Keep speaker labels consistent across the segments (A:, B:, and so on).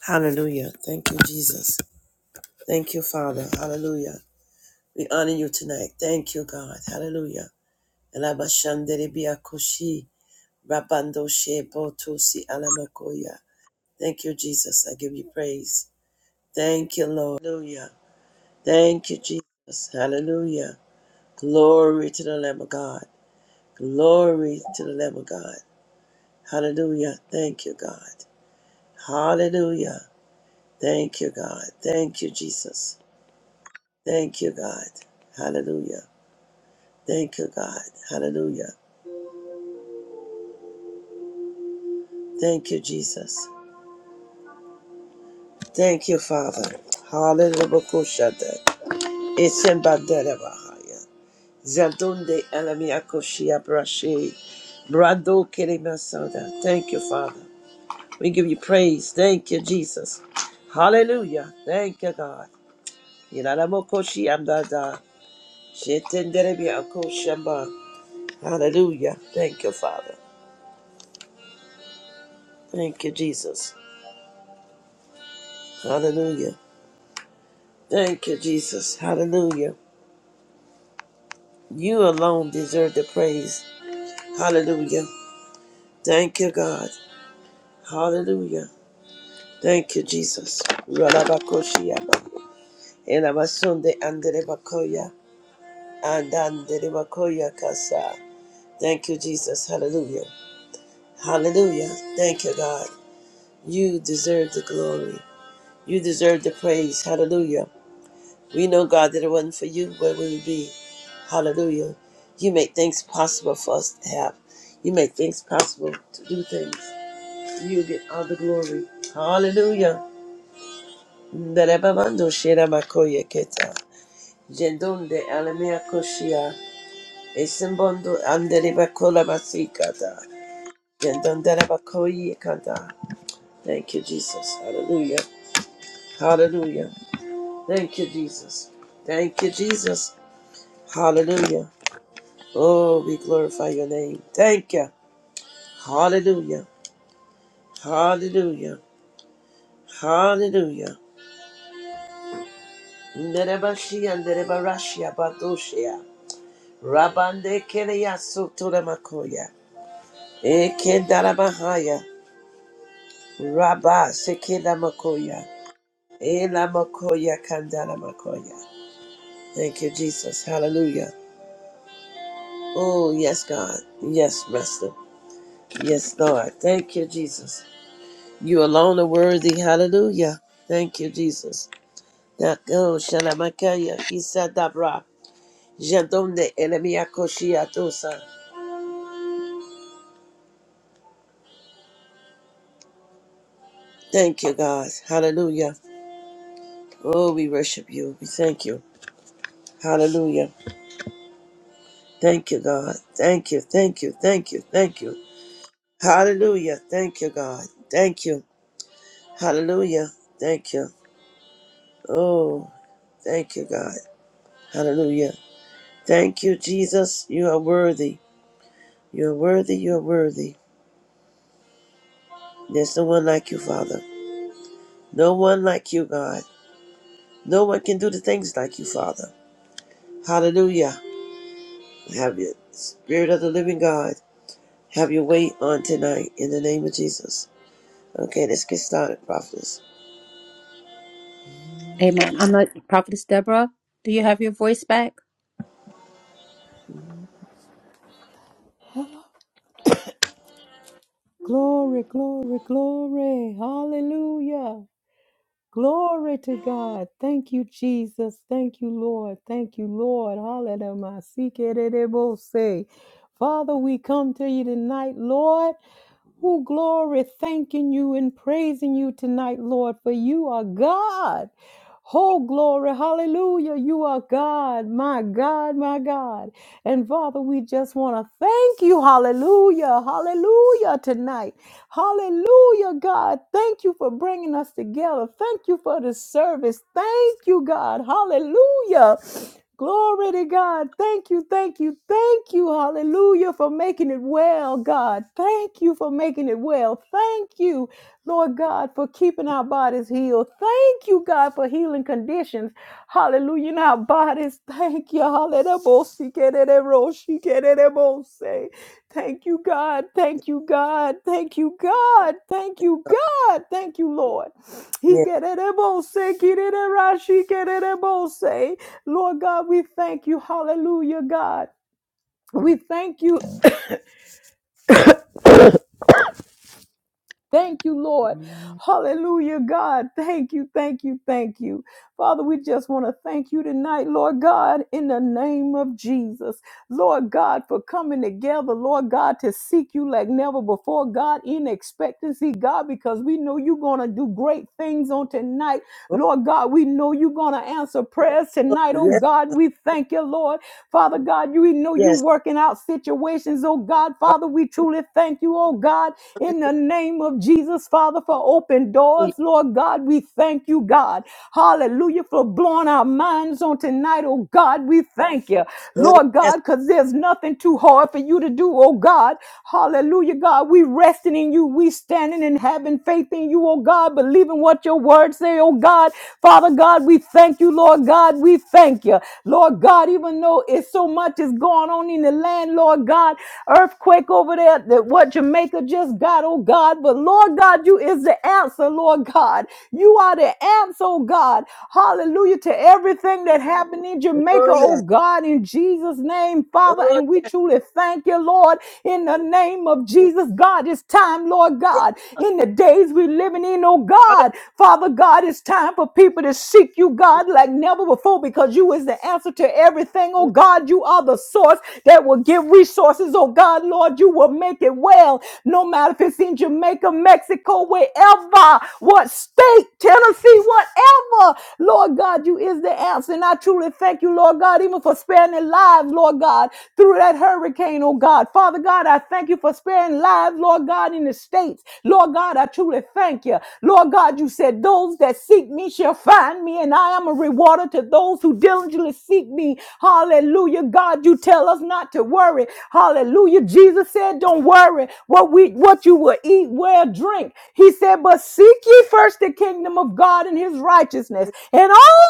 A: Hallelujah. Thank you, Jesus. Thank you, Father. Hallelujah. We honor you tonight. Thank you, God. Hallelujah. Elabashanderibiakoshi, rabandoshe botosi alamakoya. Thank you, Jesus. I give you praise. Thank you, Lord. Hallelujah. Thank you, Jesus. Hallelujah. Glory to the Lamb of God. Glory to the Lamb of God. Hallelujah. Thank you, God. Hallelujah. Thank you, God. Thank you, Jesus. Thank you, God. Hallelujah. Thank you, God. Hallelujah. Thank you, Jesus. Thank you, Father. Hallelujah. Bokushata. Isembandera bahaya. Brando kelimasada. Thank you, Father. We give you praise. Thank you, Jesus. Hallelujah. Thank you, God. Yinaramokoshi amdada. Shetenderebi Hallelujah. Thank you, Father. Thank you, Jesus. Hallelujah. Thank you, Jesus. Hallelujah. You alone deserve the praise. Hallelujah. Thank you, God. Hallelujah. Thank you, Jesus. Ralabakoshiaba. Elabasunde anderebakoya. Andanderebakoya kasa. Thank you, Jesus. Hallelujah. Hallelujah. Thank you, God. You deserve the glory. You deserve the praise. Hallelujah. We know, God, that it wasn't for you, where we would be. Hallelujah. You make things possible for us to have. You make things possible to do things. You get all the glory. Hallelujah. Nderebabando shiramakoye keta. Jendonde alemea koshia. Esimbondo anderebakola masikata. Jendonderebakoye kata. Thank you, Jesus. Hallelujah. Hallelujah. Thank you, Jesus. Thank you, Jesus. Hallelujah. Oh, we glorify your name. Thank you. Hallelujah. Hallelujah. Hallelujah. Nerebashia nerebarashia badoshia. Rabande keleya sotora makoya. Ekendara bahaya. Rabba sekela makoya. Ela makoya kandara makoya. Thank you, Jesus. Hallelujah. Oh, yes, God. Yes, Master. Yes, Lord. Thank you, Jesus. You alone are worthy. Hallelujah. Thank you, Jesus. Dako Shalamakaya Isadabra Jadonde Elemiakoshiatosa. Thank you, God. Hallelujah. Oh, we worship you. We thank you. Hallelujah. Thank you, God. Thank you. Thank you. Thank you. Thank you. Hallelujah. Thank you, God. Thank you. Hallelujah. Thank you. Oh, thank you, God. Hallelujah. Thank you, Jesus. You are worthy. You are worthy. You are worthy. There's no one like you, Father. No one like you, God. No one can do the things like you, Father. Hallelujah. Have your Spirit of the Living God. Have your way on tonight in the name of Jesus. Okay, let's get started, prophets.
B: Amen. I'm not Prophetess Deborah. Do you have your voice back?
C: Glory, glory, glory. Hallelujah. Glory to God. Thank you, Jesus. Thank you, Lord. Thank you, Lord. Hallelujah. Father, we come to you tonight, Lord who glory thanking you and praising you tonight, Lord, for you are God. Oh, glory, hallelujah. You are God, my God, my God. And Father, we just want to thank you, hallelujah, hallelujah, tonight. Hallelujah, God. Thank you for bringing us together. Thank you for the service. Thank you, God, hallelujah. Glory to God. Thank you, thank you, thank you. Hallelujah for making it well, God. Thank you for making it well. Thank you, Lord God, for keeping our bodies healed. Thank you, God, for healing conditions. Hallelujah in our bodies. Thank you. Hallelujah. Thank you, God. Thank you, God. Thank you, God. Thank you, God. Thank you, Lord. He
A: Yes,
C: get it, right, say. Lord God, we thank you. Hallelujah, God. We thank you Thank you, Lord. Hallelujah, God. Thank you, thank you, thank you. Father, we just want to thank you tonight, Lord God, in the name of Jesus. Lord God, for coming together, Lord God, to seek you like never before, God, in expectancy, God, because we know you're going to do great things on tonight.
A: oh,
C: Lord God, we know you're going to answer prayers tonight. Oh
A: yes,
C: God, we thank you, Lord. Father God, you we know you
A: yes.
C: working out situations, oh God. Father, we truly thank you, oh God in the name of Jesus, Father, for open doors.
A: Hallelujah.
C: Lord God, we thank you, God. Hallelujah, for blowing our minds on tonight, oh God. We thank you,
A: Oh,
C: Lord
A: yes.
C: God, because there's nothing too hard for you to do, oh God. Hallelujah, God. We resting in you. We standing and having faith in you, oh God, believing what your words say, oh God. Father God, we thank you, Lord God. We thank you. Lord God, even though it's so much is going on in the land, Lord God, earthquake over there, that what Jamaica maker, just God, oh God. But Lord God, you is the answer, Lord God. You are the answer, oh God. Hallelujah to everything that happened in Jamaica,
A: Oh,
C: oh
A: yes.
C: God, in Jesus' name, Father.
A: Oh,
C: And we truly thank you, Lord, in the name of Jesus. God, it's time, Lord
A: yes.
C: God, in the days we're living in, oh God.
A: Hallelujah.
C: Father God, it's time for people to seek you, God, like never before, because you is the answer to everything, oh God. You are the source that will give resources, oh God, Lord. You will make it well, no matter if it's in Jamaica, Mexico, wherever, what state, Tennessee, whatever. Lord God, you is the answer. And I truly thank you, Lord God, even for sparing their lives, Lord God, through that hurricane, oh God. Father God, I thank you for sparing lives, Lord God, in the states. Lord God, I truly thank you. Lord God, you said, Those that seek me shall find me, and I am a rewarder to those who diligently seek me. Hallelujah. God, you tell us not to worry. Hallelujah. Jesus said, said, Don't worry what we what you will eat, wear, drink. He said, But seek ye first the kingdom of God and his righteousness, and all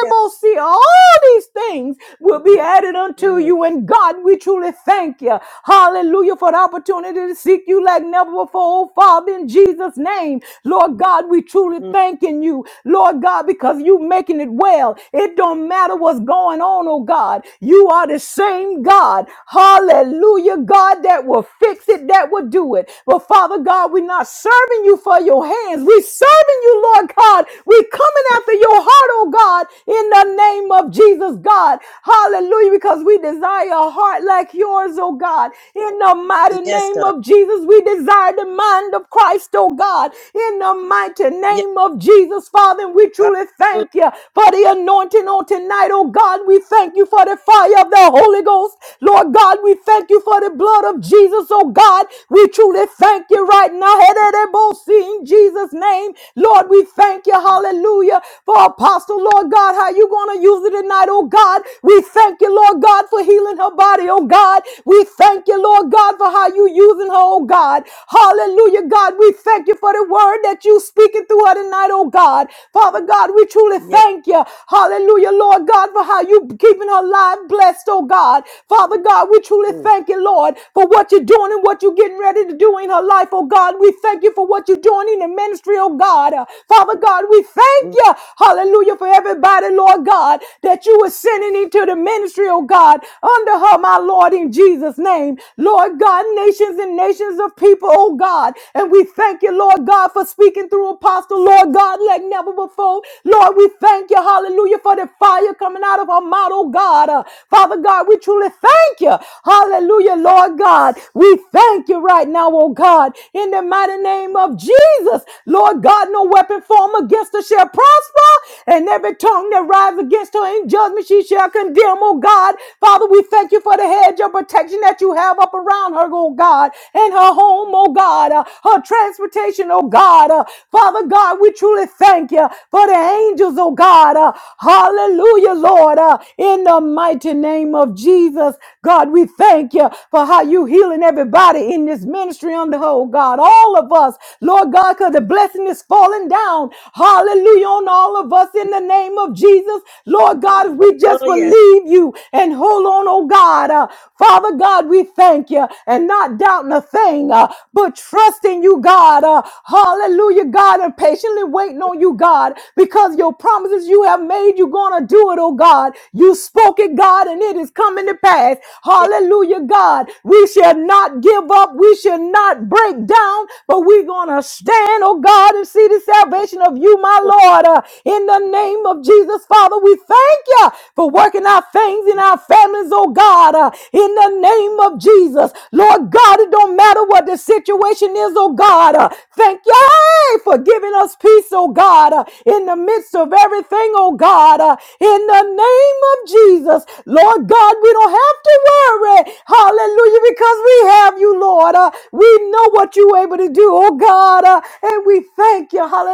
A: Yes.
C: see all these things will be added unto
A: Mm,
C: you. And God, we truly thank you. Hallelujah for the opportunity to seek you like never before, oh Father, in Jesus' name. Lord God, we truly
A: mm.
C: thanking you. Lord God, because you making it well. It don't matter what's going on, oh God. You are the same
A: mm.
C: God. Hallelujah. God, that will fix it, that will do it. But Father God, we're not serving you for your hands. We're serving you, Lord God. We're coming after your heart, oh God, in the name of Jesus, God. Hallelujah, because we desire a heart like yours, oh God. In the mighty
A: Yes,
C: name
A: God.
C: of Jesus, we desire the mind of Christ, oh God. In the mighty
A: Yes.
C: name of Jesus, Father, and we truly
A: Hallelujah.
C: thank you for the anointing on tonight, oh God. We thank you for the fire of the Holy Ghost. Lord God, we thank thank you for the blood of Jesus, oh God. We truly thank you right now. Hederebosi, In Jesus' name, Lord, we thank you. Hallelujah. For Apostle, Lord God, how you going to use it tonight, oh God. We thank you, Lord God, for healing her body, oh God. We thank you, Lord God, for how you using her, oh God. Hallelujah, God. We thank you for the word that you speaking through her tonight, oh God. Father God, we truly
A: Yes.
C: thank you. Hallelujah, Lord God, for how you keeping her life blessed, oh God. Father God, God, we truly
A: Mm,
C: thank you, Lord, for what you're doing and what you're getting ready to do in her life, oh God. We thank you for what you're doing in the ministry, oh God. Uh, Father God, we thank
A: mm.
C: you, hallelujah, for everybody, Lord God, that you were sending into the ministry, oh God, under her, my Lord, in Jesus' name. Lord God, nations and nations of people, oh God. And we thank you, Lord God, for speaking through Apostle, Lord God, like never before. Lord, we thank you, hallelujah, for the fire coming out of her mouth, oh God. Uh, Father God, we truly thank you. Hallelujah, Lord God. We thank you right now, oh God, in the mighty name of Jesus. Lord God, no weapon formed against us shall prosper, and every tongue that rises against her in judgment she shall condemn, oh God. Father, we thank you for the hedge of protection that you have up around her, oh God, and her home, oh God, uh, her transportation, oh God. Uh, Father God, we truly thank you for the angels, oh God. Uh, hallelujah, Lord, uh, in the mighty name of Jesus. Jesus. God, we thank you for how you healing everybody in this ministry on the whole, God. All of us, Lord God, because the blessing is falling down. Hallelujah on all of us in the name of Jesus. Lord God, if we just
A: Oh, yes.
C: believe you and hold on, oh God. Uh, Father God, we thank you and not doubting a thing, uh, but trusting you, God. Uh, hallelujah, God, and patiently waiting on you, God, because your promises you have made, you're going to do it, oh God. You spoke it, God, and and it is coming to pass.
A: Yes.
C: Hallelujah, God. We shall not give up. We shall not break down, but we're going to stand, oh God, and see the salvation of you, my
A: Oh,
C: Lord. Uh, in the name of Jesus, Father, we thank you for working our things in our families, oh God. Uh, in the name of Jesus, Lord God, it don't matter what the situation is, oh God. Uh, thank you hey, for giving us peace, oh God, uh, in the midst of everything, oh God. Uh, in the name of Jesus. Jesus. Lord God, we don't have to worry. Hallelujah, because we have you, Lord. Uh, we know what you able to do, oh God. Uh, and we thank you. Hallelujah.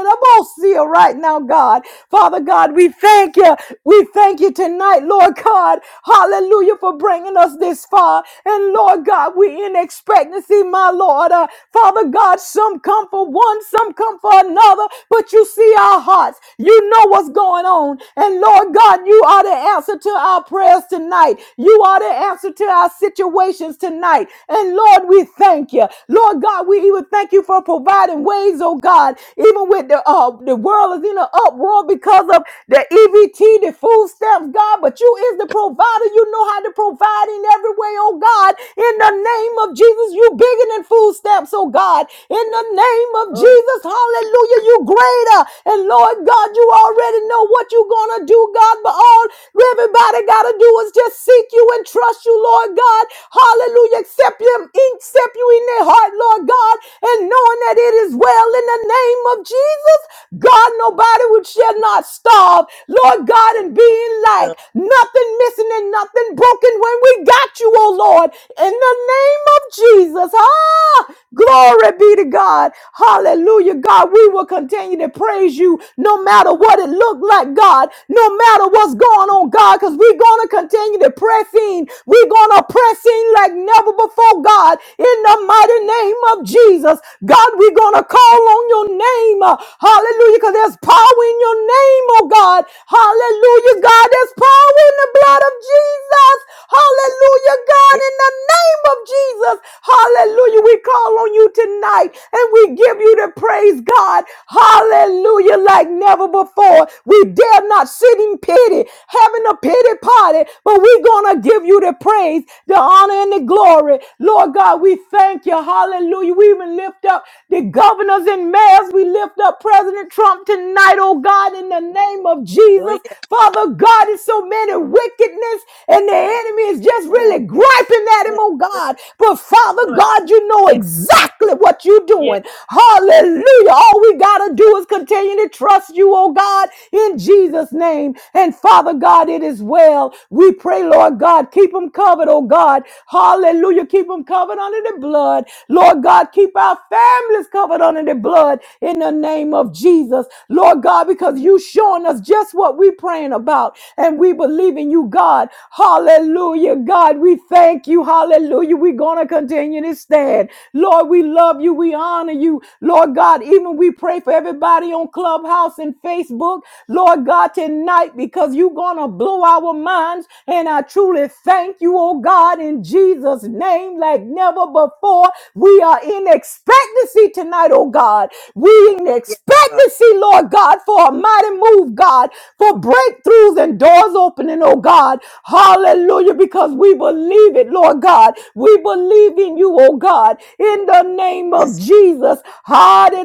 C: See you right now, God. Father God, we thank you. We thank you tonight, Lord God. Hallelujah, for bringing us this far. And Lord God, we in expectancy, my Lord. Uh, Father God, some come for one, some come for another, but you see our hearts. You know what's going on. And Lord God, you are the answer answer to our prayers tonight. You are the answer to our situations tonight. And Lord, we thank you. Lord God, we even thank you for providing ways, oh God, even with the uh, the world is in an uproar because of the EBT, the food stamps, God, but you is the provider. You know how to provide in every way, oh God. In the name of Jesus, you bigger than food stamps, oh God. In the name of
A: oh,
C: Jesus, hallelujah, you greater. And Lord God, you already know what you're gonna do, God, but all alone. Everybody got to do is just seek you and trust you, Lord God. Hallelujah. Accept you, accept you in their heart, Lord God, and knowing that it is well in the name of Jesus. God, nobody would shall not starve, Lord God, and be in
A: yes.
C: lack. Nothing missing and nothing broken when we got you, oh Lord, in the name of Jesus. Ah, glory be to God. Hallelujah, God. We will continue to praise you no matter what it looked like, God. No matter matter what's going on, God, because we're going to continue to press in. We're going to press in like never before, God, in the mighty name of Jesus. God, we're going to call on your name. uh, Hallelujah, because there's power in your name, oh God. Hallelujah, God, there's power in the blood of Jesus. Hallelujah, God,
A: Yes.
C: in the name of Jesus. Hallelujah, we call on you tonight and we give you the praise, God. Hallelujah, like never before. We dare not sitting pity, having a pity party, but we're going to give you the praise, the honor, and the glory. Lord God, we thank you. Hallelujah. We even lift up the governors and mayors. We lift up President Trump tonight, oh God, in the name of
A: Oh,
C: Jesus.
A: yes.
C: Father God, it's so many wickedness, and the enemy is just
A: Oh,
C: really
A: yes.
C: griping at him,
A: Yes.
C: oh
A: Praise
C: God. But
A: the
C: Father
A: Lord.
C: God, you know
A: Yes.
C: exactly what you're
A: Yes.
C: doing. Hallelujah. All we got to do is continue to trust you, oh God, in Jesus. Jesus' name. And Father God, it is well. We pray, Lord God, keep them covered, oh God. Hallelujah. Keep them covered under the blood. Lord God, keep our families covered under the blood in the name of Jesus. Lord God, because you showing us just what we praying about and we believe in you, God. Hallelujah. God, we thank you. Hallelujah. We're going to continue to stand. Lord, we love you. We honor you. Lord God, even we pray for everybody on Clubhouse and Facebook out, Lord God, tonight because you're going to blow our minds. And I truly thank you, oh God, in Jesus' name, like never before. We are in expectancy tonight, oh God. We in
A: Yes, God.
C: expectancy, Lord God, for a mighty move, God, for breakthroughs and doors opening, oh God. Hallelujah, because we believe it, Lord God. We believe in you, oh God, in the name of
A: Yes, God.
C: Jesus. Hallelujah.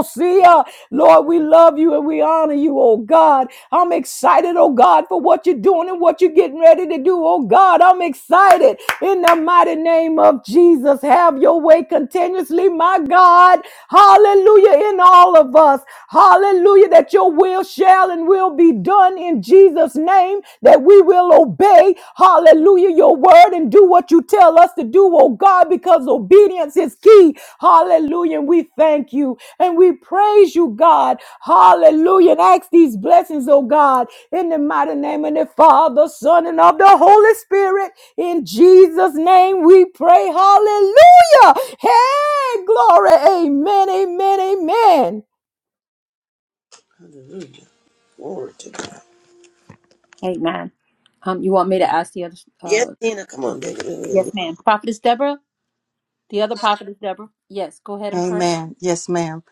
C: Ecclesia. Lord, we
A: Yeah.
C: love you and we honor you, oh God. I'm excited, oh God, for what you're doing and what you're getting ready to do, oh God. I'm excited in the mighty name of Jesus. Have your way continuously, my God. Hallelujah, in all of us. Hallelujah, that your will shall and will be done in Jesus' name, that we will obey, hallelujah, your word and do what you tell us to do, oh God, because obedience is key. Hallelujah, and we thank you. And we praise you, God. Hallelujah. And ask these blessings, oh God, in the mighty name of the Father, Son, and of the Holy Spirit. In Jesus' name we pray. Hallelujah. Hey, glory. Amen. Amen. Amen.
A: Hallelujah. Glory to God.
B: Amen. Um, you want me to ask the other?
A: Yes,
B: Uh,
A: Tina. Come on,
B: yes,
A: baby.
B: ma'am. Prophetess Deborah, the other prophetess Deborah. Yes, go ahead and pray.
D: Amen. Yes, ma'am.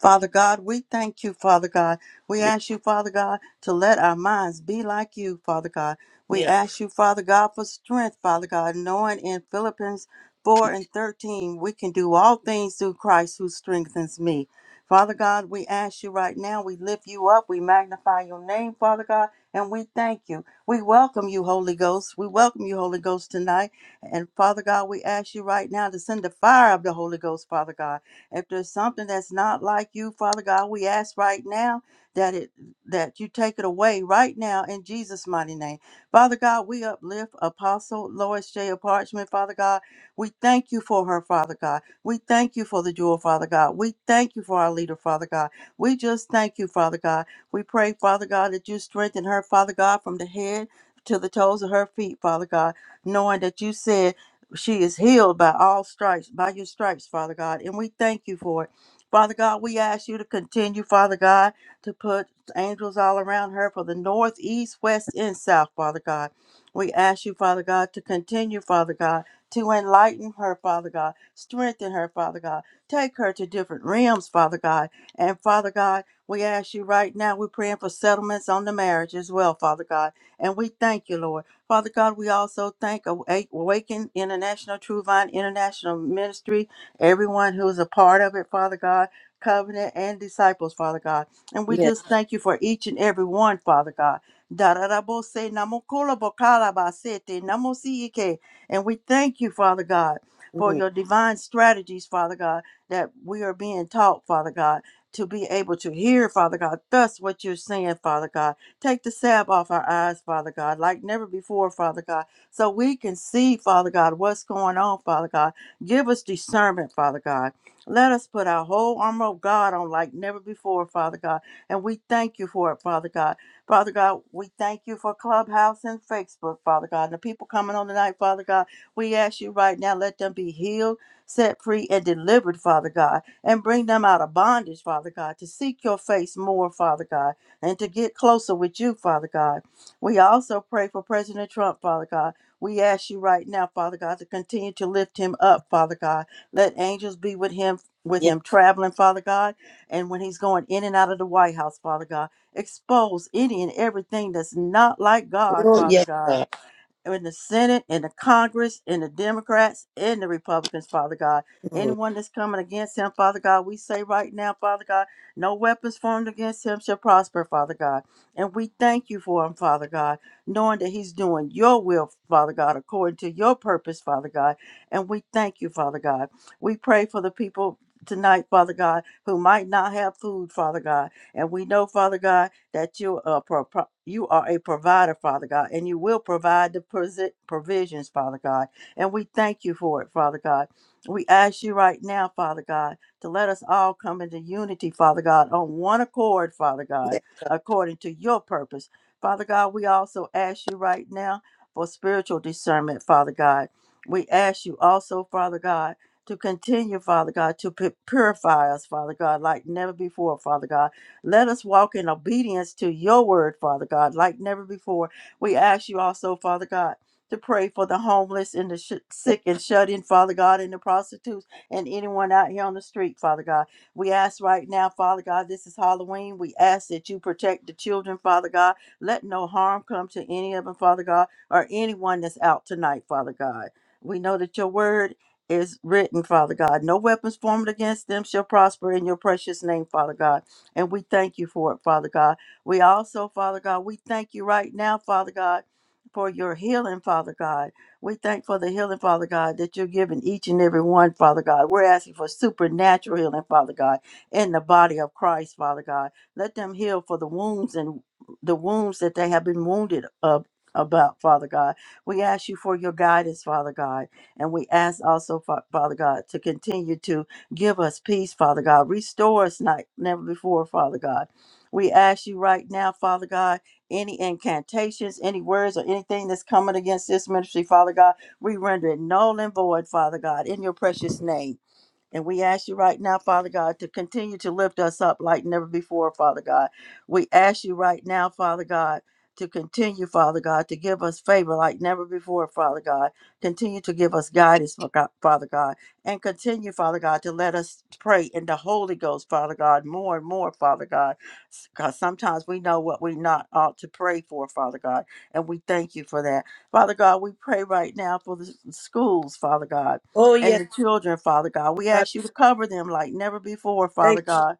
D: Father God, we thank you, Father God. We
A: Yeah.
D: ask you, Father God, to let our minds be like you, Father God. We
A: Yeah. yeah.
D: ask you, Father God, for strength, Father God, knowing in Philippians 4 and 13, we can do all things through Christ who strengthens me. Father God, we ask you right now, we lift you up, we magnify your name, Father God, and we thank you. We welcome you, Holy Ghost. We welcome you, Holy Ghost, tonight. And Father God, we ask you right now to send the fire of the Holy Ghost, Father God. If there's something that's not like you, Father God, we ask right now that it that you take it away right now in Jesus' mighty name. Father God, we uplift Apostle Lois J. Parchment, Father God. We thank you for her, Father God. We thank you for the jewel, Father God. We thank you for our leader, Father God. We just thank you, Father God. We pray, Father God, that you strengthen her, Father God, from the head to the toes of her feet, Father God, knowing that you said she is healed by all stripes, by your stripes, Father God. And we thank you for it. Father God, we ask you to continue, Father God, to put angels all around her for the north, east, west, and south, Father God. We ask you, Father God, to continue, Father God, to enlighten her, Father God, strengthen her, Father God, take her to different realms, Father God. And Father God, we ask you right now, we're praying for settlements on the marriage as well, Father God. And we thank you, Lord. Father God, we also thank Awa- Awaken International, True Vine International Ministry, everyone who is a part of it, Father God, covenant and disciples, Father God. And we
A: Yes.
D: just thank you for each and every one, Father God. Dararabose namokolobokalabasete namosiyike. And we thank you, Father God, for
A: Mm.
D: your divine strategies, Father God, that we are being taught, Father God, to be able to hear, Father God, thus what you're saying, Father God Take the salve off our eyes, Father God, like never before, Father God, so we can see, Father God, what's going on, Father God. Give us discernment, Father God. Let us put our whole armor of God on like never before, Father God. And we thank you for it, Father God. Father God, we thank you for Clubhouse and Facebook, Father God. And the people coming on tonight, Father God, we ask you right now, let them be healed, set free, and delivered, Father God. And bring them out of bondage, Father God, to seek your face more, Father God and to get closer with you, Father God. We also pray for President Trump, Father God. We ask you right now, Father God, to continue to lift him up, Father God. Let angels be with him, with
A: Yes.
D: him traveling, Father God, and when he's going in and out of the White House, Father God. Expose any and everything that's not like God,
A: Oh,
D: Father
A: yes,
D: God
A: God.
D: in the Senate, in the Congress, in the Democrats, in the Republicans, Father God.
A: Mm.
D: Anyone that's coming against him, Father God, we say right now, Father God, no weapons formed against him shall prosper, Father God. And we thank you for him, Father God, knowing that he's doing your will, Father God, according to your purpose, Father God. And we thank you, Father God. We pray for the people tonight, Father God, who might not have food, Father God. And we know, Father God, that you are, pro- pro- you are a provider, Father God, and you will provide the prosi- provisions, Father God. And we thank you for it, Father God. We ask you right now, Father God, to let us all come into unity, Father God, on one accord, Father God,
A: Yes.
D: according to your purpose. Father God, we also ask you right now for spiritual discernment, Father God. We ask you also, Father God, to continue, Father God, to pu- purify us, Father God, like never before, Father God let us walk in obedience to your word, Father God, like never before. We ask you also, Father God, to pray for the homeless and the sh-
A: Thank-
D: sick and shut in, Father God, and the prostitutes and anyone out here on the street, Father God. We ask right now, Father God, this is Halloween. We ask that you protect the children, Father God. Let no harm come to any of them, Father God, or anyone that's out tonight, Father God. We know that your word is written, Father God. No weapons formed against them shall prosper in your precious name, Father God. And we thank you for it, Father God. We also, Father God, we thank you right now, Father God, for your healing, Father God. We thank for the healing, Father God, that you're giving each and every one, Father God. We're asking for supernatural healing, Father God, in the body of Christ, Father God. Let them heal for the wounds and the wounds that they have been wounded of about, Father God. We ask you for your guidance, Father God. And we ask also, Fa- Father God, to continue to Give us peace, Father God. Restore us like never before, Father God. We ask you right now, Father God, any incantations, any words, or anything that's coming against this ministry, Father God, we render it null and void, Father God, in your precious name. And we ask you right now, Father God, to continue to lift us up like never before, Father God. We ask you right now, Father God, to continue, Father God, to give us favor like never before, Father God. Continue to give us guidance, Fa- God- Father God. And continue, Father God, to let us pray in the Holy Ghost, Father God, more and more, Father God. Because sometimes we know what we not ought to pray for, Father God. And we thank you for that. Father God, we pray right now for the s- schools, Father God
A: Oh,
D: and
A: yes,
D: the children, Father God. We
A: God.
D: ask you to cover them like never before,
A: Thank
D: Father God,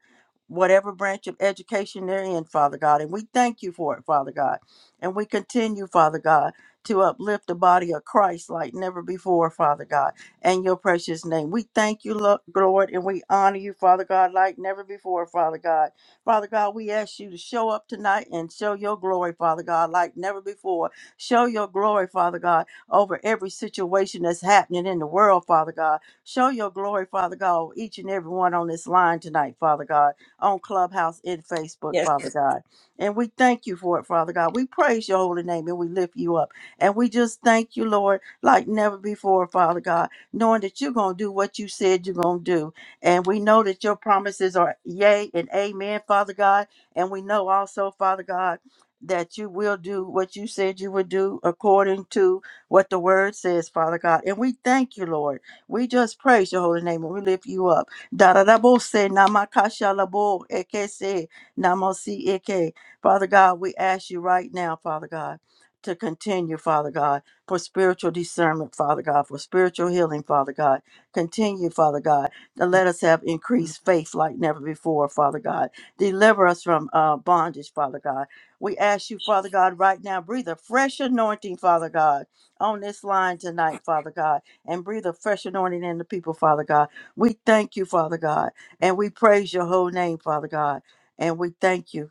D: whatever branch of education they're in, Father God. And we thank you for it, Father God. And we continue, Father God, to uplift the body of Christ like never before, Father God, in your precious name. We thank you, Lo- Lord, and we honor you, Father God, like never before, Father God. Father God, we ask you to show up tonight and show your glory, Father God, like never before. Show your glory, Father God, over every situation that's happening in the world, Father God. Show your glory, Father God, over each and every one on this line tonight, Father God, on Clubhouse and Facebook,
A: you. Yes.
D: Father God. And we thank you for it, Father God. We praise your holy name and we lift you up. And we just thank you, Lord, like never before, Father God, knowing that you're going to do what you said you're going to do. And we know that your promises are yea and amen, Father God. And we know also, Father God, that you will do what you said you would do according to what the word says, Father God. And we thank you, Lord. We just praise your holy name and we lift you up. Darabose namakasha labo ekese namosi eke. Father God, we ask you right now, Father God, to continue, Father God, for spiritual discernment, Father God, for spiritual healing, Father God. Continue, Father God, to let us have increased faith like never before, Father God. Deliver us from uh, bondage, Father God. We ask you, Father God, right now, breathe a fresh anointing, Father God on this line tonight, Father God, and breathe a fresh anointing in the people, Father God. We thank you, Father God, and we praise your whole name, Father God, and we thank you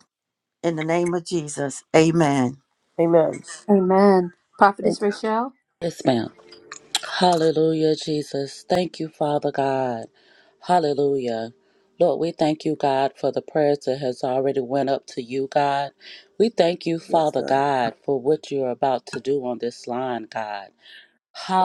D: in the name of Jesus. Amen.
A: Amen.
B: Amen.
A: Thank
B: Prophetess Rachel.
E: Yes, ma'am. Hallelujah, Jesus. Thank you, Father God. Hallelujah. Lord, we thank you, God, for the prayers that has already went up to you, God. We thank you,
A: you. Yes,
E: Father
A: God.
E: God, for what you're about to do on this line, God.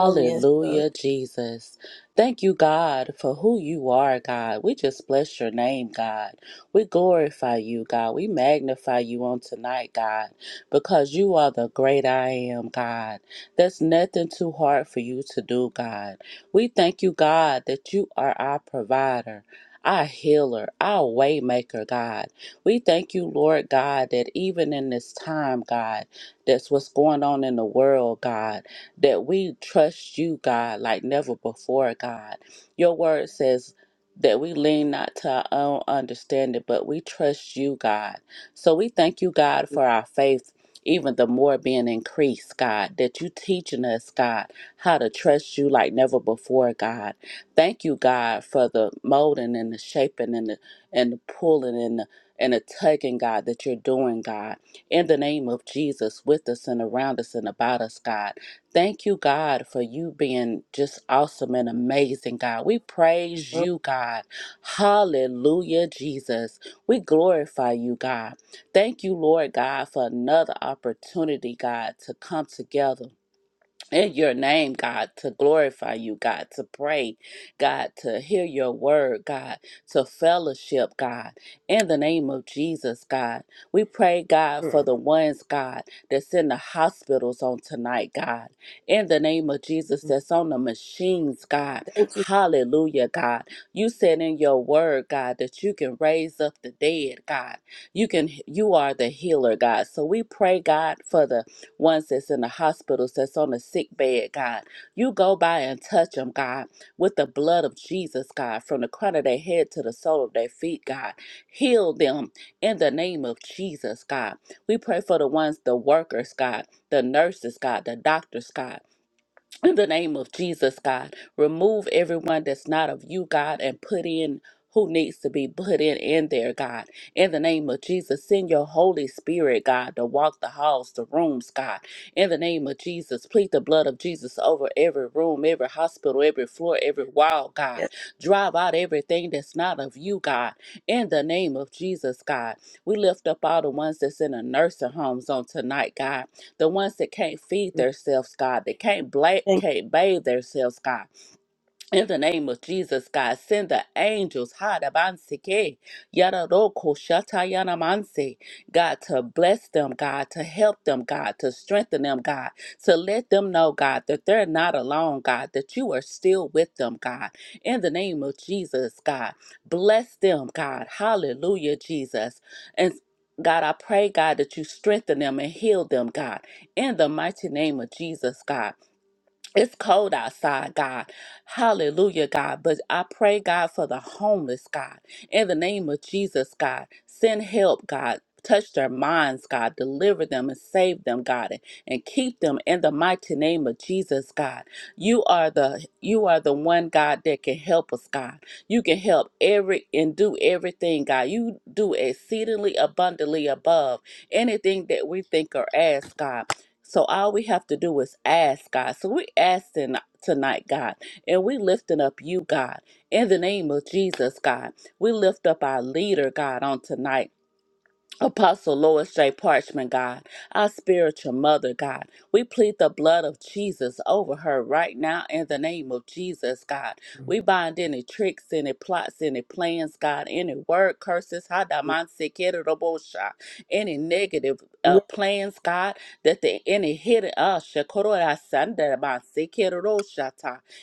A: Oh, yes, God.
E: Jesus. Thank you, God, for who you are, God. We just bless your name, God. We glorify you, God. We magnify you on tonight, God, because you are the great I am, God. There's nothing too hard for you to do, God. We thank you, God, that you are our provider. Our healer, our waymaker, God. We thank you, Lord God, that even in this time, God, that's what's going on in the world, God that we trust you, God, like never before, God. Your word says that we lean not to our own understanding, but we trust you, God. So we thank you, God, for our faith. Even the more being increased, God, that you teaching us, God, how to trust you like never before, God. Thank you, God, for the molding and the shaping and the and the pulling and the and the tugging, God, that you're doing, God in the name of Jesus with us and around us and about us, God. Thank you, God, for you being just awesome and amazing, God. We praise
A: Oh,
E: you, God. Hallelujah, Jesus. We glorify you, God. Thank you, Lord God, for another opportunity, God, to come together in your name, God, to glorify you, God, to pray, God, to hear your word, God, to fellowship, God, in the name of Jesus, God. We pray, God, for
A: mm.
E: the ones, God, that's in the hospitals on tonight, God, in the name of Jesus,
A: Mm.
E: that's on the machines, God.
A: Thank you.
E: Hallelujah, God. You said in your word, God, that you can raise up the dead, God. You can, you are the healer, God. So we pray, God, for the ones that's in the hospitals, that's on the sick bed, God. You go by and touch them, God, with the blood of Jesus, God, from the crown of their head to the sole of their feet, God. Heal them in the name of Jesus, God. We pray for the ones, the workers, God, the nurses, God, the doctors, God. In the name of Jesus, God, remove everyone that's not of you, God, and put in who needs to be put in in there, God. In the name of Jesus, send your Holy Spirit, God, to walk the halls, the rooms, God. In the name of Jesus, plead the blood of Jesus over every room, every hospital, every floor, every wall, God.
A: Yes.
E: Drive out everything that's not of you, God. In the name of Jesus, God. We lift up all the ones that's in the nursing homes on tonight, God the ones that can't feed
A: Mm.
E: themselves, God, that can't bla-
A: Thank
E: can't bathe themselves, God. In the name of Jesus, God, send the angels, Hadabansike, Yadaroko Shatayanamanse, God, to bless them, God, to help them, God, to strengthen them, God, to let them know, God, that they're not alone, God, that you are still with them, God. In the name of Jesus, God, bless them, God. Hallelujah, Jesus. And God, I pray, God, that you strengthen them and heal them, God. In the mighty name of Jesus, God. It's cold outside, God. Hallelujah, God. But I pray, God, for the homeless, God. In the name of Jesus, God, send help, God. Touch their minds, God. Deliver them and save them, God, and, and keep them in the mighty name of Jesus, God. You are the you are the one God that can help us, God. You can help every and do everything, God. You do exceedingly abundantly above anything that we think or ask, God. So all we have to do is ask God. So we asking tonight, God, and we lifting up you, God, in the name of Jesus, God. We lift up our leader, God, on tonight. Apostle Lois J. Parchman, God, our spiritual mother, God, we plead the blood of Jesus over her right now in the name of Jesus, God. We bind any tricks, any plots, any plans, God, any word curses,
A: you. Mm.
E: hadamansi any negative uh,
A: Yes,
E: plans, God, that the any hidden uh, shakororasandamansi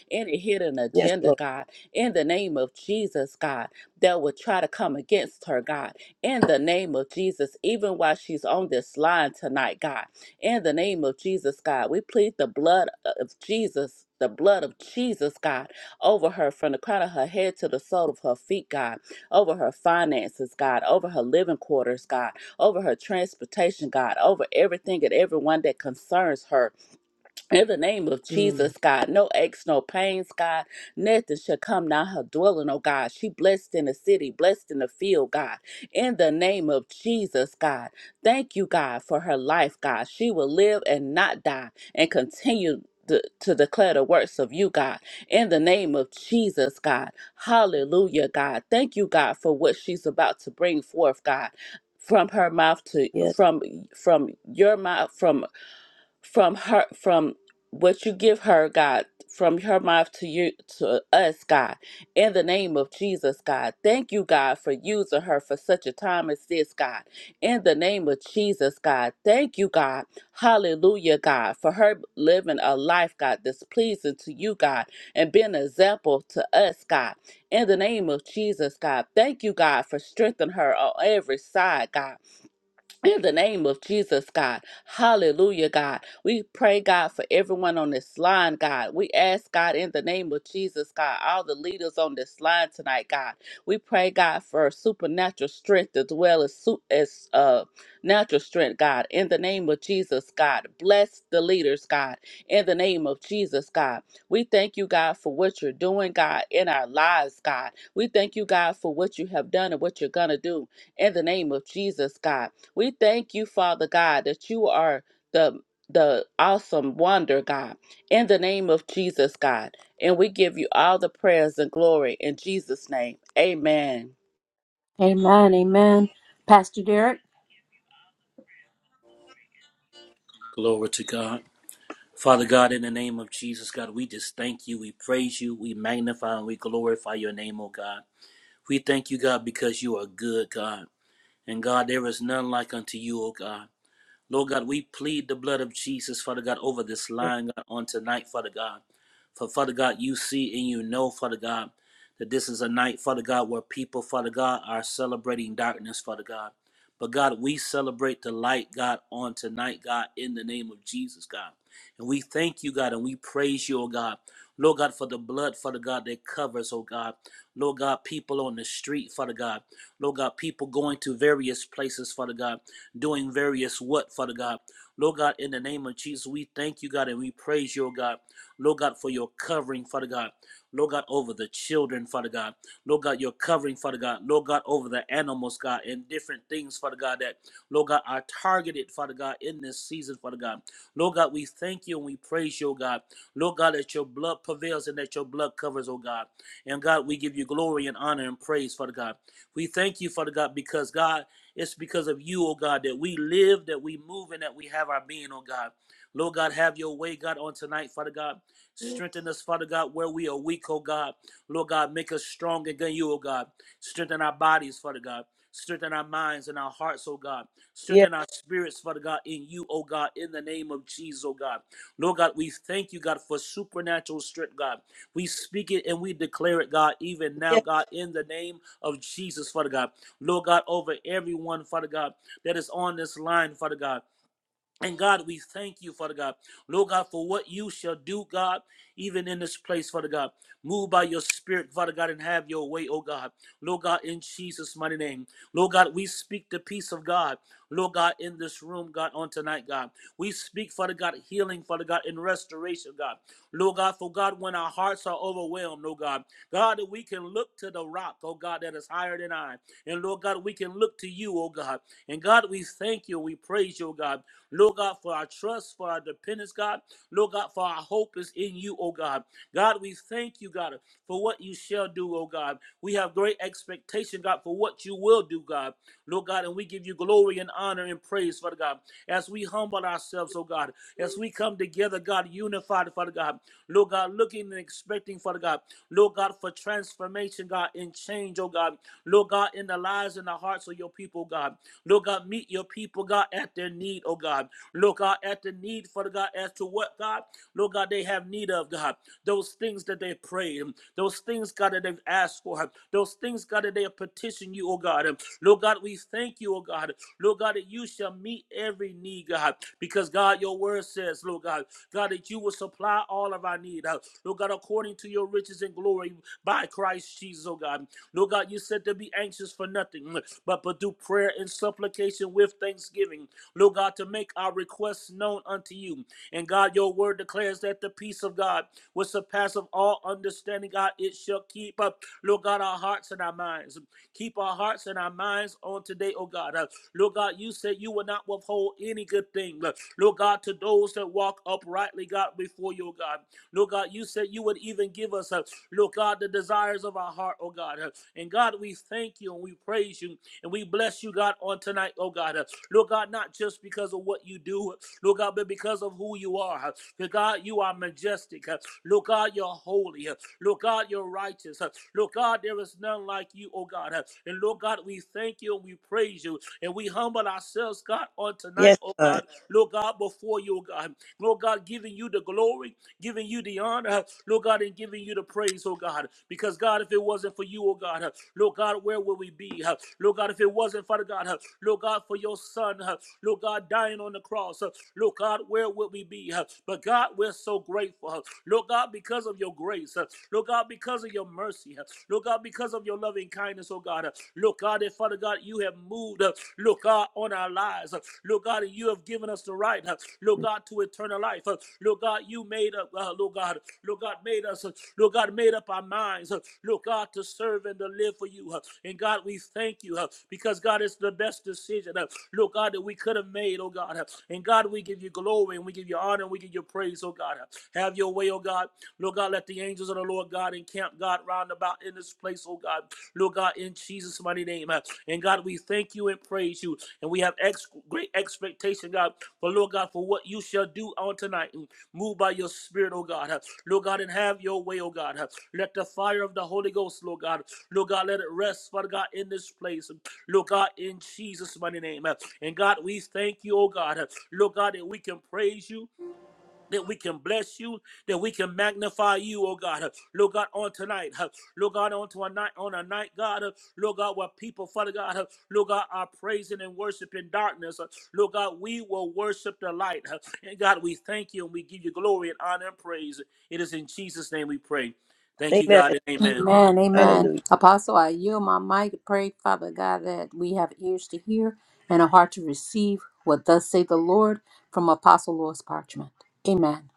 E: any hidden
A: yes,
E: agenda,
A: Lord.
E: God, in the name of Jesus, God, that would try to come against her, God in the name of Jesus, even while she's on this line tonight, God. In the name of Jesus, God, we plead the blood of Jesus. The blood of Jesus, God, over her from the crown of her head to the sole of her feet, God, over her finances, God, over her living quarters, God, over her transportation, God, over everything and everyone that concerns her in the name of
A: Mm.
E: Jesus, God, no aches, no pains, God. Nothing shall come nigh her dwelling, oh God. She blessed in the city, blessed in the field, God. In the name of Jesus, God. Thank you, God, for her life, God. She will live and not die and continue. To, to declare the works of you, God, in the name of Jesus, God. Hallelujah, God. Thank you, God, for what she's about to bring forth, God, from her mouth to
A: Yes,
E: from from your mouth, from from her from what you give her god from her mouth to you to us god in the name of jesus god thank you god for using her for such a time as this god in the name of jesus god thank you god hallelujah god for her living a life god that's pleasing to you god and being an example to us god in the name of jesus god thank you god for strengthening her on every side god in the name of Jesus, God. Hallelujah, God. We pray, God, for everyone on this line, God. We ask, God, in the name of Jesus, God, all the leaders on this line tonight, God. We pray, God, for supernatural strength as well as, su- as uh, natural strength, God. In the name of Jesus, God. Bless the leaders, God. In the name of Jesus, God. We thank you, God, for what you're doing, God, in our lives, God. We thank you, God, for what you have done and what you're going to do in the name of Jesus, God. We thank you, Father God, that you are the the awesome wonder, God, in the name of Jesus, God. And we give you all the prayers and glory in Jesus' name. Amen.
B: Amen. Amen. Pastor Derek.
F: Glory to God. Father God, in the name of Jesus, God, we just thank you. We praise you. We magnify and we glorify your name, O God. We thank you, God, because you are good, God. And God, there is none like unto you, O God. Lord God, we plead the blood of Jesus, Father God, over this
A: yes,
F: line God, on tonight, Father God. For Father God, you see and you know, Father God, that this is a night, Father God, where people, Father God, are celebrating darkness, Father God. But God, we celebrate the light, God, on tonight, God, in the name of Jesus, God. And we thank you, God, and we praise you, oh God. Lord God, for the blood, Father God, that covers, oh God. Lord God, people on the street, Father God. Lord God, people going to various places, Father God doing various what, Father God. Lord God, in the name of Jesus, we thank you, God, and we praise you, oh God. Lord God, for your covering, Father God. Lord God, over the children, Father God. Lord God, your covering, Father God. Lord God, over the animals, God, and different things, Father God, that, Lord God, are targeted, Father God, in this season, Father God. Lord God, we thank you and we praise you, oh God. Lord God, that your blood prevails and that your blood covers, oh God. And God, we give you glory and honor and praise, Father God. We thank you, Father God, because God, it's because of you, oh God, that we live, that we move, and that we have our being, oh God. Lord God, have your way, God, on tonight, Father God. Strengthen us, Father God, where we are weak, oh God. Lord God, make us strong again, you, oh God. Strengthen our bodies, Father God. Strengthen our minds and our hearts, oh God.
A: yes,
F: Strengthen our spirits, Father God, in you, oh God, in the name of Jesus, oh God. Lord God, we thank you, God, for supernatural strength, God. We speak it and we declare it, God, even now,
A: yes,
F: God, in the name of Jesus, Father God. Lord God, over everyone, Father God, that is on this line, Father God. And God, we thank you, Father God. Lord God, for what you shall do, God, even in this place, Father God. Move by your spirit, Father God, and have your way, oh God. Lord God, in Jesus' mighty name. Lord God, we speak the peace of God. Lord God, in this room, God, on tonight, God. We speak, Father God, healing, Father God, and restoration, God. Lord God, for God, when our hearts are overwhelmed, oh God, God, that we can look to the rock, oh God, that is higher than I. And Lord God, we can look to you, oh God. And God, we thank you, we praise you, oh God. Lord God, for our trust, for our dependence, God. Lord God, for our hope is in you, oh God. God, we thank you, God, for what you shall do, oh God. We have great expectation, God, for what you will do, God. Lord God, and we give you glory and honor and praise, Father God, as we humble ourselves, oh God, as we come together, God, unified, Father God. Lord God, looking and expecting, Father God. Lord God, for transformation, God, and change, oh God. Lord God, in the lives and the hearts of your people, God. Lord God, meet your people, God, at their need, oh God. Lord God, at the need, Father God, as to what, God, Lord God, they have need of, God. Those things that they prayed, those things, God, that they've asked for, those things, God, that they have petitioned you, oh God. Lord God, we thank you, oh God. Lord God, that you shall meet every need, God, because God, your word says, Lord God, God, that you will supply all of our need, uh, Lord God, according to your riches and glory by Christ Jesus, oh God. Lord God, you said to be anxious for nothing, mm, but but do prayer and supplication with thanksgiving. Lord God, to make our requests known unto you. And God, your word declares that the peace of God, which surpasses all understanding, God, it shall keep up, Lord God, our hearts and our minds. Keep our hearts and our minds on today, oh God. Uh, Lord God, you said you will not withhold any good thing. Uh, Lord God, to those that walk uprightly, God, before you, oh God. Lord God, you said you would even give us, uh, Lord God, the desires of our heart, oh God. Uh, and God, we thank you and we praise you and we bless you, God, on tonight, oh God. Uh, Lord God, not just because of what you do, Lord God, but because of who you are. Uh, Lord God, you are majestic. Uh, Lord God, you're holy. Uh, Lord God, you're righteous. Uh, Lord God, there is none like you, oh God. Uh, And Lord God, we thank you and we praise you and we humble ourselves, God, on tonight,
A: yes,
F: oh
A: God.
F: God. Lord God, before you, oh God. Lord God, giving you the glory giving you the honor, Lord God, and giving you the praise, oh God. Because, God, if it wasn't for you, oh God, Lord God, where would we be? Lord God, if it wasn't, Father God, Lord God, for your son, Lord God, dying on the cross, Lord God, where would we be? But, God, we're so grateful, Lord God, because of your grace, Lord God, because of your mercy, Lord God, because of your loving kindness, oh God, Lord God, and Father God, you have have moved, uh, Lord God, on our lives. Uh, Lord God, you have given us the right, uh, Lord God, to eternal life. Uh, Lord God, you made up, uh, Lord God, Lord God, made us, uh, Lord God, made up our minds, uh, Lord God, to serve and to live for you. uh, And God, we thank you uh, because, God, it's the best decision, uh, Lord God, that we could have made, oh God. uh, And God, we give you glory and we give you honor and we give you praise, oh God. uh, Have your way, oh God. Lord God, let the angels of the Lord God encamp, God, round about in this place, oh God. Lord God, in Jesus' mighty name. uh, And God, we thank you and praise you. And we have ex- great expectation, God, for Lord God, for what you shall do on tonight. Mm, Move by your spirit, oh God. uh, Lord God, and have your way, oh God. uh, Let the fire of the Holy Ghost, Lord God, Lord God, let it rest, Father God, in this place. Mm, Lord God, in Jesus' mighty name. uh, And God, we thank you, oh God. uh, Lord God, that we can praise you that we can bless you, that we can magnify you, oh God. Uh, Lord God, on tonight, uh, Lord God, on to a night, on a night, God, uh, Lord God, where people, Father God, uh, Lord God, are praising and worshiping darkness. uh, Lord God, we will worship the light. uh, And God, we thank you and we give you glory and honor and praise. It is in Jesus' name we pray. Thank you,
A: Amen.
F: God, and amen.
B: Amen. Amen.
A: Hallelujah.
B: Apostle, I yield my mic. Pray, Father God, that we have ears to hear and a heart to receive what thus say the Lord from Apostle Louis Parchment. Amen.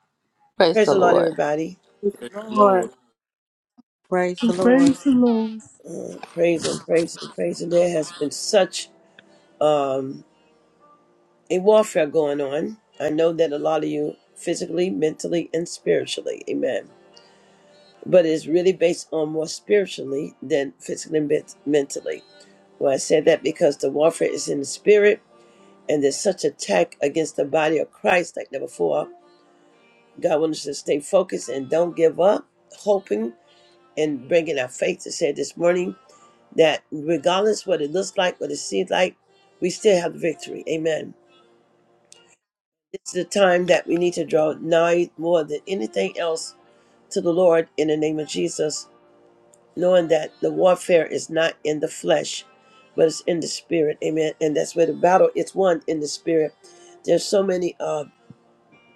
E: Praise
A: Praise
E: the
A: the Lord,
E: Lord.
A: everybody.
B: Thank you,
F: Praise the
B: Lord.
F: Lord.
D: Praise the Lord.
C: Praise the Lord.
A: Uh, praise and praise and praise. And there has been such um, a warfare going on. I know that a lot of you physically, mentally, and spiritually, amen. But it's really based on more spiritually than physically and ment- mentally. Well, I said that because the warfare is in the spirit, and there's such attack against the body of Christ like never before. God wants us to stay focused and don't give up, hoping and bringing our faith to say this morning that regardless what it looks like, what it seems like, we still have the victory. Amen. It's the time that we need to draw nigh more than anything else to the Lord in the name of Jesus, knowing that the warfare is not in the flesh, but it's in the spirit. Amen. And that's where the battle is won in the spirit. There's so many uh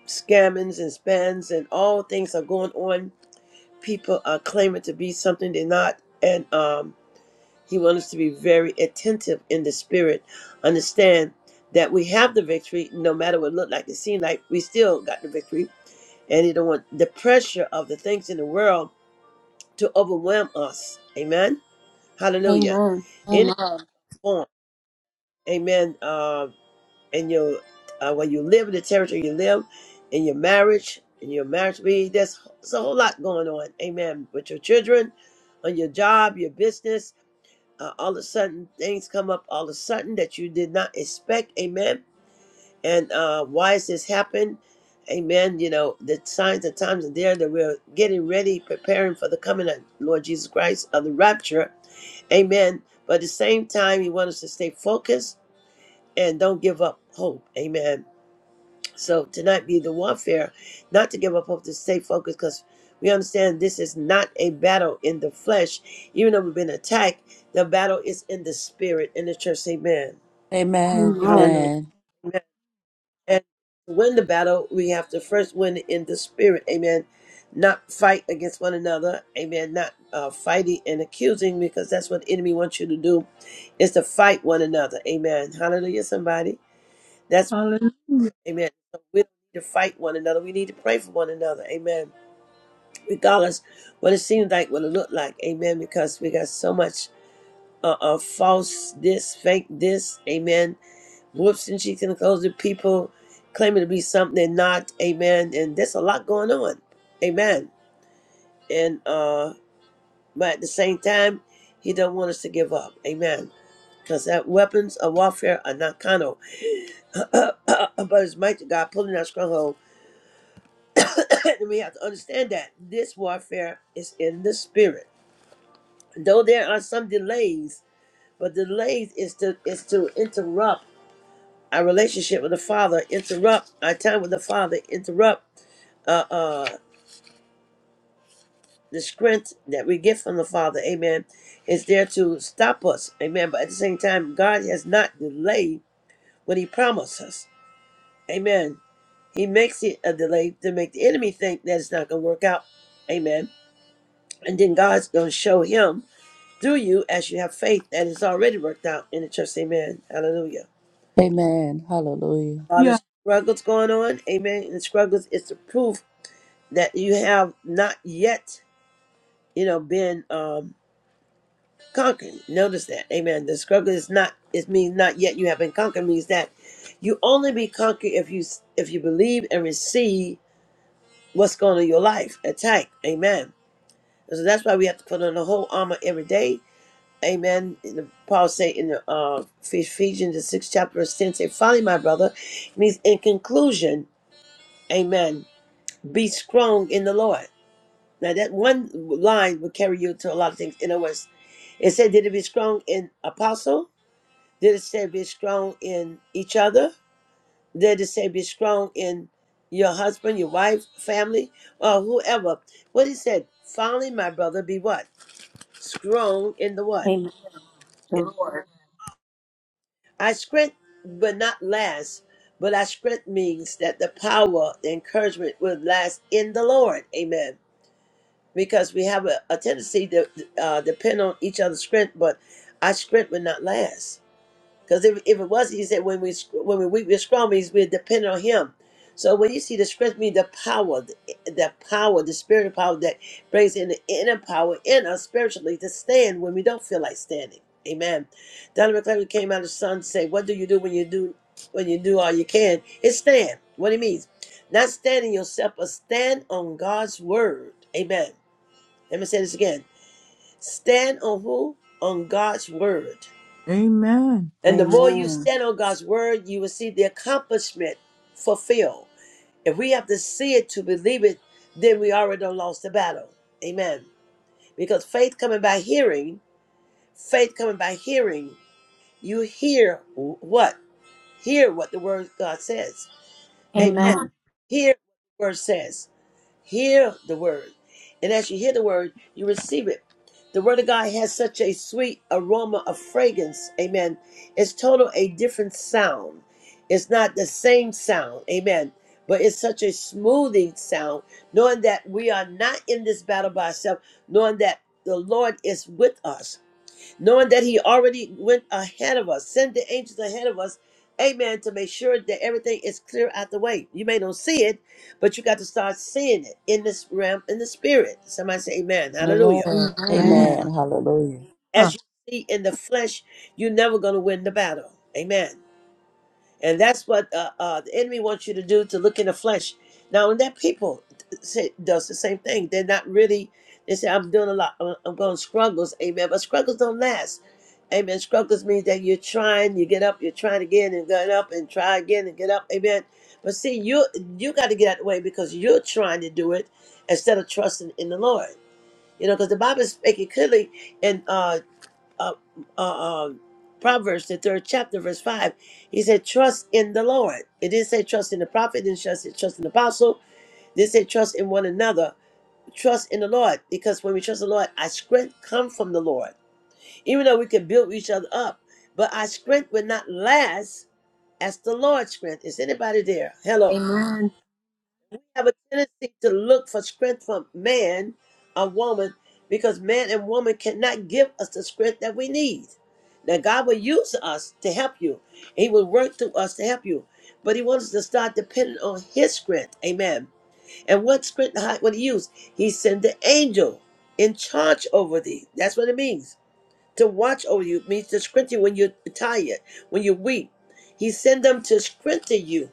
A: scammings and spans and all things are going on. People are claiming to be something they're not. And um he wants us to be very attentive in the spirit. Understand that we have the victory, no matter what it look like, it seem like we still got the victory and he don't want the pressure of the things in the world to overwhelm us. Amen. Hallelujah.
B: Amen.
A: In its
B: Amen.
A: form, Amen. Uh, in your uh, when you live in the territory you live, in your marriage, in your marriage, we there's, there's a whole lot going on. Amen. With your children, on your job, your business, uh, all of a sudden things come up. All of a sudden that you did not expect. Amen and uh, why has this happened? Amen. You know, the signs and times are there that we're getting ready, preparing for the coming of Lord Jesus Christ of the rapture. Amen. But at the same time, He wants us to stay focused and don't give up hope. Amen. So tonight be the warfare, not to give up hope, to stay focused because we understand this is not a battle in the flesh. Even though we've been attacked, the battle is in the spirit, in the church. Amen.
E: Amen.
B: Amen.
A: Hallelujah.
E: Amen.
A: And to win the battle, we have to first win it in the spirit. Amen. Not fight against one another. Amen. Not uh, fighting and accusing because that's what the enemy wants you to do is to fight one another. Amen. Hallelujah, somebody. That's, amen. So we don't need to fight one another. We need to pray for one another. Amen. Regardless what it seems like, what it looked like. Amen. Because we got so much uh, uh, false this, fake this. Amen whoops and sheets and clothes to people claiming to be something they're not amen and there's a lot going on amen and uh but at the same time he don't want us to give up amen because that weapons of warfare are not carnal but it's mighty god pulling our stronghold and we have to understand that this warfare is in the spirit though there are some delays but delays is to is to interrupt our relationship with the father interrupt our time with the father interrupt uh, uh, the strength that we get from the Father, amen, is there to stop us, amen. But at the same time, God has not delayed what He promised us, amen. He makes it a delay to make the enemy think that it's not going to work out, amen. And then God's going to show him through you as you have faith that it's already worked out in the church, amen. Hallelujah.
E: Amen. Hallelujah.
A: All
C: Yeah.
A: the struggles going on, amen. And the struggles is the proof that you have not yet, you know, been. um. conquered. Notice that. Amen. The struggle is not it means not yet you have been conquered means that you only be conquered if you if you believe and receive what's going on in your life. Attack. Amen. And so that's why we have to put on the whole armor every day. Amen. In the, Paul say in the uh, Ephesians the sixth chapter verse ten say, "Finally, my brother," it means in conclusion. Amen. Be strong in the Lord. Now that one line will carry you to a lot of things. In other words, it said, "Did it be strong in apostle?" Did it say be strong in each other? Did it say be strong in your husband, your wife, family, or whoever? What he said, finally, my brother, be what? Strong in the what?
B: Amen. The Lord.
A: I strength, but not last. But our strength means that the power, the encouragement will last in the Lord. Amen. Because we have a, a tendency to uh, depend on each other's strength, but our strength will not last Because if, if it was, he said, when we when we weak, we're strong means we're dependent on him. So when you see the strength, means the power, the, the power, the spiritual power that brings in the inner power in us spiritually to stand when we don't feel like standing. Amen. Donna McClellan came out of the sun and said, "What do you do when you do when you do all you can? It's stand. What it means, not standing yourself, but stand on God's word. Amen. Let me say this again: stand on who? On God's word.
C: Amen.
A: And the more you
D: Amen.
A: stand on God's word, you will see the accomplishment fulfilled. If we have to see it to believe it, then we already done lost the battle. Amen. Because faith coming by hearing, faith coming by hearing, you hear what? Hear what the word of God says.
C: Amen.
A: Amen.
B: Amen.
A: Hear what the word says. Hear the word. And as you hear the word, you receive it. The word of God has such a sweet aroma of fragrance. Amen. It's total a different sound. It's not the same sound. Amen. But it's such a smoothing sound, knowing that we are not in this battle by ourselves, knowing that the Lord is with us knowing that he already went ahead of us, send the angels ahead of us, amen, to make sure that everything is clear out the way. You may not see it, but you got to start seeing it in this realm, in the spirit. Somebody say amen,
E: The
A: hallelujah.
E: Lord.
B: Amen.
C: Amen.
D: Amen.
E: Amen. Hallelujah.
A: As you see in the flesh, you're never going to win the battle, amen. And that's what uh, uh, the enemy wants you to do to look in the flesh. Now, when that people say, does the same thing, they're not really, they say, I'm doing a lot, I'm I'm going struggles, amen. But struggles don't last, amen. Struggles means that you're trying, you get up, you're trying again and get up and try again and get up, amen. But see, you you got to get out of the way because you're trying to do it instead of trusting in the Lord. You know, because the Bible is making clearly in uh, uh, uh, uh, Proverbs, the third chapter, verse 5. He said, Trust in the Lord. It didn't say trust in the prophet, it didn't just say trust in the apostle, it didn't say trust in one another. Trust in the Lord, because when we trust the Lord, our strength comes from the Lord. Even though we can build each other up, but our strength will not last as the Lord's strength. Is anybody there? Hello
B: Amen.
A: have a tendency to look for strength from man or woman because man and woman cannot give us the strength that we need. Now, God will use us to help you, He will work through us to help you. But he wants us to start depending on his strength. Amen. And what strength how- would he use? He sent the angel in charge over thee. That's what it means. To watch over you means to strengthen you when you're tired, when you're weak. He sent them to strengthen you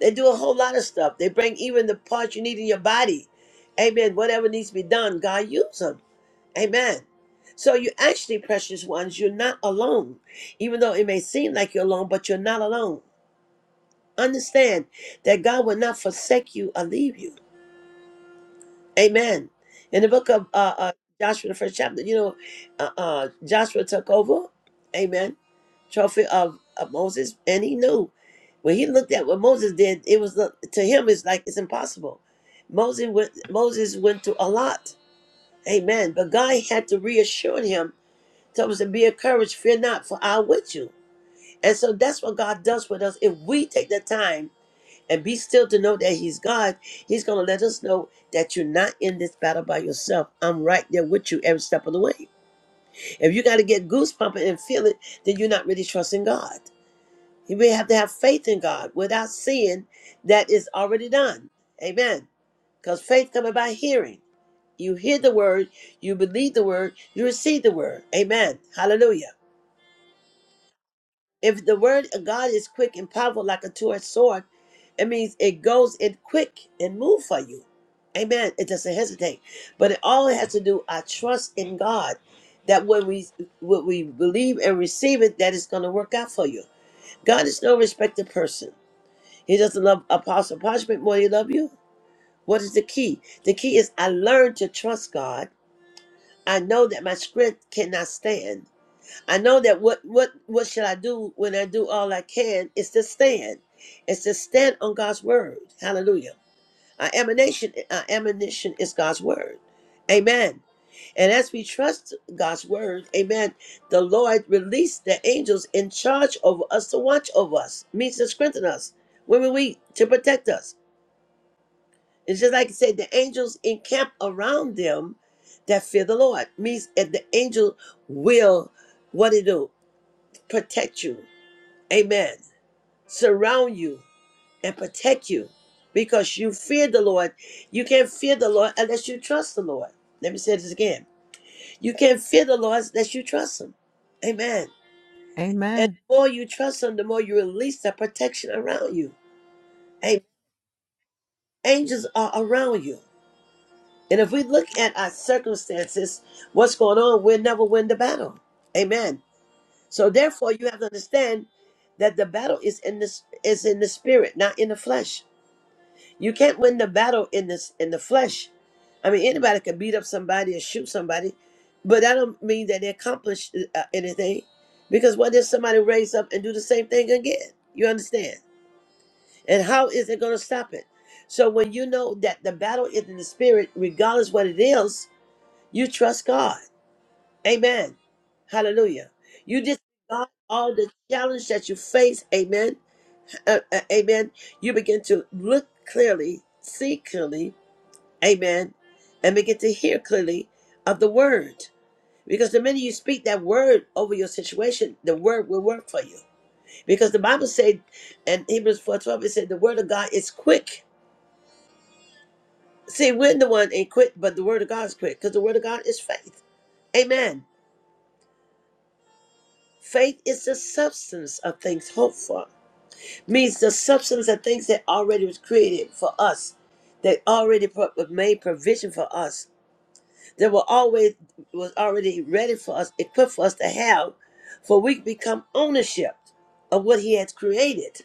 A: they do a whole lot of stuff. They bring even the parts you need in your body. Amen. Whatever needs to be done, God use them. Amen. So you actually, precious ones, you're not alone. Even though it may seem like you're alone, but you're not alone. Understand that God will not forsake you or leave you. Amen. In the book of uh, uh, Joshua, the first chapter, you know, uh, uh, Joshua took over, amen, trophy of, of Moses, and he knew when he looked at what Moses did, it was uh, to him it's like it's impossible. Moses went Moses went through a lot, amen. But God had to reassure him, told us to be encouraged, fear not, for I am with you. And so that's what God does with us if we take the time and be still to know that he's God, he's going to let us know that you're not in this battle by yourself. I'm right there with you every step of the way. If you got to get goose pumping and feel it, then you're not really trusting God. You may have to have faith in God without seeing that it's already done. Amen. Because faith coming by hearing. You hear the word, you believe the word, you receive the word. Amen. Hallelujah. If the word of God is quick and powerful like a two-edged sword, it means it goes in quick and move for you. Amen. It doesn't hesitate. But it all has to do, I trust in God that when we what we believe and receive it, that it's gonna work out for you. God is no respected person. He doesn't love apostle punishment more than he loves you. What is the key? The key is I learned to trust God. I know that my strength cannot stand. I know that what what what should I do when I do all I can is to stand. It's to stand on God's word. Hallelujah. Our ammunition, our ammunition is God's word. Amen. And as we trust God's word, amen, the Lord released the angels in charge over us to watch over us, means to strengthen us when we weak, to protect us. It's just like I said, the angels encamp around them that fear the Lord, means that the angel will what it do? protect you. Amen. Surround you and protect you because you fear the Lord. You can't fear the Lord unless you trust the Lord. Let me say this again. You can't fear the Lord unless you trust Him. Amen. And
C: Amen.
A: the more you trust Him, the more you release that protection around you. Amen. Angels are around you. And if we look at our circumstances, what's going on, we'll never win the battle. Amen. So therefore, you have to understand that the battle is in the is in the spirit, not in the flesh. You can't win the battle in this in the flesh. I mean, anybody could beat up somebody or shoot somebody, but that don't mean that they accomplish uh, anything. Because what if somebody raise up and do the same thing again? You understand? And how is it going to stop it? So when you know that the battle is in the spirit, regardless what it is, you trust God. Amen. Hallelujah. You disregard all the challenge that you face. Amen. Uh, uh, amen. You begin to look clearly, see clearly, Amen. And begin to hear clearly of the word. Because the minute you speak that word over your situation, the word will work for you. Because the Bible said in Hebrews 4 12, it said the word of God is quick. See, we're the one ain't quick, but the word of God is quick. Because the word of God is faith. Amen. Faith is the substance of things hoped for. Means the substance of things that already was created for us, that already pro- made provision for us. There were always was already ready for us, equipped for us to have, for we become ownership of what He has created.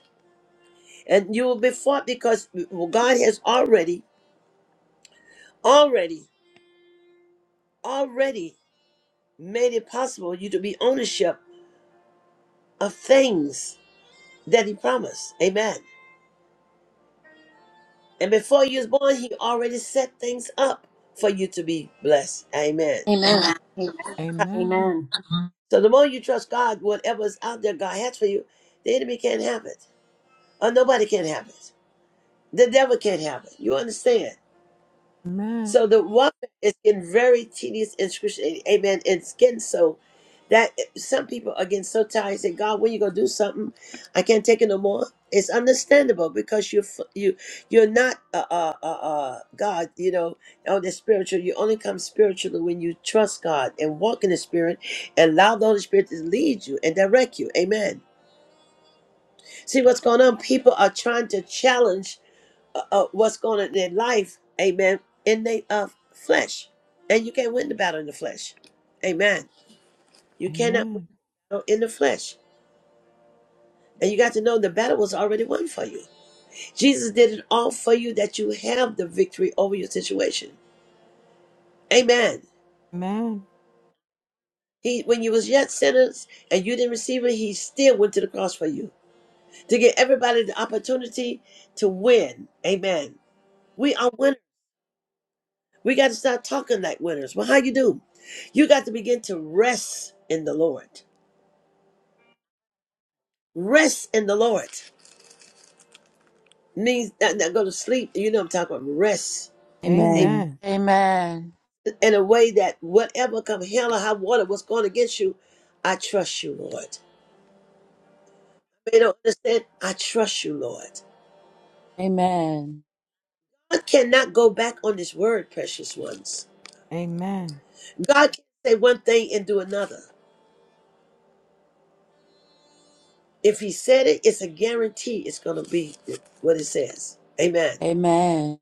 A: And you will be fought because well, God has already, already, already made it possible you to be ownership of things that He promised. Amen. And before you was born, He already set things up for you to be blessed. Amen.
B: Amen. Amen.
C: Amen.
B: Amen.
A: So the more you trust God, whatever's out there God has for you, the enemy can't have it. Or nobody can have it. The devil can't have it. You understand?
C: Amen.
A: So the woman is getting very tedious and excruciating. Amen. It's getting so that some people are getting so tired. They Say, God, when you gonna do something? I can't take it no more. It's understandable because you are you you're not uh, uh uh uh God. You know, on the spiritual, you only come spiritually when you trust God and walk in the Spirit and allow the Holy Spirit to lead you and direct you. Amen. See what's going on? People are trying to challenge uh, uh, what's going on in their life, amen, in their uh, flesh. And you can't win the battle in the flesh. Amen. You cannot win
C: Amen.
A: the battle in the flesh. And you got to know the battle was already won for you. Jesus did it all for you that you have the victory over your situation. Amen.
C: Amen.
A: He, when you was yet sinners and you didn't receive it, he still went to the cross for you to give everybody the opportunity to win. Amen. We are winners. We got to start talking like winners. Well, how you do? You got to begin to rest in the Lord. Rest in the Lord means not, not go to sleep. You know, what I'm talking about rest. Hey,
E: Amen.
C: Amen.
E: Amen.
A: in a way that whatever come hell or high water, what's going against you, I trust you, Lord. They don't understand. I trust you, Lord.
E: Amen.
A: God cannot go back on His word, precious ones. God can say one thing and do another. If He said it, it's a guarantee. It's going to be what it says. Amen.
E: Amen.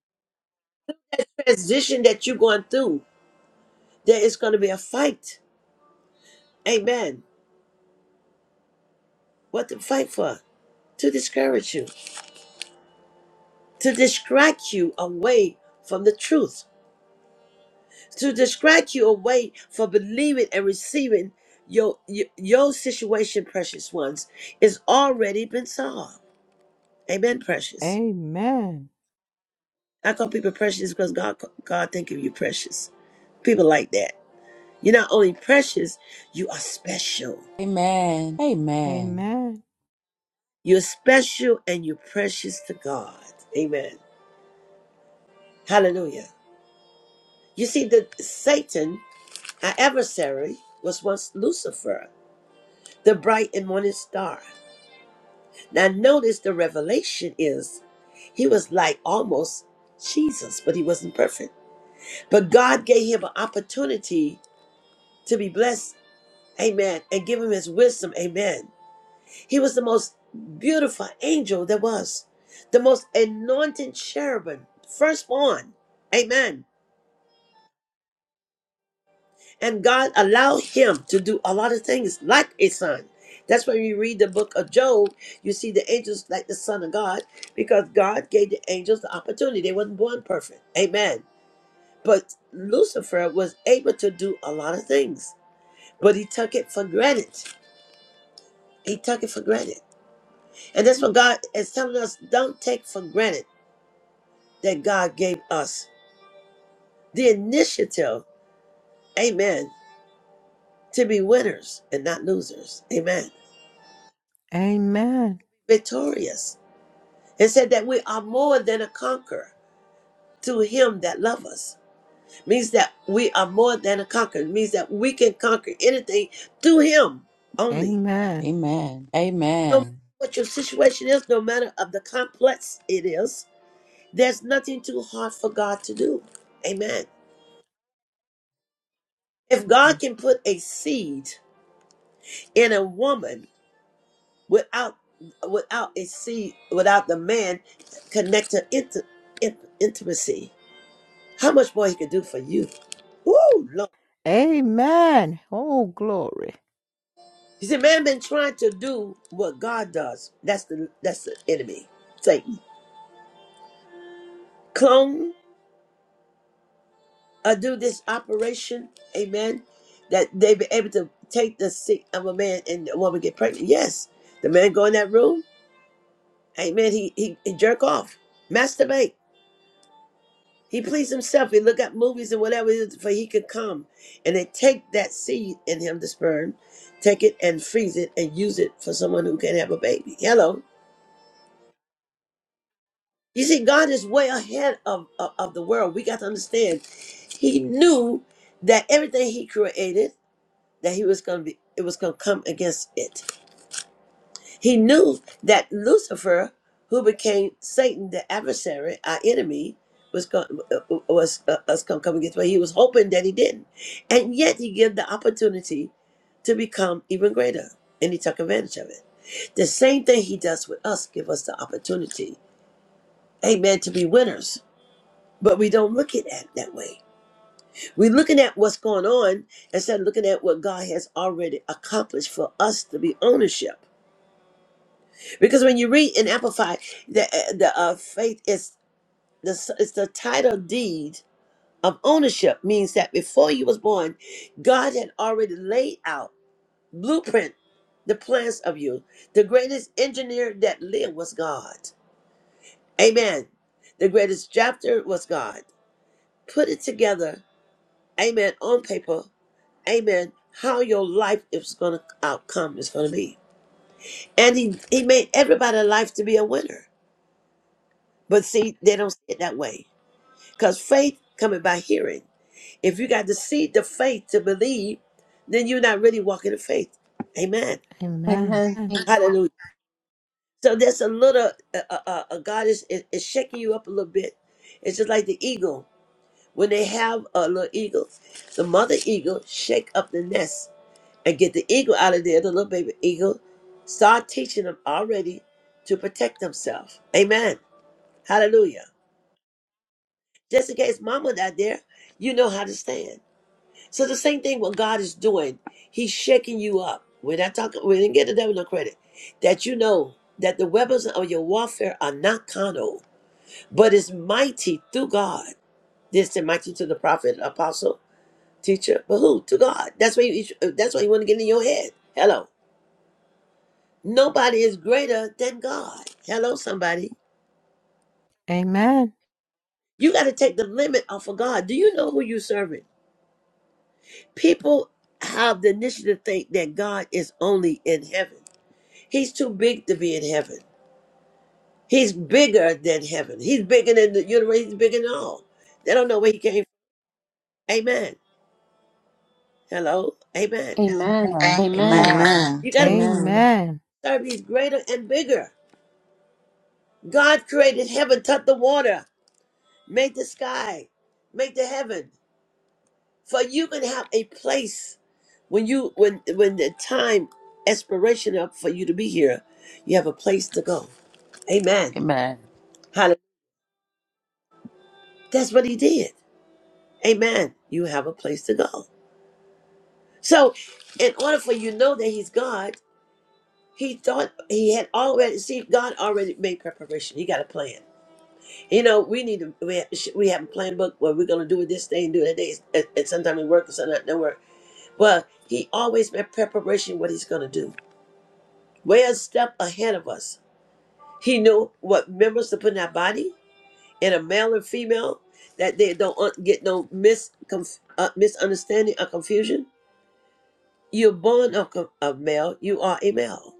A: transition that you're going through, there is going to be a fight. Amen. What to fight for? To discourage you, to distract you away from the truth, to distract you away from believing and receiving your your, your situation, precious ones, is already been solved. Amen, precious.
C: Amen. Amen.
A: I call people precious because God God think of you precious. People like that. You're not only precious, you are special.
E: Amen. Amen.
C: Amen.
A: You're special and you're precious to God. Amen. Hallelujah. You see, the Satan, our adversary, was once Lucifer, the bright and morning star. Now notice the revelation is he was like almost Jesus, but he wasn't perfect. But God gave him an opportunity to be blessed. Amen. And give him his wisdom. Amen. He was the most beautiful angel there was, the most anointed cherubim, firstborn. Amen. And God allowed him to do a lot of things like a son. That's when you read the book of Job, you see the angels like the son of God because God gave the angels the opportunity. They wasn't born perfect. Amen. But Lucifer was able to do a lot of things, but he took it for granted. He took it for granted. And that's what God is telling us don't take for granted that God gave us the initiative, amen, to be winners and not losers, amen,
C: Amen.
A: victorious. It said that we are more than a conqueror to him that love us. Means that we are more than a conqueror. It Means that we can conquer anything through him only.
C: Amen.
E: Amen. Amen.
A: No matter
E: Amen.
A: what your situation is, no matter of the complex it is, there's nothing too hard for God to do. Amen. If God can put a seed in a woman without without a seed, without the man connected into in, intimacy. How much more he could do for you? Woo, Lord.
C: Amen. Oh, glory.
A: You see, man been trying to do what God does. That's the that's the enemy, Satan. Clone or do this operation, amen. That they be able to take the seed of a man and a woman get pregnant. Yes, the man go in that room, amen. He he, he jerk off, masturbate. He pleased himself. He looked up movies and whatever it is for he could come. And they take that seed in him, the sperm, take it and freeze it and use it for someone who can have a baby. Hello. You see, God is way ahead of, of, of the world. We got to understand. He knew that everything he created, that he was gonna be it was gonna come against it. He knew that Lucifer, who became Satan, the adversary, our enemy, was going was uh, us going to come against. But he was hoping that he didn't, and yet he gave the opportunity to become even greater, and he took advantage of it. The same thing he does with us, give us the opportunity, Amen, to be winners. But we don't look at it that way. We're looking at what's going on instead of looking at what God has already accomplished for us to be ownership. Because when you read in Amplified, the uh, the uh, faith is the is the title deed of ownership means that before you was born, God had already laid out blueprint the plans of you. The greatest engineer that lived was God. Amen. The greatest chapter was God. Put it together. Amen. On paper. Amen. How your life is gonna outcome is gonna be. And he, he made everybody's life to be a winner. But see, they don't see it that way Because faith coming by hearing. If you got the seed of faith to believe, then you're not really walking in faith. Amen.
C: Amen.
B: Amen. Amen.
C: Amen.
A: Hallelujah. So that's a little, uh, uh, uh, uh, God is, is, is shaking you up a little bit. It's just like the eagle. When they have a little eagle, the mother eagle shake up the nest and get the eagle out of there. The little baby eagle start teaching them already to protect themselves. Amen. Hallelujah. Just in case mama not there, you know how to stand. So the same thing what God is doing, He's shaking you up. We're not talking. We didn't get the devil no credit. That you know that the weapons of your warfare are not carnal, but is mighty through God. This is mighty to the prophet, apostle, teacher, but who to God? That's why. You, that's why you want to get in your head. Hello. Nobody is greater than God. Hello, somebody. You got to take the limit off of God. Do you know who you serving? People have the initiative to think that God is only in heaven. He's too big to be in heaven. He's bigger than heaven. He's bigger than the universe. He's bigger than all. They don't know where he came from. Amen. Hello? Amen.
B: Amen. Amen.
D: Amen.
A: You got to be
D: Amen.
C: Amen.
A: serving. He's greater and bigger. God created heaven, touched the water, made the sky, made the heaven. For you can have a place when you when when the time expiration up for you to be here, you have a place to go. Amen.
E: Amen.
A: Hallelujah. That's what he did. Amen. You have a place to go. So, in order for you to know that he's God, he thought he had already see God already made preparation. He got a plan. You know, we need to we have, we have a plan book what we're gonna do with this day and do that day, and, and sometimes it works and sometimes it don't work. But he always made preparation what he's gonna do. Way a step ahead of us. He knew what members to put in our body, in a male and female, that they don't un- get no mis- conf- uh, misunderstanding or confusion. You're born of, co- of male, you are a male.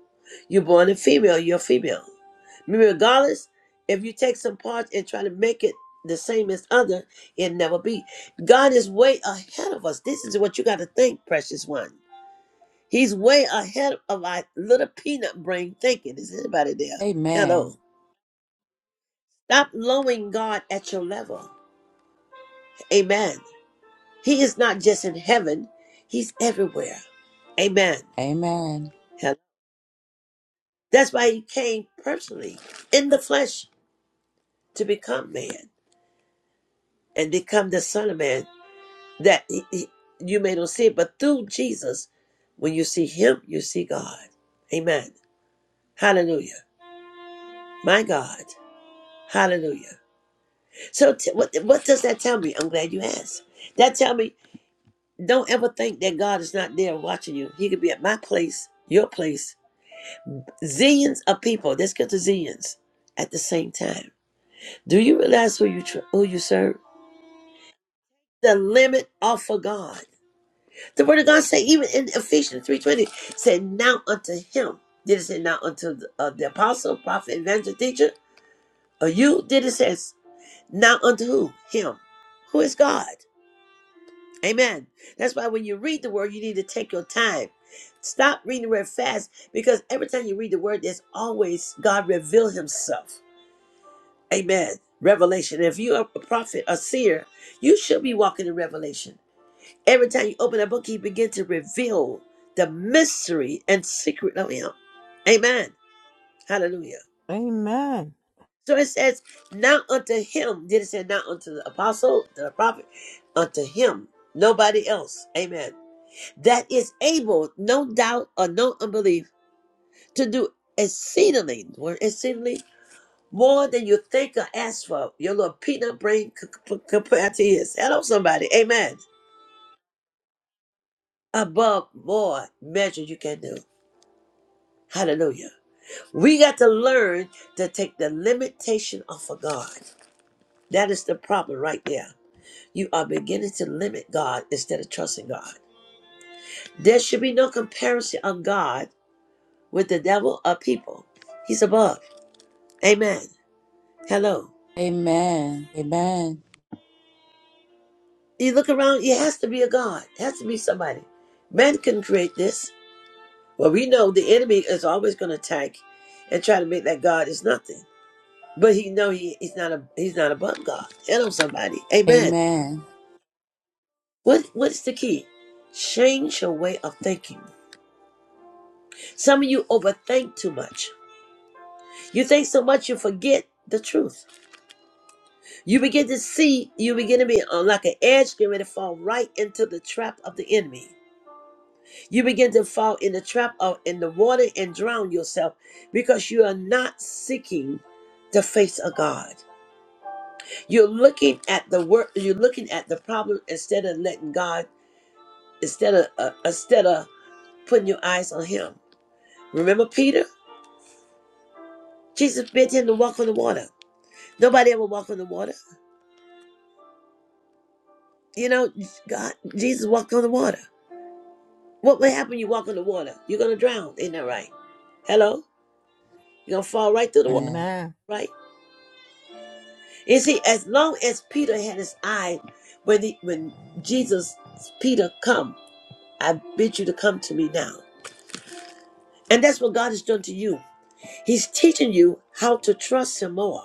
A: You're born a female, you're female. Remember, Regardless, if you take some parts and try to make it the same as other, it never be. God is way ahead of us. This is what you got to think, precious one. He's way ahead of our little peanut brain thinking. Is anybody there?
E: Amen.
A: Hello. Stop lowering God at your level. Amen. He is not just in heaven, He's everywhere. Amen.
E: Amen.
A: That's why he came personally in the flesh to become man and become the Son of Man. That he, he- you may not see it, but through Jesus, when you see him, you see God. Amen. Hallelujah. My God. Hallelujah. So t- what, what does that tell me? I'm glad you asked. That tell me don't ever think that God is not there watching you. He could be at my place, your place, zillions of people. Let's get to zillions at the same time. Do you realize who you tr- who you serve? the limit off of God. The word of God say, even in Ephesians 3.20, said, now unto him. Did it say now unto the, uh, the apostle, prophet, evangelist, teacher? Or you? Did it says now unto who? Him. Who is God? Amen. That's why when you read the word, you need to take your time. Stop reading the word fast because every time you read the word, there's always God reveal himself. Amen. Revelation. If you're a prophet, a seer, you should be walking in revelation. Every time you open that book, he begins to reveal the mystery and secret of him. Amen. Hallelujah.
C: Amen.
A: So it says, now unto him, did it say not unto the apostle, the prophet, unto him, nobody else. Amen. That is able, no doubt or no unbelief, to do exceedingly, more exceedingly more than you think or ask for. Your little peanut brain c- c- compared to his. Hello, somebody. Amen. Above more measure you can do. Hallelujah. We got to learn to take the limitation off of God. That is the problem right there. You are beginning to limit God instead of trusting God. There should be no comparison of God with the devil or people. He's above. Amen. Hello.
E: Amen. Amen.
A: You look around, it has to be a God. It has to be somebody. Man can create this. Well, we know the enemy is always going to attack and try to make that God is nothing. But he know he, he's not a, he's not above God. Hello, somebody. Amen.
E: Amen.
A: What what's the key? Change your way of thinking. Some of you overthink too much. You think so much you forget the truth. You begin to see, you begin to be on like an edge, getting ready to fall right into the trap of the enemy. You begin to fall in the trap of in the water and drown yourself because you are not seeking the face of God. You're looking at the work, you're looking at the problem instead of letting God, instead of uh, instead of putting your eyes on Him. Remember Peter? Jesus bid him to walk on the water. Nobody ever walked on the water. You know, God, Jesus walked on the water. What would happen when you walk on the water? You're going to drown. Isn't that right? Hello? You're going to fall right through the water,
E: And
C: Amen.
A: right? You see, as long as Peter had his eye, when, he, when Jesus, Peter, come, I bid you to come to me now. And that's what God has done to you. He's teaching you how to trust him more.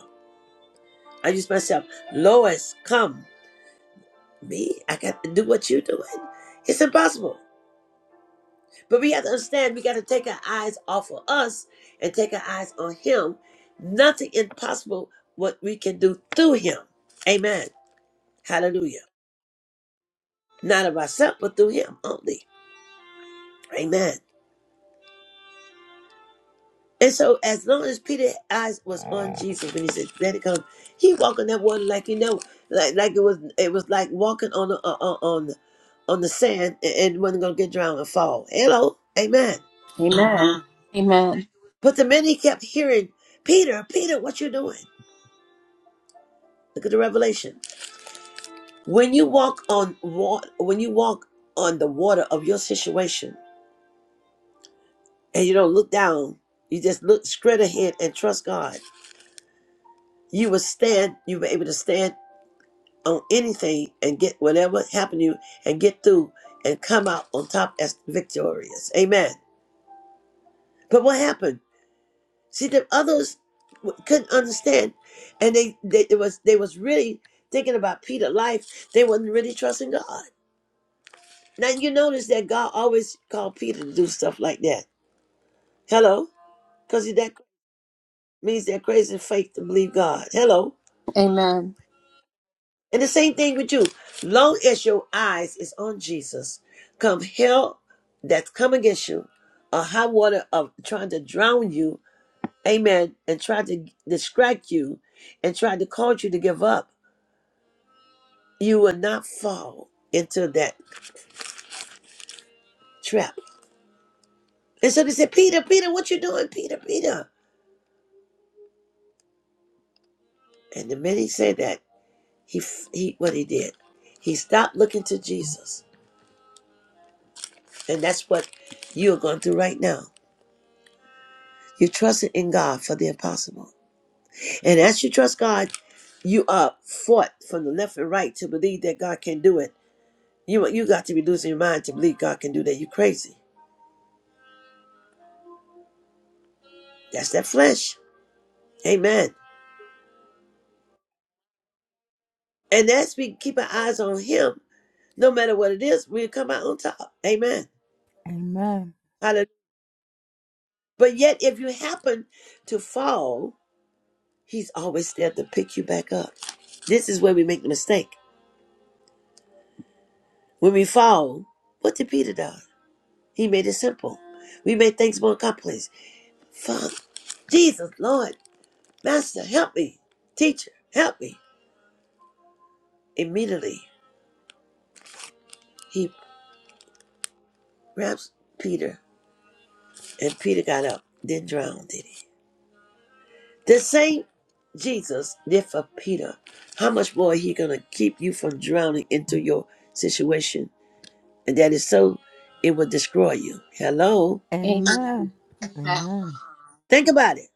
A: I use myself, Lois, come. Me? I got to do what you're doing. It's impossible. But we have to understand we got to take our eyes off of us and take our eyes on Him. Nothing impossible what we can do through Him. Amen. Hallelujah. Not of ourselves, but through Him only. Amen. And so, as long as Peter's eyes was on Jesus when he said, "Let it come," he walked on that water like you know, like like it was it was like walking on the, uh, uh, on the, on the sand and, and wasn't gonna get drowned and fall. Hello, Amen.
B: Amen. Amen. Amen.
A: But the minute he kept hearing Peter, Peter, what you doing? Look at the revelation. When you walk on water, when you walk on the water of your situation and you don't look down, you just look straight ahead and trust God. You will stand, you'll be able to stand on anything and get whatever happened to you and get through and come out on top as victorious. Amen. But what happened? See, the others w- couldn't understand and they, they it was they was really thinking about Peter's life. They wasn't really trusting God. Now you notice that God always called Peter to do stuff like that. Hello, because that means they're crazy in faith to believe God. Hello,
B: Amen. Amen. Amen.
A: and the same thing with you. Long as your eyes is on Jesus, come hell that's come against you, or high water of trying to drown you, Amen, and try to distract you, and try to cause you to give up, you will not fall into that trap. And so they said, Peter, Peter, what you doing, Peter, Peter? And the minute he said that. He, he what he did, he stopped looking to Jesus, and that's what you are going through right now. You're trusting in God for the impossible, and as you trust God, you are fought from the left and right to believe that God can do it. You you got to be losing your mind to believe God can do that. You crazy. That's that flesh. Amen. And as we keep our eyes on Him, no matter what it is, we'll come out on top. Amen.
C: Amen.
A: Hallelujah. But yet, if you happen to fall, He's always there to pick you back up. This is where we make the mistake. When we fall, what did Peter do? He made it simple. We made things more complex. Father, Jesus, Lord, Master, help me. Teacher, help me. Immediately, he grabs Peter, and Peter got up, didn't drown, did he? The same Jesus did for Peter. How much more he going to keep you from drowning into your situation? And that is so, it will destroy you. Hello?
C: Amen. Amen. Amen.
A: Think about it.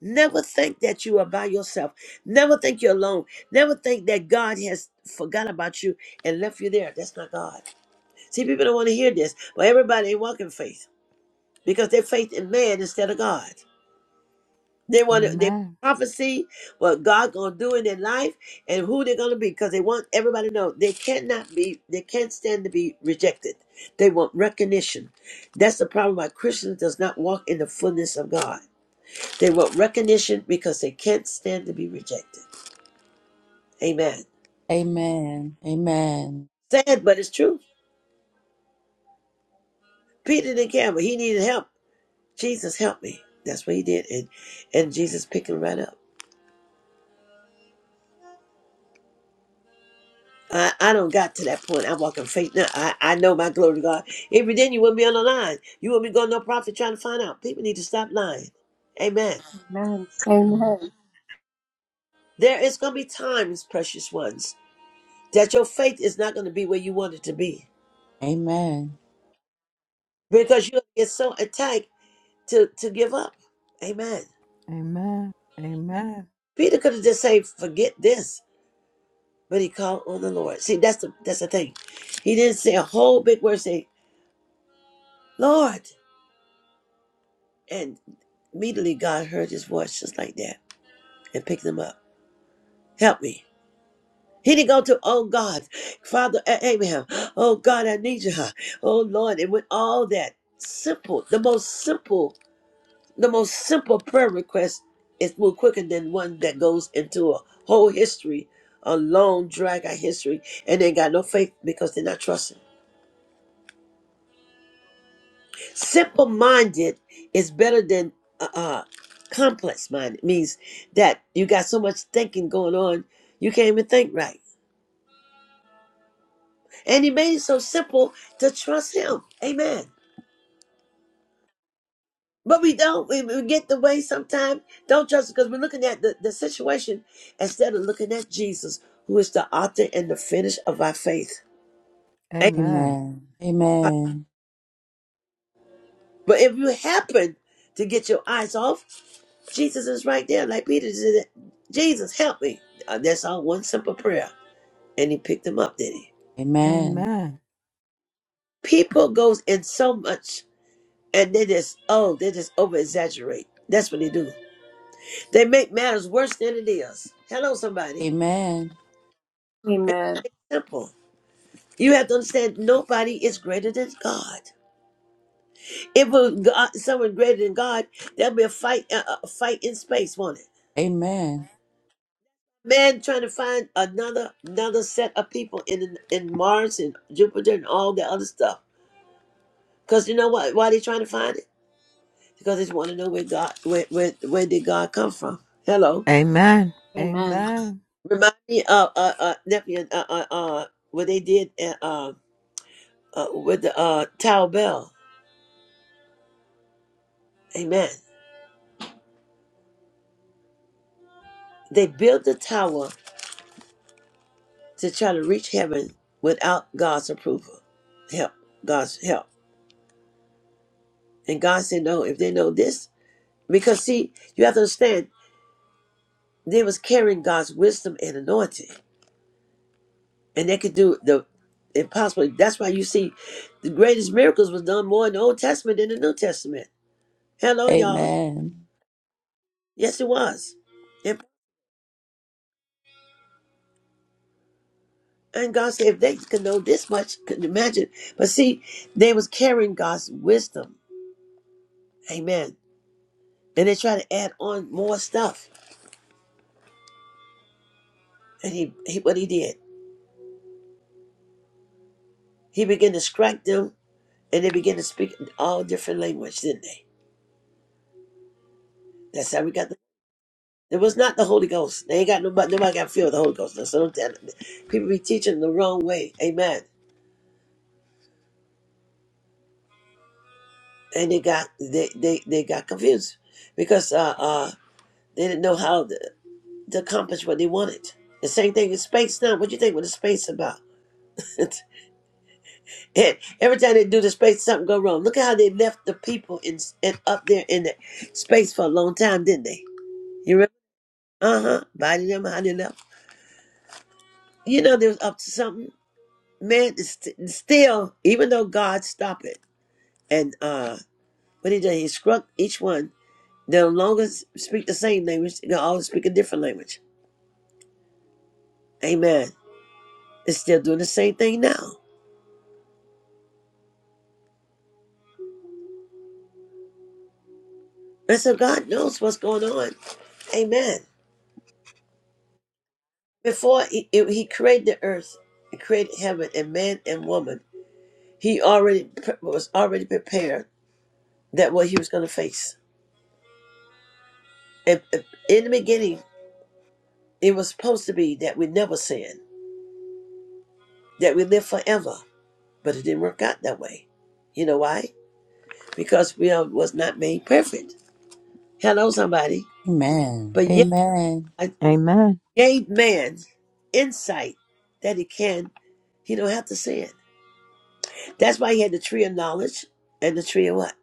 A: Never think that you are by yourself. Never think you're alone. Never think that God has forgot about you and left you there. That's not God. See, people don't want to hear this, but everybody ain't walking faith because they faith in man instead of God. They want to they
C: Amen.
A: prophecy what God gonna do in their life and who they're gonna be because they want everybody to know they cannot be they can't stand to be rejected. They want recognition. That's the problem why Christians does not walk in the fullness of God. They want recognition because they can't stand to be rejected. Amen.
E: Amen. Amen.
A: Sad, but it's true. Peter didn't care, but he needed help. Jesus help me. That's what he did, and and Jesus picked him right up. I, I don't got to that point. I walk in faith now. I, I know my glory to God. If you didn't, you wouldn't be on the line. You wouldn't be going to no profit trying to find out. People need to stop lying. Amen.
B: Amen.
A: There is going to be times, precious ones, that your faith is not going to be where you want it to be
E: Amen.
A: because you get so attacked to, to give up. Amen.
C: Amen.
A: Peter could have just said, "Forget this," but he called on the Lord. See, that's the that's the thing. He didn't say a whole big word. Say, "Lord," and immediately God heard his voice just like that and picked him up. Help me. He didn't go to, oh God, Father Abraham, oh God, I need you, huh? oh Lord, and with all that simple, the most simple, the most simple prayer request is more quicker than one that goes into a whole history, a long drag out history, and they got no faith because they're not trusting. Simple minded is better than uh, uh, complex minded. It means that you got so much thinking going on, you can't even think right. And he made it so simple to trust him. Amen. But we don't. We, we get the way sometimes. Don't trust it because we're looking at the, the situation instead of looking at Jesus, who is the author and the finish of our faith. Amen.
C: Amen.
E: Amen.
A: But if you happen to get your eyes off, Jesus is right there. Like Peter said, Jesus, help me. Uh, That's all one simple prayer. And he picked him up, did he?
C: Amen.
E: Amen. Amen.
C: Amen.
A: People goes in so much and they just, oh, they just over exaggerate. That's what they do. They make matters worse than it is. Hello, somebody.
E: Amen.
B: Amen.
A: Simple. You have to understand nobody is greater than God. If it was God, someone greater than God, there'll be a fight, a a fight in space, won't it?
E: Amen. Amen.
A: man trying to find another another set of people in in Mars and Jupiter and all the other stuff. Because you know what? Why they trying to find it? Because they just want to know where God where, where where did God come from? Hello,
B: Amen.
C: Amen.
A: remind me of uh uh nephew uh uh, uh what they did uh, uh uh, with the uh Tower Bell. Amen. They built the tower to try to reach heaven without God's approval, help God's help. And God said, no, if they know this, because see, you have to understand They was carrying God's wisdom and anointing, and they could do the impossible. That's why you see the greatest miracles was done more in the Old Testament than the New Testament. Hello, y'all. Yes, it was. And, and God said, if they could know this much, could you imagine. But see, they was carrying God's wisdom. Amen. And they tried to add on more stuff. And he, he what he did, he began to strike them, and they began to speak in all different language, didn't they? That's how we got the It was not the Holy Ghost. They ain't got nobody. Nobody got filled with the Holy Ghost. Now, So don't tell them. People be teaching the wrong way. Amen. And they got they they, they got confused because uh uh they didn't know how to, to accomplish what they wanted. The same thing in space now. What do you think What is space about? and every time they do the space, something go wrong. Look at how they left the people in and up there in the space for a long time, didn't they? You remember? Uh huh. Biden them how they left. You know they was up to something. man is st- still even though god stopped it and uh what he did he struck each one they'll no longer speak the same language they'll all speak a different language amen they're still doing the same thing now and so god knows what's going on amen before he, he he created the earth he created heaven and man and woman he already pre- was already prepared that what he was going to face and and in the beginning it was supposed to be that we never sin that we live forever But it didn't work out that way. You know why? Because we are, was not made perfect. Hello, somebody.
E: Amen.
A: But yet,
E: Amen.
A: I
C: Amen.
A: gave man insight that he can, he don't have to sin. That's why he had the tree of knowledge and the tree of what?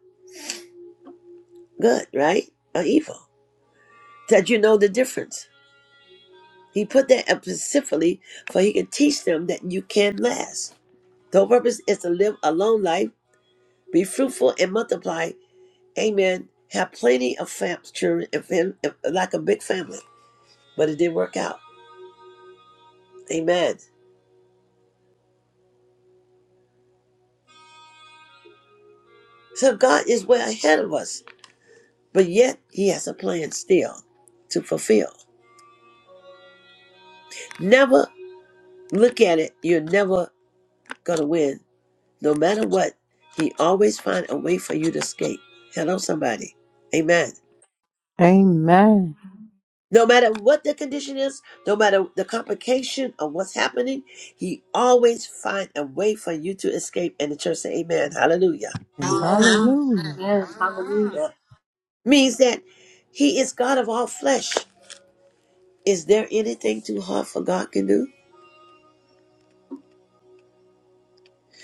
A: Good, right? Or evil. That you know the difference. He put that up specifically for he can teach them that you can last. The whole purpose is to live a long life, be fruitful and multiply, Amen. Have plenty of fam- children, if in, if, like a big family, but it didn't work out. Amen. So God is way ahead of us, but yet He has a plan still to fulfill. Never look at it. You're never gonna win, no matter what. He always find a way for you to escape. Hello, somebody. Amen.
C: Amen.
A: No matter what the condition is, no matter the complication of what's happening, he always find a way for you to escape. And the church say, Amen. Hallelujah.
C: And
B: Amen.
C: hallelujah.
B: Hallelujah.
A: means that he is God of all flesh. Is there anything too hard for God can do?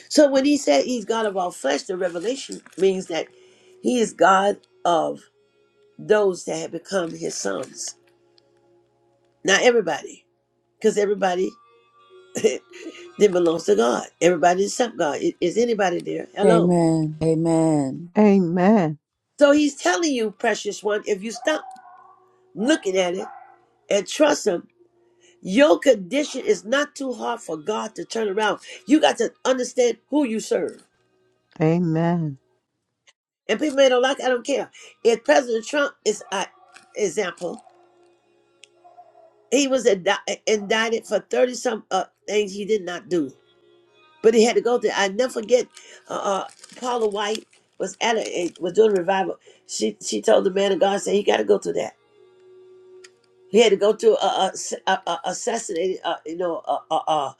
A: So when he said he's God of all flesh, the revelation means that he is God of those that have become his sons. Not everybody, because everybody that belongs to God. Everybody except God. I- Is anybody there? Hello.
E: Amen. Amen.
C: Amen.
A: So he's telling you, precious one, if you stop looking at it and trust him, your condition is not too hard for God to turn around. You got to understand who you serve.
C: Amen.
A: and people may don't like. it, I don't care. If President Trump is an example, he was indi- indicted for thirty some uh, things he did not do, but he had to go through. I never forget. Uh, uh, Paula White was at a, a- was doing a revival. She she told the man of God said he got to go through that. He had to go through a, a, a, a assassinated. Uh, you know, uh, uh, uh,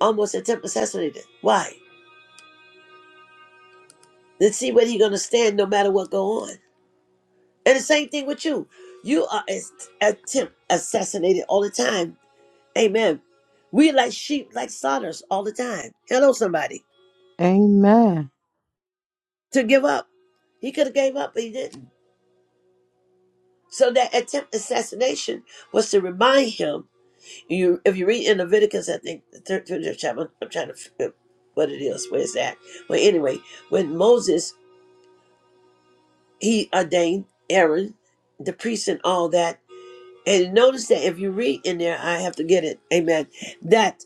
A: almost attempt assassinated. Why? Let's see whether he's gonna stand no matter what go on. And the same thing with you. You are as attempt assassinated all the time. Amen. We like sheep, like slaughters all the time. Hello, somebody.
C: Amen.
A: To give up. He could have gave up, but he didn't. So that attempt assassination was to remind him. You, if you read in Leviticus, I think the third, third chapter. I'm trying to figure what it is. Where's that? But anyway, when Moses he ordained Aaron, the priest, and all that. And notice that if you read in there, I have to get it. Amen. That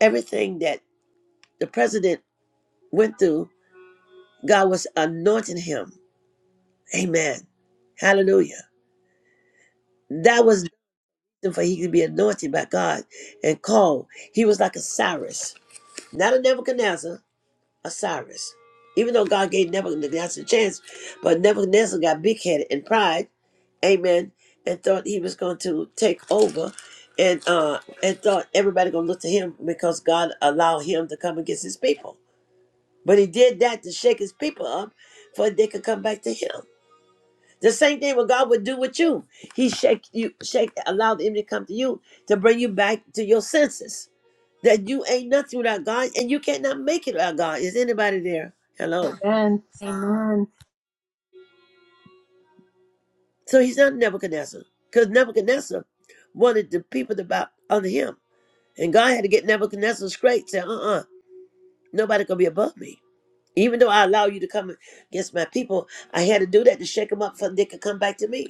A: Everything that the president went through, God was anointing him. Amen. Hallelujah. That was for he could be anointed by God and called. He was like a Cyrus, not a Nebuchadnezzar, a Cyrus. Even though God gave Nebuchadnezzar a chance, but Nebuchadnezzar got big headed in pride amen, and thought he was going to take over, and uh, and thought everybody gonna look to him because God allowed him to come against his people. But he did that to shake his people up for they could come back to him. The same thing what God would do with you. He shake you, shake, allow the enemy to come to you to bring you back to your senses. That you ain't nothing without God and you cannot make it without God. Is anybody there? Hello.
B: Amen. Amen.
A: So he's not Nebuchadnezzar. Because Nebuchadnezzar wanted the people to bow under him. And God had to get Nebuchadnezzar straight, say, uh-uh, nobody gonna be above me. Even though I allow you to come against my people, I had to do that to shake them up for they could come back to me.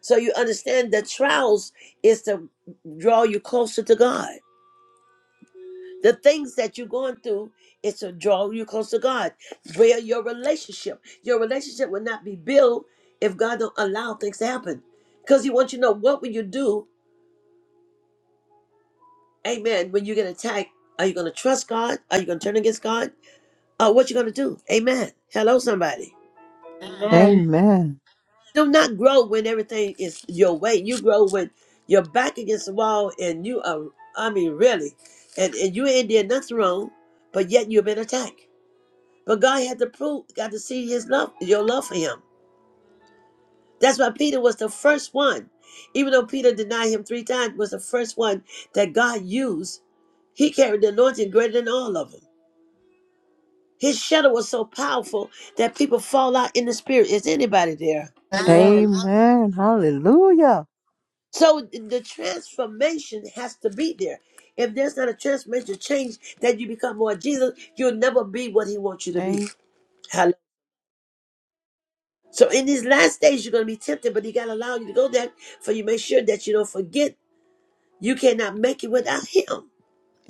A: So you understand that trials is to draw you closer to God. The things that you're going through is to draw you closer to God. Where your relationship, your relationship will not be built if God don't allow things to happen. Because He wants you to know what will you do, Amen. When you get attacked, are you going to trust God? Are you going to turn against God? Uh, what you going to do? Amen. Hello, somebody.
B: Amen.
C: Amen.
A: do not grow when everything is your way. You grow when you're back against the wall and you are, I mean, really, and, and you ain't did nothing wrong, but yet you've been attacked. But God had to prove, got to see his love, your love for him. That's why Peter was the first one, even though Peter denied him three times, was the first one that God used. He carried the anointing greater than all of them. His shadow was so powerful that people fall out in the spirit. Is anybody there?
B: Amen.
C: Amen. Hallelujah.
A: So the transformation has to be there. If there's not a transformation change that you become more Jesus, you'll never be what he wants you to be.
C: A-
A: Hallelujah. So in these last days, you're going to be tempted, but he got to allow you to go there for you. Make sure that you don't forget you cannot make it without him.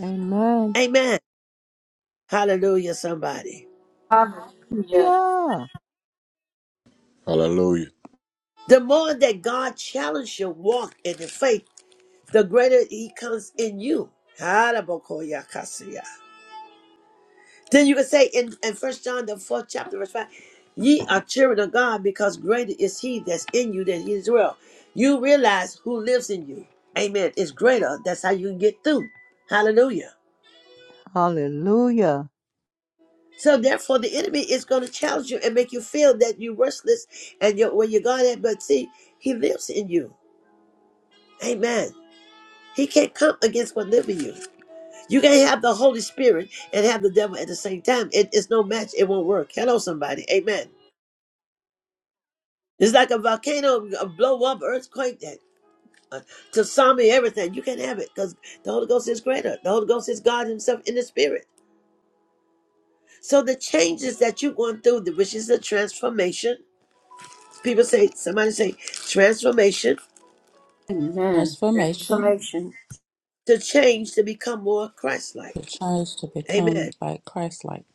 C: Amen.
A: Amen. Hallelujah, somebody.
B: Hallelujah.
C: Hallelujah.
G: Hallelujah.
A: The more that God challenges your walk in the faith, the greater he comes in you. Hallelujah. Then you can say in, in First John the fourth chapter, verse five, ye are children of God because greater is he that's in you than he is well. You realize who lives in you. Amen. It's greater. That's how you can get through. Hallelujah.
C: Hallelujah.
A: So therefore the enemy is going to challenge you and make you feel that you're worthless and you're where you're going at, but see, he lives in you. Amen. He can't come against what lives in you. You can't have the Holy Spirit and have the devil at the same time. It, it's no match. It won't work. Hello, somebody. Amen. It's like a volcano, a blow up, earthquake, that uh, tsunami, everything. You can not have it because the Holy Ghost is greater. The Holy Ghost is God Himself in the Spirit. So the changes that you're going through, the- which is the transformation, people say, somebody say, transformation
B: Amen.
E: Transformation
B: Transformation.
A: to change to become more
E: to
A: Christ-like.
E: change to become
A: Amen.
E: like Christ like.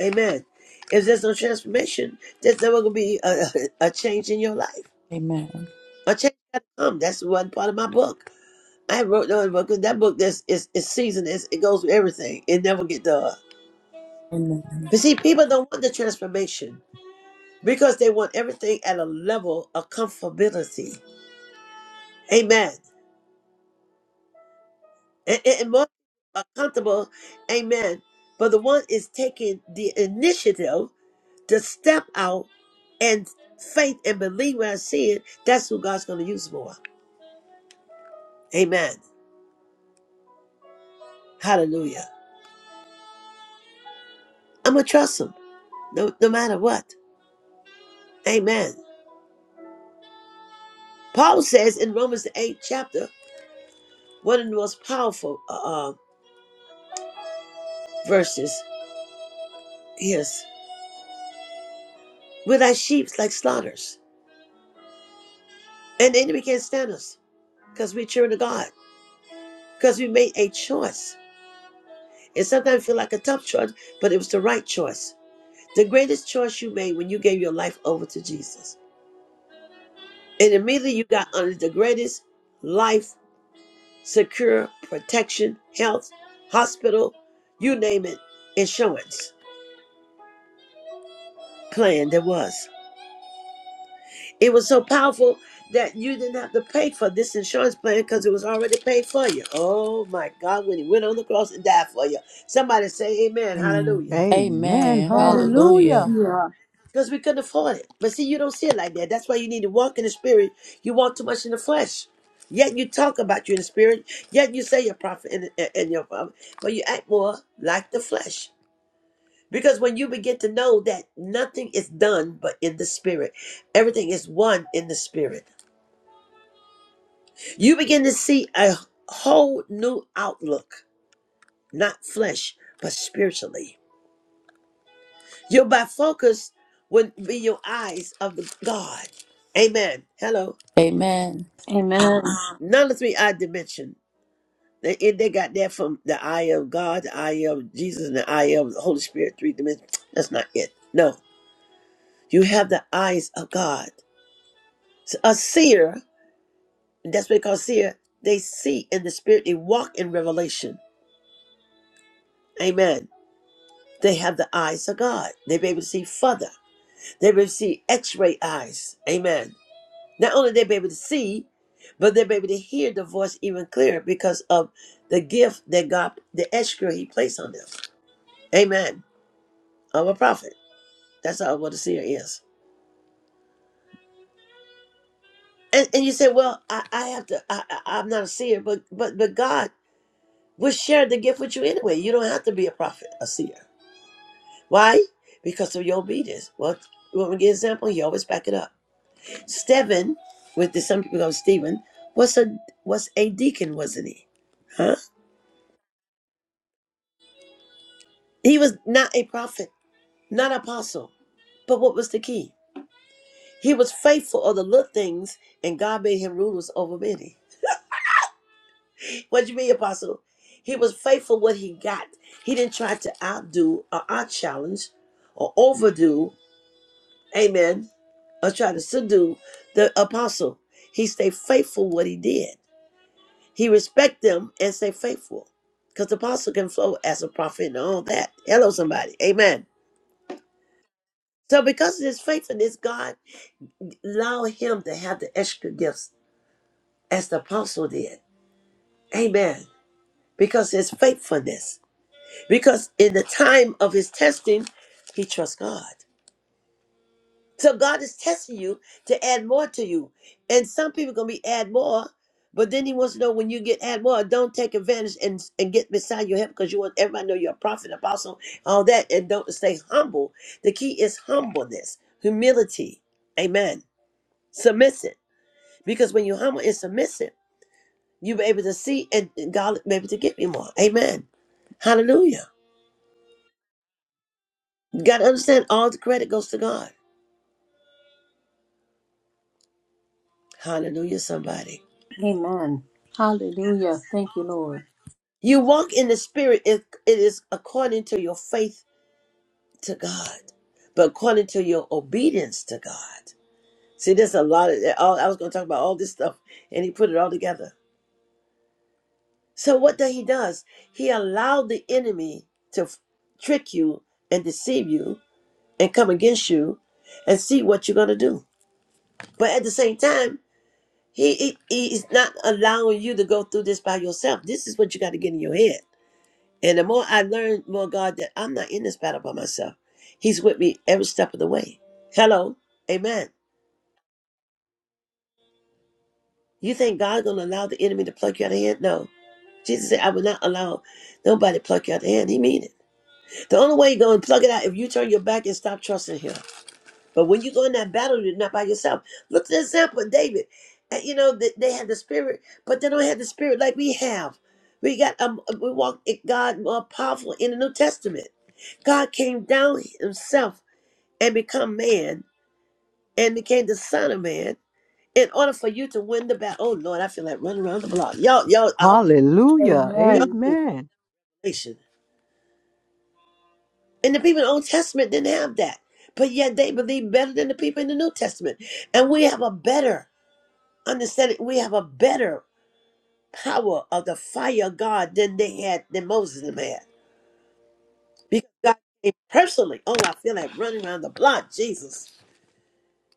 A: Amen. If there's no transformation, there's never going to be a, a change in your life.
E: Amen.
A: A change got to come. That's one part of my book. I wrote another book because that book that's is is seasoned. It's, it goes with everything. It never get done.
E: Amen.
A: But see, people don't want the transformation because they want everything at a level of comfortability. Amen. And, and, and more are comfortable. Amen. But the one is taking the initiative to step out and faith and believe where I see it. That's who God's going to use more. Amen. Hallelujah. I'm gonna trust Him no, no matter what. Amen. Paul says in Romans the eighth chapter. One of the most powerful uh, uh, verses is, We're like sheep, like slaughters. And the enemy can't stand us because we're children of God, because we made a choice. And sometimes feel like a tough choice, but it was the right choice. The greatest choice you made when you gave your life over to Jesus. And immediately you got under the greatest life, secure, protection, health, hospital, you name it, insurance plan there was. It was so powerful that you didn't have to pay for this insurance plan because it was already paid for you. Oh my God, when he went on the cross and died for you. Somebody say amen, hallelujah.
E: Amen.
C: Amen.
E: Amen.
B: Amen.
C: Hallelujah.
E: Hallelujah.
B: Hallelujah.
A: Because we couldn't afford it. But see, you don't see it like that. That's why you need to walk in the spirit. You walk too much in the flesh. Yet you talk about you in the spirit. Yet you say you're a prophet and, and and you're a prophet. But you act more like the flesh. Because when you begin to know that nothing is done but in the spirit, everything is one in the spirit. You begin to see a whole new outlook, not flesh, but spiritually. Your bifocus would be your eyes of the God. Amen. Hello.
E: Amen.
B: Amen.
A: None of the three eye dimension. They, it- they got that from the eye of God, the eye of Jesus, and the eye of the Holy Spirit, three dimensions. That's not it. No. You have the eyes of God. So a seer, that's what they call seer, they see in the spirit, they walk in revelation. Amen. They have the eyes of God. They be able to see further. They be able to see X-ray eyes. Amen. Not only they be able to see, but they be able to hear the voice even clearer because of the gift that God, the extra He placed on them. Amen. I'm a prophet. That's all what a seer is. And, and you say, well, I, I have to. I, I, I'm not a seer, but but but God will share the gift with you anyway. You don't have to be a prophet, a seer. Why? Because of your obedience. Well, you want me to give an example? You always back it up. Stephen, with the, some people call Stephen, was a was a deacon, wasn't he? Huh? He was not a prophet, not apostle. But what was the key? He was faithful of the little things, and God made him rulers over many. What do you mean, apostle? He was faithful what he got. He didn't try to outdo or out challenge or overdo. Amen. Or try to subdue the apostle. He stayed faithful what he did. He respect them and stay faithful. Because the apostle can flow as a prophet and all that. Hello, somebody. Amen. So because of his faithfulness, God allow him to have the extra gifts as the apostle did. Amen. Because his faithfulness. Because in the time of his testing, he trusts God. So God is testing you to add more to you. And some people gonna be add more, but then he wants to know when you get add more, don't take advantage and, and get beside your help because you want everybody to know you're a prophet, apostle, all that, and don't stay humble. The key is humbleness, humility. Amen. Submissive. Because when you're humble and submissive, you'll be able to see and and God may be able to give you more. Amen. Hallelujah. You gotta understand all the credit goes to God. Hallelujah, somebody.
B: Amen. Hallelujah. Thank you, Lord.
A: You walk in the spirit, it, it is according to your faith to God, but according to your obedience to God. See, there's a lot of, all, I was going to talk about all this stuff, and he put it all together. So, what that he does, he allowed the enemy to f- trick you and deceive you and come against you and see what you're going to do. But at the same time, he, he he's not allowing you to go through this by yourself. This is what you got to get in your head. And the more I learn, more God, that I'm not in this battle by myself. He's with me every step of the way. Hello. Amen. You think God's going to allow the enemy to pluck you out of hand? No. Jesus said, I will not allow nobody to pluck you out of hand. He mean it. The only way you're going to pluck it out if you turn your back and stop trusting him. But when you go in that battle, you're not by yourself. Look at the example of David. And, you know, they, they had the spirit, but they don't have the spirit like we have. We got um, we walk in God more powerful in the New Testament. God came down himself and become man and became the son of man in order for you to win the battle. Oh Lord, I feel like running around the block. Y'all, y'all, I hope-
C: Hallelujah.
A: y'all
B: Amen.
A: do
C: Amen.
A: nation. And the people in the Old Testament didn't have that. But yet they believe better than the people in the New Testament. And we have a better understanding. We have a better power of the fire of God than they had, than Moses and them had. Because God came personally. Oh, I feel like running around the block, Jesus,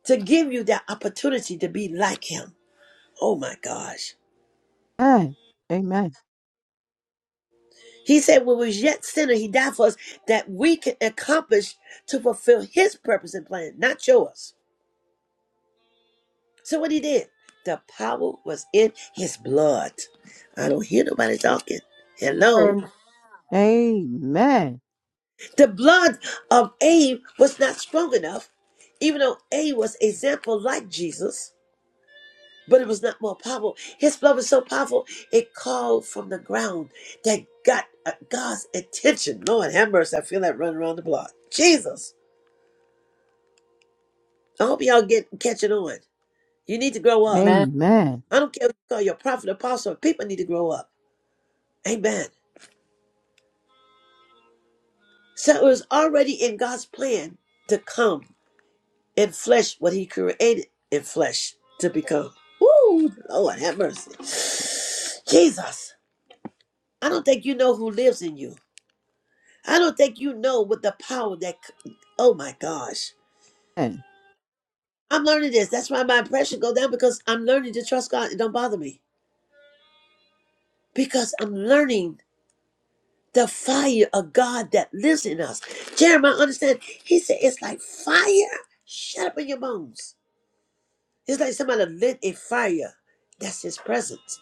A: to give you that opportunity to be like him. Oh my gosh.
C: Amen.
A: He said, when we was yet sinner, he died for us that we can accomplish to fulfill his purpose and plan, not yours. So what he did, the power was in his blood. I don't hear nobody talking. Hello.
B: Amen.
C: Amen.
A: The blood of Abe was not strong enough, even though Abe was example like Jesus, but it was not more powerful. His blood was so powerful, it called from the ground that got uh, God's attention. Lord have mercy. I feel that running around the block. Jesus. I hope y'all get catching on. You need to grow up.
B: Amen.
C: Amen.
A: I don't care if you call your prophet apostle. People need to grow up. Amen. So it was already in God's plan to come in flesh what He created in flesh to become. Woo! Lord have mercy. Jesus, I don't think you know who lives in you. I don't think you know what the power that. c- Oh my gosh.
C: Amen.
A: I'm learning this. That's why my impression go down because I'm learning to trust God. It don't bother me because I'm learning the fire of God that lives in us. Jeremiah understand. He said it's like fire shut up in your bones. It's like somebody lit a fire. That's his presence.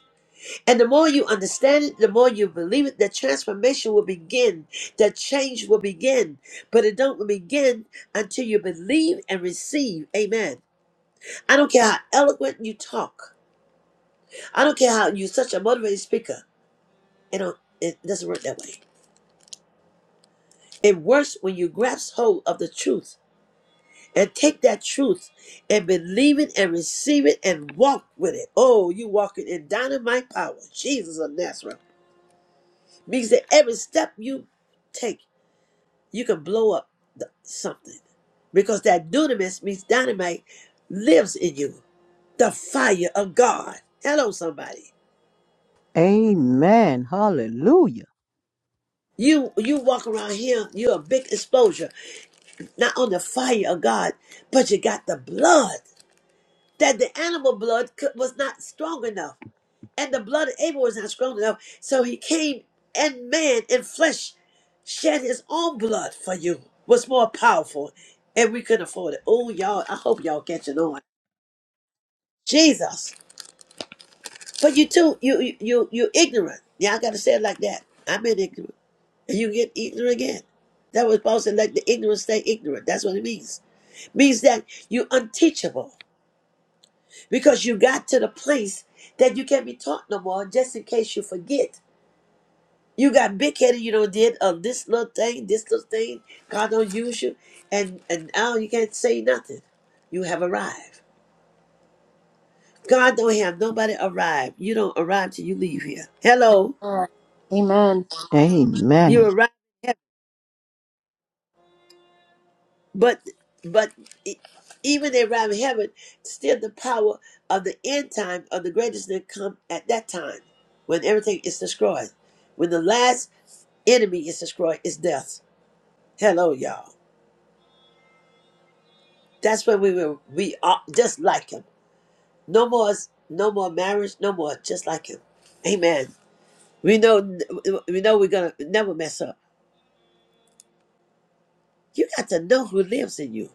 A: And the more you understand it, the more you believe it, the transformation will begin. The change will begin. But it don't begin until you believe and receive. Amen. I don't care how eloquent you talk. I don't care how you're such a motivated speaker. It don't it doesn't work that way. It works when you grasp hold of the truth and take that truth and believe it and receive it and walk with it. Oh, you walking in dynamite power. Jesus of Nazareth. Means that every step you take, you can blow up the, something. Because that dunamis means dynamite lives in you. The fire of God. Hello, somebody.
C: Amen. Hallelujah.
A: You you walk around here, you're a big exposure. Not on the fire of God, but you got the blood. That the animal blood could, was not strong enough. and the blood of Abel was not strong enough. So he came and man in flesh shed his own blood for you. Was more powerful, and we couldn't afford it. Oh, y'all! I hope y'all catching on. Jesus, but you too, you you you you ignorant. Yeah, I gotta say it like that. I'm in ignorant, and you get ignorant again. That was Paul said, "Let the ignorant stay ignorant." That's what it means. Means that you unteachable because you got to the place that you can't be taught no more. Just in case you forget You got big headed, you know, did uh, this little thing, this little thing. God don't use you. And, and now you can't say nothing. You have arrived. God don't have nobody arrive. You don't arrive till you leave here. Hello.
B: Amen.
A: You
C: Amen.
A: arrive in heaven. But, but e- even they arrive in heaven, still the power of the end time of the greatest that come at that time when everything is destroyed. When the last enemy is destroyed, is death. Hello, y'all. That's when we will we are just like him. No more, no more marriage. No more, just like him. Amen. We know, we know we're gonna never mess up. You got to know who lives in you.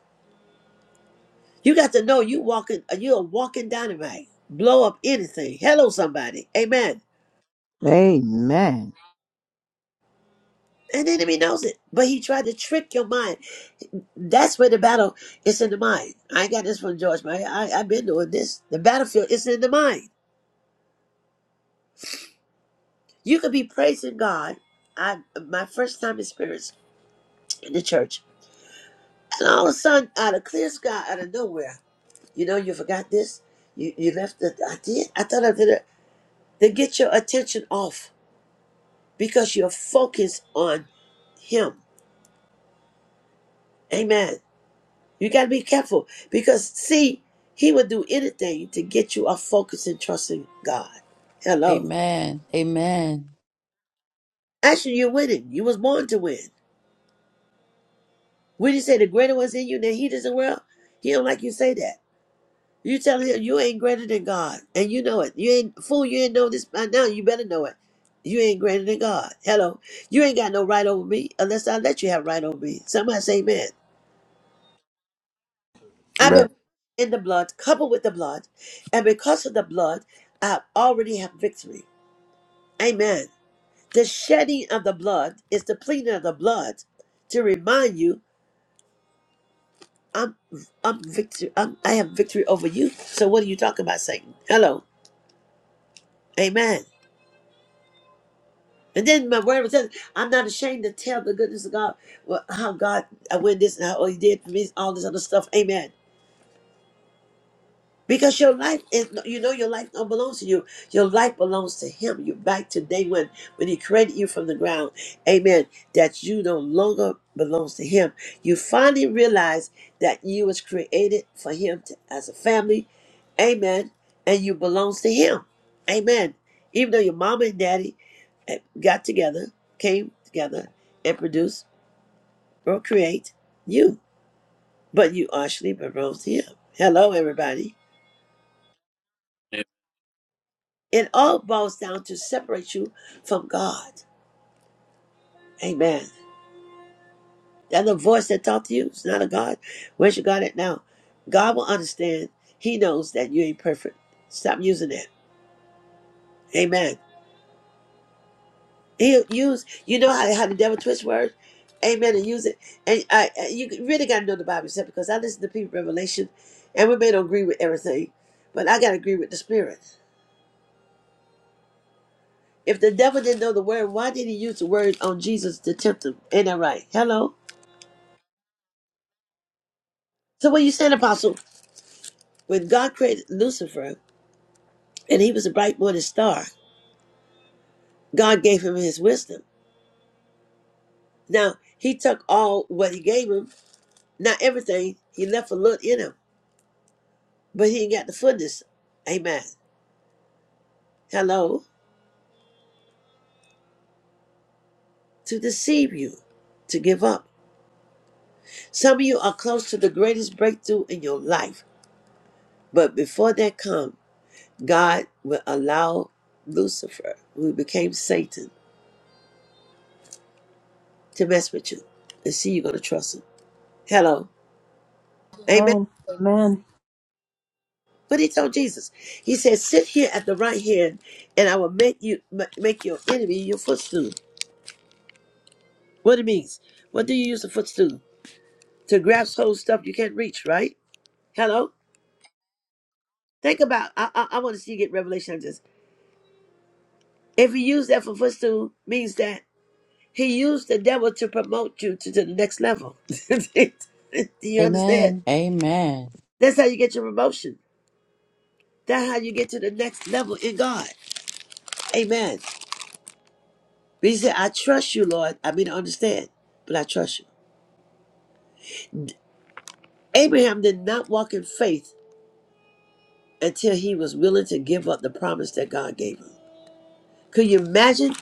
A: You got to know you walking, you are walking dynamite. Blow up anything. Hello, somebody. Amen.
C: Amen.
A: And the enemy knows it, but he tried to trick your mind. That's where the battle is in the mind. I ain't got this from George, but I, I, have been doing this. The battlefield is in the mind. You could be praising God. I, my first time experience in the church. And all of a sudden, out of clear sky, out of nowhere, you know, you forgot this. You you left the I did. I thought I did it. They get your attention off because you're focused on him. Amen. You gotta be careful because see, he would do anything to get you off focus and trusting God. Hello.
E: Amen. Amen.
A: Actually, you're winning. You was born to win. When you say the greater one's in you than he is in the world, he don't like you say that. You telling him you ain't greater than God, and you know it. You ain't fool. You ain't know this by now. You better know it. You ain't greater than God. Hello, you ain't got no right over me unless I let you have right over me. Somebody say, "Man, I've
G: Amen.
A: been in the blood, coupled with the blood, and because of the blood, I already have victory." Amen. The shedding of the blood is the pleading of the blood to remind you, "I'm, I'm victory. I'm, I have victory over you." So what are you talking about, Satan? Hello, Amen. And then my word was, I'm not ashamed to tell the goodness of God, well, how God, I win this and how all He did for me, all this other stuff. Amen. Because your life is, no, you know, your life don't belong to you. Your life belongs to Him. You're back to day one when He created you from the ground. Amen. That you no longer belongs to Him. You finally realize that you was created for Him to, as a family. Amen. And you belongs to Him. Amen. Even though your mama and daddy eh, got together, came together, and produced or create you. But you actually asleep and him. Hello, everybody. It all boils down to separate you from God. Amen. That little voice that talked to you is not a God. Where's your God at now? God will understand. He knows that you ain't perfect. Stop using that. Amen. He'll use, you know how, how the devil twist words, amen, and use it. And I, I- you really got to know the Bible yourself because I listen to people Revelation, and we may not agree with everything, but I got to agree with the Spirit. If the devil didn't know the word, why did he use the word on Jesus to tempt him? Ain't that right? Hello. So what you saying, Apostle? When God created Lucifer, and he was a bright morning star, God gave him his wisdom. Now he took all what he gave him, not everything. He left a little in him, but he ain't got the fullness. Amen. Hello? To deceive you, to give up. Some of you are close to the greatest breakthrough in your life. But before that comes, God will allow Lucifer, who became Satan, to mess with you and see you're going to trust him. Hello? Amen.
B: Amen. Amen.
A: But he told Jesus, he said, sit here at the right hand and I will make you ma- make your enemy your footstool. What it means? What do you use a footstool? To grasp hold of stuff you can't reach, right? Hello? Think about, I, I, I want to see you get revelation. If he used that for footstool, means that he used the devil to promote you to the next level. Do you understand?
E: Amen. Amen.
A: That's how you get your promotion. That's how you get to the next level in God. Amen. But he said, I trust you, Lord. I mean, I understand, but I trust you. Abraham did not walk in faith until he was willing to give up the promise that God gave him. Could you imagine?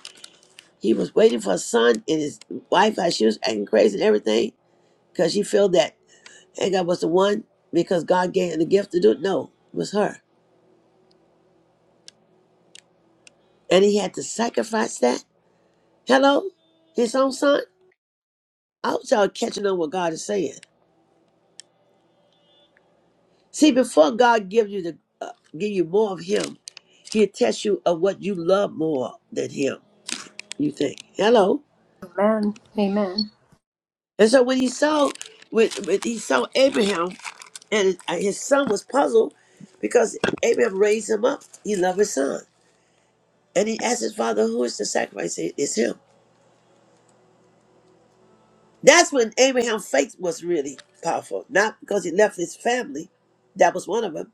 A: He was waiting for a son, and his wife, how she was acting crazy and everything, because she felt that. Hagar was the one because God gave her the gift to do it. No, it was her. And he had to sacrifice that. Hello? His own son? I hope y'all catching on what God is saying. See, before God gives you the uh, give you more of him, he'll test you of what you love more than him, you think. Hello?
B: Amen. Amen.
A: And so when he saw when, when he saw Abraham and his uh, his son was puzzled because Abraham raised him up. He loved his son. And he asked his father, who is the sacrifice? He said, It's him. That's when Abraham's faith was really powerful. Not because he left his family, that was one of them.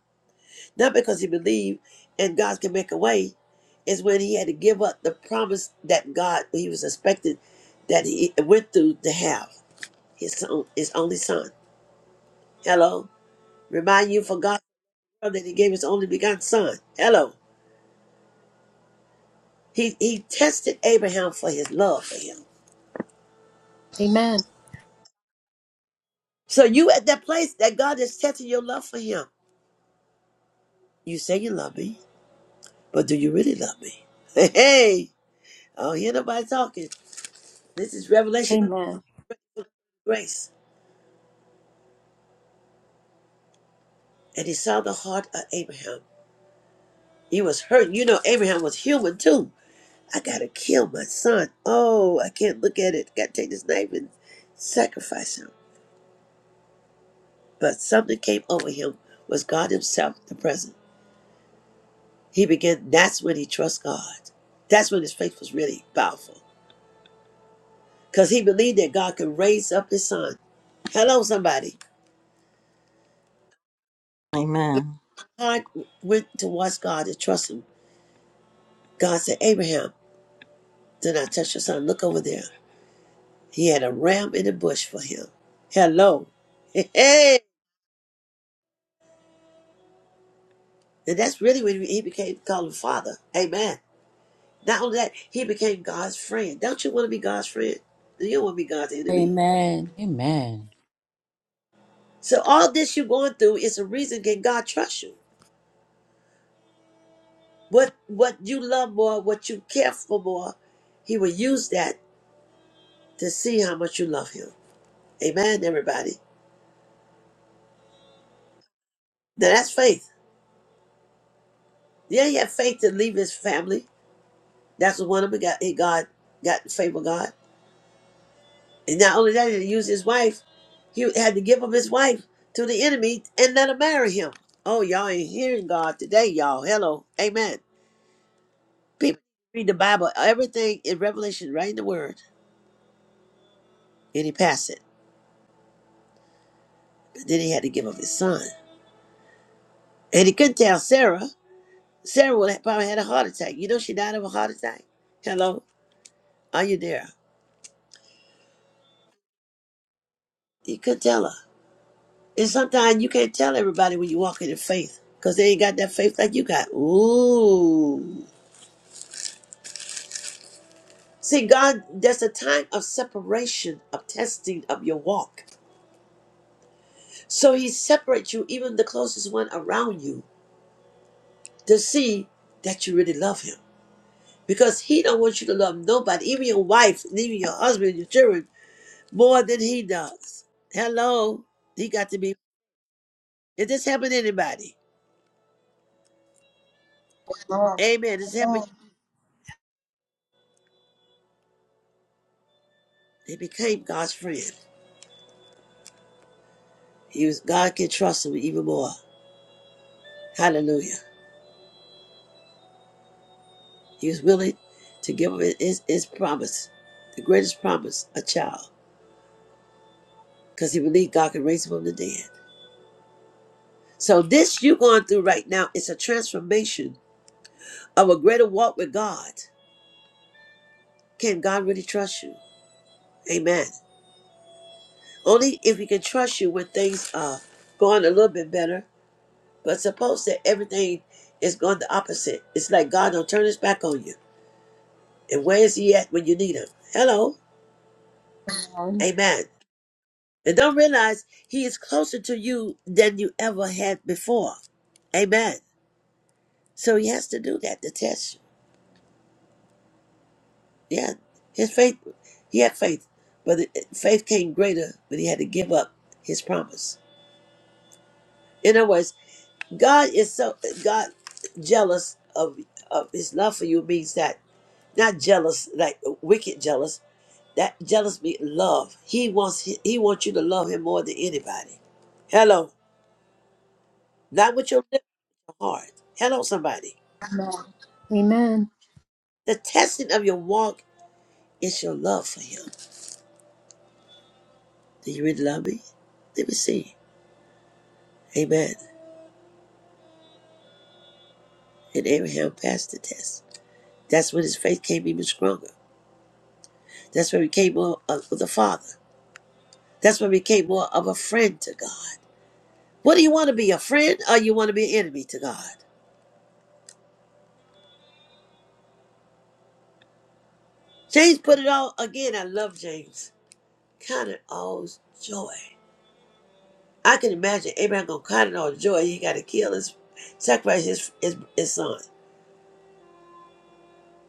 A: Not because he believed and God can make a way, is when he had to give up the promise that God he was expected that he went through to have his son, his only son. Hello, remind you for God that he gave his only begotten son. Hello, he he tested Abraham for his love for him.
B: Amen.
A: So you at that place that God is testing your love for him. You say you love me. But do you really love me? Hey, hey, I don't hear nobody talking. This is
B: Amen.
A: revelation
B: Amen.
A: of grace. And he saw the heart of Abraham. He was hurt. You know, Abraham was human too. I gotta kill my son. Oh, I can't look at it. Gotta take this knife and sacrifice him. But something came over him was God Himself the present. He began that's when he trusts God. That's when his faith was really powerful. Because he believed that God could raise up his son. Hello, somebody.
D: Amen.
A: Heart went towards God to trust Him. God said, Abraham, do not touch your son. Look over there. He had a ram in the bush for him. Hello. Hey. hey. And that's really when he became called father. Amen. Not only that, he became God's friend. Don't you want to be God's friend? You don't want to be God's enemy.
E: Amen. Amen.
A: So all this you're going through is a reason can God trust you. What what you love more, what you care for more, he will use that to see how much you love him. Amen, everybody. Now that's faith. Yeah, he had faith to leave his family. That's the one of got he God got the favor of God. And not only that, he used his wife. He had to give up his wife to the enemy and let her marry him. Oh, y'all ain't hearing God today, y'all. Hello. Amen. People read the Bible, everything in Revelation, right in the word, and he passed it. But then he had to give up his son. And he couldn't tell Sarah. Sarah would have probably had a heart attack. You know she died of a heart attack? Hello? Are you there? He couldn't tell her. And sometimes you can't tell everybody when you walk in the faith because they ain't got that faith like you got. Ooh. See, God, there's a time of separation, of testing of your walk. So He separates you, even the closest one around you, to see that you really love Him. Because He don't want you to love nobody, even your wife, and even your husband, and your children, more than He does. Hello. He got to be. Did this happen to anybody? Amen. This happened. They became God's friend. He was God can trust him even more. Hallelujah. He was willing to give him his, his promise, the greatest promise, a child, because he believed God could raise him from the dead. So this you're going through right now is a transformation of a greater walk with God. Can God really trust you? Amen. Only if he can trust you when things are going a little bit better. But suppose that everything is going the opposite. It's like God don't turn his back on you. And where is he at when you need him? Hello. Amen. And don't realize he is closer to you than you ever had before. Amen. So he has to do that to test you. Yeah. His faith, he had faith, but it- it- faith came greater, but he had to give up his promise. In other words, God is so, God jealous of, of his love for you means that not jealous, like wicked jealous, that jealous means love. He wants, he, wants you to love him more than anybody. Hello. Not with your lips, but your heart. Hello, somebody.
B: Amen. Amen.
A: The testing of your walk is your love for him. Do you really love me? Let me see. Amen. And Abraham passed the test. That's when his faith came even stronger. That's when he became more of the father. That's when he became more of a friend to God. What do you want to be, a friend or you want to be an enemy to God? James put it all again. I love James. Count it all joy. I can imagine Abraham gonna count it all joy. He got to kill his, sacrifice his his, his son.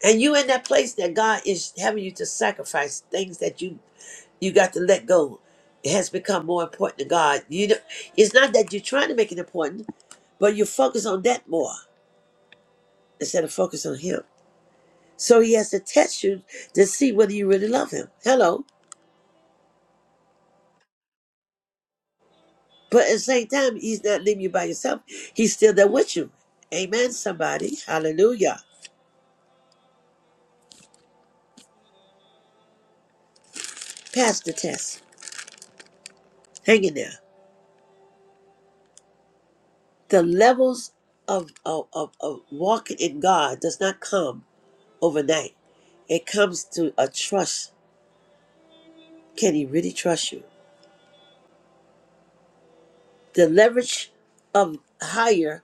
A: And you in that place that God is having you to sacrifice things that you you got to let go. It has become more important to God. You know, it's not that you're trying to make it important, but you focus on that more instead of focus on Him. So He has to test you to see whether you really love Him. Hello, but at the same time, He's not leaving you by yourself. He's still there with you. Amen. Somebody, Hallelujah. Pass the test. Hang in there. The levels of of, of, of walking in God does not come overnight. It comes to a trust. Can he really trust you? The leverage of higher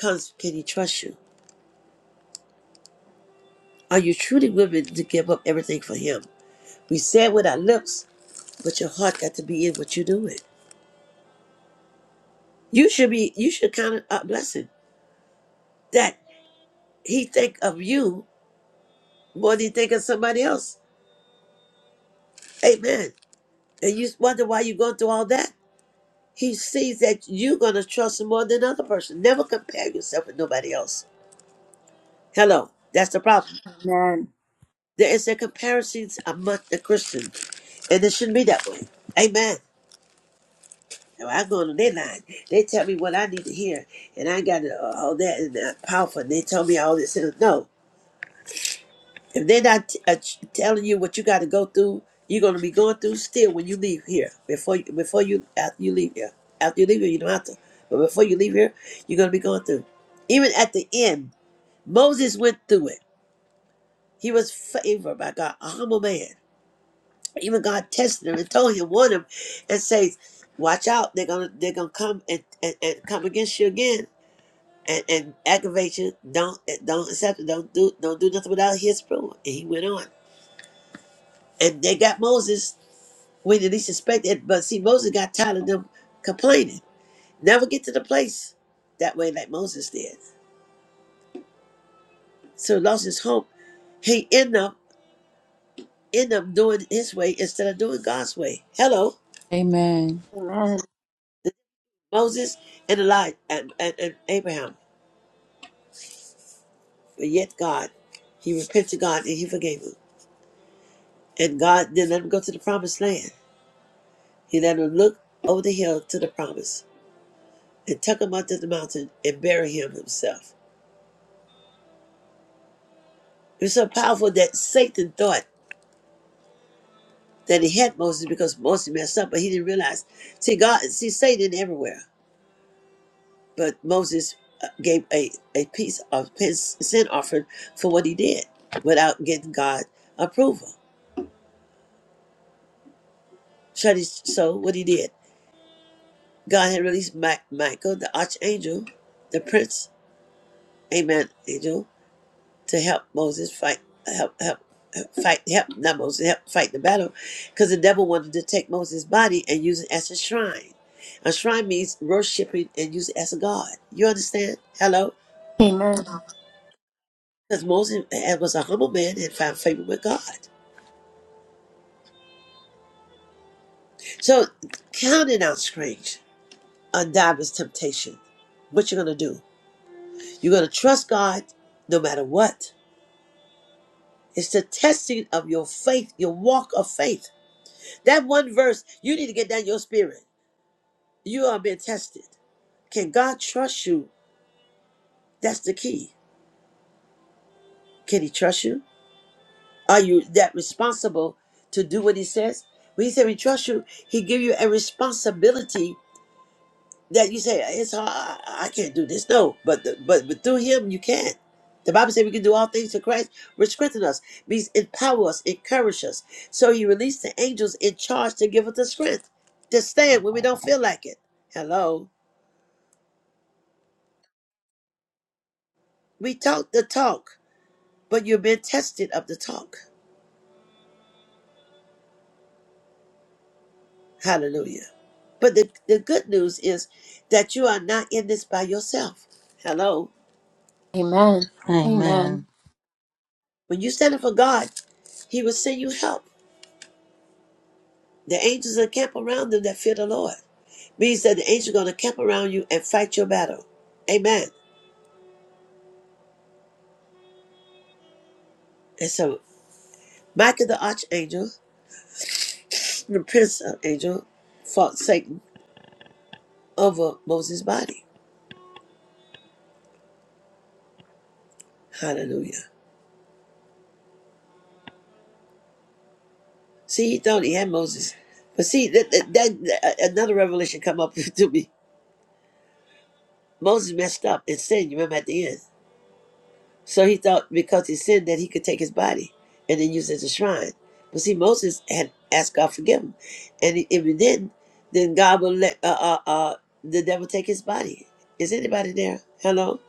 A: comes, can he trust you? Are you truly willing to give up everything for him? We say it with our lips, but your heart got to be in what you're doing. You should be, you should count it a blessing that he think of you more than he think of somebody else. Amen. And you wonder why you're going through all that. He sees that you're going to trust him more than another person. Never compare yourself with nobody else. Hello. That's the problem. There is a comparisons among the Christians, and it shouldn't be that way. Amen. Now, I go on their line. They tell me what I need to hear, and I got uh, all that and uh, powerful. And they tell me all this. And no, if they're not t- uh, ch- telling you what you got to go through, you're gonna be going through still when you leave here. Before you, before you after you leave here, after you leave here, you don't have to. But before you leave here, you're gonna be going through. Even at the end, Moses went through it. He was favored by God, a humble man. Even God tested him and told him, warned him, and says, "Watch out! They're gonna they're gonna come and, and, and come against you again." And, and aggravate you. Don't don't accept it. Don't do don't do nothing without his approval. And he went on. And they got Moses when they least expected. But see, Moses got tired of them complaining. Never get to the place that way like Moses did. So he lost his hope. He end up end up doing his way instead of doing God's way. Hello,
E: Amen.
B: Amen.
A: Moses and Elijah and, and, and Abraham. But yet God, he repented to God and he forgave him. And God didn't let him go to the promised land. He let him look over the hill to the promise and took him up to the mountain and bury him himself. It was so powerful that Satan thought that he had Moses because Moses messed up, but he didn't realize. See, God, see Satan everywhere. But Moses uh, gave a, a piece of his sin offering for what he did without getting God approval. Shut his so what he did. God had released Ma- Michael, the archangel, the prince, amen, angel, to help Moses fight, help, help, help fight, help, not Moses, help fight the battle, because the devil wanted to take Moses' body and use it as a shrine. A shrine means worshiping and use it as a god. You understand? Hello?
B: Amen.
A: Because Moses uh, was a humble man and found favor with God. So, counting out strange, undiver's temptation. What you are gonna do? You're gonna trust God no matter what It's the testing of your faith, your walk of faith. That one verse, you need to get down your spirit. You are being tested. Can God trust you? That's the key. Can He trust you? Are you that responsible to do what He says? When He said He trust you, He give you a responsibility that you say it's hard. I, I can't do this. No, but the, but but through Him you can. The Bible says we can do all things through Christ, which strengthens us, means empower us, encourage us. So He released the angels in charge to give us the strength to stand when we don't feel like it. Hello, we talk the talk, but you've been tested of the talk. Hallelujah. But the, the good news is that you are not in this by yourself. Hello.
B: Amen. Amen.
D: Amen.
A: When you stand up for God, He will send you help. The angels encamp around them that fear the Lord. means that the angel going to camp around you and fight your battle. Amen. And so Michael the archangel, the prince of angel, fought Satan over Moses' body. Hallelujah. See, he thought he had Moses. But see, that, that, that- another revelation come up to me. Moses messed up and sinned, you remember at the end. So he thought because he sinned that he could take his body and then use it as a shrine. But see, Moses had asked God to forgive him, and if he didn't, then God will let uh, uh, uh, the devil take his body. Is anybody there? Hello.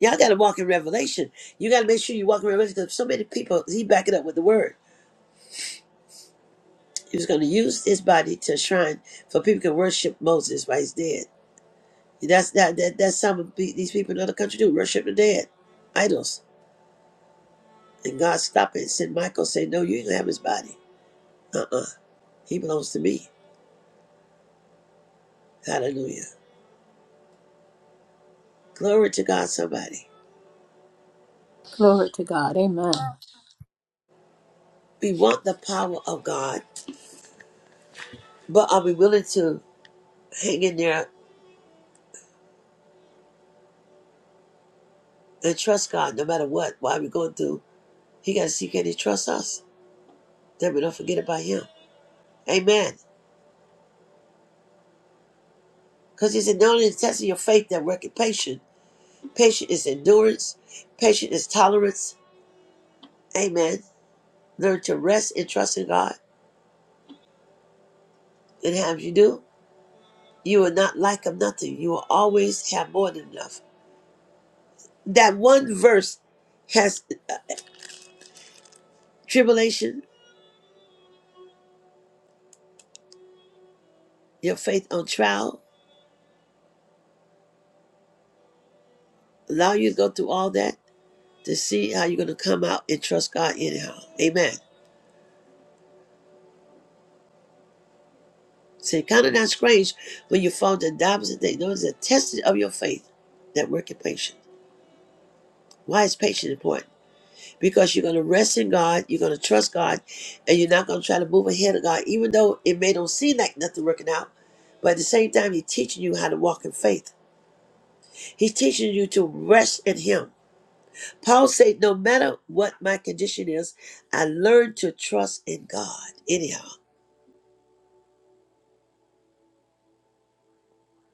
A: Y'all got to walk in revelation. You got to make sure you walk in revelation because so many people, he back it up with the word. He was going to use his body to shrine for people to worship Moses while he's dead. That's that, that that's some of these people in other country do worship the dead, idols And God stopped it and sent Michael say, No, you ain't gonna have his body. Uh-uh. He belongs to me. Hallelujah. Glory to God, somebody.
B: Glory to God. Amen.
A: We want the power of God, but are we willing to hang in there and trust God no matter what? Why are we going through? He gotta see can he trust us? Then we don't forget about him. Amen. Because he said, not only the test of your faith that worketh patience. Patience is endurance. Patience is tolerance. Amen. Learn to rest and trust in God. And how you do? You will not lack of nothing. You will always have more than enough. That one verse has uh, tribulation, your faith on trial, allow you to go through all that to see how you're going to come out and trust God anyhow. Amen. So it's kind of not strange when you fall to the opposite thing. Those are tested of your faith that work in patience. Why is patience important? because you're going to rest in God, you're going to trust God, and you're not going to try to move ahead of God, even though it may don't seem like nothing working out. But at the same time, He's teaching you how to walk in faith. He's teaching you to rest in Him. Paul said, "No matter what my condition is, I learned to trust in God." Anyhow,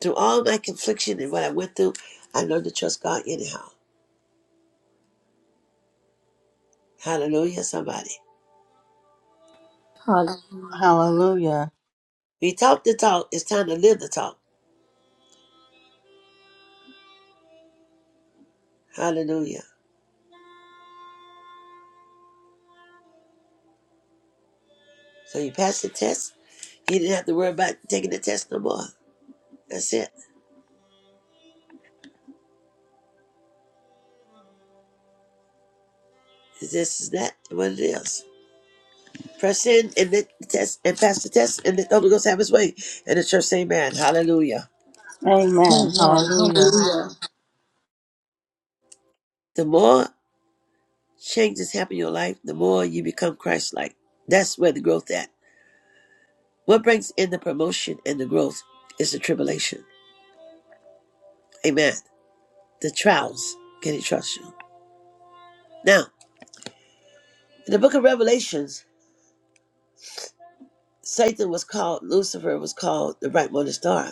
A: through all my confliction and what I went through, I learned to trust God. Anyhow, Hallelujah! Somebody,
B: Hallelujah.
D: Hallelujah.
A: we talk the talk. It's time to live the talk. Hallelujah. So you passed the test. You didn't have to worry about taking the test no more. That's it. It's This is that what it is. Press in and let the test and pass the test and let the Holy Ghost have his way. And the church say amen. Hallelujah.
D: Amen.
B: Amen.
D: Hallelujah.
B: Hallelujah.
A: The more changes happen in your life, the more you become Christ like. That's where the growth at. What brings in the promotion and the growth is the tribulation. Amen. The trials. Can he trust you? Now, in the book of Revelations, Satan was called Lucifer was called the bright morning star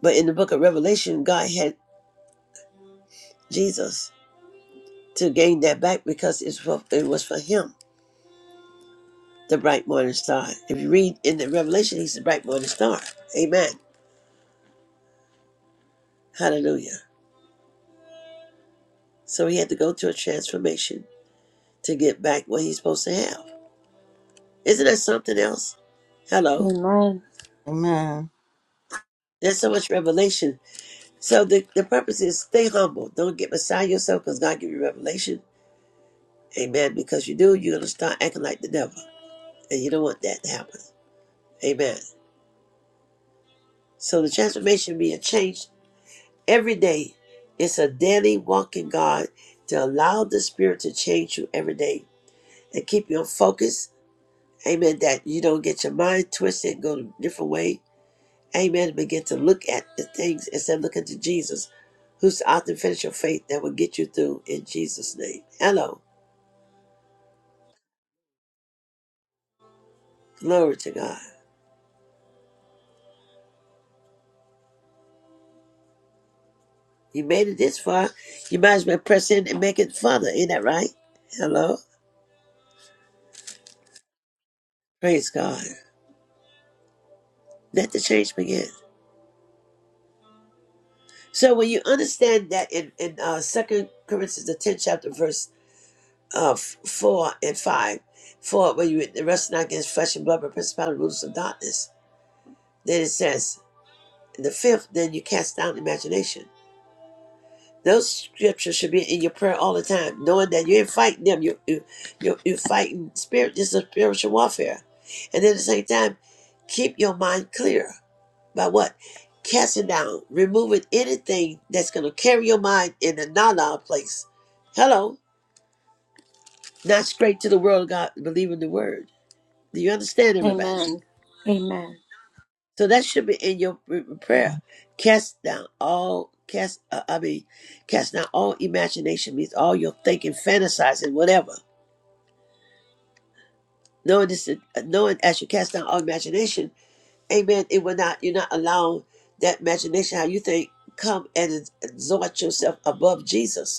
A: But in the book of Revelation, God had Jesus to gain that back because it's for, it was for him, the bright morning star. If you read in the Revelation, he's the bright morning star. Amen. Hallelujah. So he had to go through a transformation to get back what he's supposed to have. Isn't that something else? Hello.
B: Amen.
D: Amen.
A: There's so much revelation. So the, the purpose is stay humble. Don't get beside yourself because God give you revelation. Amen. Because you do, you're going to start acting like the devil. And you don't want that to happen. Amen. So the transformation being changed every day. It's a daily walk in God to allow the Spirit to change you every day and keep you on focus. Amen. That you don't get your mind twisted and go a different way. Amen. Begin to look at the things instead of looking to Jesus, who's the author and finisher of faith that will get you through in Jesus' name. Hello. Glory to God. You made it this far. You might as well press in and make it further. Ain't that right? Hello. Praise God. Let the change begin. So when you understand that in in uh, Second Corinthians the tenth chapter verse uh, f- four and five, for when you wrestle not against flesh and blood but principality rules of darkness, then it says in the fifth, then you cast down imagination. Those scriptures should be in your prayer all the time, knowing that you ain't fighting them. You you you you're fighting spirit. This is spiritual warfare, and at the same time, keep your mind clear By what? Casting down, removing anything that's going to carry your mind in a na-na place. Hello. Not straight to the world of God, believing the word. Do you understand, everybody?
B: Amen. Amen.
A: So that should be in your prayer. Cast down all, cast, uh, I mean, cast down all imagination means all your thinking, fantasizing, whatever. Knowing this, uh, knowing as you cast down all imagination, amen, it will not, you're not allowing that imagination, how you think, come and exalt yourself above Jesus.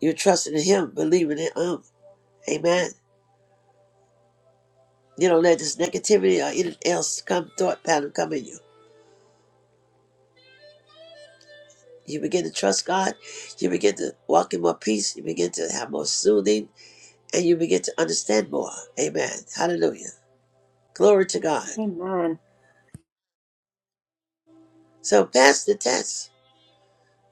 A: You're trusting in Him, believing in Him. Amen. You don't let this negativity or anything else come, thought pattern come in you. You begin to trust God. You begin to walk in more peace. You begin to have more soothing, and you begin to understand more. Amen. Hallelujah. Glory to God.
B: Amen.
A: So pass the test.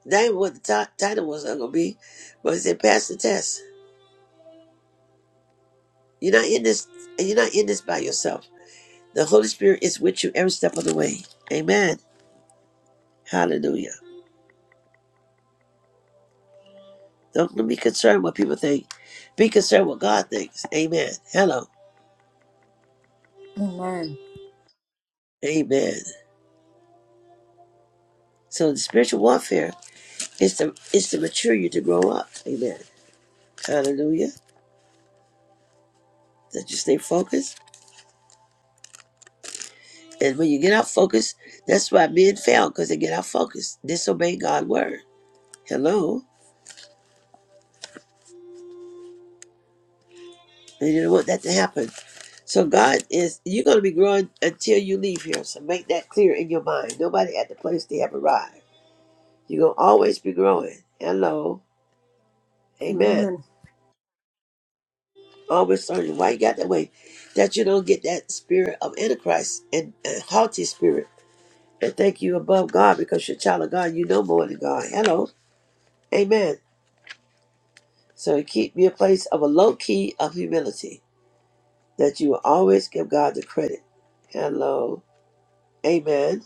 A: That ain't what the ti- title was going to be, but it said pass the test. You're not in this. and You're not in this by yourself. The Holy Spirit is with you every step of the way. Amen. Hallelujah. Don't be concerned what people think. Be concerned what God thinks. Amen. Hello.
B: Amen.
A: Amen. So the spiritual warfare is to is to mature you to grow up. Amen. Hallelujah. That you stay focused. And when you get out focused, that's why men fail, because they get out focused. Disobey God's word. Hello. And you don't want that to happen. So God is you're gonna be growing until you leave here. So make that clear in your mind. Nobody at the place they have arrived. You're gonna always be growing. Hello. Amen.
B: Amen. Amen.
A: always sorry. Why you got that way? That you don't get that spirit of Antichrist and, and haughty spirit. And thank you above God because you're a child of God. You know more than God. Hello. Amen. So it keep me a place of a low key of humility that you will always give God the credit. Hello. Amen.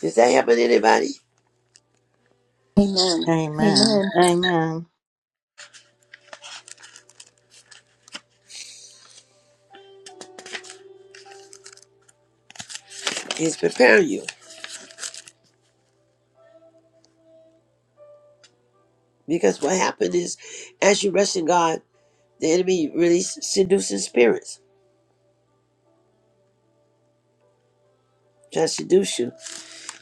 A: Does that happen to anybody?
D: Amen.
B: Amen.
D: Amen.
A: He's preparing you. Because what happened is, as you rest in God, the enemy really seducing spirits, trying to seduce you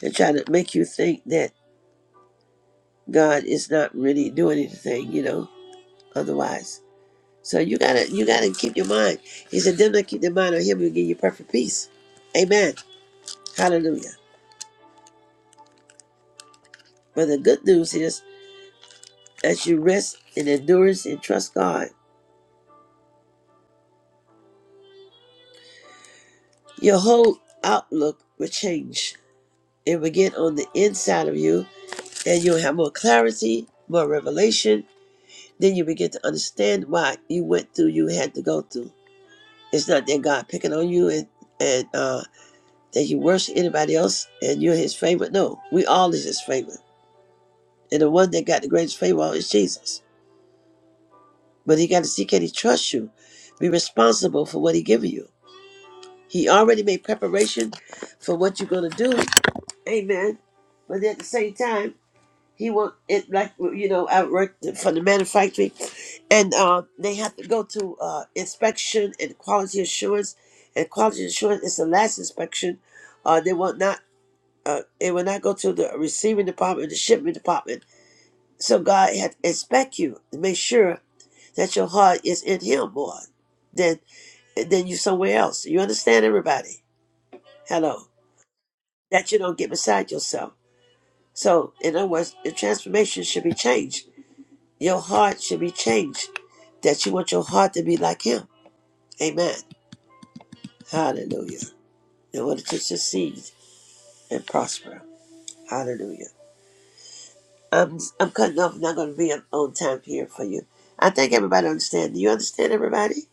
A: and trying to make you think that God is not really doing anything, you know, otherwise. So you gotta you gotta keep your mind. He said, Them that keep their mind on him will give you perfect peace. Amen. Hallelujah. But the good news is as you rest in endurance and trust God, your whole outlook will change. It will get on the inside of you and you'll have more clarity, more revelation. Then you begin to understand why you went through you had to go through. It's not that God picking on you and and uh that he worship anybody else and you're his favorite. No, we all is his favorite. And the one that got the greatest favor is Jesus. But he got to see can he trust you? Be responsible for what he giving you. He already made preparation for what you're gonna do. Amen. But at the same time, he want it like you know, I worked for the manufacturing and uh, they have to go to uh, inspection and quality assurance. And quality assurance is the last inspection. Uh, they want not uh, it will not go to the receiving department, the shipment department. So God had to inspect you and make sure that your heart is in Him more than than you somewhere else. You understand, everybody? Hello, that you don't get beside yourself. So, in other words, the transformation should be changed. Your heart should be changed. That you want your heart to be like Him. Amen. Hallelujah. In order to succeed and prosper. Hallelujah. I'm I'm cutting off. Not going to be on time here for you. I think everybody understands. Do you understand everybody?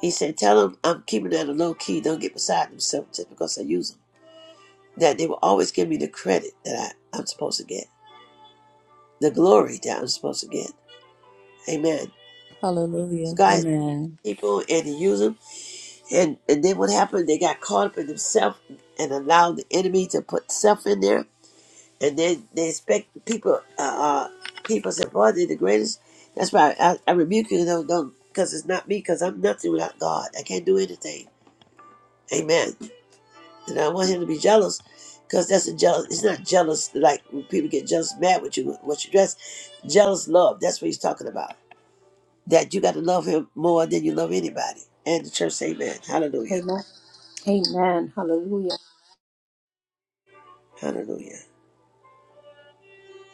A: He said, "Tell them I'm keeping that a low key. Don't get beside themselves just because I use them. That they will always give me the credit that I, I'm supposed to get, the glory that I'm supposed to get." Amen. So
E: Hallelujah.
A: God has
E: Amen.
A: people and He use them, and and then what happened? They got caught up in themselves and allowed the enemy to put self in there and they they expect people uh, uh people say boy they're the greatest that's why i, I rebuke you don't don't, because it's not me because i'm nothing without god i can't do anything amen and i don't want him to be jealous because that's a jealous it's not jealous like when people get jealous mad with you what you dress jealous love that's what he's talking about that you got to love him more than you love anybody and the church say amen hallelujah
B: Amen. Amen. Hallelujah.
A: hallelujah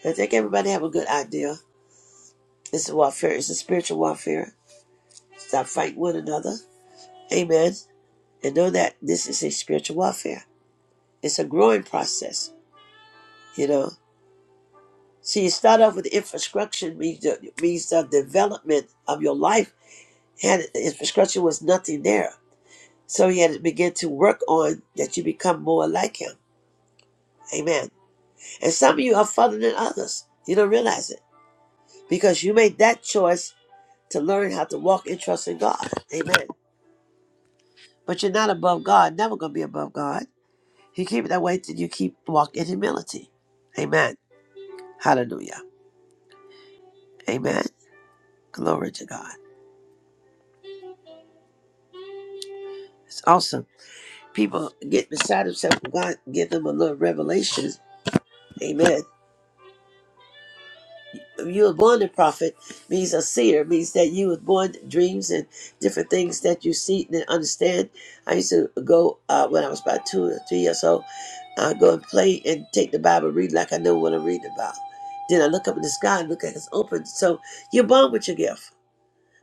A: i think everybody have a good idea it's a warfare it's a spiritual warfare stop fighting one another amen and know that this is a spiritual warfare. It's a growing process, you know. So you start off with infrastructure means the, means the development of your life. Had infrastructure was nothing there, so you had to begin to work on that you become more like him. Amen. And some of you are further than others. You don't realize it because you made that choice to learn how to walk and trust in God. Amen. But you're not above God. Never gonna be above God. You keep it that way till you keep walking in humility. Amen. Hallelujah. Amen. Glory to God. It's awesome. People get beside themselves when God give them a little revelation. Amen. If you were born a prophet means a seer, means that you was born dreams and different things that you see and understand. I used to go uh, when I was about two or three years old, i go and play and take the Bible, read like I know what I'm reading about. Then I look up in the sky and look at it's open. So you're born with your gift.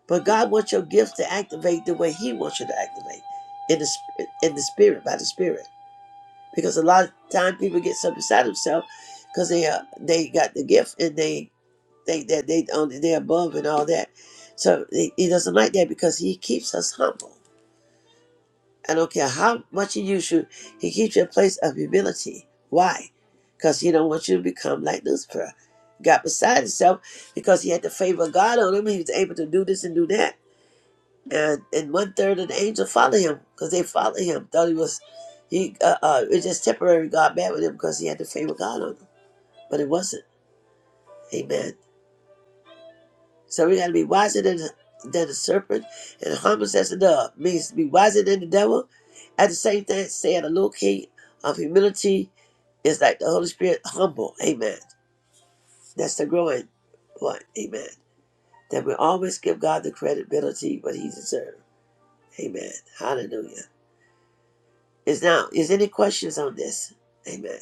A: But God wants your gifts to activate the way He wants you to activate in the in the spirit by the spirit. Because a lot of time people get so beside themselves because they uh, they got the gift and they think that they on they're above and all that. So he, he doesn't like that because He keeps us humble. I don't care how much He uses you, He keeps you in a place of humility. Why? Because He don't want you to become like Lucifer. Got beside himself because he had the favor of God on him. He was able to do this and do that and and one third of the angels follow him because they follow him. Thought he was, he uh, uh, it was just temporary. God mad with him because he had the favor of God on him, but it wasn't. Amen. So we got to be wiser than than the serpent, and humble as the dove means to be wiser than the devil. At the same time, saying a little key of humility is like the Holy Spirit humble. Amen. That's the growing point. Amen. That we always give God the credibility what He deserves. Amen. Hallelujah. Is now is any questions on this? Amen.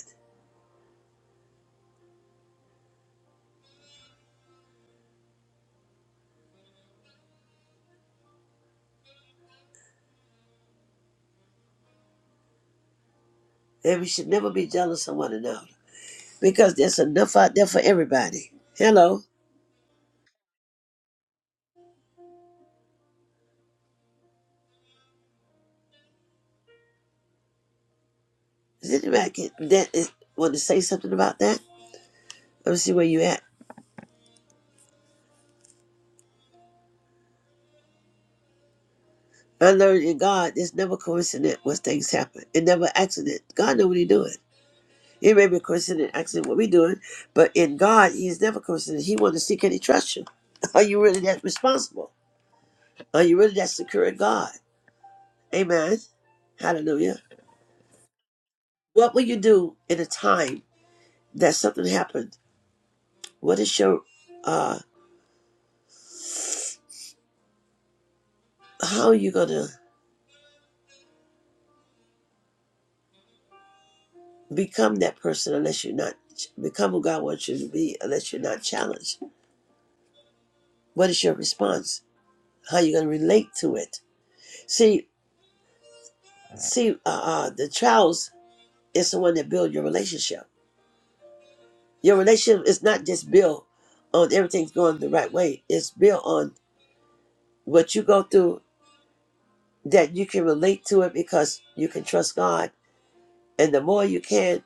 A: And we should never be jealous of one another because there's enough out there for everybody. Hello, is anybody can, that is, want to say something about that? Let me see where you at. I learned in God, it's never coincident when things happen. It never accident. God know what He doing. It may be coincident, accident, what we doing, but in God, He's never coincident. He want to see can He trust you. Are you really that responsible? Are you really that secure in God? Amen. Hallelujah. What will you do in a time? that something happened. What is your, uh, how are you going to become that person unless you're not, become who God wants you to be unless you're not challenged? What is your response? How are you going to relate to it? See, see, uh, uh, the trials is the one that build your relationship. Your relationship is not just built on everything's going the right way. It's built on what you go through that you can relate to it because you can trust God And the more you can,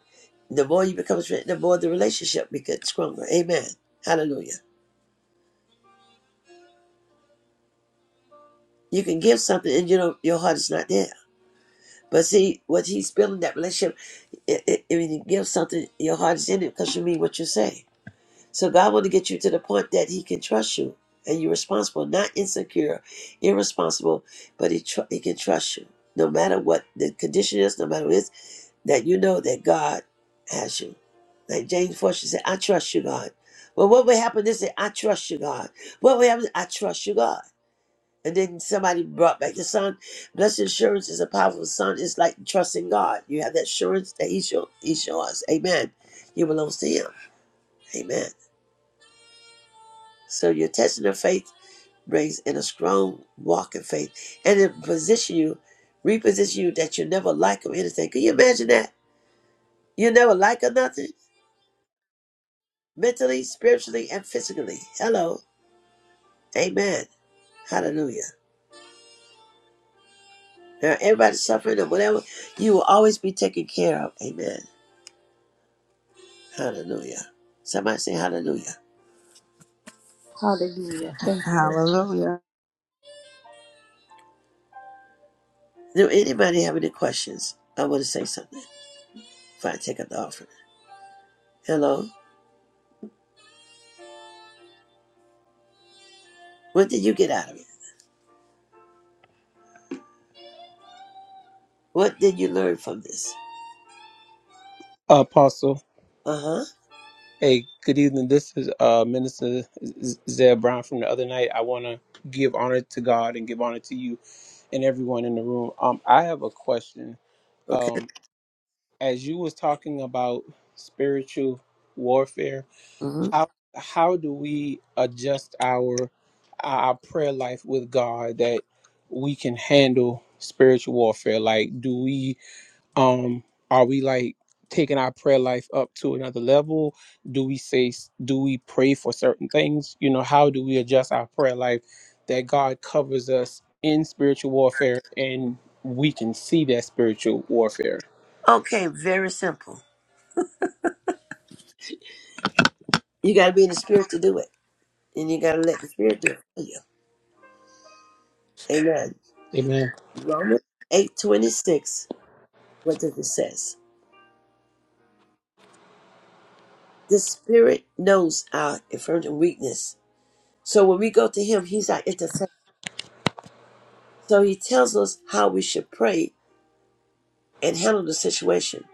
A: the more you become the more the relationship becomes stronger. Amen. Hallelujah. You can give something and you know your heart is not there. But see, what he's building that relationship, it, it, when you give something, your heart is in it because you mean what you say. So God want to get you to the point that He can trust you and you're responsible, not insecure, irresponsible, but He tr- He can trust you no matter what the condition is, no matter what it is. that you know that God has you. Like James Fortune said, I trust you, God. Well, what would happen is that I trust you, God. What would happen? I trust you, God. And then somebody brought back the son. Blessed assurance is a powerful son. It's like trusting God. You have that assurance that He's, your, he's yours. Amen. You belong to Him. Amen. So your testing of faith brings in a strong walk in faith, and it position you, reposition you that you never like or anything. Can you imagine that? You never like or nothing. mentally, spiritually, and physically. Hello. Amen. Hallelujah. Now, everybody suffering and whatever, you will always be taken care of. Amen. Hallelujah. Somebody say hallelujah.
B: Hallelujah. Thank you, Lord.
D: Hallelujah.
A: Do anybody have any questions? I want to say something before I take up the offering. Hello. What did you get out of it? What did you learn from this?
H: Apostle,
A: Uh huh.
H: hey, good evening. This is uh, Minister Z- Zeb Brown from the other night. I want to give honor to God and give honor to you and everyone in the room. Um, I have a question.
A: Okay.
H: Um, as you was talking about spiritual warfare,
A: hmm
H: how how do we adjust our our prayer life with God that we can handle spiritual warfare? Like, do we um are we like taking our prayer life up to another level do we say do we pray for certain things you know how do we adjust our prayer life that god covers us in spiritual warfare and we can see that spiritual warfare
A: Okay. Very simple. You got to be in the spirit to do it, and you got to let the spirit do it for you. Amen.
H: amen
A: Romans eight twenty six. What does it says? The Spirit knows our infirmity and weakness. So when we go to Him, He's our intercessor. So He tells us how we should pray and handle the situation.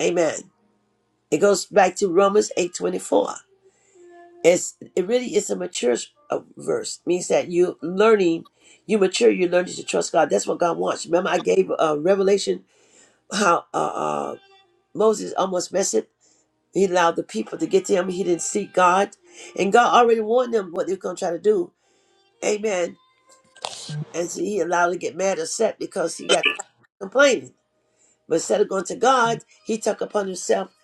A: Amen. It goes back to Romans eight twenty four. It's it really is a mature uh, verse. It means that you learning, you mature, you're learning to trust God. That's what God wants. Remember, I gave a uh, revelation how uh, uh, Moses almost messed it. He allowed the people to get to him. He didn't seek God, and God already warned them what they were going to try to do. Amen and so he allowed to get mad or upset because he got complaining. But instead of going to God, he took upon himself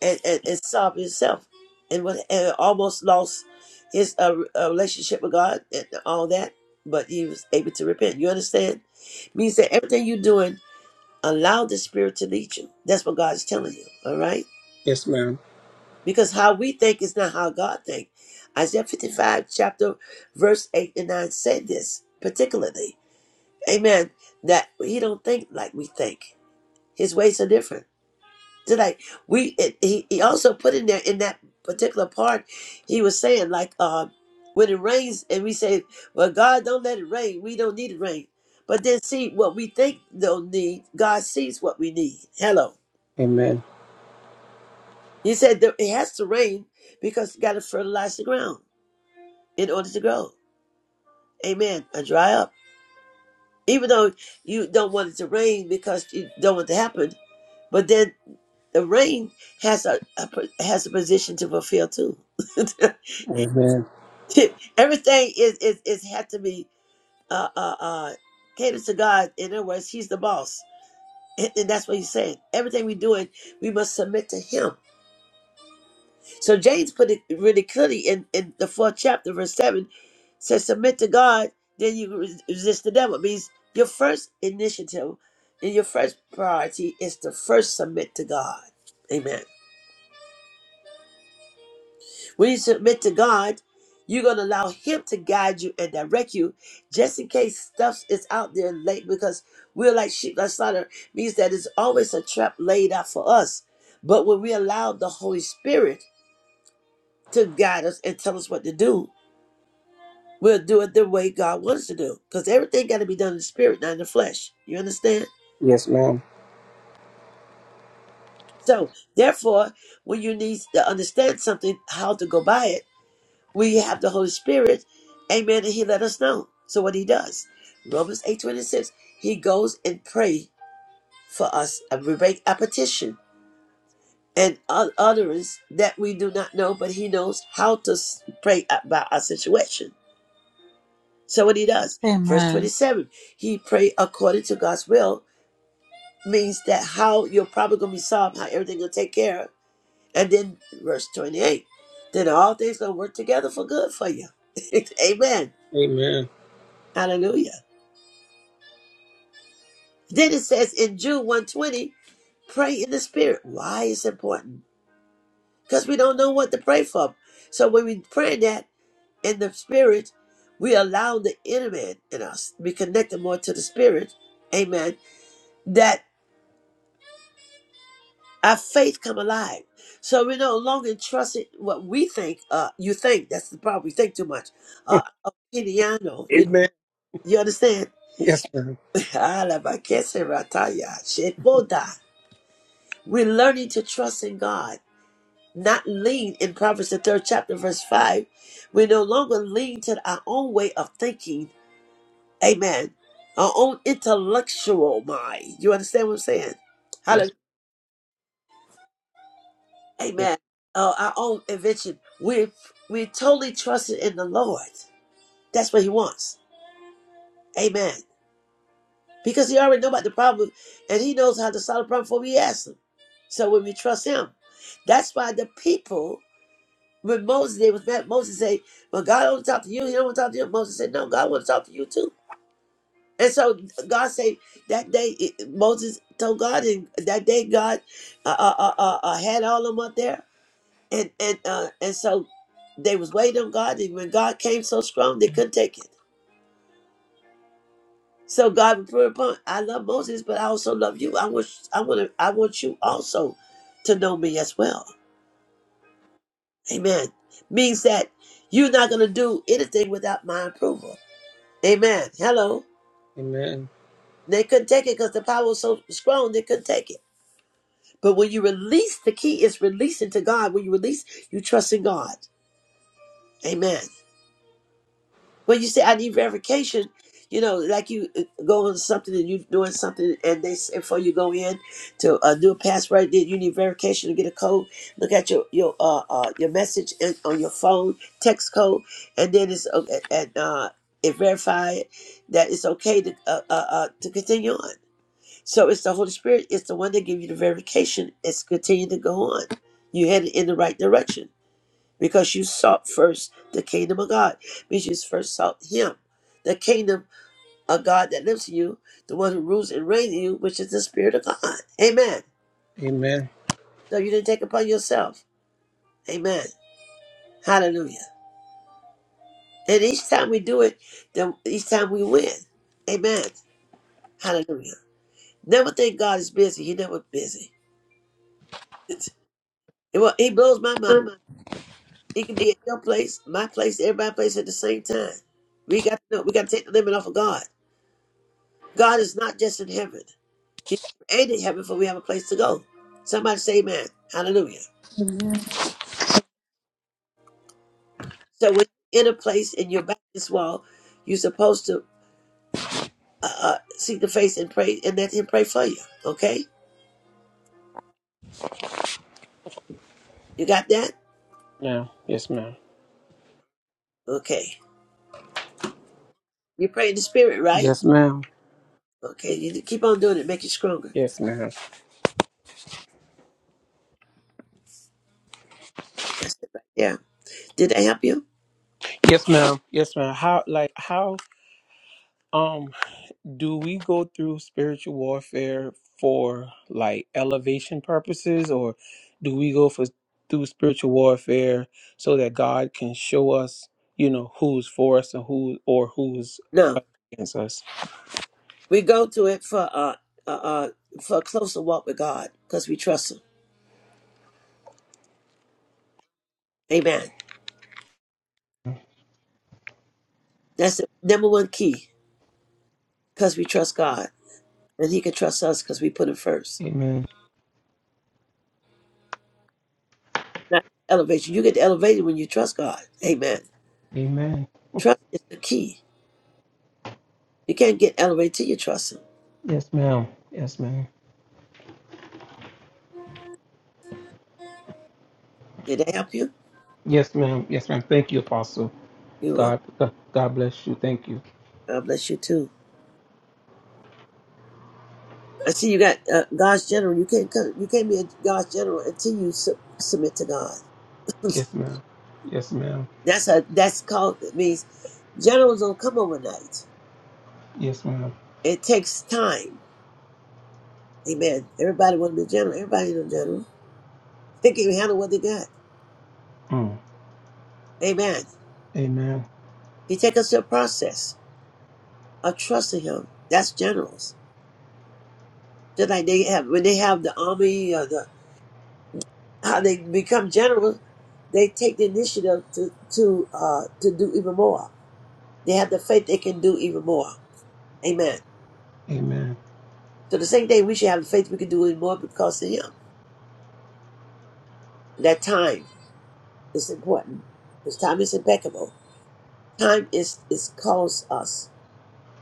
A: and, and, and solved himself, and, what, and almost lost his uh, uh, relationship with God and all that. But he was able to repent. You understand? Means that everything you're doing, allow the Spirit to lead you. That's what God's telling you. All right?
H: yes ma'am
A: Because how we think is not how God thinks. Isaiah 55, chapter verse 8 and 9 said this particularly. Amen. That he don't think like we think. His ways are different. So like we, it, he, he also put in there in that particular part, he was saying like, uh, when it rains and we say, well, God don't let it rain. We don't need it rain. But then see what we think don't need. God sees what we need. Hello.
H: amen
A: He said that it has to rain because you got to fertilize the ground in order to grow. Amen. And dry up. Even though you don't want it to rain because you don't want it to happen, but then the rain has a, a has a position to fulfill too.
H: amen
A: Everything is is is had to be uh uh uh catered to God. In other words, He's the boss, and, and that's what He's saying. Everything we doing, we must submit to Him. So James put it really clearly in in the fourth chapter, verse seven, says, "Submit to God, then you res- resist the devil." It means your first initiative and your first priority is to first submit to God. Amen. When you submit to God, you're going to allow Him to guide you and direct you just in case stuff is out there late because we're like sheep that slaughter means that it's always a trap laid out for us. But when we allow the Holy Spirit to guide us and tell us what to do, we'll do it the way God wants to do because everything got to be done in the spirit, not in the flesh. You understand?
H: yes ma'am
A: So, therefore, when you need to understand something, how to go by it, we have the Holy Spirit, amen, and he let us know. So what he does, Romans eight twenty six, he goes and pray for us, and we make a petition and ut- utterance that we do not know, but he knows how to s- pray about our situation. So what he does, verse
E: Amen.
A: 27, he pray according to God's will, means that how your problem gonna be solved, how everything gonna take care of. And then verse 28, then all things gonna work together for good for you. Amen.
H: amen
A: Hallelujah. Then it says in Jude 120, pray in the spirit. Why is it important? Because we don't know what to pray for. So when we pray that in the spirit, we allow the inner man in us to be connected more to the spirit. Amen. That our faith come alive. So we no longer trust it what we think. Uh, you think that's the problem. We think too much. Uh, uh, you
H: amen
A: you understand?
H: yes ma'am
A: We're learning to trust in God. not lean in Proverbs the third chapter, verse five. We no longer lean to our own way of thinking. Amen. Our own intellectual mind. You understand what I'm saying?
H: yes
A: Hallelujah.
H: yes
A: Amen. Uh, our own invention. We we totally trusted in the Lord. That's what He wants. Amen. Because He already know about the problem, and He knows how to solve the problem before we ask Him. So when we trust Him, that's why the people. When Moses did was that Moses said, But God don't want to talk to you, he don't want to talk to you. Moses said, No, God want to talk to you too. And so God said that day it- Moses told God, and that day God uh, uh, uh, uh, uh, had all of them up there, and and uh, and so they was waiting on God, and when God came so strong, they couldn't take it. So God would put upon. I love Moses, but I also love you. I want I want to, I want you also to know me as well. Amen. Means that you're not gonna do anything without my approval. Amen. Hello.
H: amen
A: They couldn't take it because the power was so strong, they couldn't take it. But when you release, the key is releasing to God. When you release, you trust in God. Amen. When you say, I need verification, you know, like you uh, go on something and you're doing something, and they say, before you go in to uh, do a password, then you need verification to get a code. Look at your your uh, uh, your message in, on your phone, text code, and then it's uh, and uh, it verify that it's okay to uh, uh, uh, to continue on. So it's the Holy Spirit. It's the one that gives you the verification. It's continuing to go on. You headed in the right direction because you sought first the kingdom of God, which is first sought Him, the kingdom of God that lives in you, the one who rules and reigns in you, which is the Spirit of God. Amen.
H: amen
A: So you didn't take upon yourself. Amen. Hallelujah. And each time we do it, then each time we win. Amen. Hallelujah. Never think God is busy. He never busy. well, he blows my mind. It can be at your place, my place, everybody's place at the same time. We got to know, we got to take the limit off of God. God is not just in heaven. He created heaven for we have a place to go. Somebody say amen. Hallelujah.
B: Amen.
A: So when you're in a place and you're back this wall, you're supposed to uh, uh, seek the face and pray and let him pray for you. Okay? You got that?
H: now yes ma'am
A: Okay. You pray in the spirit, right?
H: yes ma'am
A: Okay. You keep on doing it. Make you stronger.
H: yes ma'am
A: That's it right there. Did that help you?
H: yes ma'am yes ma'am how like how um. Do we go through spiritual warfare for like elevation purposes, or do we go for through spiritual warfare so that God can show us, you know, who's for us and who or who's
A: No.
H: against us?
A: We go to it for uh, uh, uh for a closer walk with God because we trust Him. Amen. That's the number one key because we trust God and He can trust us because we put Him first.
H: Amen.
A: Not elevation. You get elevated when you trust God. Amen.
H: Amen.
A: Trust is the key. You can't get elevated till you trust Him.
H: Yes, ma'am. Yes, ma'am.
A: Did that help you?
H: Yes, ma'am. Yes, ma'am. Thank you, Apostle.
A: You welcome.
H: God, God bless you. Thank you.
A: God bless you too. I see you got uh, God's general. You can't come, you can't be a God's general until you sub submit to God.
H: Yes, ma'am. Yes, ma'am.
A: That's a that's called it means generals don't come overnight.
H: Yes, ma'am.
A: It takes time Amen. Everybody want to be general. Everybody ain't a general. They can handle what they got.
H: Mm.
A: Amen.
H: Amen.
A: He take us to a process of trusting him. That's generals. Just like they have when they have the army or the how they become generals, they take the initiative to to uh to do even more. They have the faith they can do even more. Amen.
H: Amen.
A: So the same thing we should have the faith we can do even more because of him. That time is important. Because time is impeccable. Time is is calls us.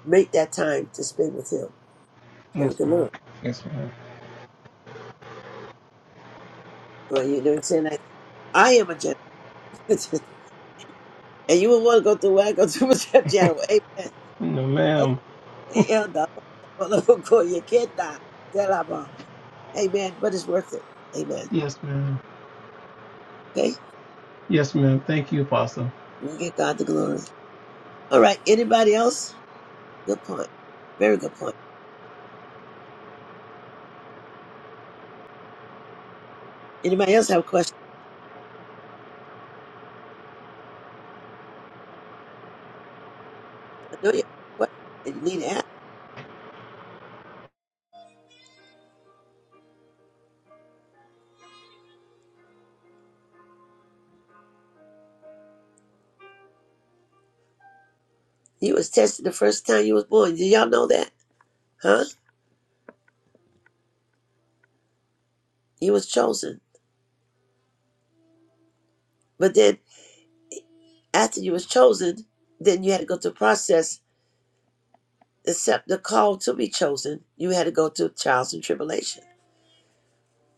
A: Make that time to spend with him But
H: Yes,
A: good
H: ma'am.
A: Lord.
H: Yes, ma'am.
A: Well, you know what I'm saying? Like, I am a general. and you will want to go through what I go through with that general. Amen.
H: No,
A: That's-
H: ma'am.
A: and the Lord will call You can't die. That I'm Amen. But it's worth it. Amen.
H: Yes, ma'am.
A: Okay?
H: Yes, ma'am. Thank you, Apostle.
A: We give God the glory. All right. Anybody else? Good point. Very good point. Anybody else have a question? I know you have a question and you need to ask. You was tested the first time you was born. Did y'all know that? Huh? You was chosen. But then after you was chosen, then you had to go through a process Except the call to be chosen, you had to go through trials and tribulation.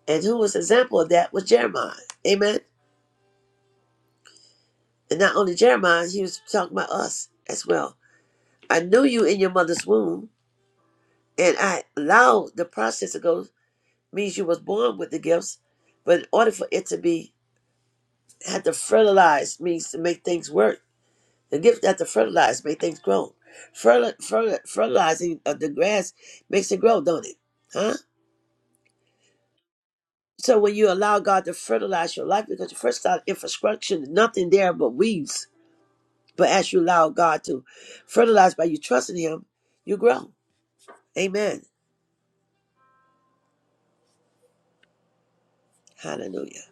A: And who was an example of that was Jeremiah. Amen. And not only Jeremiah, he was talking about us as well. I knew you in your mother's womb, and I allowed the process to go means you was born with the gifts, but in order for it to be had to fertilize means to make things work. The gift had to fertilize, make things grow. Fertil, fertil, fertilizing of the grass makes it grow, don't it? Huh? So when you allow God to fertilize your life, because you first start infrastructure, nothing there but weeds. But as you allow God to fertilize by you trusting Him, you grow. Amen. Hallelujah.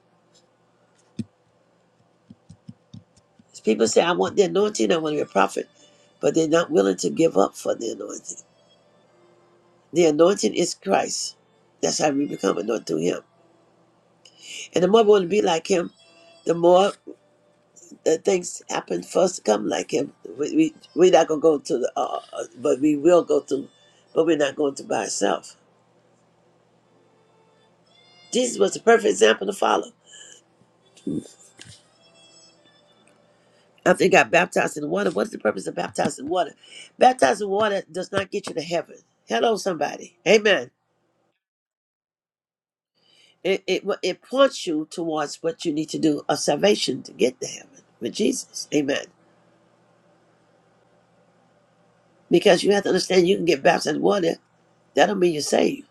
A: People say, I want the anointing, I want to be a prophet, but they're not willing to give up for the anointing. The anointing is Christ. That's how we become anointed through Him. And the more we want to be like Him, the more uh, things happen for us to come like Him. We, we, we're not going to go to the, uh, uh, but we will go through, but we're not going to by ourselves. Jesus was the perfect example to follow. After he got baptized in water, what's the purpose of baptizing water? Baptizing water does not get you to heaven. Hello, somebody. Amen. It, it, it points you towards what you need to do of salvation to get to heaven with Jesus. Amen. Because you have to understand you can get baptized in water. That don't mean you're saved.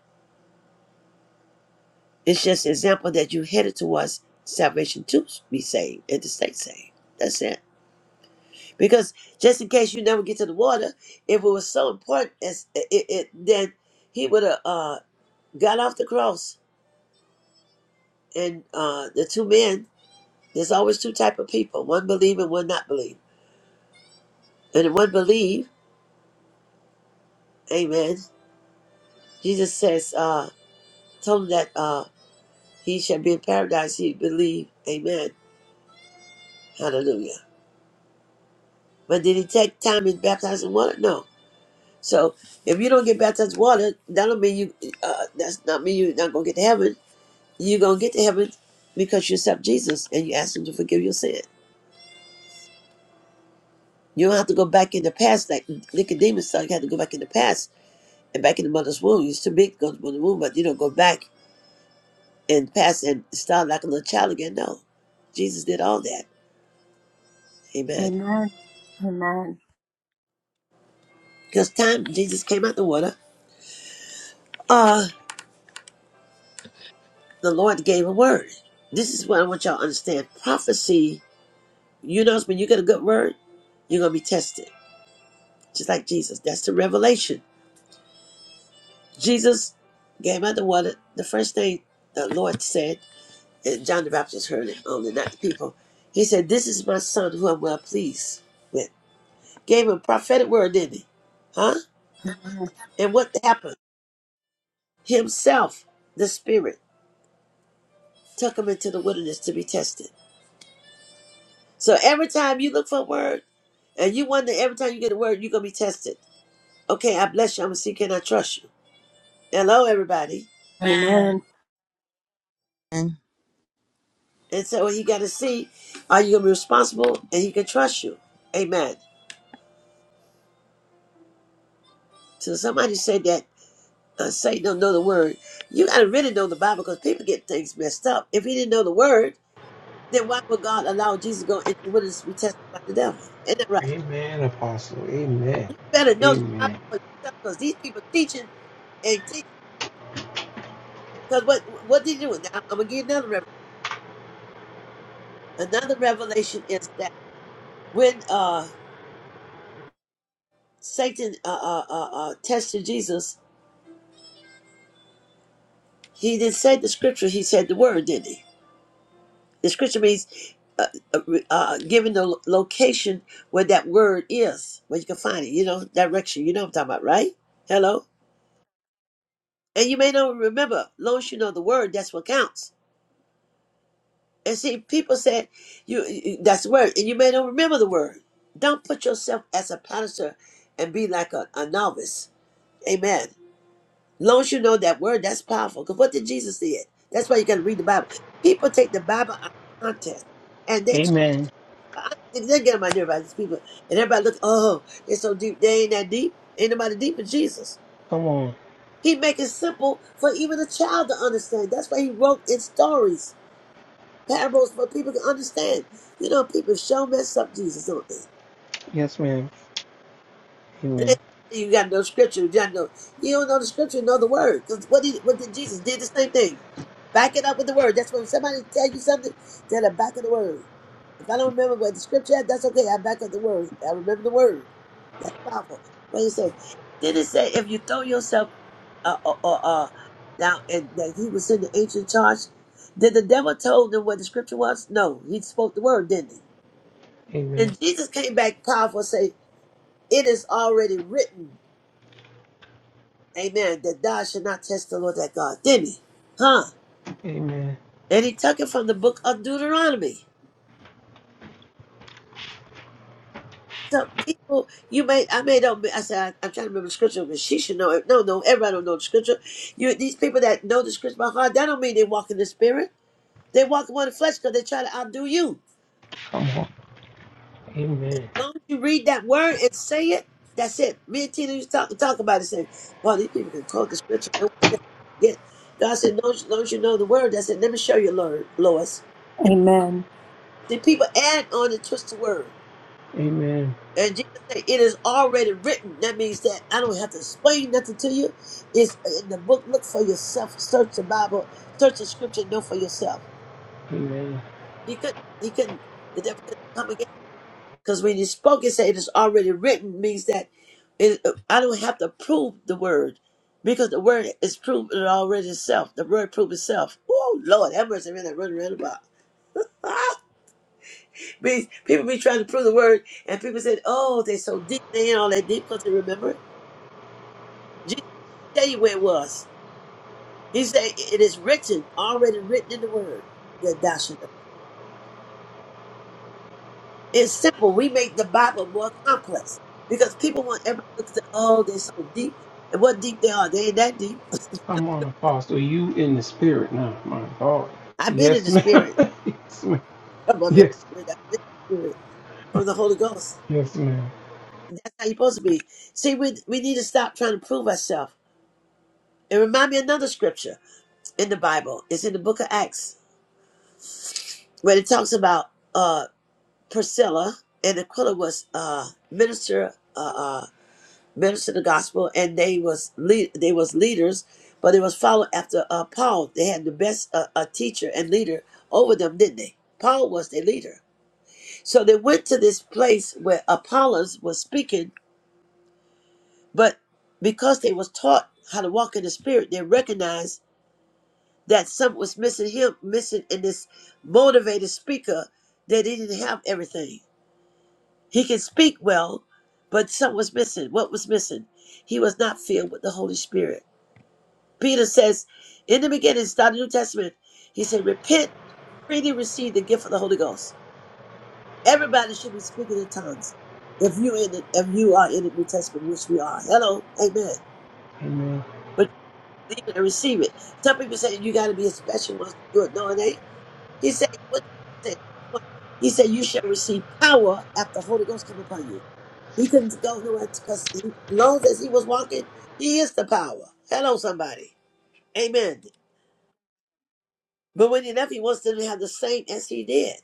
A: It's just an example that you headed towards salvation to be saved and to stay saved. That's it. Because just in case you never get to the water, if it was so important, as it, it then he would have uh, got off the cross. And uh, the two men, there's always two type of people: one believe and one not believe. And the one believe, Amen. Jesus says, uh, told him that uh, he shall be in paradise. He believe, Amen, Hallelujah. But did he take time and baptize in water? No. So if you don't get baptized in water, that don't mean you. Uh, that's not mean you're not gonna get to heaven You're going to get to heaven because you accept Jesus and you ask Him to forgive your sin. You don't have to go back in the past like Nicodemus thought. You had to go back in the past and back in the mother's womb. You're too big to go to the mother's womb, but you don't go back and past and start like a little child again. No. Jesus did all that. Amen.
B: Amen. Amen.
A: Because time Jesus came out the water, uh, the Lord gave a word. This is what I want y'all to understand. Prophecy, you notice when you get a good word, you're going to be tested. Just like Jesus. That's the revelation. Jesus gave out the water. The first thing the Lord said, and John the Baptist heard it only, not the people. He said, This is my son who I'm well pleased with. Gave him a prophetic word, didn't he? Huh? And what happened? Himself, the Spirit, took him into the wilderness to be tested. So every time you look for a word, and you wonder every time you get a word, you're going to be tested. Okay, I bless you. I'm going to see, can I trust you? Hello, everybody.
B: Amen.
D: Amen.
A: And so he got to see, are you going to be responsible and he can trust you? Amen. So somebody said that uh, Satan don't know the word. You got to really know the Bible because people get things messed up. If he didn't know the word, then why would God allow Jesus to go into the wilderness to be tested by the devil? Isn't that right?
H: Amen, Apostle. Amen.
A: You better know the Bible
H: Amen.
A: for yourself because these people teaching and teaching. Because what what did you do? Now I'm gonna give you another revelation. Another revelation is that when uh Satan uh, uh, uh, uh, tested Jesus, he didn't say the scripture. He said the word, didn't he? The scripture reads, uh, uh, uh, given the lo- location where that word is, where you can find it, you know, direction. You know what I'm talking about, right? Hello? And you may not remember. long as you know the word, that's what counts. And see, people said, you, you- that's the word, and you may not remember the word. Don't put yourself as a pastor and be like a, a novice. Amen. long as you know that word, that's powerful. Because what did Jesus say? That's why you got to read the Bible. People take the Bible out of context, and they
H: Amen.
A: I think they're getting my dear these people. And everybody looks, oh, they're so deep. They ain't that deep. Ain't nobody deep in Jesus.
H: Come on.
A: He make it simple for even a child to understand. That's why he wrote in stories, parables for people to understand. You know, people show mess up Jesus, don't they?
H: Yes, ma'am.
A: And
H: Amen.
A: they you got no scripture. You, got no, you don't know the scripture, you know the word. Because what, did- what did Jesus did the same thing. Back it up with the word. That's when somebody tell you something, tell them back of the word. If I don't remember what the scripture had, that's okay. I back up the word. I remember the word. That's powerful. What he said. Then it said, if you throw yourself, uh, uh, uh, uh now, and that he was in the ancient charge, did the devil told them what the scripture was? No, he spoke the word, didn't he?
H: Amen.
A: And Jesus came back powerful and say, it is already written, amen, that thou shalt not test the Lord thy God, didn't he? Huh?
H: Amen.
A: And he took it from the book of Deuteronomy. So people, you may, I may don't. be- I said I, am trying to remember the scripture, but she should know it. No, no, everybody don't know the scripture. You, these people that know the scripture by heart, that don't mean they walk in the spirit. They walk in the flesh because they try to outdo you.
H: Come on. Amen.
A: As long as you read that word and say it, that's it. Me and Tina used to talk, talk about it, saying, "Well, these people can quote the scripture." No, one can God said, "Don't, you- don't you know the word?" I said, "Let me show you, Lord, Lois." And
B: Amen. Amen.
A: see, people add on and twist the word.
H: Amen.
A: And Jesus said, It is already written. That means that I don't have to explain nothing to you. It's in the book. Look for yourself. Search the Bible. Search the scripture. Know for yourself.
H: Amen.
A: He couldn't, he couldn't, the devil couldn't come again. Because when he spoke, he said, It is already written, means that it, I don't have to prove the word. Because the word is proven already itself. The word proved itself. Oh, Lord, that mercy really running around about. Means people be trying to prove the word, and people said, Oh, they're so deep. They ain't all that deep because they remember it. Jesus tell you where it was. He said it is written, already written in the word that thou should know. It's simple. We make the Bible more complex because people want everybody to look at oh, they're so deep. And what deep they are, they ain't that deep.
H: Come on, Apostle. You in the spirit now, my God.
A: I've been in
H: Yes,
A: the
H: ma'am.
A: spirit.
H: yes, ma'am.
A: Come on, man.
H: Yes.
A: I've been in the spirit From the Holy Ghost.
H: Yes, ma'am.
A: That's how you're supposed to be. See, we we need to stop trying to prove ourselves. It remind me of another scripture in the Bible. It's in the book of Acts, where it talks about uh Priscilla and Aquila was uh, minister, uh, uh, minister the gospel, and they was lead, they was leaders, but they was followed after uh, Paul. They had the best uh, uh, teacher and leader over them, didn't they? Paul was their leader. So they went to this place where Apollos was speaking, but because they was taught how to walk in the spirit, they recognized that something was missing him, missing in this motivated speaker, that they didn't have everything. He could speak well, but something was missing. What was missing? He was not filled with the Holy Spirit. Peter says, in the beginning, start the New Testament, he said, repent, freely receive the gift of the Holy Ghost. Everybody should be speaking in tongues. If you in the, if you are in the New Testament, which we are, hello, amen.
H: Amen.
A: But you believe it and receive it. Some people say you got to be a special one to do it. No, it ain't. He said, what did he say? What? He said, you shall receive power after the Holy Ghost come upon you. He couldn't go nowhere because as long as he was walking, he is the power. Hello, somebody. Amen. But when he left, he wants them to have the same as he did.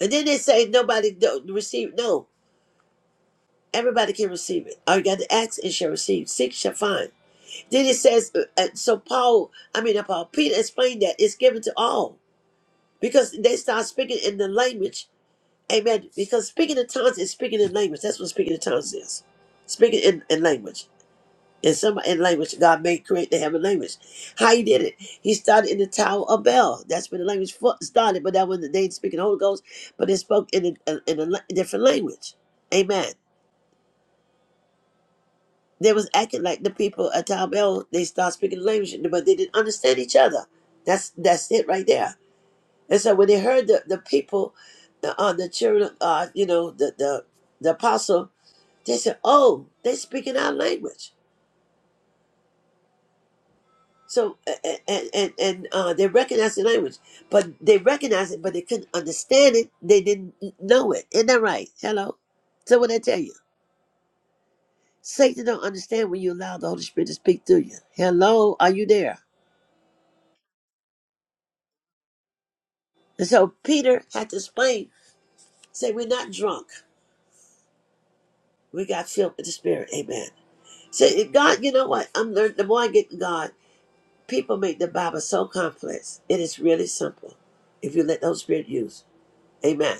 A: And then they say nobody don't receive. No, everybody can receive it. All you got to ask and shall receive. Seek shall find. Then it says, uh, uh, so Paul, I mean, uh, Paul, Peter explained that it's given to all because they start speaking in the language. Amen. Because speaking in tongues is speaking in language. That's what speaking in tongues is. Speaking in, in language. in some in language God made create the heaven language. How he did it? He started in the Tower of Bell. That's when the language fo- started, but that was the day of speaking Holy Ghost. But they spoke in a, in a la- different language. Amen. They was acting like the people at Tower Bell. They start speaking the language, but they didn't understand each other. That's that's it right there. And so when they heard the the people, the uh, the children, uh, you know, the the the apostle, they said, "Oh, they speaking our language." So and and, and uh, they recognized the language, but they recognized it, but they couldn't understand it. They didn't know it. Isn't that right? Hello. So what I tell you, Satan don't understand when you allow the Holy Spirit to speak through you. Hello, are you there? And so Peter had to explain. Say we're not drunk. We got filled with the Spirit. Amen. Say if God, you know what? I'm learning. The more I get to God, people make the Bible so complex. It is really simple if you let the Holy Spirit use. Amen.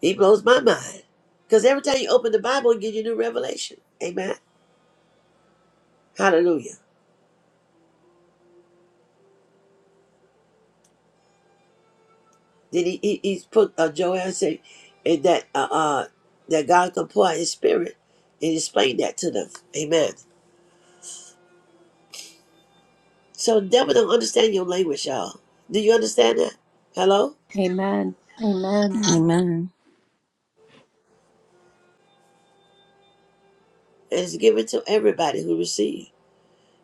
A: He blows my mind. Because every time you open the Bible, you get your new revelation. Amen. Hallelujah. Then he, he he's put uh, Joel and say and that uh, uh that God can pour out his spirit and explain that to them. Amen. So the devil don't understand your language, y'all. Do you understand that? Hello?
B: Amen.
D: Amen.
A: And it's given to everybody who receives.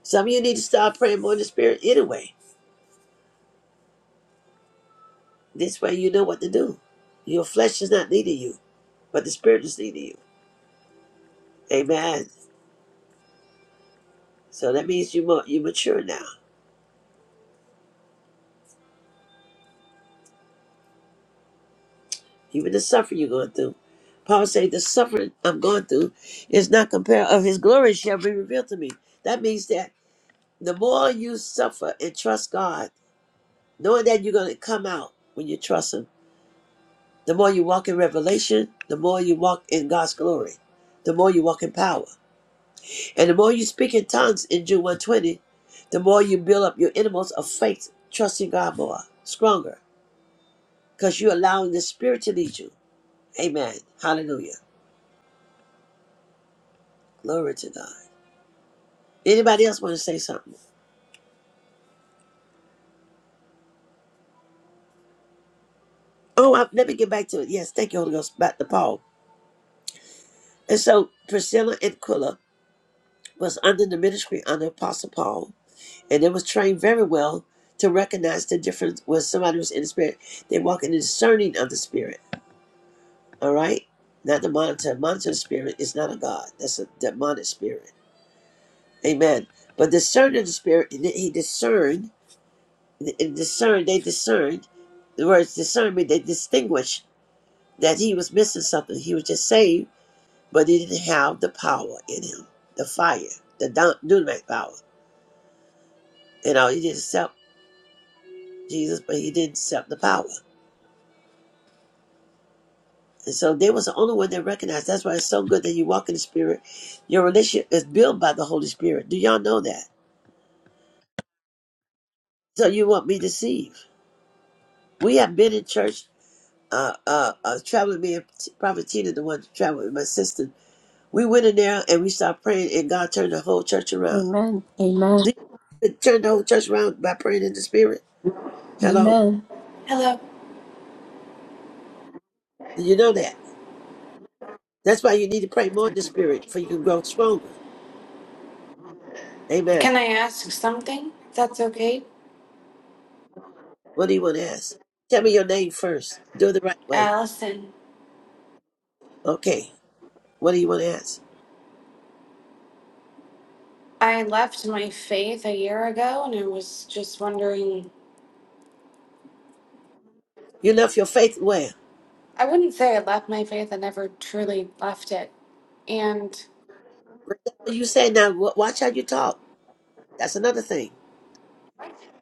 A: Some of you need to start praying more in the spirit anyway. This way you know what to do. Your flesh is not needing you, but the spirit is needing you. Amen. So that means you ma- you mature now. even the suffering you're going through. Paul said, the suffering I'm going through is not compared of his glory shall be revealed to me. That means that the more you suffer and trust God, knowing that you're going to come out when you trust him, the more you walk in revelation, the more you walk in God's glory, the more you walk in power. And the more you speak in tongues in June 120, the more you build up your innermost of faith, trusting God more, stronger, because you're allowing the Spirit to lead you. Amen. Hallelujah. Glory to God. Anybody else want to say something? Oh, I, let me get back to it. Yes, thank you, Holy Ghost, back to Paul. And so Priscilla and Aquila was under the ministry under Apostle Paul, and they was trained very well to recognize the difference when somebody was in the spirit. They walk in the discerning of the spirit. All right, not the monitor. Monitor the spirit is not a god. That's a demonic spirit. Amen. But discerning the spirit, and he discerned. And discerned, they discerned. The words discernment, they distinguished that he was missing something. He was just saved but he didn't have the power in him, the fire, the dun- dunamite power. You know, he didn't accept Jesus, but he didn't accept the power. And so they was the only one that recognized. That's why it's so good that you walk in the Spirit. Your relationship is built by the Holy Spirit. Do y'all know that? So you won't be deceived. We have been in church, uh, uh, uh traveling me and Prophet Tina, the one traveling with my sister. We went in there and we started praying, and God turned the whole church around.
B: Amen. Amen.
A: Did you turn the whole church around by praying in the Spirit? Hello?
B: Amen.
I: Hello.
A: Do you know that? That's why you need to pray more in the spirit, for you can grow stronger. Amen.
I: Can I ask something? If that's okay.
A: What do you want to ask? Tell me your name first. Do it the right way.
I: Allison,
A: Okay. What do you want to ask?
I: I left my faith a year ago and I was just wondering.
A: You left your faith where?
I: I wouldn't say I left my faith, I never truly left it. And
A: What You say now, wa- watch how you talk. That's another thing.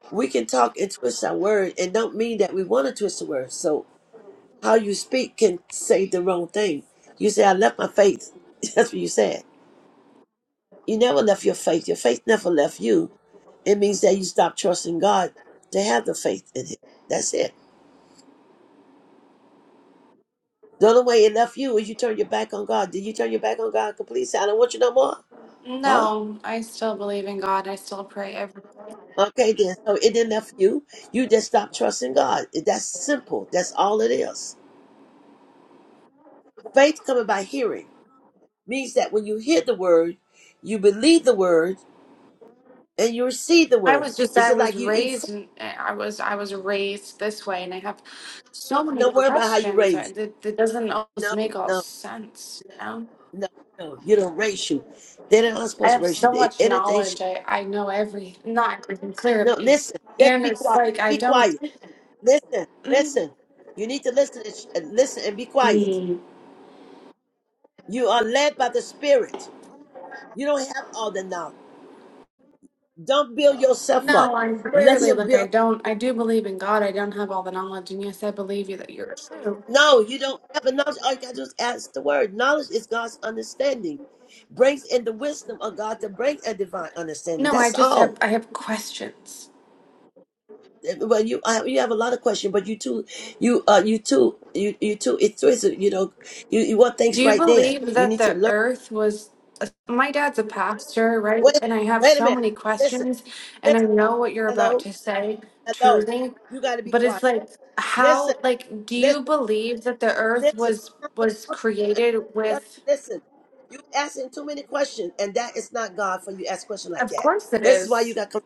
A: We can talk and twist our word, and don't mean that we want to twist the word. So how you speak can say the wrong thing. You say, "I left my faith." That's what you said. You never left your faith. Your faith never left you. It means that you stopped trusting God to have the faith in Him. That's it. The only way it left you is you turn your back on God. Did you turn your back on God completely? Say, I don't want you no more. Huh?
I: no, I still believe in God. I still pray every.
A: Okay, then. So it didn't left you. You just stopped trusting God. That's simple. That's all it is. Faith coming by hearing means that when you hear the word, you believe the word and you receive the
I: I
A: word.
I: was just
A: It's
I: I
A: just
I: was
A: like you eat
I: raised
A: food.
I: in, I was I was raised this way and I have so many
A: Don't worry about how you
I: questions I-
A: raise.
I: that that doesn't always
A: No,
I: make all
A: no,
I: sense, you know?
A: no, no. You don't raise you. They're not
I: I
A: supposed to
I: have
A: raise
I: so
A: you.
I: much
A: Anything.
I: knowledge.
A: Should,
I: I, I know every not everything
A: no,
I: clearly.
A: listen. Let's
I: And
A: be
I: it's
A: quiet.
I: like I
A: Be quiet.
I: don't
A: Listen, listen. You need to listen and, sh- and listen and be quiet.
I: mm,
A: You are led by the Spirit. You don't have all the knowledge. Don't build yourself
I: no,
A: up.
I: I'm
A: Let
I: clearly
A: Him
I: like I
A: build.
I: don't I do believe in God. I don't have all the knowledge and yes I believe you that you're true.
A: No, you don't have the knowledge. All you got to do is ask the Word. Knowledge is God's understanding. Brings in the wisdom of God to bring a divine understanding.
I: No, I
A: That's
I: just have
A: all.
I: I have questions.
A: Eh, Well, you I, you have a lot of questions, but you too, you uh, you too, you you too. It's twisted. You know, you, you want things
I: Do you
A: right then.
I: believe
A: You
I: that
A: need to
I: the
A: learn.
I: earth was? My dad's a pastor, right?
A: Wait,
I: And I have
A: wait a
I: so
A: minute.
I: many
A: Listen,
I: questions, and I
A: listen.
I: know what you're about
A: Hello.
I: to say,
A: Hello.
I: truly.
A: You got to be
I: But
A: quiet.
I: it's like,
A: Listen,
I: how? Like, do you
A: listen,
I: believe that the earth
A: listen.
I: was was created
A: Just
I: with?
A: listen. You asking too many questions, and that is not God for you. to Ask question like
I: Of
A: that.
I: course, it
A: This is why you
I: is.
A: got to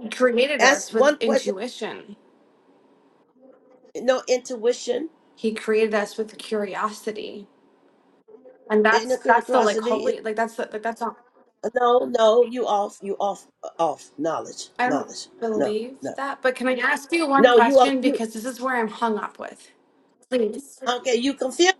I: He created
A: ask
I: us with
A: one question.
I: intuition.
A: No intuition,
I: He created us with curiosity, and
A: inner
I: that's that's the like
A: curiosity.
I: holy, like that's the like that's not.
A: No, no. You off. You off. uh, Off. Knowledge.
I: I don't
A: Knowledge. No,
I: believe
A: no,
I: that, but can I ask you one
A: no. You are.
I: question?
A: You,
I: Because this is where I'm hung up with. Please.
A: okay. You confused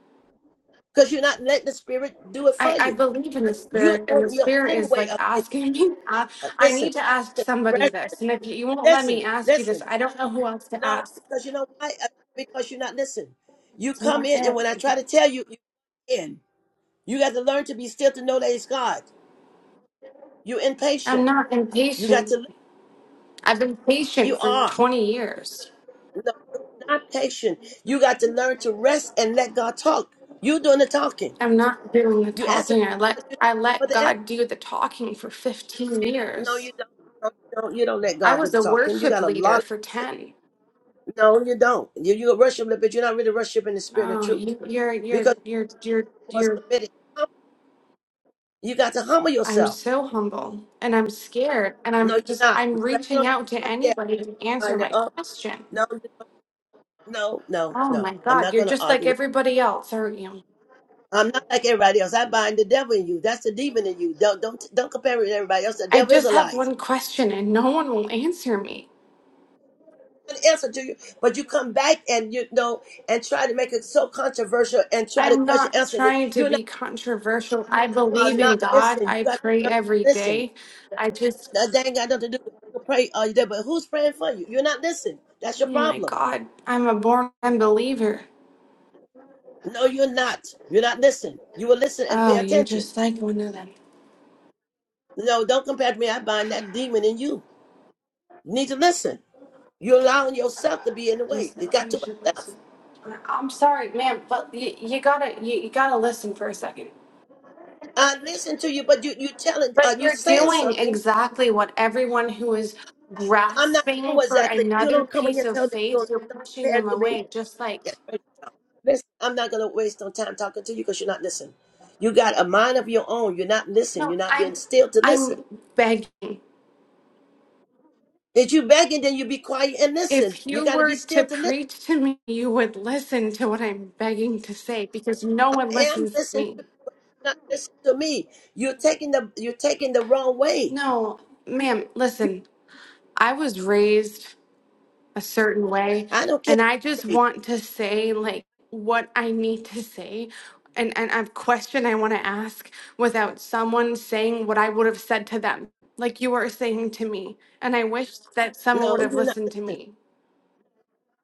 A: because you're not letting the spirit do it
I: I,
A: for
I: I
A: you.
I: believe in the
A: You're
I: spirit, and the
A: doing your
I: spirit
A: own
I: is
A: way
I: like
A: of thinking.
I: asking me. Uh, I
A: Listen.
I: need to ask somebody
A: Listen.
I: this. And if you won't let me
A: Listen.
I: ask you this,
A: Listen.
I: I don't know who else to
A: No,
I: ask.
A: because you know why? Uh, Because you're not listening. You
I: It's
A: come
I: not
A: in, and
I: it.
A: when I try to tell you, you in. You got to learn to be still to know that it's God. You're
I: I'm
A: impatient.
I: not
A: You got
I: impatient.
A: to. li-
I: I've been
A: You
I: patient for
A: are.
I: 20 years.
A: No, you're not patient. You got to learn to rest and let God talk. You doing the talking.
I: I'm not doing the
A: You answer
I: talking. I
A: but
I: let
A: you
I: I
A: don't for
I: let
A: the answer.
I: God do the talking for 15
A: No,
I: years.
A: you don't. No, you don't. You don't let
I: I
A: God do
I: was
A: the
I: a
A: talking. You
I: worship
A: got a lot.
I: leader for 10.
A: Of, no, you don't. You you worship, but you're not really worshiping the spirit of
I: Oh,
A: truth
I: you, you're, you're,
A: because you
I: you're, you're,
A: was
I: you're,
A: submitted. You got to humble
I: I'm
A: yourself.
I: so humble and I'm scared and
A: No, you're
I: I'm just,
A: not.
I: I'm
A: Right, on,
I: reaching out to
A: right there.
I: anybody to answer
A: Bind it
I: my
A: up.
I: question.
A: No, you don't. no, no,
I: Oh
A: no.
I: my
A: I'm
I: God,
A: not
I: you're
A: going to
I: just
A: argue
I: like
A: with
I: everybody else, aren't you?
A: you. I'm not like everybody else. I bind the devil in you. That's the demon in you. Don't don't don't compare it with everybody else. The
I: I
A: devil is a
I: just have
A: liar.
I: one question and no one will answer me.
A: An answer to you, but you come back and you know and try to make it so controversial and try to
I: I'm
A: question
I: not
A: answer it.
I: trying to
A: You're not
I: be controversial. I
A: are
I: believe
A: not
I: in God.
A: listening.
I: I
A: You got to
I: pray
A: learn
I: every
A: to listen.
I: day. I just,
A: That they ain't got nothing to do with it. you. can Pray all you there, but who's praying for you? You're not listening. That's your
I: oh my
A: problem.
I: God, I'm a born unbeliever.
A: No, you're not. You're not listening. You will listen and pay
I: Oh, you're
A: attention.
I: just like one of them.
A: No, don't compare to me. I bind that demon in you. You need to listen. You're allowing yourself to be in the way. It got to myself.
I: I'm sorry, ma'am, but you, you gotta you, you gotta listen for a second.
A: I listen to you, but you you telling uh,
I: But
A: you
I: you're
A: saying
I: doing
A: something.
I: exactly what everyone who is
A: I'm not doing
I: grasping
A: what
I: for
A: exactly. You
I: another
A: don't come in here
I: piece of
A: telling me I'm
I: faith,
A: doing.
I: you're
A: Don't
I: pushing
A: compare
I: them
A: to me.
I: away. Just like
A: That's right. Listen, I'm not gonna waste no time talking to you because you're not listening. You got a mind of your own. You're not listening.
I: no,
A: You're not
I: I'm
A: being still to listen.
I: I'm begging.
A: If you begging, then you be quiet and listen.
I: If
A: You
I: you
A: got to be
I: were to
A: still to listen.
I: preach to me, you would listen to what I'm begging to say because no
A: I
I: one
A: am
I: listens to
A: listening
I: me.
A: to you, not listen to me. You're taking the you're taking the wrong way.
I: No, ma'am, listen. I was raised a certain way
A: I don't care.
I: and i just want to say like what i need to say and and a question i want to ask without someone saying what i would have said to them like you are saying to me and i wish that someone
A: No,
I: would have
A: you're not.
I: listened to me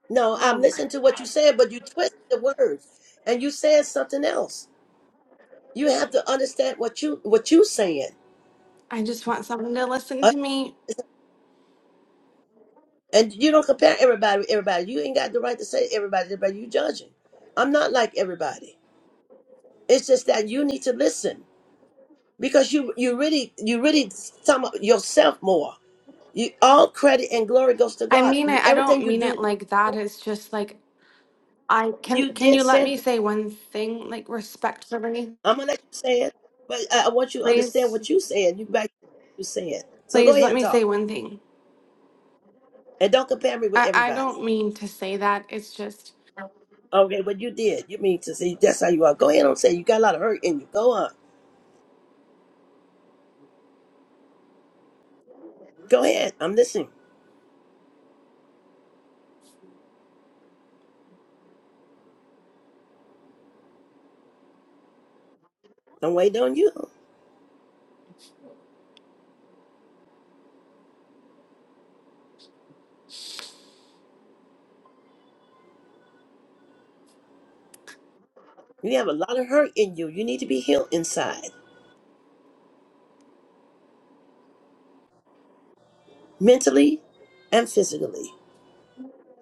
A: No,
I: oh
A: I'm
I: my
A: listening to what you're saying, but you twist the words and you saying something else. You have to understand what you what you saying,
I: i just want someone to listen
A: uh,
I: to me
A: and you don't compare everybody with everybody. You ain't got the right to say everybody, everybody. You judging. I'm not like everybody. It's just that you need to listen because you you really you really sum up yourself more. You all credit and glory goes to
I: i
A: God.
I: mean
A: You
I: it i
A: everything
I: don't
A: you
I: mean it
A: do,
I: like that it's just like i can
A: you
I: can
A: did
I: you let
A: said
I: me say one thing like respectfully
A: I'm gonna let you say it, but I, I want you to understand
I: please
A: what you saying. You back you saying. So go
I: please
A: ahead
I: let
A: and
I: me say
A: talk,
I: one thing
A: and don't compare me with
I: I, I
A: everybody.
I: don't mean to say that. It's just,
A: Okay, But you did, you mean to say that's how you are. Go ahead and say you got a lot of hurt in you. Go on, go ahead. I'm listening. I'm waiting on you. You have a lot of hurt in you. You need to be healed inside, mentally and physically.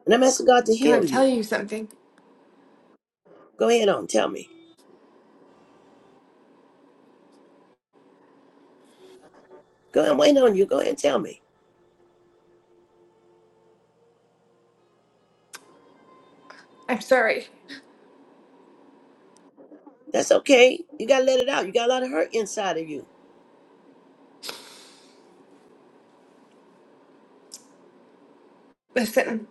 A: And I'm asking God to
I: can I
A: heal you.
I: tell you something?
A: Go ahead on, tell me. Go ahead, I'm waiting on you. Go ahead and tell me.
I: I'm sorry.
A: That's okay. You gotta let it out. You got a lot of hurt inside of you.
I: Listen,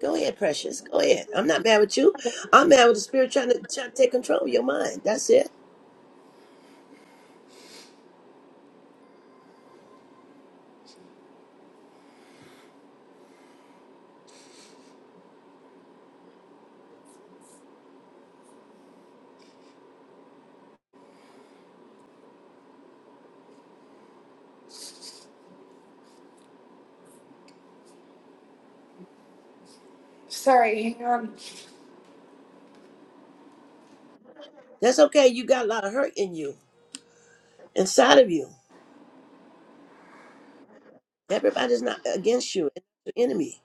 A: Go ahead, precious. Go ahead. I'm not mad with you. I'm mad with the spirit trying to, trying to take control of your mind. That's it.
I: sorry, hang on.
A: That's okay. You got a lot of hurt in you, inside of you. Everybody's not against you. It's your enemy.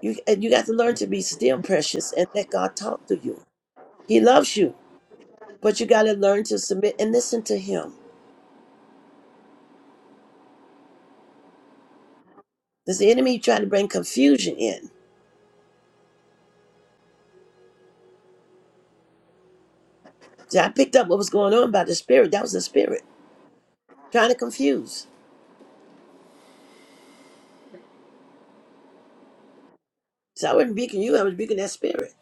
A: You and you got to learn to be still, precious, and let God talk to you. He loves you, but you got to learn to submit and listen to Him. Does the enemy try to bring confusion in? See, I picked up what was going on by the spirit. That was the spirit trying to confuse. So I wasn't beating you. I was beating that spirit.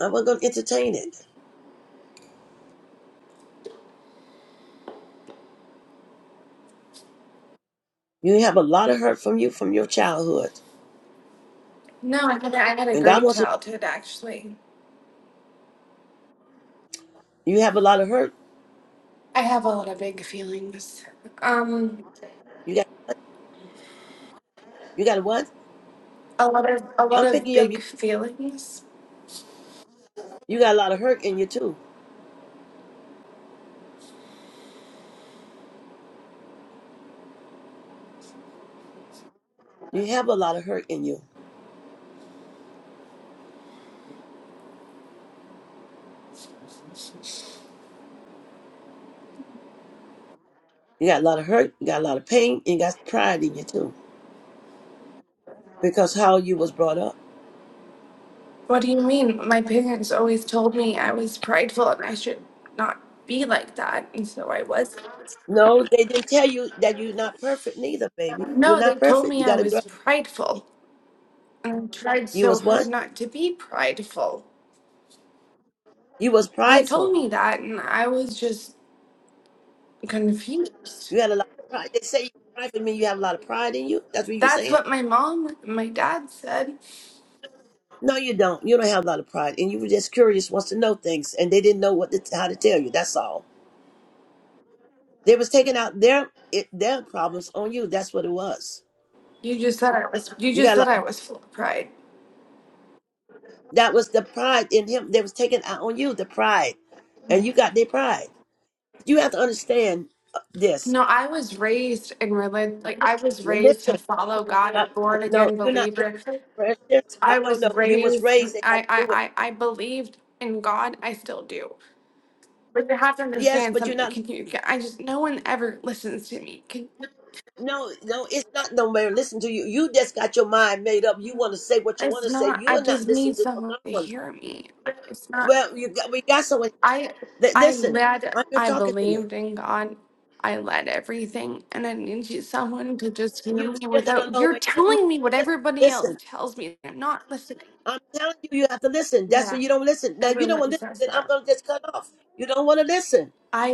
A: I wasn't going to entertain it. You have a lot of hurt from you from your childhood,
I: No, I had, I had a
A: and God
I: great
A: wants to.
I: childhood, actually.
A: You have a lot of hurt.
I: I have a lot of big feelings. Um,
A: You got you got what?
I: a lot of, a lot
A: I'm
I: of
A: picking up. You
I: big feelings.
A: you got a lot of hurt in you too. You have a lot of hurt in you. You got a lot of hurt. You got a lot of pain. And you got pride in you too, because how you was brought up.
I: What do you mean? My parents always told me I was prideful and I should not be like that, and so I was.
A: No, they didn't tell you that you're not perfect neither, baby. You're
I: No, they
A: not
I: told
A: perfect.
I: me
A: You
I: I
A: got to
I: was
A: grow.
I: prideful, and I tried
A: You
I: so
A: was
I: hard
A: what?
I: not to be prideful.
A: You was
I: They told
A: prideful.
I: me that, and I was just confused.
A: You had a lot of pride. They say you prideful mean you have a lot of pride in you. That's what you
I: That's
A: saying.
I: what my mom, my dad said.
A: No, you don't. You don't have a lot of pride, and you were just curious, wants to know things, and they didn't know what to, how to tell you. That's all. They was taking out their it, their problems on you. That's what it was.
I: You just said I was. You
A: You
I: just
A: got a
I: said
A: lot. Of,
I: I was full of pride.
A: that was the pride in him. They was taking out on you the pride, and you got their pride. You have to understand uh, this.
I: No, I was raised in religion. Like I was raised to
A: Listen,
I: follow God, a
A: I,
I: born
A: no,
I: again
A: you're not
I: believer.
A: listening, precious. I
I: I
A: don't
I: was
A: know. You was
I: raised.
A: raised. They got
I: I
A: to
I: I
A: do it.
I: I, I believed in God. I still do. But you have to
A: Yes,
I: understand
A: but you're
I: something.
A: not.
I: Can you? can- I just no one ever listens to me. Can,
A: No, no, it's not no man. Listen to you. You just got your mind made up. You want to say what you want
I: it's
A: to say.
I: not.
A: You
I: I
A: are not
I: just
A: listening
I: need
A: to what
I: someone
A: God
I: to
A: wants.
I: hear me. It's not.
A: Well, you got, we got someone.
I: I
A: Li-
I: I
A: listen,
I: led
A: I'm not
I: I
A: talking to you.
I: believed in God. I led everything and I needed someone to just hear
A: You
I: me
A: still got a
I: without
A: long
I: you're
A: way. to go. You
I: telling me what
A: still,
I: everybody else
A: listen.
I: tells me. I'm not listening.
A: I'm telling you, you have to listen. That's why
I: Yeah.
A: you don't listen. Now you don't
I: Everyone
A: want to listen.
I: says
A: Then I'm
I: that.
A: gonna just cut off. You don't want to listen.
I: I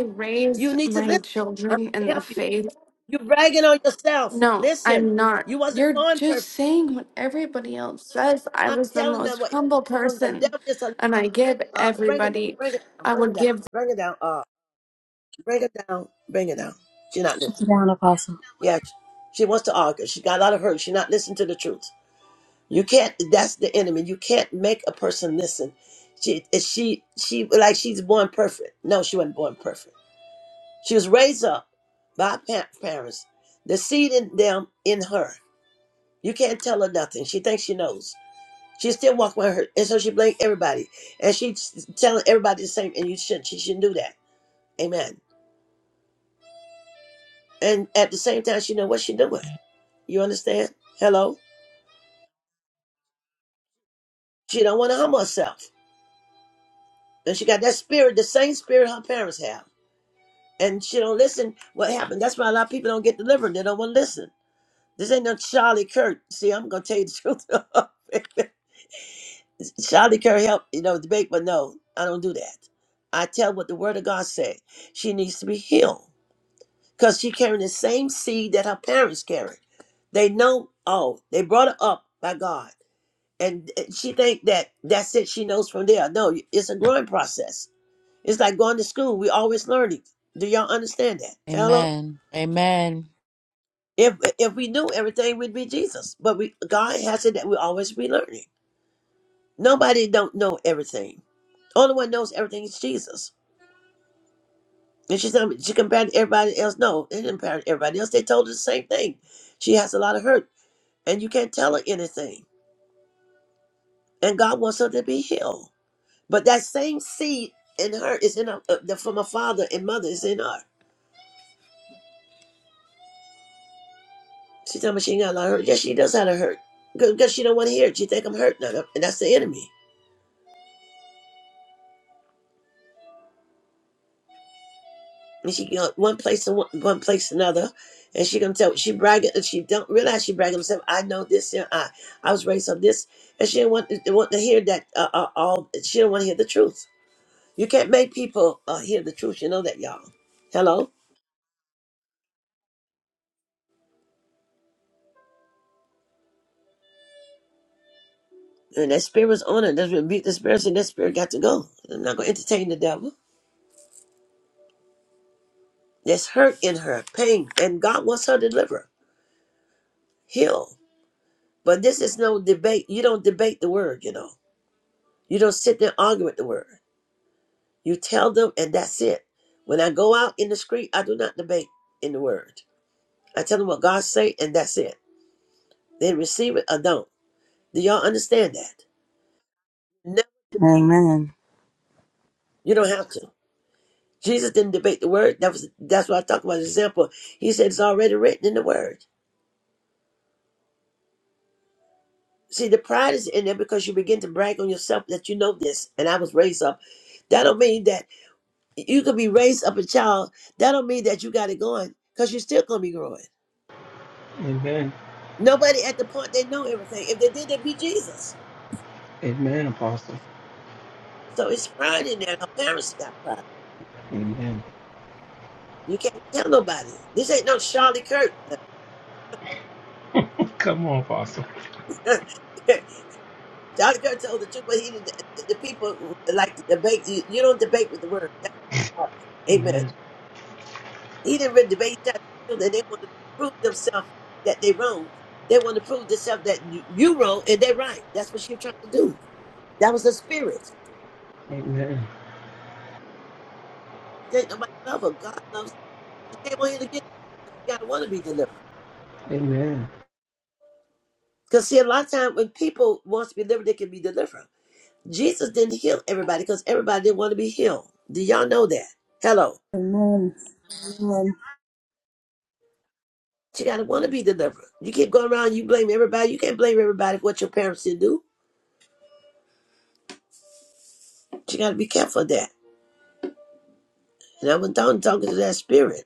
A: You
I: raised
A: need to
I: my
A: listen. I'm
I: children in
A: gonna
I: the
A: help you.
I: faith.
A: You're bragging on yourself.
I: No,
A: Listen.
I: I'm not.
A: You wasn't
I: You're
A: born
I: just
A: perfect.
I: saying what everybody else says. I
A: I'm
I: was the
A: telling them
I: most
A: what.
I: humble
A: The
I: person
A: devil is a
I: and I give
A: Uh, break it down.
I: everybody
A: Break it down.
I: I
A: Break it
I: would
A: down.
I: give
A: Break it down. Uh, break it down. Break it down. She not
B: Put
A: listening.
B: it down, Apostle.
A: Yeah, she, she wants to argue. She got a lot of hurt. She not listening to the truth. You can't. That's the enemy. You can't make a person listen. She is she she like she's born perfect. No, she wasn't born perfect. She was raised up by pa- parents, the seed in them in her. You can't tell her nothing. She thinks she knows. She still walking with her, and so she blame everybody, and she's telling everybody the same. And you should. She shouldn't do that. Amen. And at the same time, she know what she doing. You understand? Hello? She don't want to humble herself. And she got that spirit, the same spirit her parents have. And she don't listen what happened. That's why a lot of people don't get delivered. They don't want to listen. This ain't no Charlie Kirk. See, I'm gonna tell you the truth. Charlie Kirk help, you know, debate, but no, I don't do that. I tell what the word of God said. She needs to be healed. Because she carrying the same seed that her parents carried. They know, oh, they brought her up by God. and and she think that that's it she knows from there no it's a growing process it's like going to school we always learning do y'all understand that hello
E: Amen. Amen.
A: if if we knew everything we'd be jesus but we god has it that we always be learning nobody don't know everything only one knows everything is jesus and she said she compared to everybody else no they didn't compare to everybody else they told her the same thing she has a lot of hurt and you can't tell her anything and god wants her to be healed But that same seed in her is in her, uh, the- from her father and mother is in her. She tell me she ain't got a lot of hurt. Yes, she does have a hurt because she don't want to hear it. She think I'm hurting her, and that's the enemy. And she go one place to one, one place to another, and she gonna tell she bragging. and She don't realize she bragging herself. I know this. And I I was raised on this, and she didn't want didn't want to hear that. Uh, uh, all she don't want to hear the truth. You can't make people uh, hear the truth. You know that, y'all. Hello. And that spirit was on her. That's rebuke the spirit, and that spirit got to go. I'm not gonna entertain the devil. There's hurt in her, pain, and God wants her to deliver, heal. But this is no debate. You don't debate the word, you know. You don't sit there and argue with the word. You tell them, and that's it. When I go out in the street, I do not debate in the word. I tell them what God say, and that's it. They receive it or don't. Do y'all understand that? No,
D: Amen.
A: you don't have to. Jesus didn't debate the word. That was that's what I talked about. Example, he said it's already written in the word. See, the pride is in there because you begin to brag on yourself that you know this, and I was raised up. That don't mean that you could be raised up a child. That don't mean that you got it going, because you're still gonna be growing.
H: Amen.
A: Nobody at the point they know everything. If they did, they'd be Jesus.
H: Amen, Apostle.
A: So it's pride in there. Her parents got pride.
H: Amen.
A: You can't tell nobody. This ain't no Charlie Kirk.
H: Come on, Apostle.
A: Charlie Kirk told the truth, but he didn't- the people like to debate. You, you don't debate with the word. That's the problem. Amen.
H: Amen.
A: He didn't really debate that. That they want to prove themselves that they wrong. They want to prove themselves that you you wrong and they right. That's what she was trying to do. That was the spirit.
H: Amen.
A: There ain't nobody love her. God loves her. She came on here to get. but She gotta want to be delivered.
H: Amen.
A: Cause see, a lot of time when people wants to be delivered, they can be delivered. Jesus didn't heal everybody because everybody didn't want to be healed. Do y'all know that? Hello.
B: Amen. Amen.
A: She gotta want to be delivered. You keep going around, you blame everybody. You can't blame everybody for what your parents didn't do. You gotta be careful of that. And I was down talking to that spirit.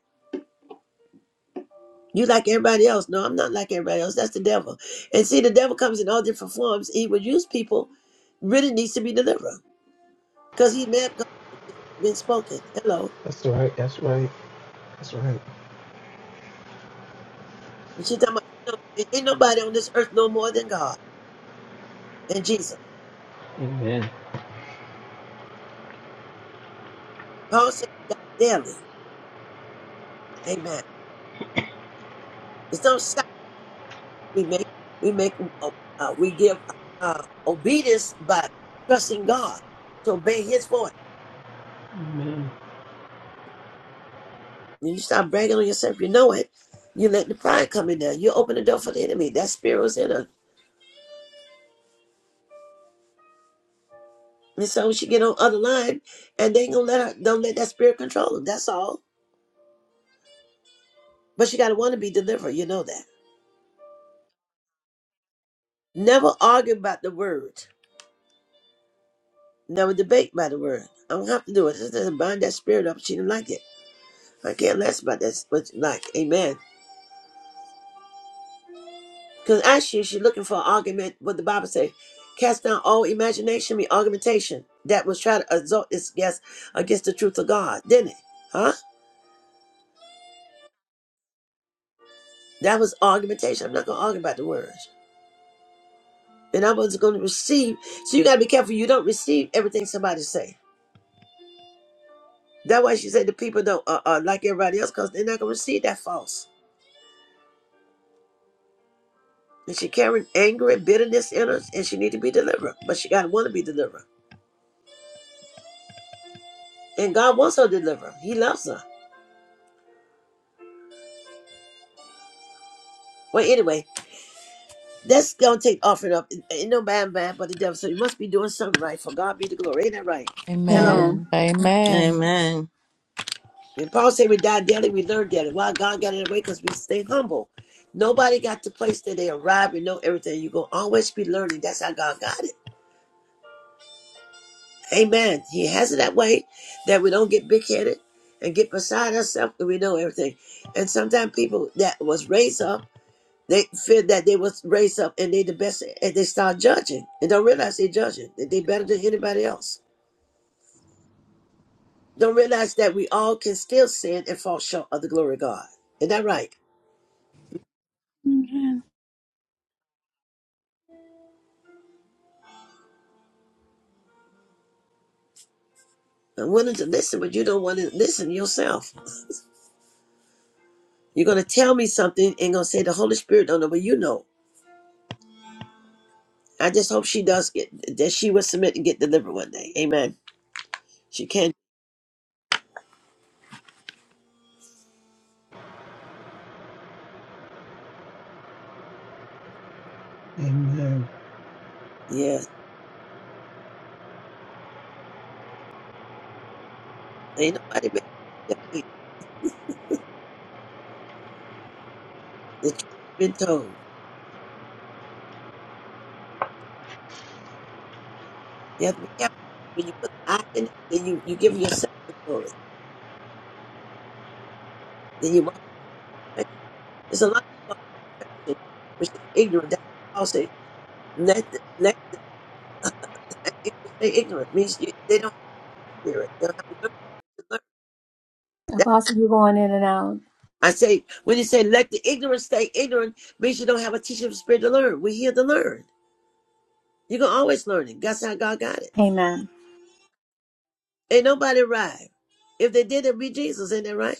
A: You like everybody else. No, I'm not like everybody else. That's the devil. And see, the devil comes in all different forms. He would use people really needs to be delivered because he's mad because he's been spoken. Hello.
H: That's right. That's right. That's right.
A: And she talking about, you know, ain't nobody on this earth no more than God and Jesus.
H: Amen.
A: Paul said, God daily. Amen. It's no sacrifice we make. We make, uh, uh, we give uh, obedience by trusting God to obey his voice.
H: Amen.
A: When you stop bragging on yourself, you know it. You let the pride come in there. You open the door for the enemy. That spirit was in us. And so she get on other line, and they ain't gonna let her don't let that spirit control them. That's all. But she gotta want to be delivered. You know that. Never argue about the word. Never debate about the word. I don't have to do it. Just just bind that spirit up. She didn't like it. I can't less about that. What you like? Amen. Because actually, she's looking for an argument. What the Bible say? Cast down all imagination, be argumentation that was trying to exalt this guess against the truth of God, didn't it? Huh? That was argumentation. I'm not gonna argue about the word. and I was going to receive. So you got to be careful. You don't receive everything somebody say. That's why she said the people don't uh, uh, like everybody else because they're not going to receive that false. And she carried anger and bitterness in her, and she need to be delivered. But she got to want to be delivered, and God wants her delivered. He loves her. Well, anyway, that's gonna take offering up. Ain't no bad, bad, but the devil. So you must be doing something right. For God be the glory. Ain't that right? Hello.
B: Amen.
E: Amen. Amen.
D: Amen.
A: And Paul said we die daily, we learn daily. Why God got it away? Because we stay humble. Nobody got the place that they arrive and know everything. You're going to always be learning. That's how God got it. Amen. He has it that way that we don't get big headed and get beside ourselves and we know everything. And sometimes people that was raised up, they feel that they was raised up and they the best and they start judging and don't realize they judging, that they better than anybody else. Don't realize that we all can still sin and fall short of the glory of God. Isn't that right?
J: Amen.
A: I'm willing to listen, but you don't want to listen yourself. You're gonna tell me something and gonna say the Holy Spirit don't know, but you know. I just hope she does get that she will submit and get delivered one day. Amen. She can.
H: Amen.
A: Yes. Ain't nobody mad. The truth has been told. You have to be careful when you put the eye in. it, Then you you give yourself the glory. Then you walk. in perfection. There's a lot of people in perfection, which is ignorant. That's why Paul say let the, let the, let the ignorant stay ignorant. means you, they don't have spirit. They don't have a learn to learn.
B: Apostle, you're going in and out.
A: I say, when you say let the ignorant stay ignorant, means you don't have a teaching spirit to learn. We're here to learn. You're going to always learn it. That's how God got it.
B: Amen.
A: Ain't nobody right. If they did, it'd be Jesus. Ain't that right?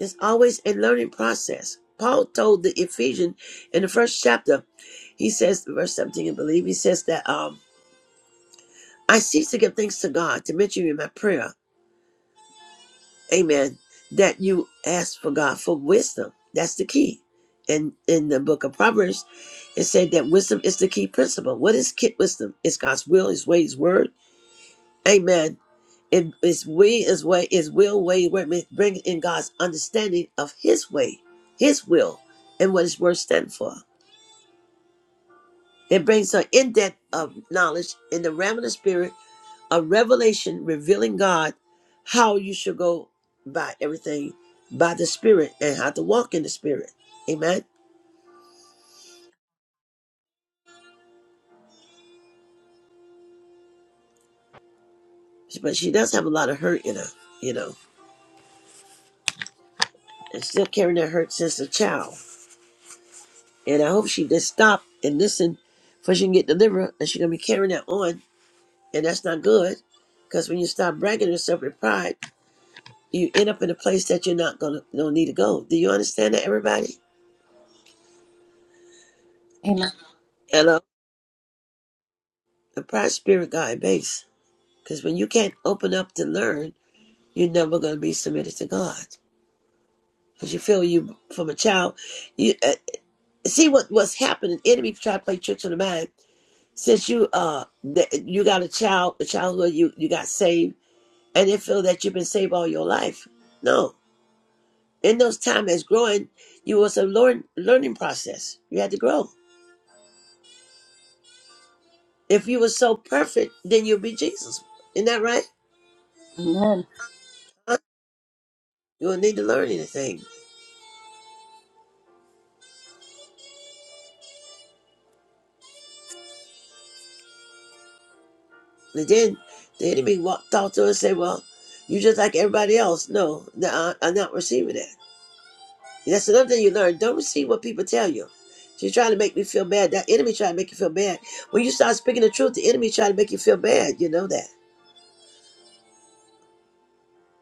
A: It's always a learning process. Paul told the Ephesians in the first chapter, he says, verse 17, I believe, he says that, um, I cease to give thanks to God to mention you in my prayer amen that you ask for god for wisdom that's the key and in the book of proverbs it said that wisdom is the key principle what is key wisdom it's god's will his way his word amen it is way is way is will way where it bring in god's understanding of his way his will and what his word stand for it brings an in-depth of knowledge in the realm of the spirit a revelation revealing God how you should go by everything by the Spirit and how to walk in the Spirit. Amen. But she does have a lot of hurt in her, you know, and still carrying that hurt since a child. And I hope she just stop and listen for she can get delivered and she going to be carrying that on. And that's not good because when you start bragging yourself with pride, you end up in a place that you're not going to don't need to go. Do you understand that, everybody?
B: Amen.
A: Hello? The pride spirit guy base. Because when you can't open up to learn, You're never going to be submitted to God because you feel you from a child. You uh, see what what's happening. Enemy try to play tricks on the mind. Since you uh th- you got a child, a childhood you you got saved, and they feel that you've been saved all your life. No, in those time as growing, you was a learn learning process. You had to grow. If you were so perfect, then you'll be Jesus. Isn't that right?
B: Amen.
A: Huh? You don't need to learn anything. And then the enemy walked out to us and said, Well, you just like everybody else. No, no, I- am not receiving that. And that's another thing you learn. Don't receive what people tell you. She's trying to make me feel bad. That enemy trying to make you feel bad. When you start speaking the truth, the enemy trying to make you feel bad. You know that.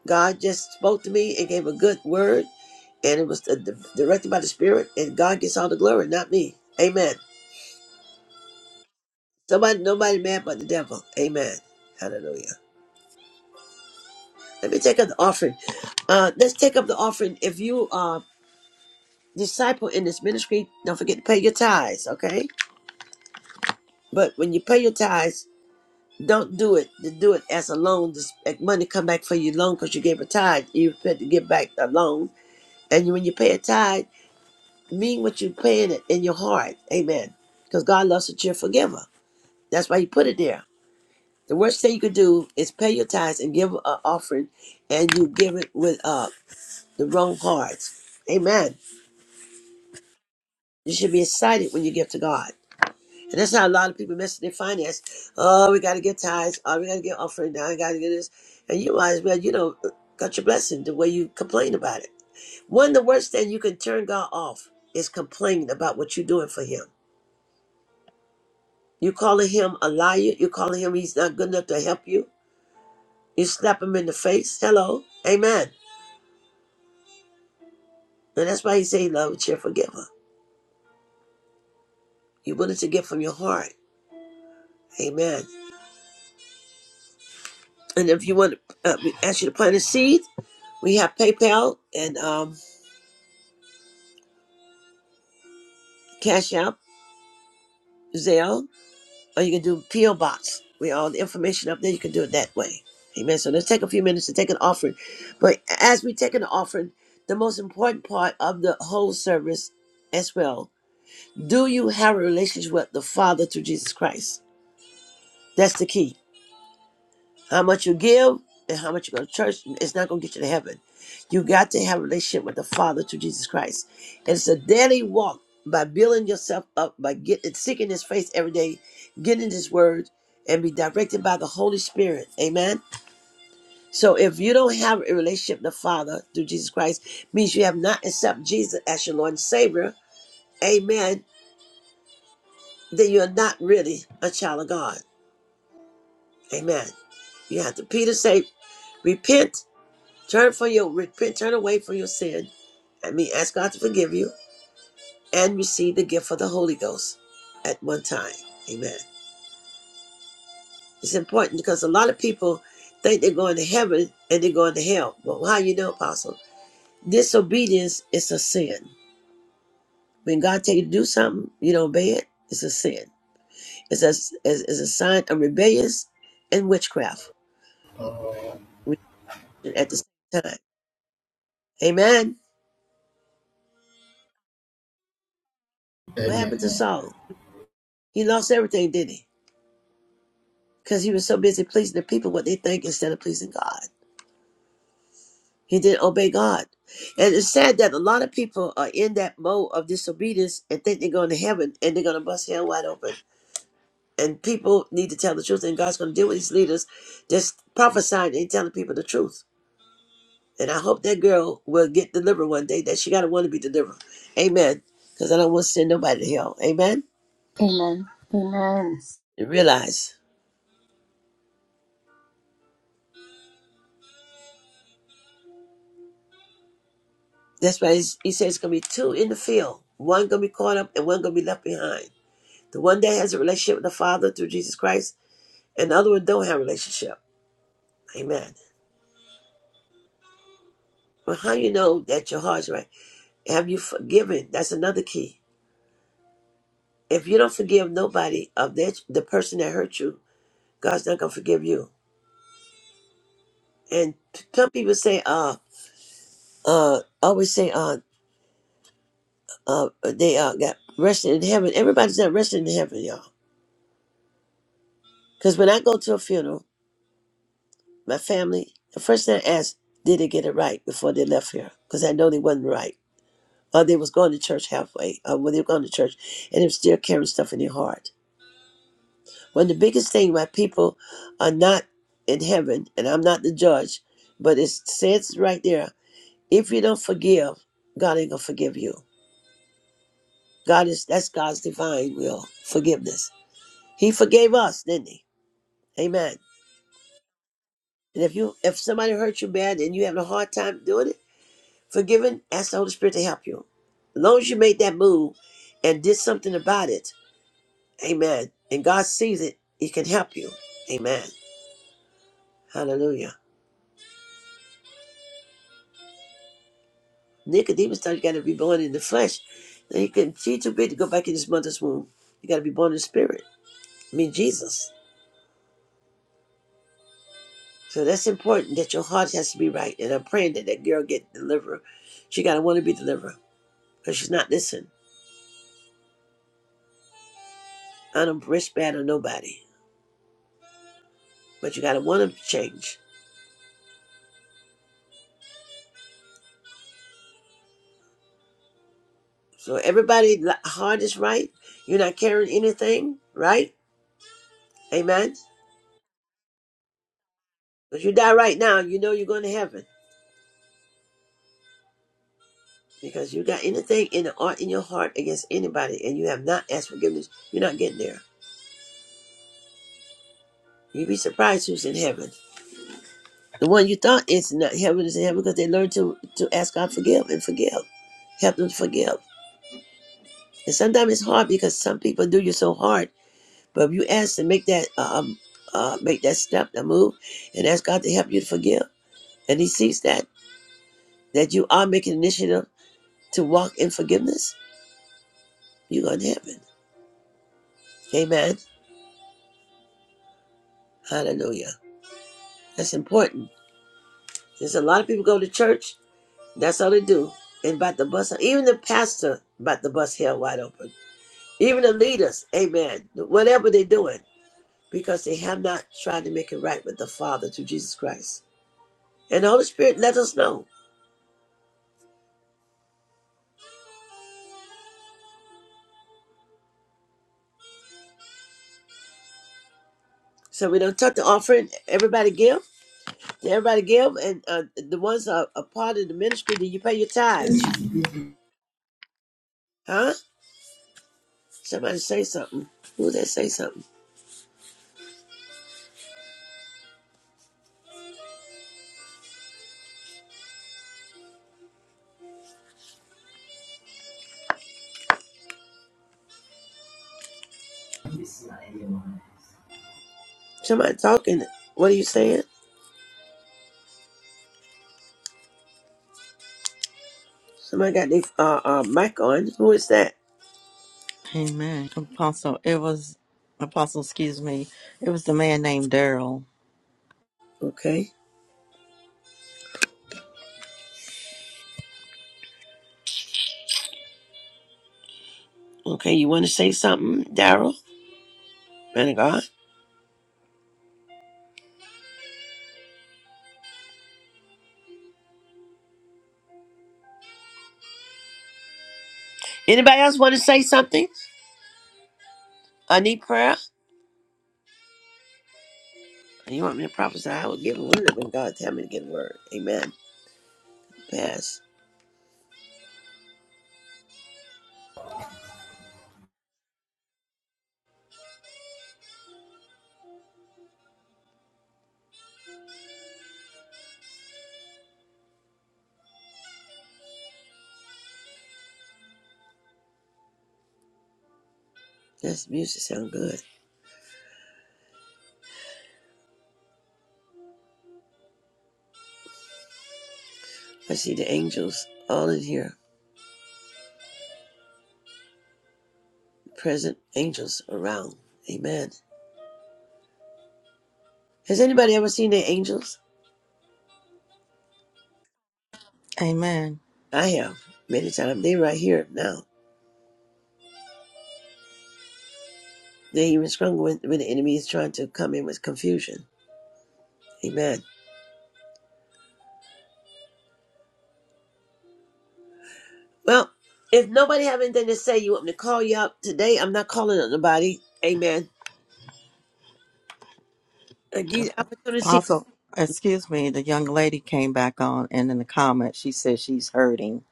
A: God just spoke to me and gave a good word, and it was uh, directed by the Spirit, and God gets all the glory, not me. Amen. Somebody, nobody mad but the devil. Amen. Hallelujah. Let me take up the offering. Uh, let's take up the offering. If you are disciple in this ministry, don't forget to pay your tithes, okay? But when you pay your tithes, don't do it to do it as a loan. This like money come back for you loan because you gave a tithe. You had to give back a loan, and you- when you pay a tithe, mean what you're paying it in your heart, amen. Because God loves a cheerful giver. That's why He put it there. The worst thing you could do is pay your tithes and give an offering, and you give it with uh, the wrong hearts. amen. You should be excited when you give to God. And that's how a lot of people mess with their finance. Oh, we got to get tithes. Oh, we got to get offering. Now I got to get this. And you might as well, you know, cut your blessing the way you complain about it. One of the worst things you can turn God off is complaining about what you're doing for Him. you calling Him a liar. you calling Him He's not good enough to help you. You slap Him in the face. Hello. Amen. And that's why He say, love, cheerful giver. You're willing to give from your heart. Amen. And if you want to, uh, we ask you to plant a seed, we have PayPal and um, Cash App. Zelle, or you can do P.O. Box. We all the information up there. You can do it that way. Amen. So let's take a few minutes to take an offering. But as we take an offering, the most important part of the whole service as well. Do you have a relationship with the Father through Jesus Christ? That's the key. How much you give and how much you go to church, it's not going to get you to heaven. You got to have a relationship with the Father through Jesus Christ. And it's a daily walk by building yourself up, by getting seeking His face every day, getting His Word, and be directed by the Holy Spirit. Amen. So if you don't have a relationship with the Father through Jesus Christ, means you have not accepted Jesus as your Lord and Savior. Amen. Then you're not really a child of God. Amen. You have to Peter say, repent Turn for your repent, turn away from your sin. I mean, ask God to forgive you and receive the gift of the Holy Ghost at one time. Amen. It's important because a lot of people think they're going to heaven and they're going to hell. Well, how you know, Apostle? Disobedience is a sin. When God tell you to do something, you don't obey it. It's a sin. It's a, it's, it's a sign of rebellions and witchcraft at the same time. Amen. What happened
K: Amen
A: to Saul? He lost everything, didn't he? because he was so busy pleasing the people what they think instead of pleasing God. He didn't obey God. And it's sad that a lot of people are in that mode of disobedience and think they're going to heaven and they're going to bust hell wide open. And people need to tell the truth, and God's going to deal with these leaders just prophesying and telling people the truth. And I hope that girl will get delivered one day, that she got to want to be delivered. Amen. Because I don't want to send nobody to hell. Amen.
B: Amen. Amen.
A: And realize that's why he's- he says it's going to be two in the field one going to be caught up and one going to be left behind The one that has a relationship with the Father through Jesus Christ, and the other one don't have a relationship. Amen. Well, how you know that your heart's right? Have you forgiven? That's another key. If you don't forgive nobody of that the person that hurt you, God's not gonna forgive you. And some people say, uh, uh, always say, uh, uh, they uh got resting in heaven. Everybody's not resting in heaven, y'all. Because when I go to a funeral, my family, the first thing I ask, did they get it right before they left here? Because I know they wasn't right. uh, they was going to church halfway uh, when they were going to church and they were still carrying stuff in their heart one of the biggest thing why people are not in heaven and i'm not the judge but it says right there if you don't forgive god ain't gonna forgive you god is that's god's divine will forgiveness he forgave us didn't he amen and if you if somebody hurt you bad and you having a hard time doing it forgiving ask the holy spirit to help you as long as you made that move and did something about it Amen. And God sees it, He can help you. Amen. Hallelujah. Nicodemus thought you got to be born in the flesh. And he couldn't, she too big to go back in his mother's womb. You got to be born in the spirit. I mean, Jesus. So that's important that your heart has to be right. And I'm praying that that girl get delivered. She got to want to be delivered because she's not listening. I don't wish bad on nobody, but you got to want to change. So everybody' li- heart is right. You're not carrying anything, right? Amen. If you die right now, you know you're going to heaven. Because you got anything in the art in your heart against anybody and you have not asked forgiveness, you're not getting there. You'd be surprised who's in heaven. The one you thought is not heaven is in heaven because they learned to, to ask God forgive and forgive. Help them to forgive. And sometimes it's hard because some people do you so hard. But if you ask to make that uh, um uh make that step, that move, and ask God to help you to forgive, and He sees that that you are making initiative to walk in forgiveness, you're going to heaven. Amen. Hallelujah. That's important There's a lot of people go to church, that's all they do. And about the bus, even the pastor about the bus held wide open. Even the leaders, amen. Whatever they're doing, because they have not tried to make it right with the Father through Jesus Christ. And the Holy Spirit let us know. So we don't touch the offering. Everybody give. Everybody give. And uh, the ones that are a part of the ministry, then you pay your tithes. Huh? Somebody say something. Who that say something? Somebody talking. What are you saying? Somebody got their uh, uh, mic on. Who is that?
D: Amen. Apostle, it was, Apostle, excuse me, it was the man named Daryl.
A: Okay. Okay. You want to say something, Daryl? Man of God. Anybody else want to say something? I need prayer. You want me to prophesy? I will give a word when God tell me to give a word. Amen. Pass. This music sound good. I see the angels all in here. Present angels around. Amen. Has anybody ever seen the angels?
D: Amen.
A: I have many times. They right here now. They even stronger when, when the enemy is trying to come in with confusion. Amen. Well, if nobody have anything to say, you want me to call you up today? I'm not calling on nobody. Amen. I give you the opportunity.
D: Apostle, excuse me, the young lady came back on and in the comments she said she's hurting.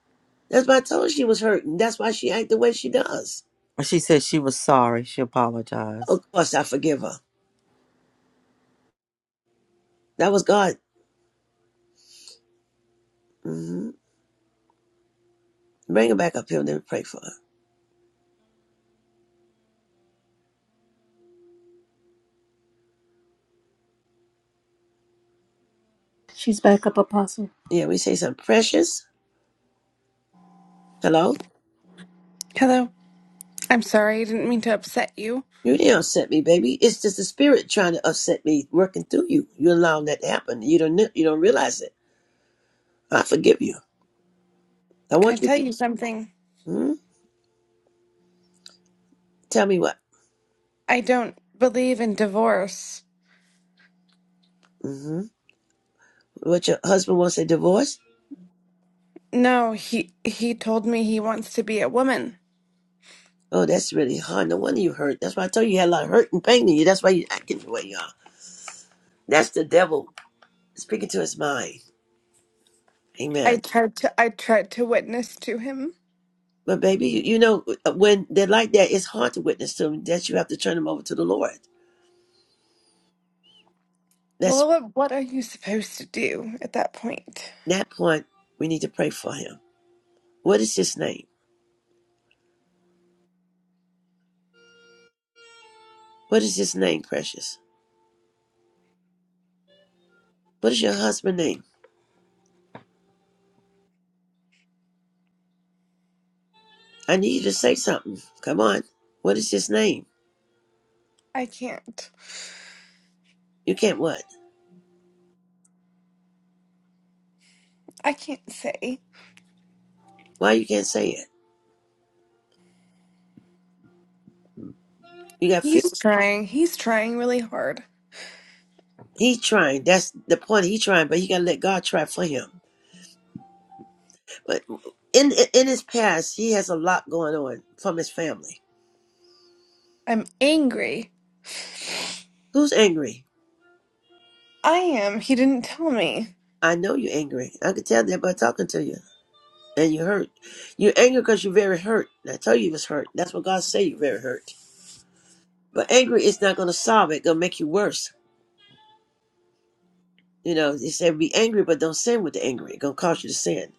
A: That's why I told her she was hurting. That's why she act the way she does.
D: She said she was sorry. She apologized.
A: Of course, I forgive her. That was God. hmm Bring her back up here and then pray for her.
B: She's back up, Apostle.
A: Yeah, we say something precious. Hello?
I: Hello. I'm sorry, I didn't mean to upset you.
A: You didn't upset me, baby. It's just the spirit trying to upset me, working through you. You allowing that to happen. You don't kn- you don't realize it. I forgive you. I
I: Can I
A: want you to
I: tell
A: be.
I: you something?
A: Mhm. Tell me what.
I: I don't believe in divorce.
A: hmm What your husband wants a divorce?
I: No, he he told me he wants to be a woman.
A: Oh, that's really hard. No wonder you hurt. That's why I told you you had a lot of hurt and pain in you. That's why you're acting the way you are. That's the devil speaking to his mind.
I: I
A: Amen.
I: tried to I tried to witness to him.
A: But baby, you, you know uh, when they're like that, it's hard to witness to them. That you have to turn them over to the Lord. That's
I: Well, what what are you supposed to do at that point?
A: that point. We need to pray for him. What is his name? What is his name, precious? What is your husband's name? I need you to say something. Come on. What is his name?
I: I can't.
A: You can't what?
I: I can't say.
A: Why you can't say it? You got fear.
I: He's trying. He's trying really hard.
A: He trying. That's the point. He trying, but he gotta let God try for him. But in in his past, he has a lot going on from his family.
I: I'm angry.
A: Who's angry?
I: I am. He didn't tell me.
A: I know you're angry. I can tell that by talking to you. And you're hurt. You're angry because you're very hurt. And I tell you, you was hurt. That's what God say. You're very hurt. But angry is not going to solve it. It's Going to make you worse. You know, He said be angry, but don't sin with the angry. It's going to cause you to sin.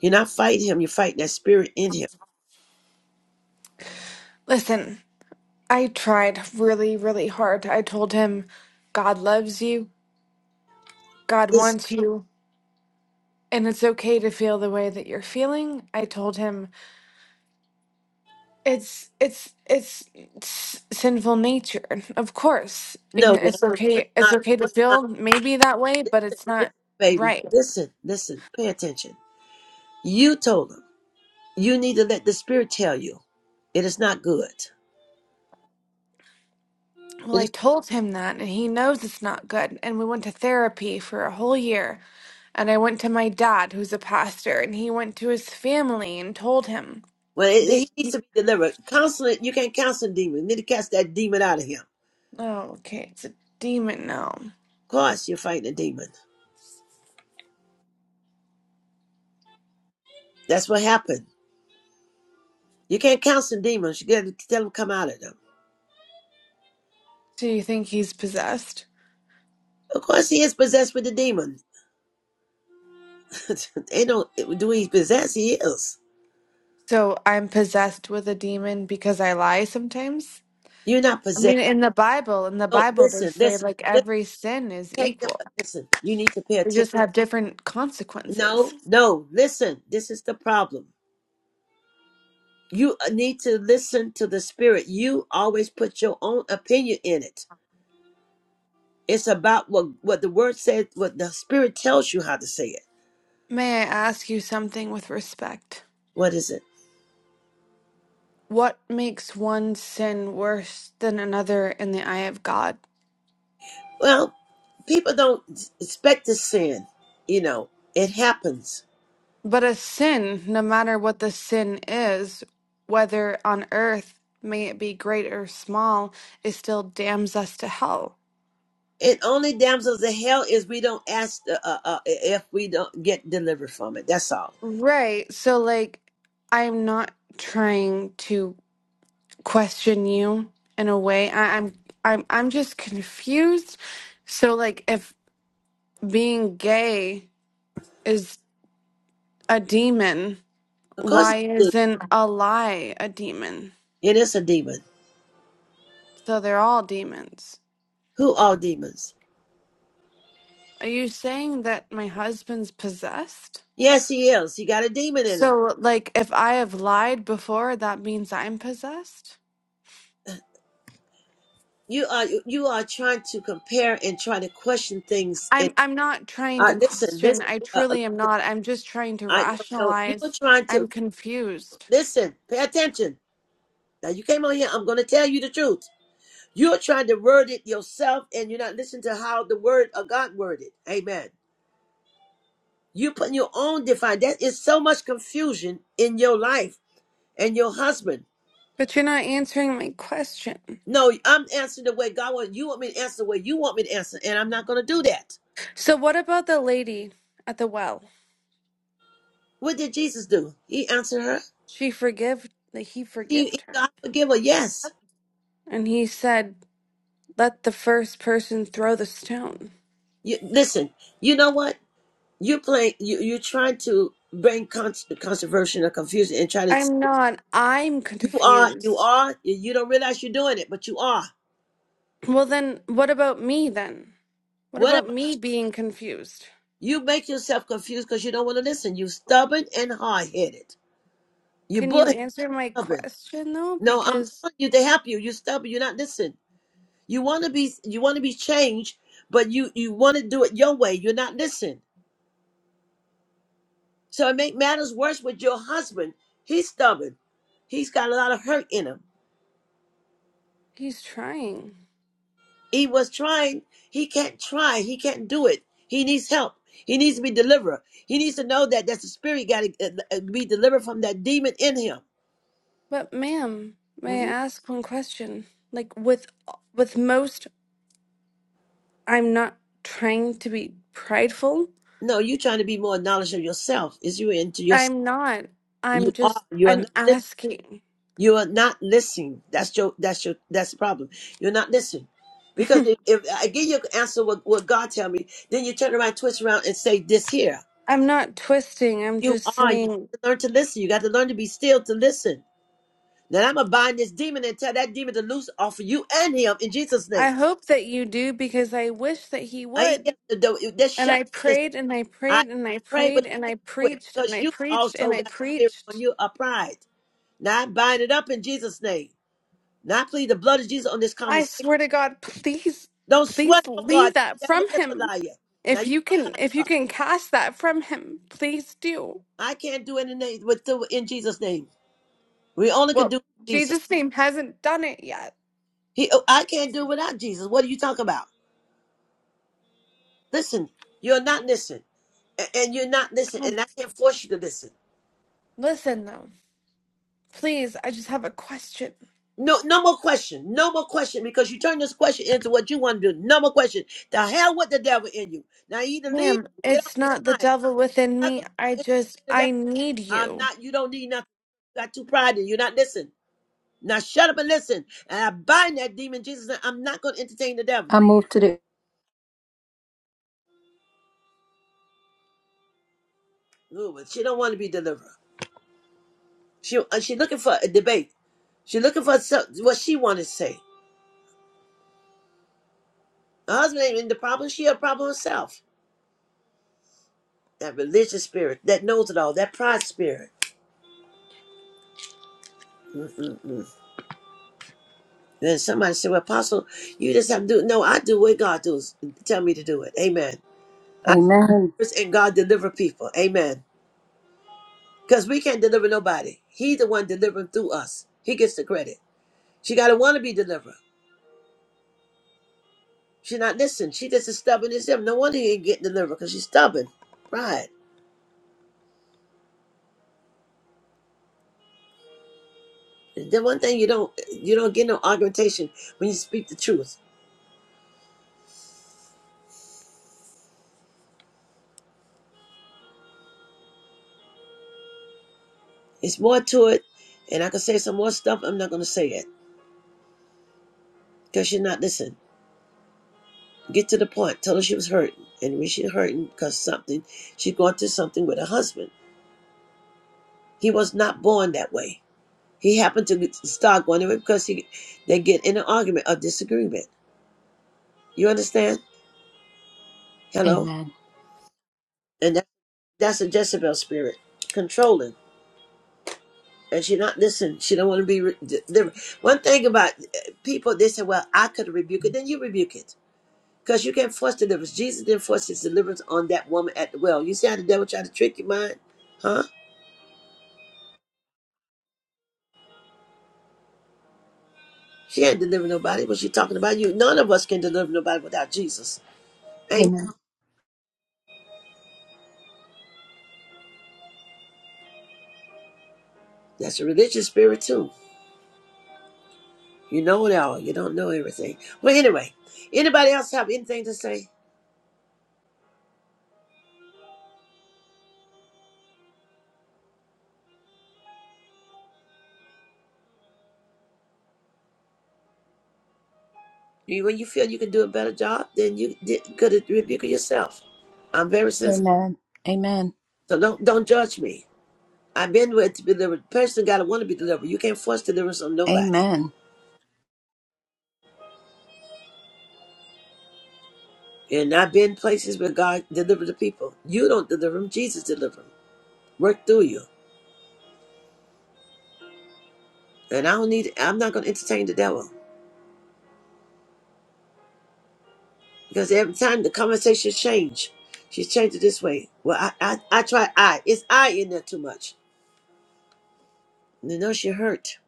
A: You're not fighting him. You're fighting that spirit in him.
I: Listen, I tried really, really hard. I told him God loves you. God
A: Listen,
I: wants you. and it's okay to feel the way that you're feeling i told him it's it's it's, s sinful nature of course
A: no,
I: and
A: it's
I: it's Sure. okay it's
A: not.
I: okay
A: no,
I: to
A: It's not.
I: feel maybe that way but it's
A: Listen,
I: not
A: baby,
I: right
A: listen, listen. Pay attention. You told him. You need to let the Spirit tell you it is not good.
I: well
A: It
I: i
A: is
I: told him that and he knows it's not good and we went to therapy for a whole year and i went to my dad who's a pastor and he went to his family and told him
A: well. It, it-
I: they
A: he needs to be delivered. Counseling. You can't counsel a demon. You need to cast that demon out of him. Of
I: oh okay it's a demon now
A: course, you're fighting a demon. That's what happened. You can't counsel demons. You got to tell them come out of them.
I: so you think he
A: Of course, he is possessed with the demon. Ain't no do he possess? He is.
I: so i'm possessed with a demon because i lie sometimes
A: You're not
I: I
A: possessed.
I: mean, in the Bible, in the
A: No,
I: Bible, they
A: listen,
I: say
A: listen,
I: like
A: listen.
I: every sin is
A: Take the
I: equal.
A: listen. You need to pay
I: They
A: attention.
I: just have different consequences.
A: No, no. Listen. This is the problem. You uh, need to listen to the spirit. You always put your own opinion in it. It's about what what the word says, what the spirit tells you how to say it.
I: May I ask you something with respect?
A: What is it?
I: What makes one sin worse than another in the eye of God?
A: Well, people don't expect to sin. You know, it happens.
I: But a sin, no matter what the sin is, whether on earth, may it be great or small, it still damns us to hell.
A: And only damsels of hell is we don't ask the, uh, uh, if we don't get delivered from it. That's all.
I: Right. So, like, I'm not trying to question you in a way. I, I'm I'm I'm just confused. So like if being gay is a demon,
A: Of course,
I: why
A: it's a demon.
I: isn't a lie a demon?
A: it is a demon.
I: So they're all demons.
A: Who are demons?
I: Are you saying that my husband's possessed?
A: Yes, he is. He got a demon in him.
I: So like if I have lied before, that means I'm possessed?
A: you are you are trying to compare and try to question things and
I: I'm I'm not trying
A: uh,
I: to
A: listen
I: question.
A: listen
I: I
A: uh, uh,
I: truly am
A: listen
I: not. I'm just trying to
A: i know no you are
I: rationalize.
A: trying to
I: I'm confused.
A: listen pay attention now you came on here i'm going to tell you the truth you're trying to word it yourself and you're not listening to how the word of god worded amen you putting your own define that is so much confusion in your life and your husband
I: But you're not answering my question.
A: no i'm answering the way god wants you want me to answer the way you want me to answer and i'm not going to do that
I: So what about the lady at the well?
A: what did jesus do he answered her
I: She forgave that he
A: She is
I: forgived her.
A: God forgiver. Yes.
I: And he said, Let the first person throw the stone.
A: You, listen, you know what? You're playing, you, you're trying to bring con- controversy or confusion and try to,
I: I'm not I'm
A: you are, you
I: confused.
A: are, you you don't realize you're doing it, but you are.
I: Well then what about me then? What
A: What
I: about
A: about
I: me being confused?
A: you make yourself confused because you don't want to listen? You stubborn and hard headed. You
I: Can
A: bull
I: you answer my
A: stubborn.
I: question though?
A: No, I'm
I: Because
A: telling you to help you. You're stubborn. You're not listening. You want to be, you want to be changed, but you, you want to do it your way. You're not listening. So it make matters worse with your husband. He's stubborn. He's got a lot of hurt in him.
I: he's trying.
A: He was trying. He can't try. He can't do it. He needs help. He needs to be delivered. He needs to know that that's the spirit got to be delivered from that demon in him.
I: But ma'am, may I
A: hmm
I: ask one question? Like with with most I'm not trying to be prideful.
A: No, you trying to be more knowledgeable of yourself. Is you into yourself?
I: I'm not.
A: You
I: I'm
A: are.
I: just,
A: You are
I: I'm
A: not. Listening.
I: asking.
A: You are not listening. That's your. That's your. That's the problem. You're not listening. Because if, if I give you an answer what, what God tell me, then you turn around, twist around, and say this here.
I: I'm not twisting. I'm
A: You
I: just
A: are. You
I: saying,
A: got to learn to listen. You got to learn to be still to listen. Now I'm gonna bind this demon and tell that demon to loose off of you and him in Jesus'
I: I
A: name.
I: hope that you do because I wish that he
A: I
I: would.
A: just
I: And
A: shut up.
I: I
A: Listen,
I: prayed and I
A: I
I: prayed and I
A: pray, but
I: prayed
A: you
I: and I
A: can't do it
I: preached and
A: because
I: I
A: you
I: preached and
A: also
I: I
A: got spirit on
I: preached.
A: you a pride. Now I bind it up in Jesus' name. Now I plead the blood of Jesus on this
I: I
A: conversation.
I: swear to God, please,
A: Don't sweat,
I: please
A: oh God.
I: leave that
A: The devil
I: from
A: is a
I: him.
A: liar. Now
I: If
A: you,
I: you can, if you can cast that from him, please do.
A: I can't do anything with do in Jesus' name. We only can
I: Well,
A: do Jesus.
I: Jesus' name hasn't done it yet.
A: He, oh, I can't do without Jesus. What are you talking about? Listen, you're not listening, a- and you're not listening,
I: Um,
A: and I can't force you to listen.
I: Listen though, please, I just have a question.
A: No, no more question. No more question because you turn this question into what you want to do. No more question. The hell with the devil in you. Now you either leave,
I: Ma'am,
A: or get off
I: it's
A: this
I: not the
A: line.
I: devil within
A: I'm not
I: me.
A: going
I: I
A: to entertain
I: just,
A: the
I: I
A: devil.
I: need
A: I'm
I: you.
A: not. You don't need nothing. You got too pride in you. You're not listening. Now shut up and listen. And I bind that demon, Jesus. and I'm not going to entertain the devil.
B: I move to the
A: Ooh, but she don't want to be delivered. She uh, she looking for a debate. She looking for some, what she want to say. Her husband ain't in the problem. She a problem herself. That religious spirit, that knows it all, that pride spirit. Then somebody said, well, Apostle, you just have to do it. No, I do what God does. Tell me to do it. Amen. I
B: Amen.
A: and God deliver people. Amen. Because we can't deliver nobody. He the one delivering through us. He gets the credit. She got to want to be delivered. She not listen. She just as stubborn as him. No wonder he ain't getting delivered because she's stubborn. Pride. The one thing you don't you don't get no argumentation when you speak the truth. It's more to it, and I can say some more stuff. I'm not going to say it because you're not listening. Get to the point. Tell her she was hurting, and when she hurting because something, she's going through something with her husband. He was not born that way. He happened to start going that because he, they get in an argument or disagreement. You understand? Hello,
B: Amen.
A: and that, that's a Jezebel spirit controlling, and she not listening. She don't want to be. Re- di- di- One thing about uh, people, they say, "Well, I could rebuke it." Then you rebuke it Because you can't force deliverance. Jesus didn't force his deliverance on that woman at the well. You see how the devil tried to trick your mind? Huh? She ain't deliver nobody. Was she talking about you? None of us can deliver nobody without Jesus. Amen.
B: Amen.
A: That's a religious spirit too. You know it all. You don't know everything. Well, anyway, anybody else have anything to say? You- When you feel you can do a better job, then you did- could rebuke yourself. I'm very sensitive,
B: Amen. Amen.
A: so don't don't judge me. I've been with to be delivered. Person got to want to be delivered. You can't force deliverance on nobody.
B: Amen.
A: And I've been places where God delivered the people. You don't deliver them. Jesus deliver them. Work through you. And I don't need. I'm not going to entertain the devil because every time the conversation change, she changed it this way. Well, I, I, I try I. It's I in there too much. You know she hurt.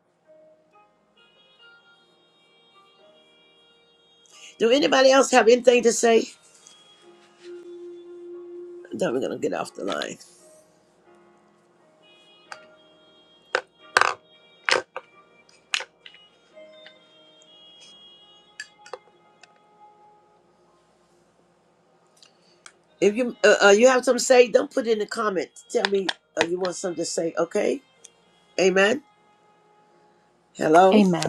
A: Do anybody else have anything to say? Then we're gonna get off the line. If you uh, uh, you have something to say, don't put it in the comments. Tell me uh, you want something to say. Okay. Amen. Hello.
B: Amen.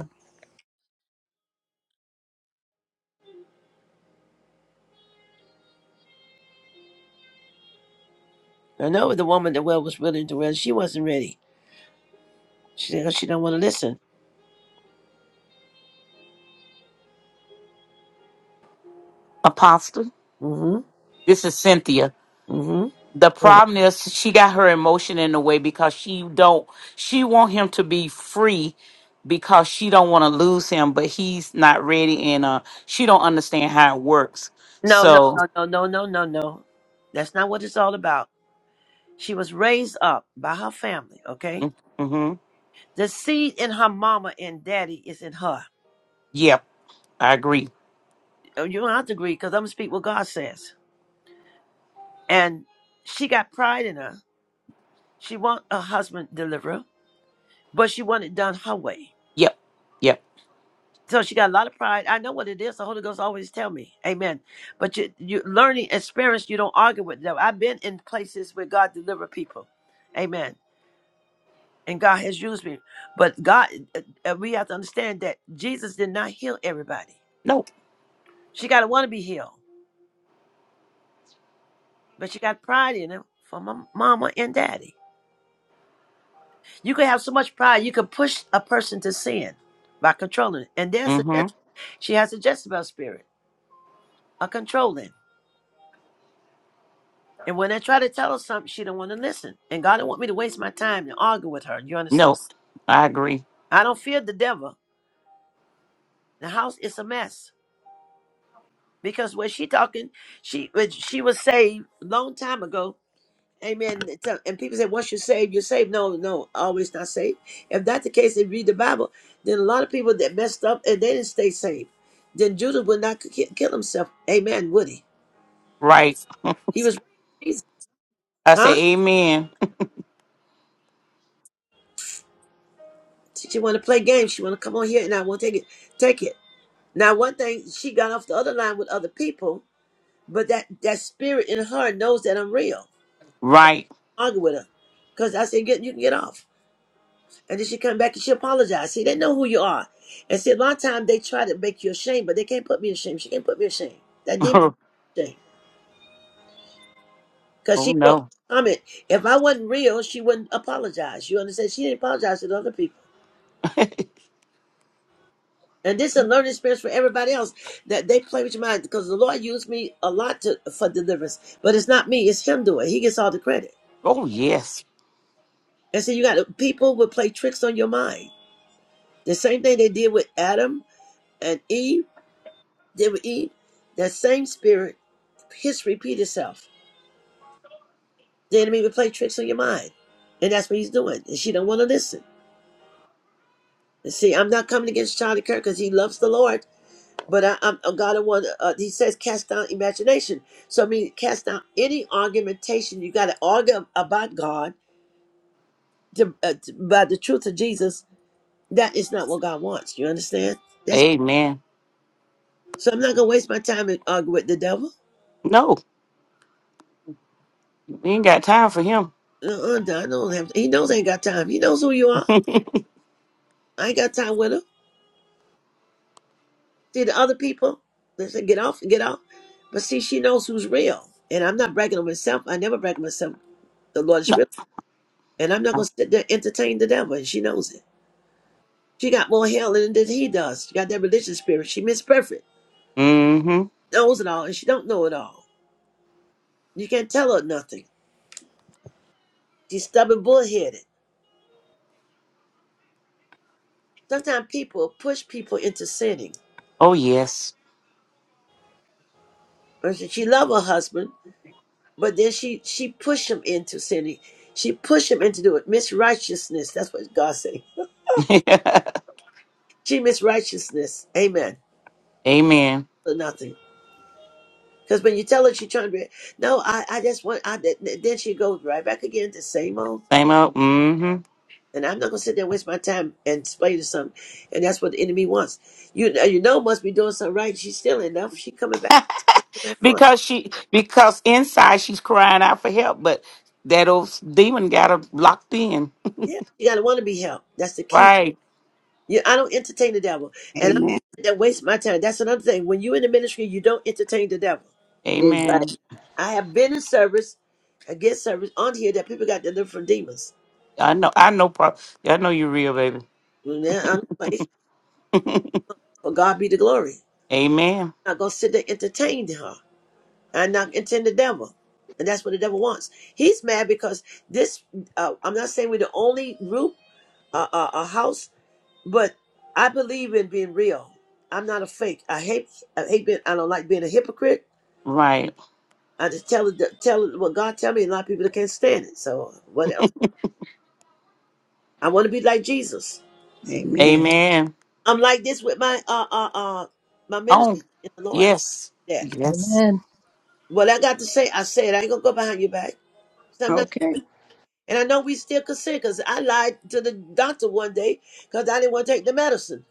A: I know the woman that well was willing to well. She wasn't ready. She she don't want to listen.
L: Apostle.
A: Mm
L: This is Cynthia.
A: hmm Mm hmm
L: The problem is she got her emotion in the way because she don't she want him to be free because she don't want to lose him, but he's not ready and uh she don't understand how it works.
A: No, no,
L: So
A: no, no, no, no, no, no. That's not what it's all about. She was raised up by her family, okay?
L: hmm
A: The seed in her mama and daddy is in her.
L: Yep, I agree.
A: Uh, You don't have to agree because I'm going to speak what God says. And she got pride in her. She want a husband deliverer, but she want it done her way.
L: Yep, yep.
A: So she got a lot of pride. I know what it is. The Holy Ghost always tell me. Amen. But you, you learning experience, you don't argue with them. I've been in places where God deliver people. Amen and God has used me. But God, uh, uh, we have to understand that Jesus did not heal everybody.
L: No.
A: She got to want to be healed, but she got pride in it from my mama and daddy. You can have so much pride, you can push a person to sin by controlling it. And there's a
L: hmm
A: Jez- she has a Jezebel spirit, a controlling. And when I try to tell her something, she don't want to listen. And God don't want me to waste my time and argue with her. You understand?
L: No. I agree.
A: I don't fear the devil. The house is a mess because when she talking, she when she was saved long time ago, Amen. It's a- And people say, once you're saved, you're saved. No, no, always not saved. If that's the case, they read the Bible. Then a lot of people that messed up and they didn't stay saved. Then Judas would not ki- kill himself. Amen. Would he?
L: Right.
A: He was Jesus.
L: I
A: Huh?
L: say amen.
A: She want to play games. She want to come on here and I won't take it. Take it. Now, one thing, she got off the other line with other people, but that, that spirit in her knows that I'm real. But
L: Right.
A: I argue with her. Because I said, get, you can get off. And then she come back and she apologized. See, they know who you are. And see, a lot of times they try to make you ashamed, but they can't put me ashamed. She can't put me ashamed. That demon
L: oh
A: shame. Because she wrote
L: no.
A: a comment. If I wasn't real, she wouldn't apologize. You understand? She didn't apologize to the other people. And this is a learning experience for everybody else that they play with your mind because the Lord used me a lot to, for deliverance. But it's not me, it's Him doing it. He gets all the credit.
L: Oh yes.
A: And so you got people will play tricks on your mind. The same thing they did with Adam and Eve, did with Eve, that same spirit History repeat itself. The enemy will play tricks on your mind. And that's what he's doing. And she don't want to listen. And see, I'm not coming against Charlie Kirk because he loves the Lord. But I, I'm a God of one. Uh, he says, cast down imagination. So I mean, cast down any argumentation. You got to argue about God, to, uh, to, about the truth of Jesus. That is not what God wants. You understand? That's
L: Amen.
A: so. I'm not gonna waste my time and argue with the devil.
L: No, we ain't got time for him.
A: Uh-uh, I don't have. He knows I ain't got time. He knows who you are. I ain't got time with him. See the other people, they say, get off, get off. But see, she knows who's real. And I'm not bragging on myself. I never brag on myself. The Lord is
L: No.
A: real. And I'm not going to sit there and entertain the devil. And she knows it. She got more hell in it than he does. She got that religious spirit. She miss perfect.
L: Mm-hmm.
A: Knows it all. And she don't know it all. You can't tell her nothing. She's stubborn, bullheaded. Sometimes people push people into sinning.
L: Oh yes.
A: And She she love her husband, but then she she push him into sinning. She push him into do it. Miss That's what God said. She means righteousness. Amen.
L: Amen.
A: For nothing. Because when you tell her she's trying to be, no, I, I just want, I, th- th- then she goes right back again to same old.
L: Same old. mm hmm
A: And I'm not going to sit there and waste my time and explain to something. And that's what the enemy wants. You you know, must be doing something right. She's still enough. She coming back. Wants to come back on.
L: because she, because inside she's crying out for help, but that old demon got her locked in.
A: Yeah. You got to want to be helped. That's the key.
L: Right.
A: You, I don't entertain the devil. And I don't
M: Amen.
A: sit there and waste my time. That's another thing. When you in the ministry, you don't entertain the devil.
L: Amen.
M: Exactly.
A: I have been in service, I get service on here that people got delivered from demons.
L: I know. I know. Pro- I know you're real, baby.
A: Well, now I'm like, for God be the glory.
L: Amen.
A: I'm not gonna sit there entertaining her. I'm not entertain the devil, and that's what the devil wants. He's mad because this. Uh, I'm not saying we're the only group, uh, uh, a house, but I believe in being real. I'm not a fake. I hate. I hate being. I don't like being a hypocrite.
L: Right.
A: I just tell it. Tell it what God tell me. And a lot of people that can't stand it. So what else? I want to be like Jesus.
M: Amen.
L: Amen.
A: I'm like this with my uh uh uh my ministry
L: Oh,
A: in the Lord.
L: yes.
A: Yeah.
L: Yes.
B: Amen.
A: What I got to say, I said. I ain't gonna go behind your back. So I'm not,
M: Okay.
A: and I know we still consider because I lied to the doctor one day because I didn't want to take the medicine.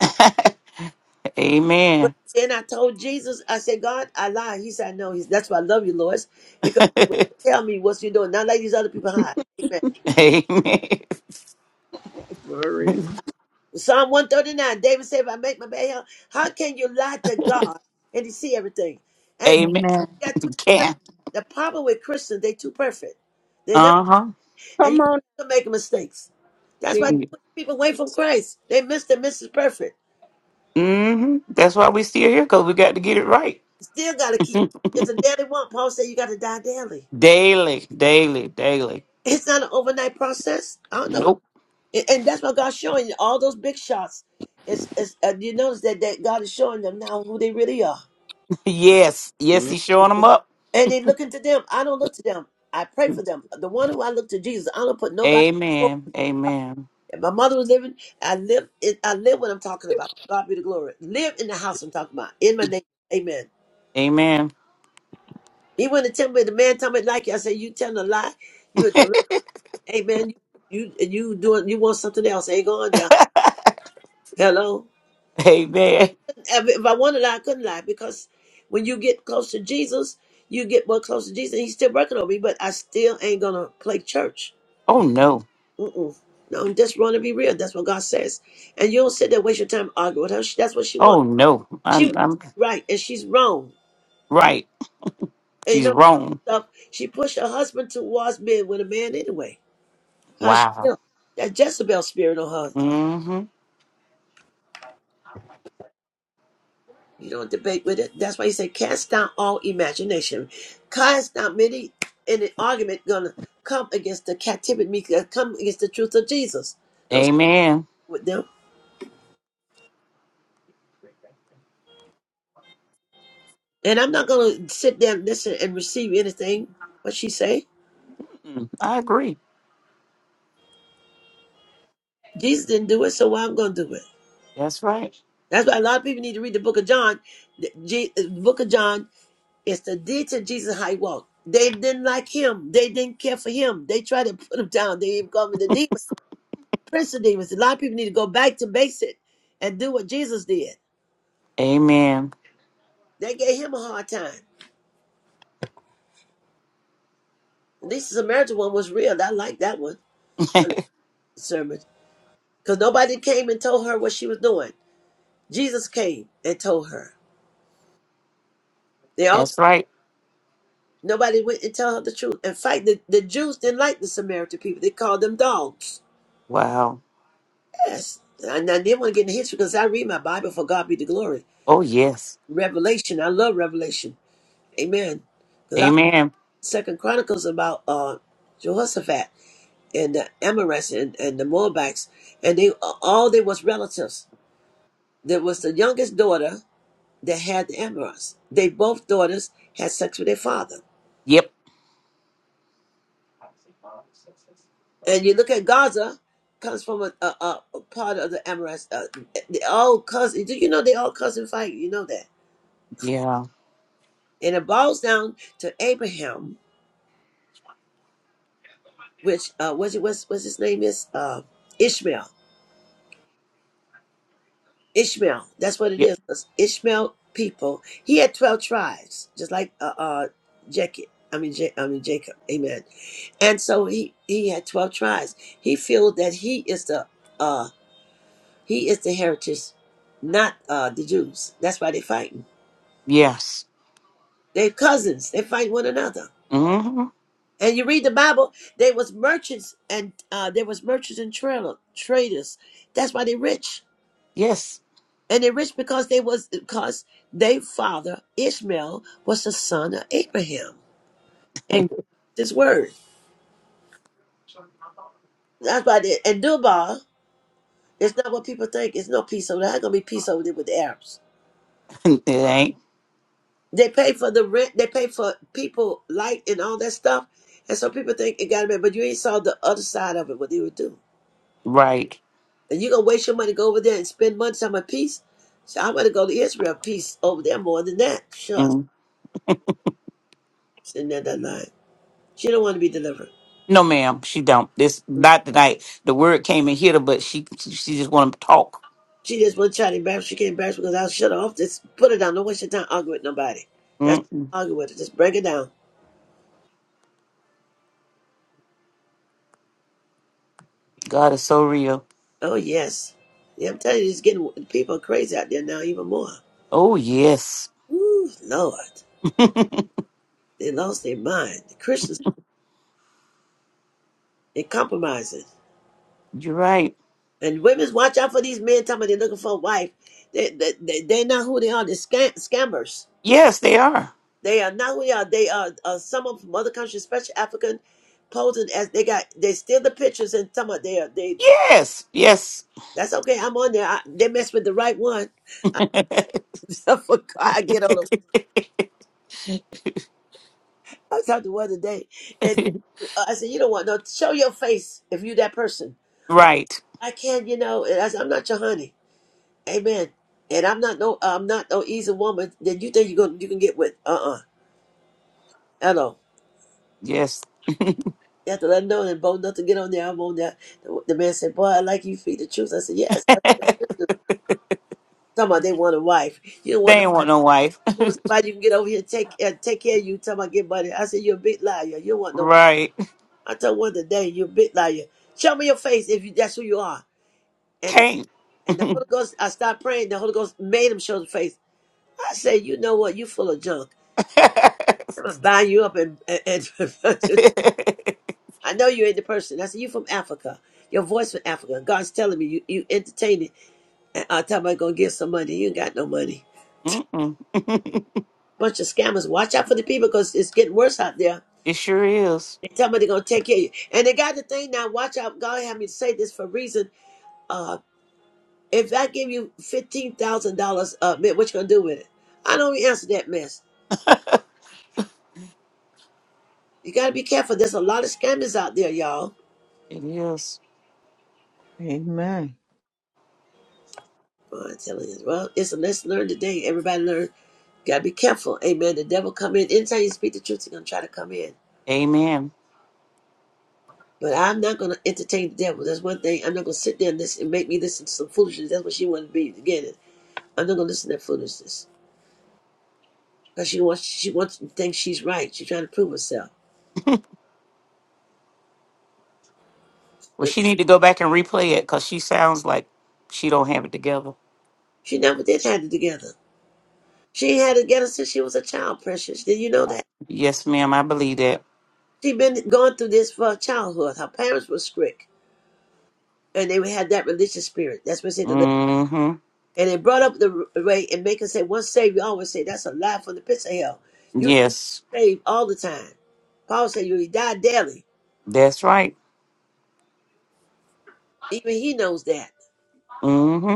A: But
L: Amen.
A: then I told Jesus, I said, God, I lied. He said, No, he's, that's why I love you, Lord, because tell me what you're doing. Not like these other people hide. Amen.
L: Amen.
M: Glory.
A: Psalm 139, David said, If I make my bed, hell, how can you lie to God and he see everything? And
L: Amen.
B: Amen.
A: you got too, perfect.
L: Can.
A: the problem with Christians, they too perfect.
L: Uh huh.
A: And you
M: Come on,
A: still making mistakes. That's why they
M: Jesus.
A: push people away from Christ. They miss the Mrs. Perfect.
L: hmm That's why we still here because we got to get it right
A: Still got to keep. It's a daily walk. Paul said you got to die daily.
L: daily, daily, daily.
A: It's not an overnight process. I don't know. What,
L: Nope.
A: and and that's what God's showing you. All those big shots. It's, it's, uh, you notice that, that God is showing them now who they really are.
L: yes, yes, he's showing them up.
A: And they looking to them. I don't look to them. I pray for them. The one who I look to Jesus. I don't put nobody. before.
L: Amen. Amen.
A: If my mother was living, I live. I live what I'm talking about. God be the glory. Live in the house I'm talking about. In my name. Amen.
L: Amen.
A: He wouldn't tell me the man tell me like you. I said, You telling a lie? You a lie. hey man, you you you doing you want something else. Ain't going there. Hello.
L: Amen.
A: If if I wanted to lie, I couldn't lie because when you get close to Jesus, you get more close to Jesus. And He's still working on me, but I still ain't gonna play church.
L: Oh no.
A: Mm-mm. No, I'm just want to be real. That's what God says. And you don't sit there and waste your time arguing with her. She- That's what she wants.
L: Oh no.
A: She
L: I'm,
A: wants to
L: I'm
A: be right, and she's wrong.
L: right.
A: And you
L: She's
A: know
L: wrong.
A: stuff. She pushed her husband towards being with a man anyway. Cause she
L: Wow.
A: know that Jezebel spirit on her.
L: mm hmm
A: You don't debate with it. That's why he said, cast down all imagination. Cast down many in an argument gonna come against the captivity, me- uh, come against the truth of Jesus. Don't sit
L: Amen.
A: with them. And I'm not gonna sit there and listen and receive anything what she say.
L: Mm, I agree.
A: Jesus didn't do it, so why I'm gonna do it.
L: That's right.
A: That's why a lot of people need to read the book of John. The Je- the book of John is the detail to Jesus how he walked. They didn't like him. They didn't care for him. They tried to put him down. They even called him the demon. Nicodemus. A lot of people need to go back to basic and do what Jesus did.
L: Amen.
A: They gave him a hard time. At least the Samaritan one was real. I like that one. I like the sermon. Because nobody came and told her what she was doing. Jesus came and told her. They all
L: That's right.
A: nobody went and tell her the truth. In fact, the, the Jews didn't like the Samaritan people. They called them dogs.
L: Wow.
A: Yes. And I didn't want to get in history because I read my Bible for God be the glory.
L: Oh yes.
A: Revelation. I love Revelation. Amen. Because I
L: Amen.
A: Second Chronicles about uh Jehoshaphat. and the Amorites and, and the Moabites, and they all they was relatives. There was the youngest daughter that had the Amorites. They both daughters had sex with their father.
L: Yep.
A: And you look at Gaza, comes from a, a, a a part of the Amorites. Uh, they all cousin. Do you know they all cousin fight? You know that.
L: Yeah.
A: And it boils down to Abraham, which uh, was it was was his name is uh, Ishmael. Ishmael. That's what it
L: Yep.
A: is. It's Ishmael people. He had twelve tribes, just like uh, uh Jacob. I mean, Ja- I mean Jacob. Amen. And so he he had twelve tribes. He feels that he is the uh he is the heritage, not uh the Jews. That's why they are fighting.
L: Yes.
A: They're cousins. They fight one another.
L: mm hmm
A: And you read the Bible. They was merchants and uh there was merchants and trailer traders. That's why they rich.
L: Yes.
A: And they rich because they was because their father Ishmael was the son of Abraham and God keeps his word. That's why. They, and Dubai is not what people think. It's no peace over there. How gonna be peace over there with the Arabs?
L: It ain't
A: They pay for the rent. They pay for people light and all that stuff. And so people think it got to be, but you ain't saw the other side of it. What they would do.
L: right.
A: And you gonna waste your money to go over there and spend money on my peace? So I want to go to Israel. Peace over there more than that. Shucks.
L: Mm.
A: Sitting there that line. She don't want to be delivered.
L: No, ma'am, she don't. This not tonight. The word came and hit her, but she she just want to talk.
A: She just wasn't trying to embarrass. She can't embarrass because I'll shut her off. Just put her down. Don't waste your time arguing with nobody. That's
L: mm
A: why I argue with her. Just break it down.
L: God is so real.
A: Oh yes. Yeah, I'm telling you, it's getting people are crazy out there now even more.
L: Oh yes,
A: Ooh, Lord. They lost their mind. The Christians they compromising.
L: you're right.
A: And women's watch out for these men talking about they're looking for a wife. They they they they're not who they are, they're scam- scammers.
L: Yes, they are.
A: They are not who they are. They are uh, some of from other countries, especially African, posing as they got they steal the pictures and talking about they are they
L: Yes, yes.
A: That's okay. I'm on there. I, they messed with the right one. I I forgot. I get on them. I was talking to one today, and uh, I said, "You don't want no. Show your face if you that person.
L: right.
A: I can, you know. And I said, I'm not your honey. Amen. And I'm not no. I'm not no easy woman that you think you gonna you can get with. Uh uh Hello.
L: Yes,
A: You have to let them know and bold enough to get on there. I'm on there. The, the man said, "Boy, I like you feed the truth." I said, "Yes." Talking about they want a wife. You don't
L: they
A: want no
L: ain't want
A: wife.
L: no wife.
A: You want somebody you can get over here and take uh, take care of you. Talking about get money. I said, "You're a big liar. You don't want no."
L: Right.
A: I told one today, you big liar. Show me your face if you, that's who you are. And
L: Can't.
A: and the Holy Ghost, I started praying. The Holy Ghost made him show the face. I said, you know what? You full of junk.
L: Mm-mm.
A: I'm gonna bind you up and and, and- I know you ain't the person. I said, you from Africa. Your voice from Africa. God's telling me you you entertain it. And I tell about gonna get some money. You ain't got no money. Bunch of scammers. Watch out for the people because it's getting worse out there.
L: It sure is.
A: They tell me they're gonna take care of you. And they got the thing now. Watch out. God had me say this for a reason Uh, If I give you fifteen thousand dollars up, man, what you gonna do with it? I don't even answer that mess. You gotta be careful. There's a lot of scammers out there, y'all.
L: It is.
C: Amen.
A: Well, I'm telling you. Well, it's a lesson learned today. Everybody learn. Gotta be careful. Amen. The devil come in. Anytime you speak the truth, he's gonna try to come in.
L: Amen.
A: But I'm not gonna entertain the devil. That's one thing. I'm not gonna sit there and listen and make me listen to some foolishness. That's what she wanted to be at the beginning. I'm not gonna listen to that foolishness. Because she wants she wants to think she's right. She's trying to prove herself.
L: Well,
A: But
L: she need to go back and replay it because she sounds like she don't have it together.
A: she never did have it together. She had it together since she was a child, precious. Did you know that?
L: Yes, ma'am, I believe that.
A: She'd been going through this for her childhood. Her parents were strict, and they had that religious spirit. That's what said to
L: Mm-hmm.
A: And they brought up the r- way and make us say, once saved, you always say, that's a lie from the pits of hell. You
L: Yes,
A: saved all the time. Paul said, you die daily.
L: that's right.
A: Even he knows that.
L: Mm-hmm.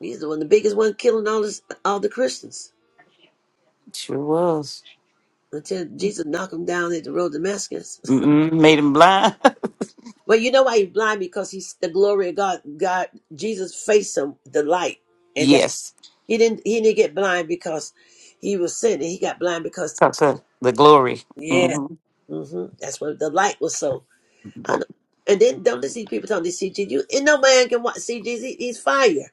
A: He's the one, the biggest one killing all, this, all the Christians
L: Sure was.
A: until Jesus knocked him down at the road to Damascus.
L: Mm-mm. Made him blind.
A: well, you know why he's blind? Because he's the glory of God. God, Jesus faced him, the light. and
L: yes,
A: He didn't he didn't get blind because he was sinning. He got blind because
L: because of the glory.
A: yeah,
L: Mm-hmm.
A: hmm that's what the light was so. I know. And then don't they see people telling they see Jesus? You and no man can watch see Jesus. He- He's fire.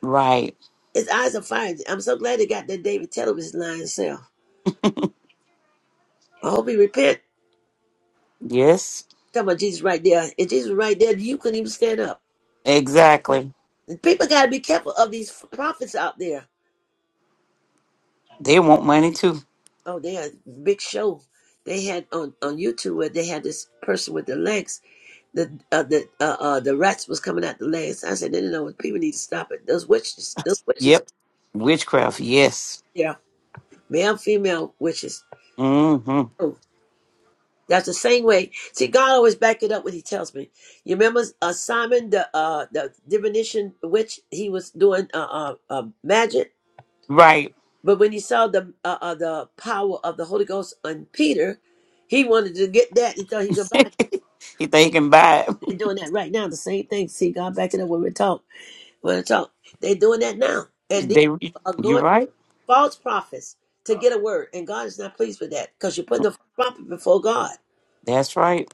L: Right.
A: His eyes are fire. I'm so glad they got that David Teller was lying self. I hope he repent.
L: Yes,
A: Talking about Jesus right there. If Jesus was right there, you couldn't even stand up.
L: exactly.
A: And people gotta be careful of these prophets out there.
L: They want money too.
A: Oh, they had a big show. They had on on YouTube where they had this person with the legs the uh, the uh, uh, the rats was coming out the legs. I said, no, no, no, people need to stop it. Those witches, those witches,
L: Yep. Witchcraft. Yes.
A: yeah, male, female witches.
L: Mm-hmm.
A: Oh, that's the same way. See, God always back it up when He tells me. You remember uh, Simon, the uh, the divination witch? He was doing uh, uh, uh magic,
L: Right.
A: but when he saw the uh, uh, the power of the Holy Ghost on Peter, he wanted to get that and thought he could buy. it.
L: he think he can buy it.
A: They're doing that right now. The same thing. See, God back it up when we talk. Well, so they're doing that now, and these
L: They.
A: people are
L: You're
A: going to
L: right.
A: false prophets to get a word, and God is not pleased with that because you're putting the prophet before God.
L: That's right.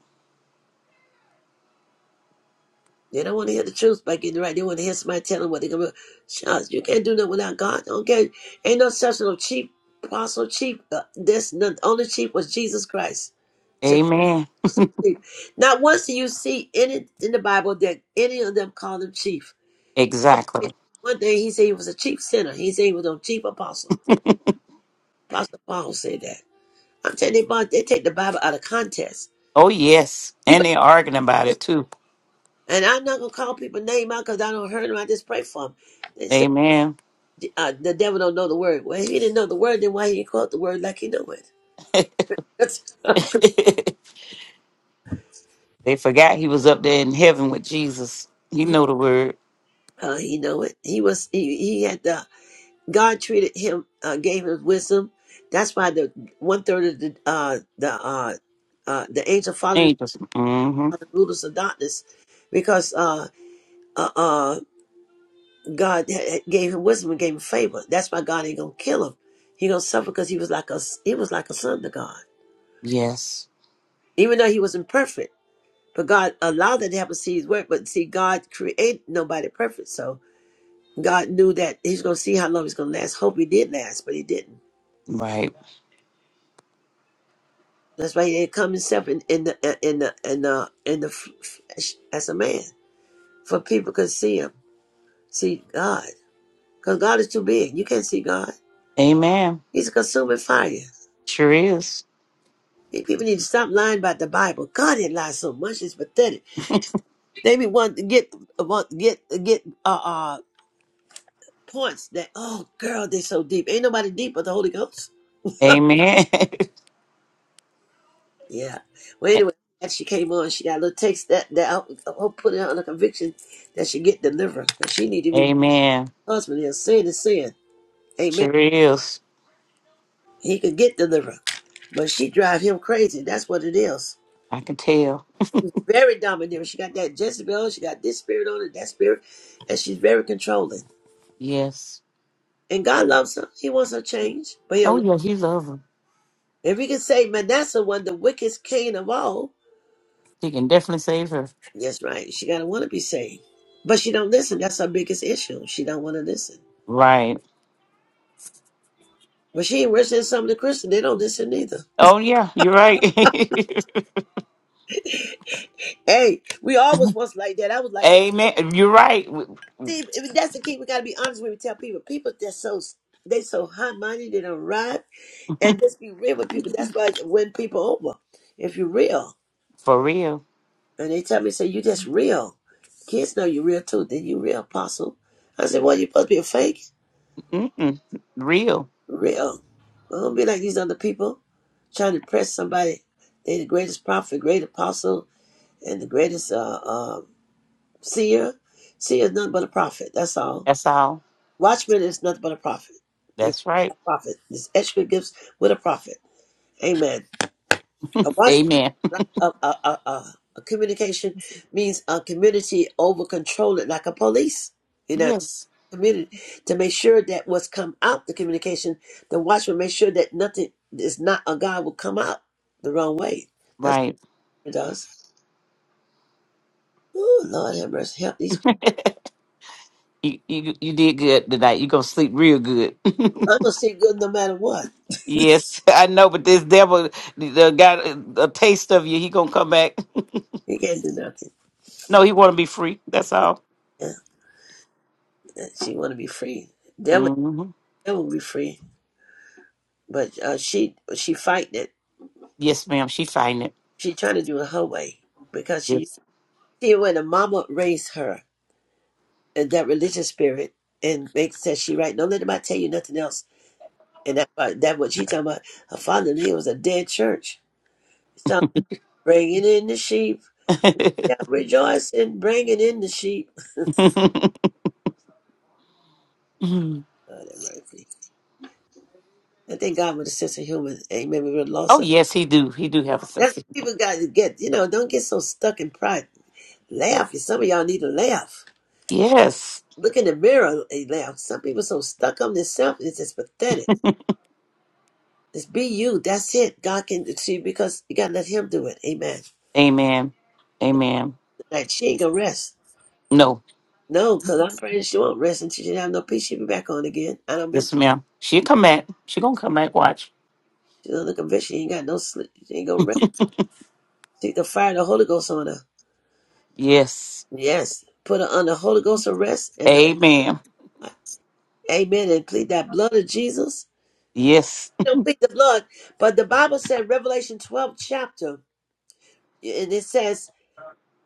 A: They don't want to hear the truth by getting right. They want to hear somebody tell them what they're gonna. Shucks, you can't do that without God. Okay, ain't no such no chief apostle, chief. Uh, this the only chief was Jesus Christ. Just
L: Amen.
A: so cheap. Not once do you see any in the Bible that any of them call him chief.
L: Exactly.
A: One day he said he was a chief sinner. He said he was a chief apostle. Apostle Paul said that. I'm telling you, boss, they take the Bible out of context.
L: Oh, yes.
A: You
L: And
A: better,
L: they're arguing about
A: just-
L: it too.
A: and I'm not gonna call people name out because I don't hurt them. I just pray for them. They say
L: Amen.
A: uh, the devil don't know the word. Well, if he didn't know the word, then why he didn't quote the word like he know it? That's,
L: they forgot he was up there in heaven with Jesus. He know the word.
A: uh, he know it. He was he, he had the God treated him, uh, gave him wisdom. That's why the one third of the uh, the uh, uh, the angel followed him,
L: Angels. Mm-hmm.
A: the rulers of darkness, because uh, uh, uh, God eh, eh, gave him wisdom and gave him favor. That's why God ain't gonna kill him. He gonna suffer because he was like a he was like a son to God,
L: Yes.
A: even though he was imperfect. But God allowed that to happen. to See His work, but see God created nobody perfect, so God knew that He's gonna see how long He's gonna last. Hope He did last, but He didn't.
L: Right.
A: That's why He didn't come Himself in, in the in the in the in the flesh as a man for people could see Him, see God, because God is too big. You can't see God.
L: Amen.
A: He's a consuming fire.
L: Sure is.
A: People need to stop lying about the Bible. God didn't lie so much; it's pathetic. They be want to get want to get get uh, uh points that oh girl they're so deep. Ain't nobody deep but the Holy Ghost.
L: Amen.
A: Yeah. Well, anyway, as she came on, she got a little text that that I will put her on a conviction that she get deliverance. But she need to be her
L: Amen.
A: husband here. Sin is sin. Amen.
L: Sure is.
A: He could get deliverance, but she drive him crazy. That's what it is.
L: I can tell.
A: Very domineering. She got that Jezebel. She got this spirit on it, that spirit, and she's very controlling.
L: Yes.
A: And God loves her. He wants her changed. But
L: Oh,
A: he'll
L: yeah. He loves her.
A: if we can say Manasseh was the wickedest king of all,
L: He can definitely save her.
A: that's right. She gotta wanna be saved. But she don't listen. That's her biggest issue. She don't wanna listen.
L: Right.
A: But she ain't worse than some of the Christians. They don't listen either.
L: Oh, yeah. You're right.
A: Hey, we always was like that. I was like that.
L: Amen. You're right.
A: See, if that's the key, we gotta be honest when we tell people. People they're so they so high minded, they don't ride and just be real with people. That's why you win people over. If you're real.
L: For real.
A: And they tell me, say, you just real. Kids know you real too. Then you real apostle. I said, well, you supposed to be a fake?
L: Mm-mm. Real.
A: Real. Well, don't be like these other people trying to impress somebody. They the greatest prophet, great apostle, and the greatest uh, uh, seer. Seer is nothing but a prophet. That's all.
L: That's all.
A: Watchman is nothing but a prophet. The
L: That's right.
A: prophet. This extra gifts with a prophet. Amen. A watchman,
L: Amen.
A: is like a, a, a, a, a communication means a community over control it, like a police in a
L: Yes.
A: community, to make sure that what's come out the communication, the watchman makes sure that nothing is not a God will come out the wrong way. That's
L: Right.
A: what it does. Oh Lord have mercy, help these people.
L: You you you did good tonight. You gonna sleep real good.
A: I'm gonna see good no matter what.
L: yes, I know. But this devil uh, got a, a taste of you. He gonna come back.
A: He can't do nothing.
L: no, he want to be free. That's all.
A: Yeah, yeah, she want to be free. Devil,
L: hmm
A: devil be free, but uh, she she fighting it.
L: Yes, ma'am. She find it.
A: She trying to do it her way because she
L: Yes.
A: See, when a mama raised her and that religious spirit and makes that she right, don't let anybody tell you nothing else. And that part- that what she talking about, her father Lee was a dead church. So bringing in the sheep, yeah, rejoice in bringing in the sheep.
L: Mhm.
A: God have mercy. I thank God with a sense of humor. Amen. We really lost
L: oh
A: her.
L: yes, he do. He do have a
A: That's
L: sense. of-
A: what people got to get. You know, don't get so stuck in pride. Laugh. Some of y'all need to laugh.
L: Yes.
A: Look in the mirror and laugh. Some people so stuck on themselves, it's just pathetic. Just be you. That's it. God can see because you gotta let Him do it. Amen.
L: Amen. Amen.
A: Like she ain't gonna rest.
L: No.
A: No, because I'm praying she won't rest and she did have no peace. She'll be back on again. I don't been
L: Yes, ma'am. She'll come back. She gonna come back. Watch.
A: she's under conviction. She ain't got no sleep. She ain't gonna rest. See the fire of the Holy Ghost on her.
L: Yes.
A: Yes. Put her under Holy Ghost arrest and the
L: Amen.
A: fire. Amen. And plead that blood of Jesus.
L: Yes.
A: Don't plead the blood. But the Bible said Revelation 12 chapter, and it says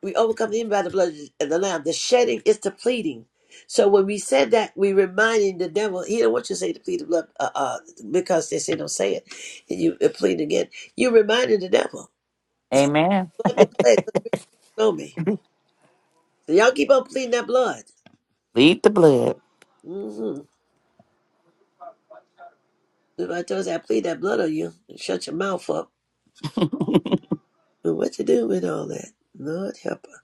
A: We overcome the enemy by the blood of the Lamb. The shedding is the pleading. So when we said that, we reminding the devil, he don't want you to say to plead the blood uh, uh, because they say don't say it. And you uh, plead again. You reminded the devil.
L: Amen.
A: Blood been pledged, so you don't know me. So y'all keep on pleading that blood.
L: Lead the blood.
A: Mm-hmm. If I told you I plead that blood on you, shut your mouth up. But what you do with all that? Lord help her.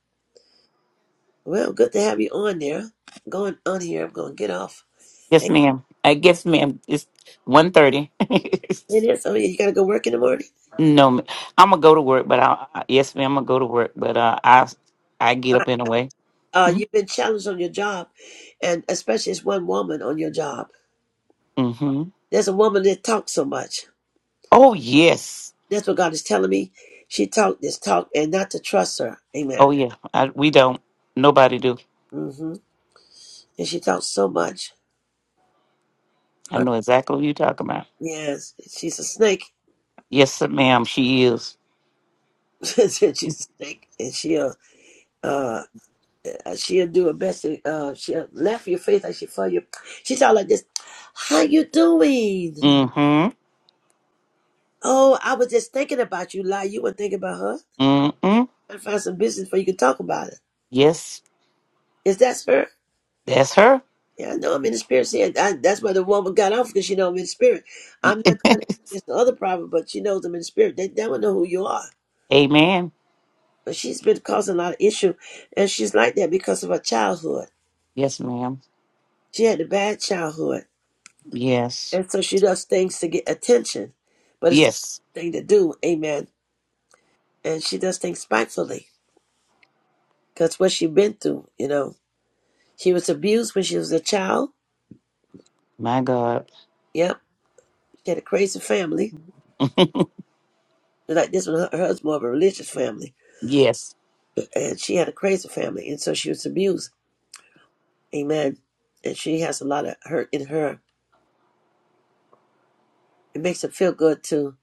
A: Well, good to have you on there. Going on here, I'm going to get off.
L: Yes,
A: Hey,
L: ma'am. I guess, ma'am. It's one thirty.
A: it is. Oh, yeah, you got to go work in the morning?
L: no, ma- I'm gonna go to work, but I, I yes, ma'am. I'm gonna go to work, but uh, I I get up anyway.
A: uh, you've been challenged on your job, and especially it's one woman on your job.
L: Mm-hmm.
A: There's a woman that talks so much.
L: Oh yes.
A: That's what God is telling me. She talked this talk and not to trust her. Amen.
L: Oh yeah. I, we don't. Nobody do.
A: hmm And she talks so much.
L: I
A: Uh,
L: know exactly what you're talking about.
A: Yes, she's a snake.
L: Yes, sir, ma'am. She is.
A: she's a snake, and she'll uh she'll do her best to uh she'll laugh in your face like she for you. She talk like this. How you doing?
L: Mm-hmm.
A: Oh, I was just thinking about you. Lie, you were thinking about her. You
L: Mm-hmm.
A: gotta find some business before you can talk about it.
L: Yes,
A: Is that spirit?
L: that's her.
A: Yeah, I know I'm in the spirit. See, I, that's why the woman got off because she know I'm in the spirit. I'm not trying to it's the other problem, but she knows I'm in the spirit. They they don't know who you are.
L: Amen.
A: But she's been causing a lot of issue, and she's like that because of her childhood.
L: Yes, ma'am.
A: She had a bad childhood,
L: Yes.
A: and so she does things to get attention, but it's the
L: Yes.
A: wrong thing to do. Amen. And she does things spitefully because what she been through. You know, she was abused when she was a child.
L: My God.
A: Yep, she had a crazy family. Like this one, her, hers more of a religious family
L: Yes.
A: and she had a crazy family, and so she was abused. Amen. And she has a lot of hurt in her. It makes her feel good to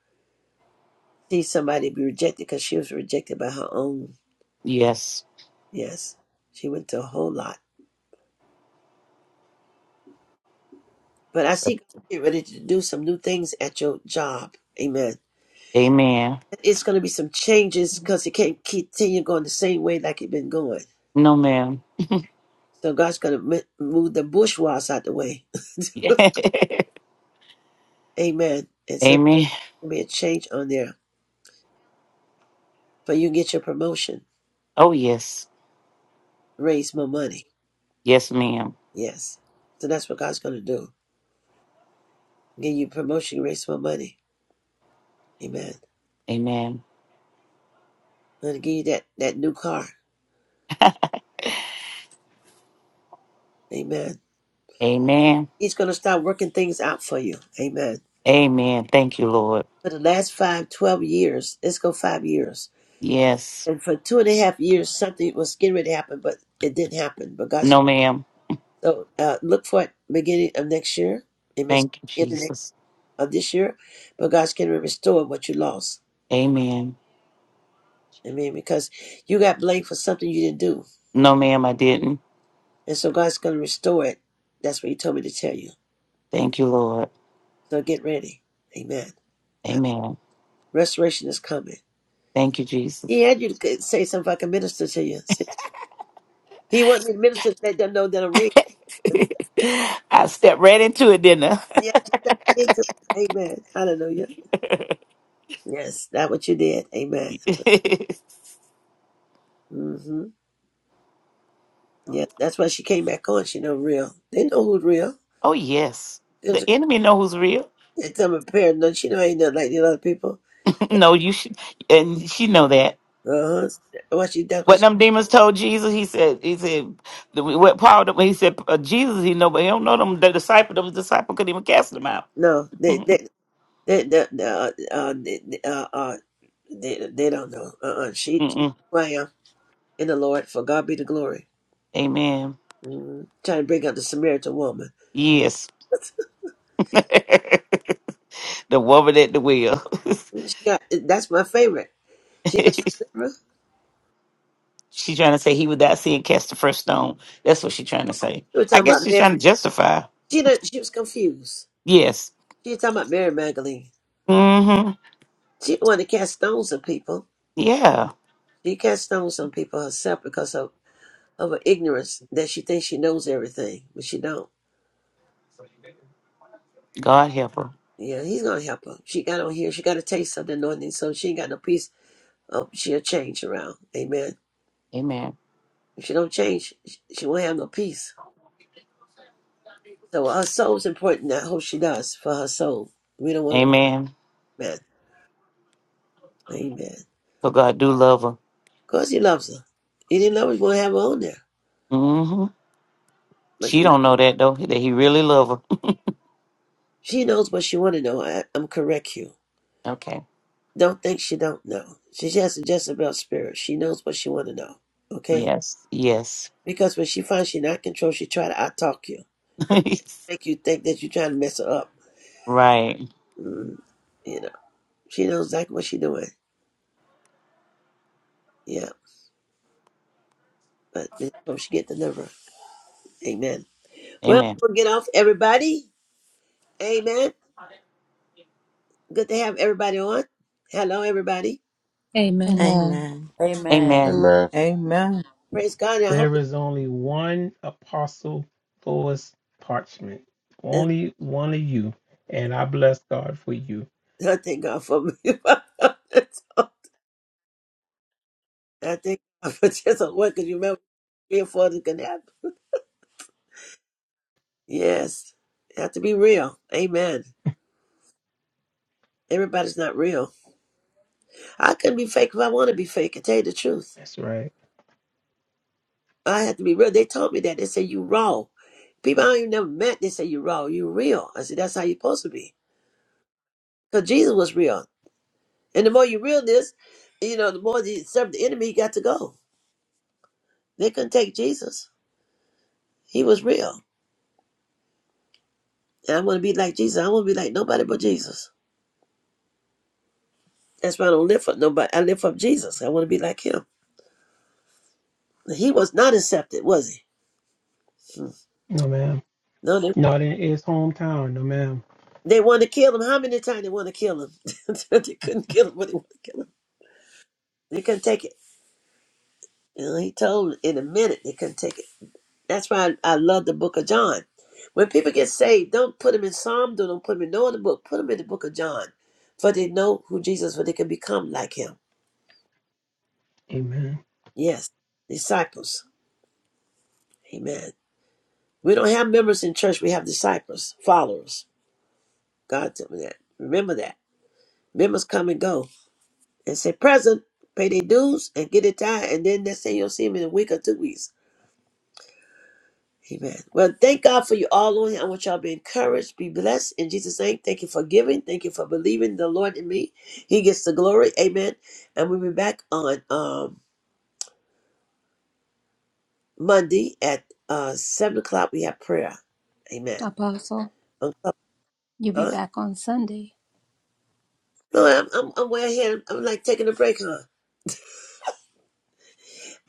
A: see somebody be rejected because she was rejected by her own.
L: Yes.
A: Yes, she went through a whole lot. But I see God getting ready to do some new things at your job. Amen.
L: Amen.
A: It's going to be some changes because it can't continue going the same way like it's been going.
L: No, ma'am.
A: So God's going to move the bourgeois out the way. Amen. And so
L: Amen.
A: there'll be a change on there. But you can get your promotion,
L: Oh, yes.
A: raise more money.
L: Yes, ma'am.
A: Yes. So that's what God's going to do. Give you promotion, raise more money. Amen.
L: Amen.
A: I'm Going to give you that, that new car. Amen.
L: Amen.
A: He's going to start working things out for you. Amen.
L: Amen. Thank you, Lord.
A: For the last five, twelve years, let's go five years.
L: Yes.
A: And for two and a half years, something was getting ready to happen, but it didn't happen. But God's,
L: No, ma'am.
A: so uh, look for it beginning of next year. It may start
L: Thank you,
A: in the next
L: Jesus.
A: of this year, but God's going to restore what you lost.
L: Amen.
A: Amen. Because you got blamed for something you didn't do.
L: No, ma'am, I didn't.
A: And so God's going to restore it. That's what He told me to tell you.
L: Thank you, Lord.
A: So get ready. Amen.
L: Amen.
A: Restoration is coming.
L: Thank you,
A: He
L: Jesus.
A: had you to say something if I can minister to you. See, he wanted me to minister to let them know that I'm real.
L: I stepped right into it, didn't
A: He had you step right into it. Amen. Hallelujah. Yes, that's what you did. Amen.
L: I?
A: hmm Yeah, that's why she came back on. She know real. They know who's real.
L: oh, yes.
A: It's
L: The enemy know who's real.
A: them prepared. No, she know ain't nothing like the other people.
L: no, you should, and she know that.
A: Uh huh. What she that's what
L: What
A: she
L: them demons told Jesus, he said, he said, the- what Paul, he said, uh, Jesus, he know, but he don't know them. The disciple, the disciple couldn't even cast them out.
A: no. They they they the uh, uh, uh, uh They, they don't know. Uh-uh. She,
L: Mm-mm.
A: who I am in the Lord, for God be the glory.
L: Amen.
A: Mm, trying to bring up the Samaritan woman.
L: Yes. the woman at the well.
A: She got that's my favorite. She got deliverance.
L: she trying to say he without seeing cast the first stone. That's what she trying to say.
A: She was
L: I
A: talking
L: guess
A: about
L: she's trying
A: Mary.
L: to justify.
A: She didn't, she was confused.
L: Yes.
A: She was talking about Mary Magdalene.
L: Mm-hmm.
A: She didn't want to cast stones on people.
L: Yeah.
A: She cast stones on people herself because of, of her ignorance that she thinks she knows everything, but she don't.
L: God help her.
A: Yeah, he's gonna help her. She got on here. She got a taste of the anointing, so she ain't got no peace. Oh, she'll change around. Amen.
L: Amen.
A: If she don't change, she won't have no peace. So her soul's important. I hope she does for her soul. We don't want her to
L: Amen.
A: man. Amen. Of
L: So God do love her.
A: course he loves her. He didn't love her, he won't have her on there.
L: Mm-hmm.
A: But
L: She don't know that though, that he really love her.
A: she knows what she want to know. I, I'm correct you.
L: Okay.
A: Don't think she don't know. She has a Jezebel spirit. She knows what she want to know. Okay?
L: Yes. Yes.
A: Because when she finds she not control, she try to out-talk you. Make you think that you're trying to mess her up.
L: right.
A: Mm, you know, she knows exactly what she doing. Yeah. But hope she get delivered. Amen. Well,
L: Amen.
A: we'll get off everybody. Amen. Good to have everybody on. Hello, everybody.
B: Amen.
E: Amen.
D: Amen.
E: Amen.
L: Amen.
G: Amen.
C: Amen.
A: Praise God. And I hope
H: There is only one apostle Lois Parchment. Only one of you. And I bless God for you.
A: I thank God for me. I thank God for just a word because you remember three or four that can happen. Yes. You have to be real. Amen. Everybody's not real. I couldn't be fake if I want to be fake. I tell you the truth.
H: That's right.
A: I have to be real. They told me that. They say you raw. People I ain't never met, they say you raw. You real. I said, that's how you're supposed to be. Because Jesus was real. And the more you real this, you know, the more you serve the enemy, you got to go. They couldn't take Jesus. He was real. And I want to be like Jesus. I want to be like nobody but Jesus. That's why I don't live for nobody. I live for Jesus. I want to be like him. He was not accepted, was he? Hmm.
H: No ma'am.
A: No, they,
H: Not in his hometown, no ma'am.
A: they wanted to kill him. How many times they wanted to kill him? they couldn't kill him, but they wanted to kill him. They couldn't take it. You know, he told them in a minute they couldn't take it. That's why I, I love the book of John. When people get saved, don't put them in Psalm, don't put them in no other book. Put them in the book of John. For they know who Jesus, for they can become like him.
H: Amen.
A: Yes, disciples. Amen. We don't have members in church, we have disciples, followers. God told me that. Remember that. Members come and go and say, present, pay their dues and get it tied, and then they say you'll see them in a week or two weeks. Amen. Well, thank God for you all on here. I want y'all to be encouraged, be blessed in Jesus' name. Thank you for giving. Thank you for believing the Lord in me. He gets the glory. Amen. And we'll be back on um, Monday at uh, 7 o'clock. We have prayer. Amen.
B: Apostle,
A: Uh,
B: you'll be
A: Huh?
B: back on Sunday.
A: No, I'm, I'm, I'm way ahead. I'm, I'm like taking a break, huh?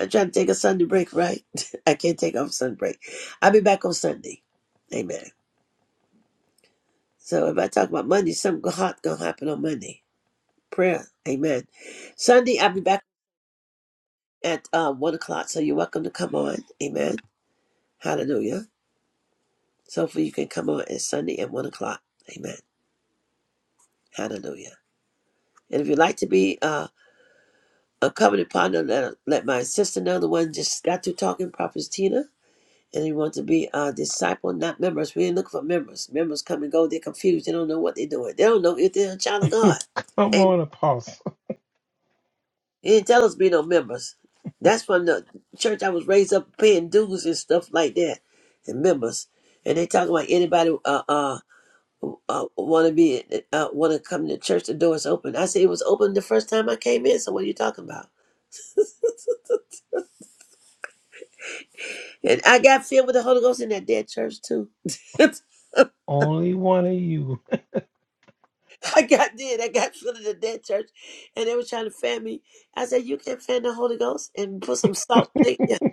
A: I'm trying to take a Sunday break, right? I can't take off Sunday break. I'll be back on Sunday. Amen. So if I talk about Monday, something hot going to happen on Monday. Prayer. Amen. Sunday, I'll be back. at uh, one o'clock. So you're welcome to come on. Amen. Hallelujah. So hopefully you can come on at Sunday at one o'clock. Amen. Hallelujah. And if you'd like to be uh, a covenant partner, let, let my sister know the one just got to talking, Prophet Tina. And you want to be a disciple, not members. We ain't looking for members. Members come and go. They're confused. They don't know what they're doing. They don't know if they're a child of
H: Come
A: God. Amen.
H: on, apostle.
A: He didn't tell us to be no members. That's from the church I was raised up paying dues and stuff like that, and members. And they talking about anybody uh uh, uh want to be uh want to come to church. The door is open. I said it was open the first time I came in. So what are you talking about? And I got filled with the Holy Ghost in that dead church too.
H: Only one of you.
A: I got did. I got filled in the dead church, and they were trying to fan me. I said you can't fan the Holy Ghost and put some salt. Thank you.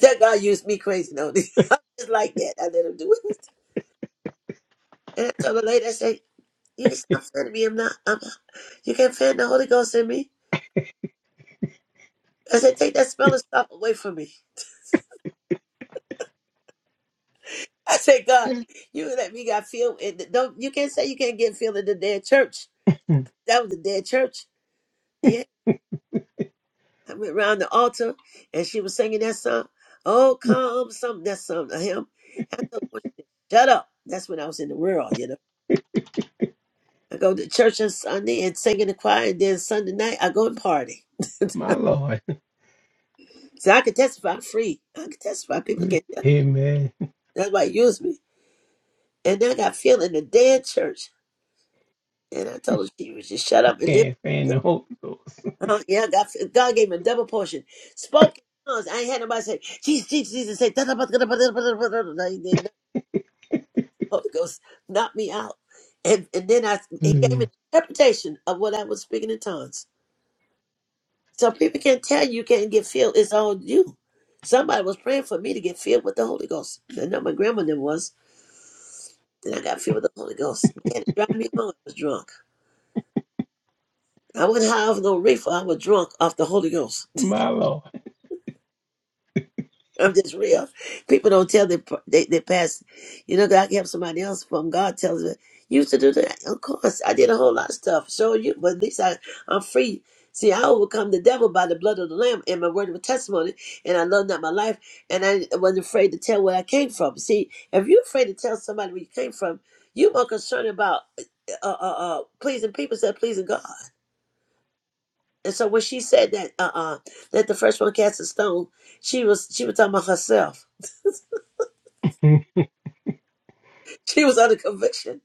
A: That God used me crazy though. Just like that, I let him do it. And I told my lady, I said, you can stop fanning me. I'm not, I'm not, you can't fan the Holy Ghost in me. I said, take that smelling stuff away from me. I said, God, you let me got filled. And don't, you can't say you can't get filled in the dead church. That was the dead church. Yeah. I went around the altar and she was singing that song. Oh, come, something, that song to him. I told her, shut up. That's when I was in the world, you know. I go to church on Sunday and sing in the choir, and then Sunday night I go and party.
H: My Lord.
A: So I can testify I'm free. I can testify. People can.
H: Amen.
A: That's why he used me. And then I got filled in the dead church. And I told her she was just shut up. And then,
H: Can't fan the Holy Ghost.
A: uh, yeah, I got, God gave me a double portion. Spoke in tongues. I ain't had nobody say, Jesus, Jesus, Jesus, say, da da da da da da da da da da da Holy Ghost knocked me out. And and then I he gave me the
H: Mm.
A: interpretation of what I was speaking in tongues. So people can't tell you you can't get filled. It's on you. Somebody was praying for me to get filled with the Holy Ghost. I know my grandmother was. And I got filled with the Holy Ghost. Yeah, it drive me home. I was drunk. I wouldn't have no reefer. I was drunk off the Holy Ghost.
H: My Lord.
A: I'm just real. People don't tell their they, their past. You know, God kept somebody else from. God tells me, you used to do that. Of course, I did a whole lot of stuff. So you, but at least I, I'm free. See, I overcome the devil by the blood of the Lamb and my word of testimony, and I love not my life, and I wasn't afraid to tell where I came from. See, if you're afraid to tell somebody where you came from, you're more concerned about uh, uh, uh, pleasing people instead of pleasing God. And so when she said that uh uh that the first one cast a stone, she was she was talking about herself. She was under conviction.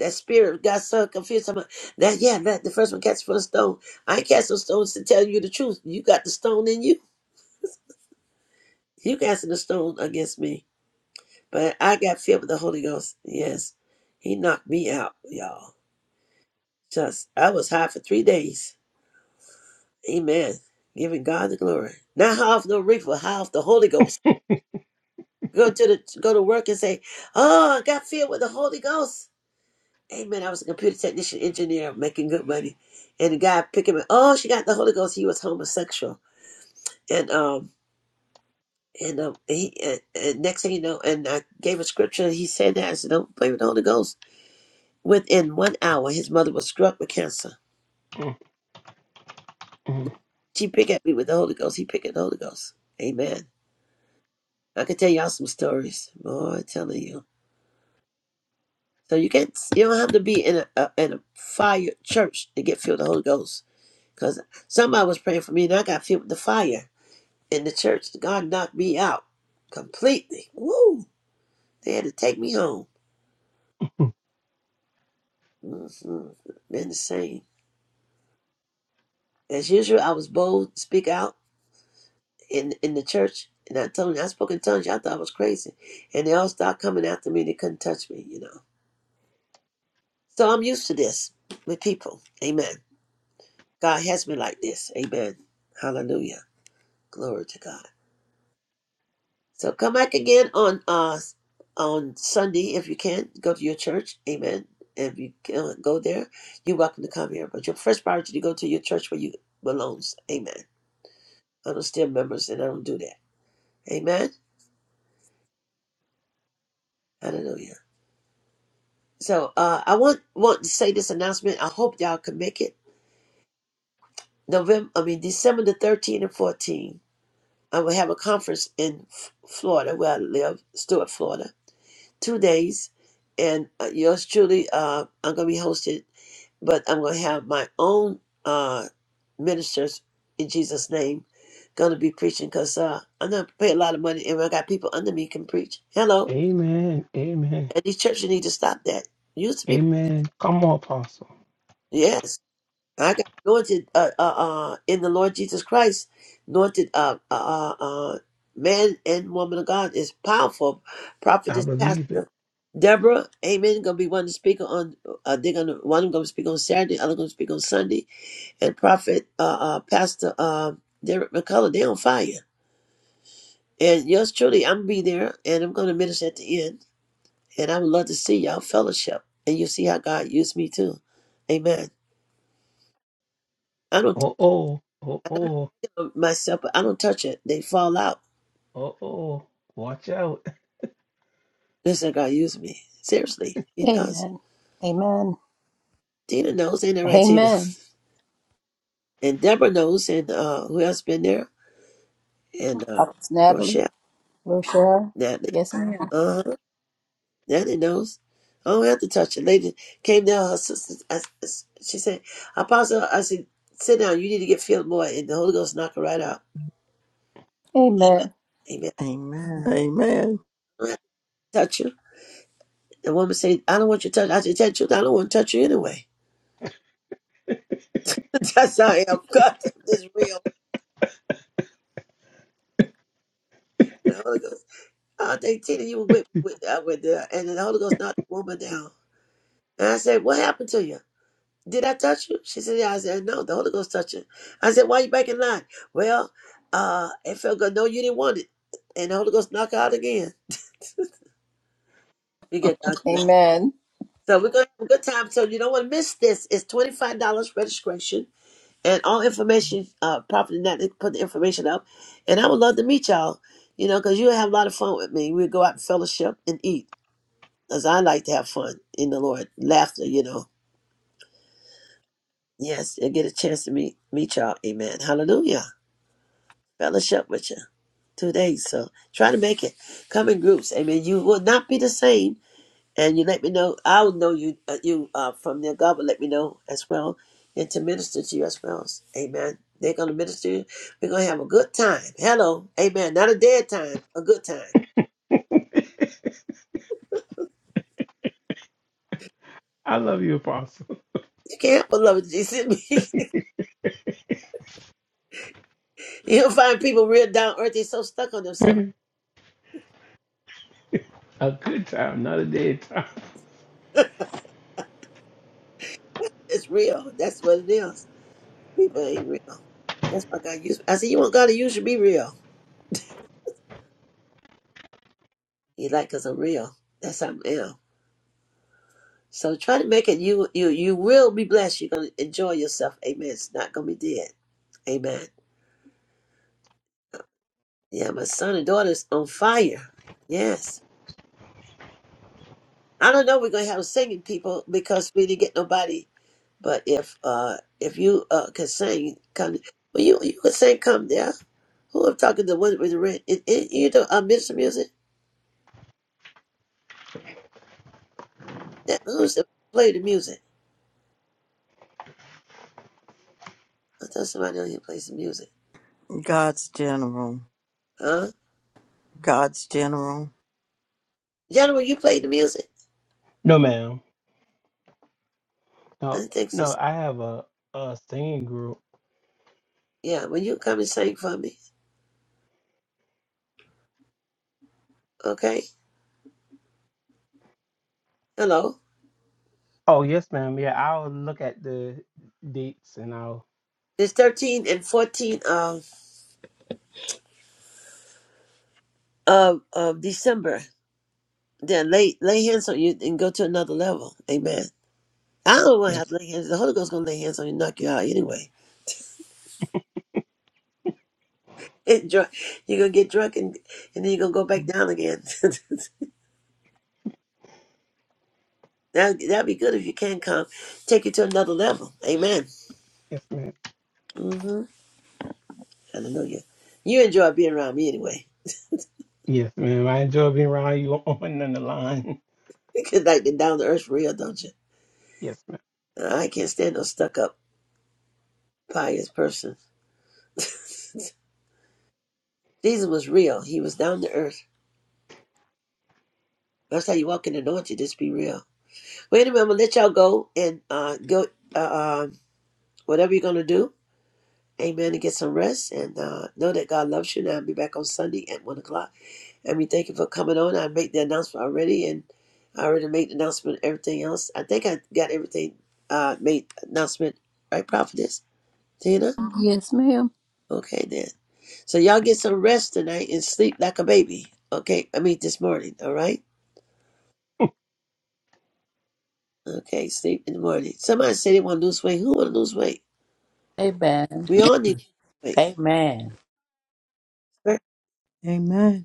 A: That spirit got so confused. Talking About, that yeah, that the first one cast for a stone. I ain't casting stones to tell you the truth. You got the stone in you. You casting the stone against me. But I got filled with the Holy Ghost. Yes. He knocked me out, y'all. Just I was high for three days. Amen. Giving God the glory. Not high off no reef, but high off the Holy Ghost. go to the go to work and say, "Oh, I got filled with the Holy Ghost." Amen. I was a computer technician engineer making good money, and the guy picked him up. Oh, she got the Holy Ghost. He was homosexual, and um. And um, he and, and next thing you know, and I gave a scripture. He said that I said, "Don't play with the Holy Ghost." Within one hour, his mother was struck with cancer. She picked at me with the Holy Ghost. He picked at the Holy Ghost. Amen. I can tell y'all some stories. Boy, I'm telling you. So you can't. You don't have to be in a, a in a fire church to get filled with the Holy Ghost. Because somebody was praying for me, and I got filled with the fire in the church. God knocked me out completely. Woo! They had to take me home. Mm-hmm. Been the same as usual. I was bold, to speak out in in the church, and I told them I spoke in tongues. I thought I was crazy, and they all started coming after me. They couldn't touch me, you know. So I'm used to this with people. Amen. God has me like this. Amen. Hallelujah. Glory to God. So come back again on uh on Sunday if you can. Go to your church. Amen. If you can go there, you're welcome to come here. But your first priority to go to your church where you belongs. Amen. I don't steal members and I don't do that. Amen. Hallelujah. So uh I want want to say this announcement. I hope y'all can make it. November I mean December the 13th and 14th. I will have a conference in F- Florida where I live, Stuart, Florida two days, and uh, yours truly, uh, I'm going to be hosted, but I'm going to have my own uh, ministers in Jesus' name going to be preaching because uh, I'm not pay a lot of money, and I got people under me can preach. Hello,
H: Amen. Amen.
A: and these churches need to stop that. Use the people.
H: Amen. Come on, Apostle.
A: Yes. I got anointed uh, uh, uh, in the Lord Jesus Christ, anointed uh, uh, uh, uh, man and woman of God is powerful.
H: I
A: Prophetess,
H: believe it.
A: pastor Deborah, Amen. Going to be one to speak on. Uh, they're going to one going to speak on Saturday, other going to speak on Sunday, and Prophet uh, uh, Pastor uh, Derek McCullough, they on fire. And yours truly, I'm gonna be there, and I'm going to minister at the end, and I would love to see y'all fellowship, and you see how God used me too. Amen. I don't
H: Oh, oh, oh,
A: I don't
H: oh,
A: know myself, but I don't touch it. They fall out.
H: oh, oh. Watch out.
A: That's how God used me. Seriously, He does.
B: Amen. Amen.
A: Tina knows, ain't that right, Tina?
B: Amen.
A: And Deborah knows, and uh, who else been there? And uh,
B: Prophetess Natalie,
A: Rochelle,
B: Rochelle.
A: Natalie.
B: Yes, ma'am.
A: Uh huh. Natalie knows. I don't have to touch it. Lady came down, her sister, I, I- she said, Apostle, I said, sit down, you need to get filled more. And the Holy Ghost knocked her right out.
B: Amen.
A: Amen.
D: Amen. Amen.
A: I don't have to touch you. The woman said, I don't want you to touch. I said, tell you the truth, I don't want to touch you anyway. That's how I am. God is real. And the Holy Ghost, oh, they Tina, you were with, with I went there, and the Holy Ghost knocked the woman down. And I said, what happened to you? Did I touch you? She said, yeah. I said, no, the Holy Ghost touched you. I said, why you back in line? Well, uh, it felt good. No, you didn't want it. And the Holy Ghost knocked her out again. You get God's glory.
B: Amen.
A: So we're gonna have a good time. So you don't want to miss this. It's twenty five dollars registration, and all information. Uh, Prophet, net put the information up, and I would love to meet y'all. You know, because you have a lot of fun with me. We go out and fellowship and eat. Cause I like to have fun in the Lord, laughter, you know. Yes, and get a chance to meet meet y'all. Amen. Hallelujah. Fellowship with you. Two days. So try to make it. Come in groups. Amen. You will not be the same. And you let me know. I will know you. Uh, you uh, from there. God will let me know as well, and to minister to you as well. Amen. They're gonna minister. to you. We're gonna have a good time. Hello. Amen. Not a dead time. A good time.
H: I love you, Apostle.
A: You can't help but love it. Jesus. You'll find people real down earth. They're so stuck on themselves
H: a good time, not a dead time.
A: It's real. That's what it is. People ain't real. That's why God used. me. I said, you want God to use you? Be real. He like us. I'm real. That's how I am. So try to make it. You you you will be blessed. You're gonna enjoy yourself. Amen. It's not gonna be dead. Amen. Yeah, my son and daughter's on fire. Yes. I don't know. if We're gonna have singing people because we didn't get nobody. But if uh if you uh can sing, come. Well, you you can sing. Come there. Who I'm talking to? One with the red. It, it, you know, uh, minister music. That who's the play the music? I thought somebody on here plays the music.
D: God's general.
A: Huh?
D: God's general.
A: Gentlemen, you played the music?
H: No, ma'am. No,
A: I think so.
H: no. I have a, a singing group.
A: Yeah, when you come and sing for me? Okay. Hello.
H: Oh, yes, ma'am. Yeah, I'll look at the dates and I'll.
A: It's thirteen and fourteen of of of December. Then lay lay hands on you and go to another level. Amen. I don't want to have
H: Yes,
A: to lay hands. The Holy Ghost gonna lay hands on you, and knock you out anyway. And you're gonna get drunk and and then you're gonna go back down again. that that'd be good if you can come, take you to another level. Amen.
H: yes, ma'am.
A: Mhm. Hallelujah. You enjoy being around me anyway.
H: Yes, ma'am. I enjoy being around you on on the line.
A: Because like the down to earth real, don't you?
H: Yes, ma'am.
A: Uh, I can't stand no stuck up pious person. Jesus was real. He was down to earth. That's how you walk in the anointing. Just be real. Wait a minute. I'm gonna let y'all go and uh, go. Uh, um, whatever you're gonna do, Amen. And get some rest and uh, know that God loves you. And I'll be back on Sunday at one o'clock. And we thank you for coming on. I made the announcement already, and I already made the announcement. and Everything else, I think I got everything. Uh, made announcement. Right, prophetess. Tina?
B: Yes, ma'am.
A: Okay then. So y'all get some rest tonight and sleep like a baby. Okay, I mean this morning, all right? Okay, sleep in the morning. Somebody said they want to lose weight. Who want to lose weight?
E: Amen.
A: We all need to lose
E: Amen.
A: weight,
C: Amen.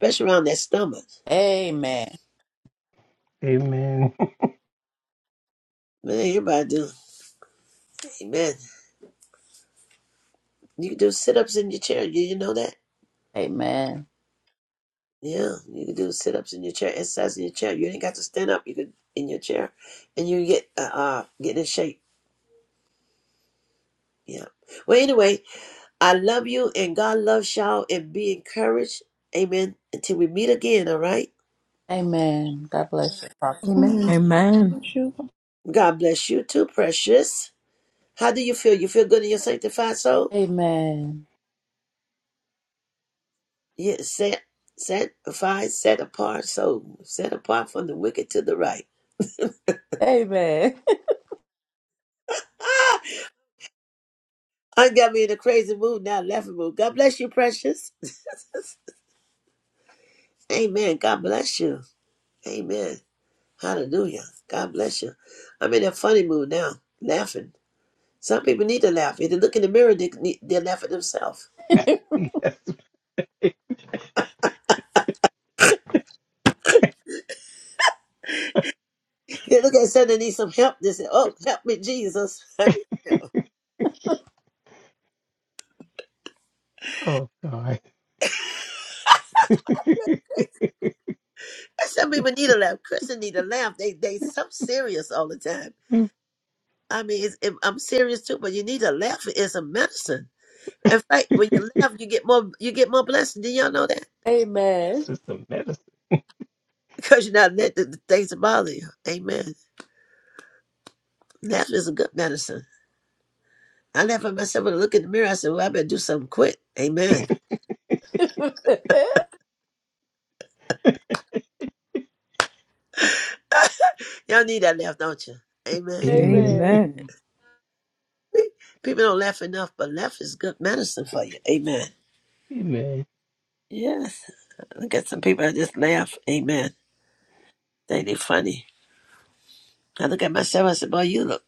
A: especially around that stomach.
E: Amen.
H: Amen.
A: Man, everybody do. Amen. You can do sit-ups in your chair. You didn't know that?
E: Amen.
A: Yeah, you can do sit-ups in your chair, exercise in your chair. You ain't got to stand up. You could in your chair, and you get uh, uh get in shape. Yeah. Well, anyway, I love you and God loves y'all and be encouraged. Amen. Until we meet again, all right?
E: Amen. God bless you, Prophet.
B: Amen.
J: Amen.
C: Amen.
J: Yeshua.
A: God bless you too, precious. How do you feel? You feel good in your sanctified soul?
E: Amen.
A: Yeah, set, sanctified, set apart soul. Set apart from the wicked to the right.
E: Amen.
A: Ah, I got me in a crazy mood now, laughing mood. God bless you, precious. Amen. God bless you. Amen. Hallelujah. God bless you. I'm in a funny mood now, laughing. Some people need to laugh. If they look in the mirror, they, they laugh at themselves. They look at Sunday need some help. They said, "Oh, help me, Jesus! I need help."
H: Oh God.
A: Some people need a laugh. Christians need a laugh. They they so serious all the time. I mean, it's, it, I'm serious too, but you need a laugh. It's a medicine. In fact, when you laugh, you get more you get more blessed. Do y'all know that?
E: Amen.
H: Sister Medicine.
A: Because you're not let the, the things that bother you. Amen. Laugh is a good medicine. I laugh at myself when I look in the mirror. I said, "Well, I better do something quick." Amen. Y'all need that laugh, don't you? Amen.
H: Amen.
E: Amen.
C: Amen.
A: People don't laugh enough, but laugh is good medicine for you. Amen.
H: Amen.
A: Yes. I look at some people, I just laugh. Amen. They, they funny. I look at myself, I said, boy, you look,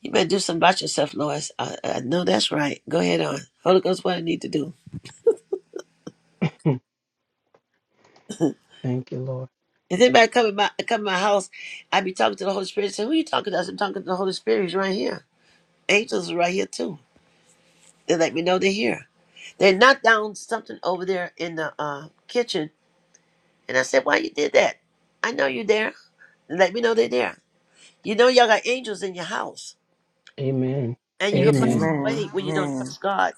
A: you better do something about yourself, Lois. I, I know that's right. Go ahead on. Holy Ghost, what I need to do.
H: Hmm. Thank you, Lord.
A: If anybody come in my, come in my house, I be talking to the Holy Spirit. Say, who you talking to? I said, I'm talking to the Holy Spirit. He's right here. Angels are right here, too. They let me know they're here. They knocked down something over there in the uh, kitchen. And I said, why you did that? I know you're there. Let me know they're there. You know y'all got angels in your house.
H: Amen.
A: and you can run
H: Amen.
B: Amen.
D: Amen.
A: away when you don't
D: Amen.
A: trust God.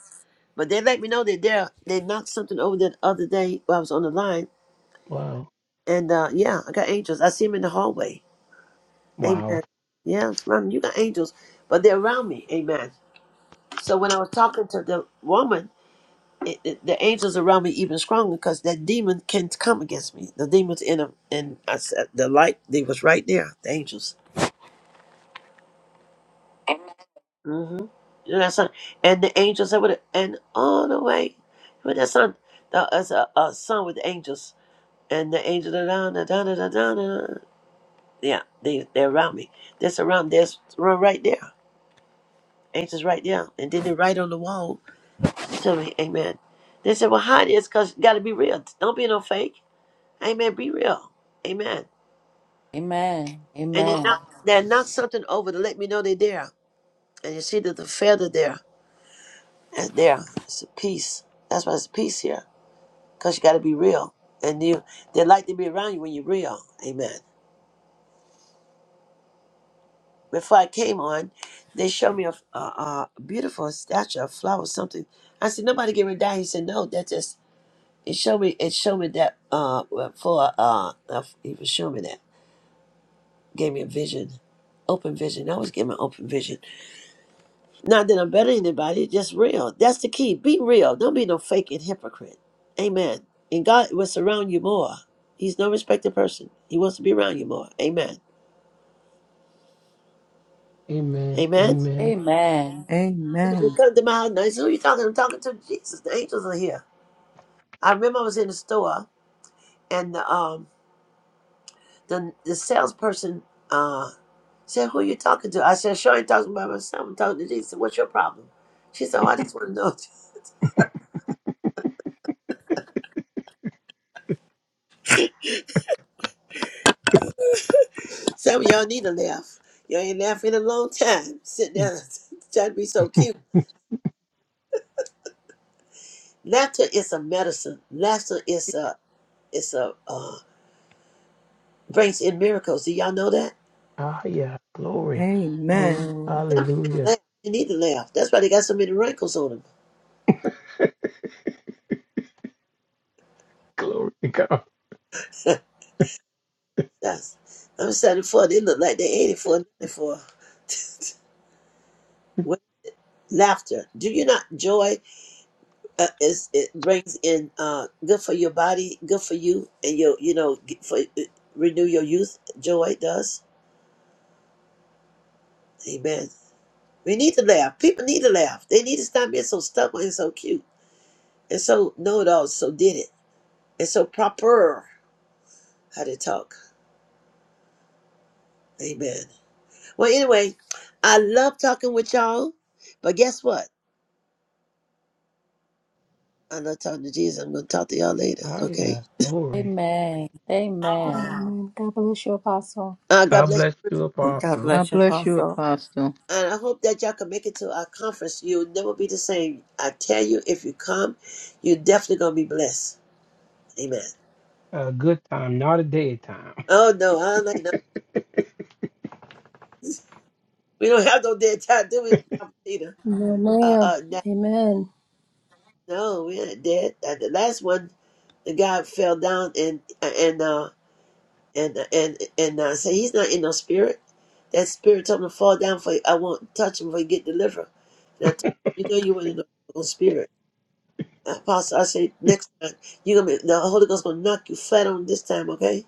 A: But they let me know that they're they knocked something over the other day while I was on the line,
H: Wow.
A: and uh, yeah, I got angels. I see them in the hallway.
H: Wow.
A: Amen. Yeah, it's around me. you got angels, but they're around me. Amen. So when I was talking to the woman, it, it- the angels around me even stronger because that demon can come against me. The demons in them, and I said the light they was right there. The angels. Mm-hmm. And that son, and the angels that would, and all the way with that son, that as a, a son with the angels, and the angel da da da da da da da. da. Yeah, they they're around me. That's around. There's one right there. Angels right there, and then they are right on the wall Tell me, Amen. They said, "Well, hide this, cause you got to be real. Don't be no fake. Amen. Be real. Amen."
E: Amen.
A: And they
E: Amen.
A: knock, they knock something over to let me know they're there, and you see that the feather there, and there, it's a peace. That's why it's peace here. because you got to be real. And you, they like to be around you when you're real. Amen. Before I came on, they showed me a, a, a beautiful statue, a flower, something. I said, "Nobody get ready to die." He said, "No, that just." It showed me. It showed me that. Uh, well, for uh, uh, he was showing me that. Gave me a vision, open vision. I always give me open vision. Not that I'm better than anybody. Just real. That's the key. Be real. Don't be no fake and hypocrite. Amen. And God will surround you more. He's no respected person. He wants to be around you more. Amen.
H: Amen.
A: Amen.
H: Amen.
E: Amen.
A: When you
C: Amen.
A: come to my house, now, who are you talking? to? I'm talking to Jesus. The angels are here. I remember I was in the store and the um the the salesperson uh said, "Who are you talking to?" I said, "Sure, I'm talking about myself. I'm talking to Jesus. What's your problem?" She said, oh, "I just want to know." Some of y'all need to laugh. Y'all ain't laughed in a long time. Sit down, trying to be so
H: Hmm.
A: cute. Laughter is a medicine. Laughter is a it's a uh, brings in miracles. Do y'all know that?
H: Ah, yeah. Glory.
C: Amen.
D: Amen.
A: Some people
H: Hallelujah.
A: laugh. They need to laugh. That's why they got so many wrinkles on them.
H: Glory to God.
A: That's, I'm 74. They look like they're 84, ninety-four. With laughter. Do you not joy? Uh, is it brings in uh, good for your body, good for you, and your you know get- for uh, renew your youth. Joy does. Amen. We need to laugh. People need to laugh. They need to stop being so stubborn and so cute and so know it all. So did it and so proper how to talk. Amen. Well, anyway, I love talking with y'all, but guess what? I'm not talking to Jesus. I'm going to talk to y'all later,
H: Ah,
A: okay?
H: yeah. Glory.
E: Amen. Amen.
B: Amen. God bless you, Apostle.
A: Uh, God
H: God
A: bless.
H: bless you,
D: God
H: Apostle.
C: God
D: bless you,
C: bless you,
D: Apostle.
C: Apostle.
A: And I hope that y'all can make it to our conference. You'll never be the same. I tell you, if you come, you're definitely going to be blessed. Amen.
H: A good time, not a day time.
A: Oh, no, I don't like no. We don't have no dead time, do we, Prophet Peter?
B: No,
A: Uh,
B: ma'am.
A: uh, no,
B: Amen.
A: no, we ain't dead. Uh, the last one, the guy fell down and, and, uh, and, and, and, uh, say he's not in no spirit. That spirit told him to fall down for, I won't touch him for he get delivered. And I told him, you know, you were in no spirit. Apostle, I say next time you gonna be, the Holy Ghost gonna knock you flat on this time, okay?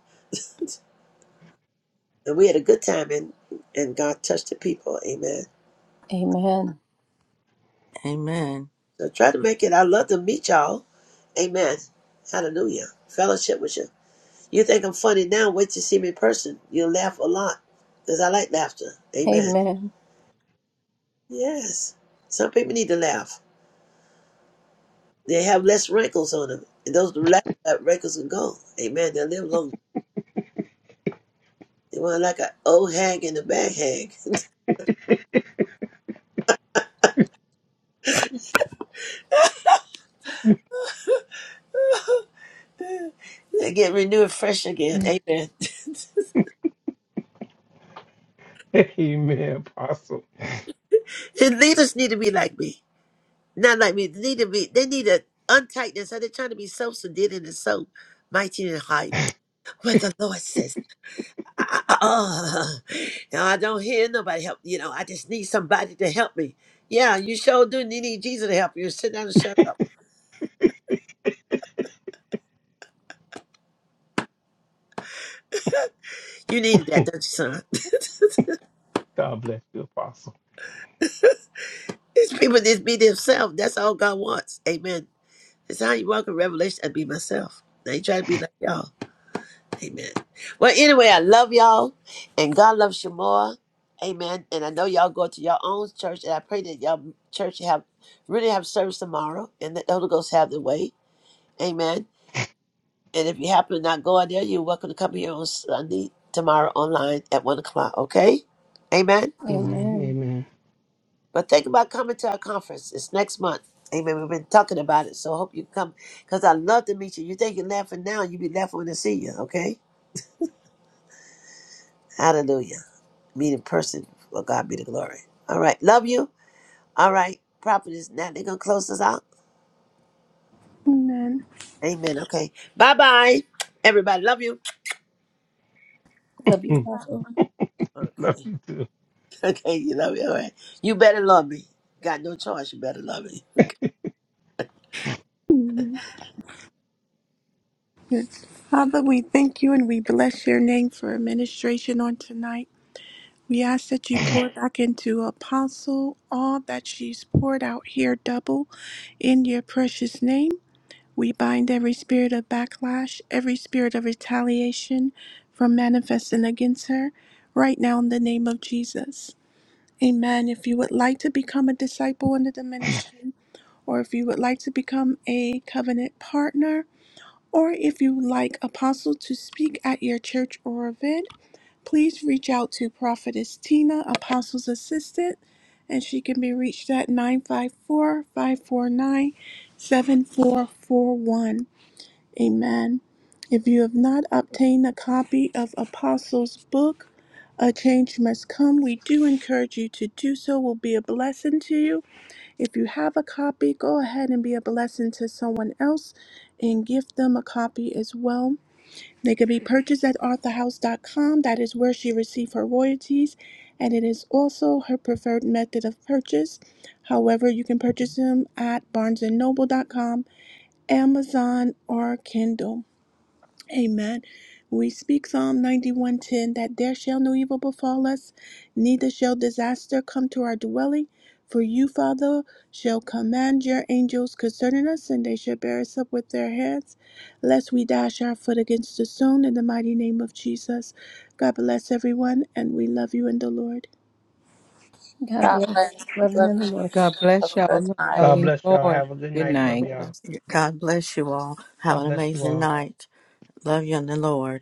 A: And we had a good time, and and God touched the people, amen.
B: Amen.
D: Amen.
A: So try to make it. I love to meet y'all, amen. Hallelujah. Fellowship with you. You think I'm funny now? Wait to see me in person. You'll laugh a lot, cause I like laughter, amen.
B: Amen.
A: Yes, some people need to laugh. They have less wrinkles on them, and those la- wrinkles are gone, amen. They live longer. They want like an old hag and a bad hag. They Get renewed fresh again. Amen.
H: Amen, Apostle.
A: And leaders need to be like me. Not like me. They need to be they need to untight this. They're trying to be so sedated and so mighty and high. But the Lord says, ah, ah, ah. you I don't hear nobody help. You know, I just need somebody to help me. Yeah, you sure do. You need Jesus to help you. Sit down and shut up. You needed that, don't you, son?
H: God bless you, Apostle.
A: These people just be themselves. That's all God wants. Amen. It's how you walk in revelation. I be myself. I ain't trying to be like y'all. Amen. Well, anyway, I love y'all, and God loves you more. Amen. And I know y'all go to your own church, and I pray that y'all church have really have service tomorrow, and that the Holy Ghost have the way. Amen. And if you happen to not go out there, you're welcome to come here on Sunday tomorrow online at one o'clock. Okay. Amen.
H: Amen.
B: Amen.
H: Amen.
A: But think about coming to our conference. It's next month. Amen. We've been talking about it, so I hope you come because I love to meet you. You think you're laughing now, you be laughing when I see you. Okay. Hallelujah. meet in person. Well, God be the glory. All right. Love you. All right. Prophetess, now they're going to close us out.
J: Amen.
A: Amen. Okay. Bye bye. Everybody, love you.
B: Love you, Apostle.
H: Love
A: Okay.
H: you too.
A: Okay. You love me. All right. You better love me. Got no choice. You better love me.
J: Amen. Yes. Father, we thank you and we bless your name for administration on tonight. We ask that you pour back into Apostle all that she's poured out here double in your precious name. We bind every spirit of backlash, every spirit of retaliation from manifesting against her right now in the name of Jesus. Amen. If you would like to become a disciple under the ministry, or if you would like to become a covenant partner, or if you would like Apostle to speak at your church or event, please reach out to Prophetess Tina, Apostle's assistant, and she can be reached at 954 549 7441. Amen. If you have not obtained a copy of Apostle's book, A Change Must Come, we do encourage you to do so. It will be a blessing to you if you have a copy, go ahead and be a blessing to someone else and give them a copy as well. They can be purchased at authorhouse.com. That is where she received her royalties, and it is also her preferred method of purchase. However, you can purchase them at barnesandnoble.com, Amazon, or Kindle. Amen. We speak Psalm 91:10 that there shall no evil befall us, neither shall disaster come to our dwelling. For you, Father, shall command your angels concerning us, and they shall bear us up with their hands, lest we dash our foot against a stone in the mighty name of Jesus. God bless everyone, and we love you in the Lord.
B: God
E: God bless.
B: bless. Love you
E: Love
B: in
E: you
B: the
E: in the
B: Lord.
C: God
E: Lord. Have
C: bless
E: a
C: y'all.
E: blessed
C: Love
E: night.
C: y'all
H: God
C: in
H: bless
C: the
H: y'all.
C: Lord.
H: Have a good
C: Good
H: night.
C: night.
H: Love y'all.
N: Yes.
D: God bless you all. Have
H: God
D: an
H: bless you
D: amazing
H: all.
D: night. Love you in the Lord.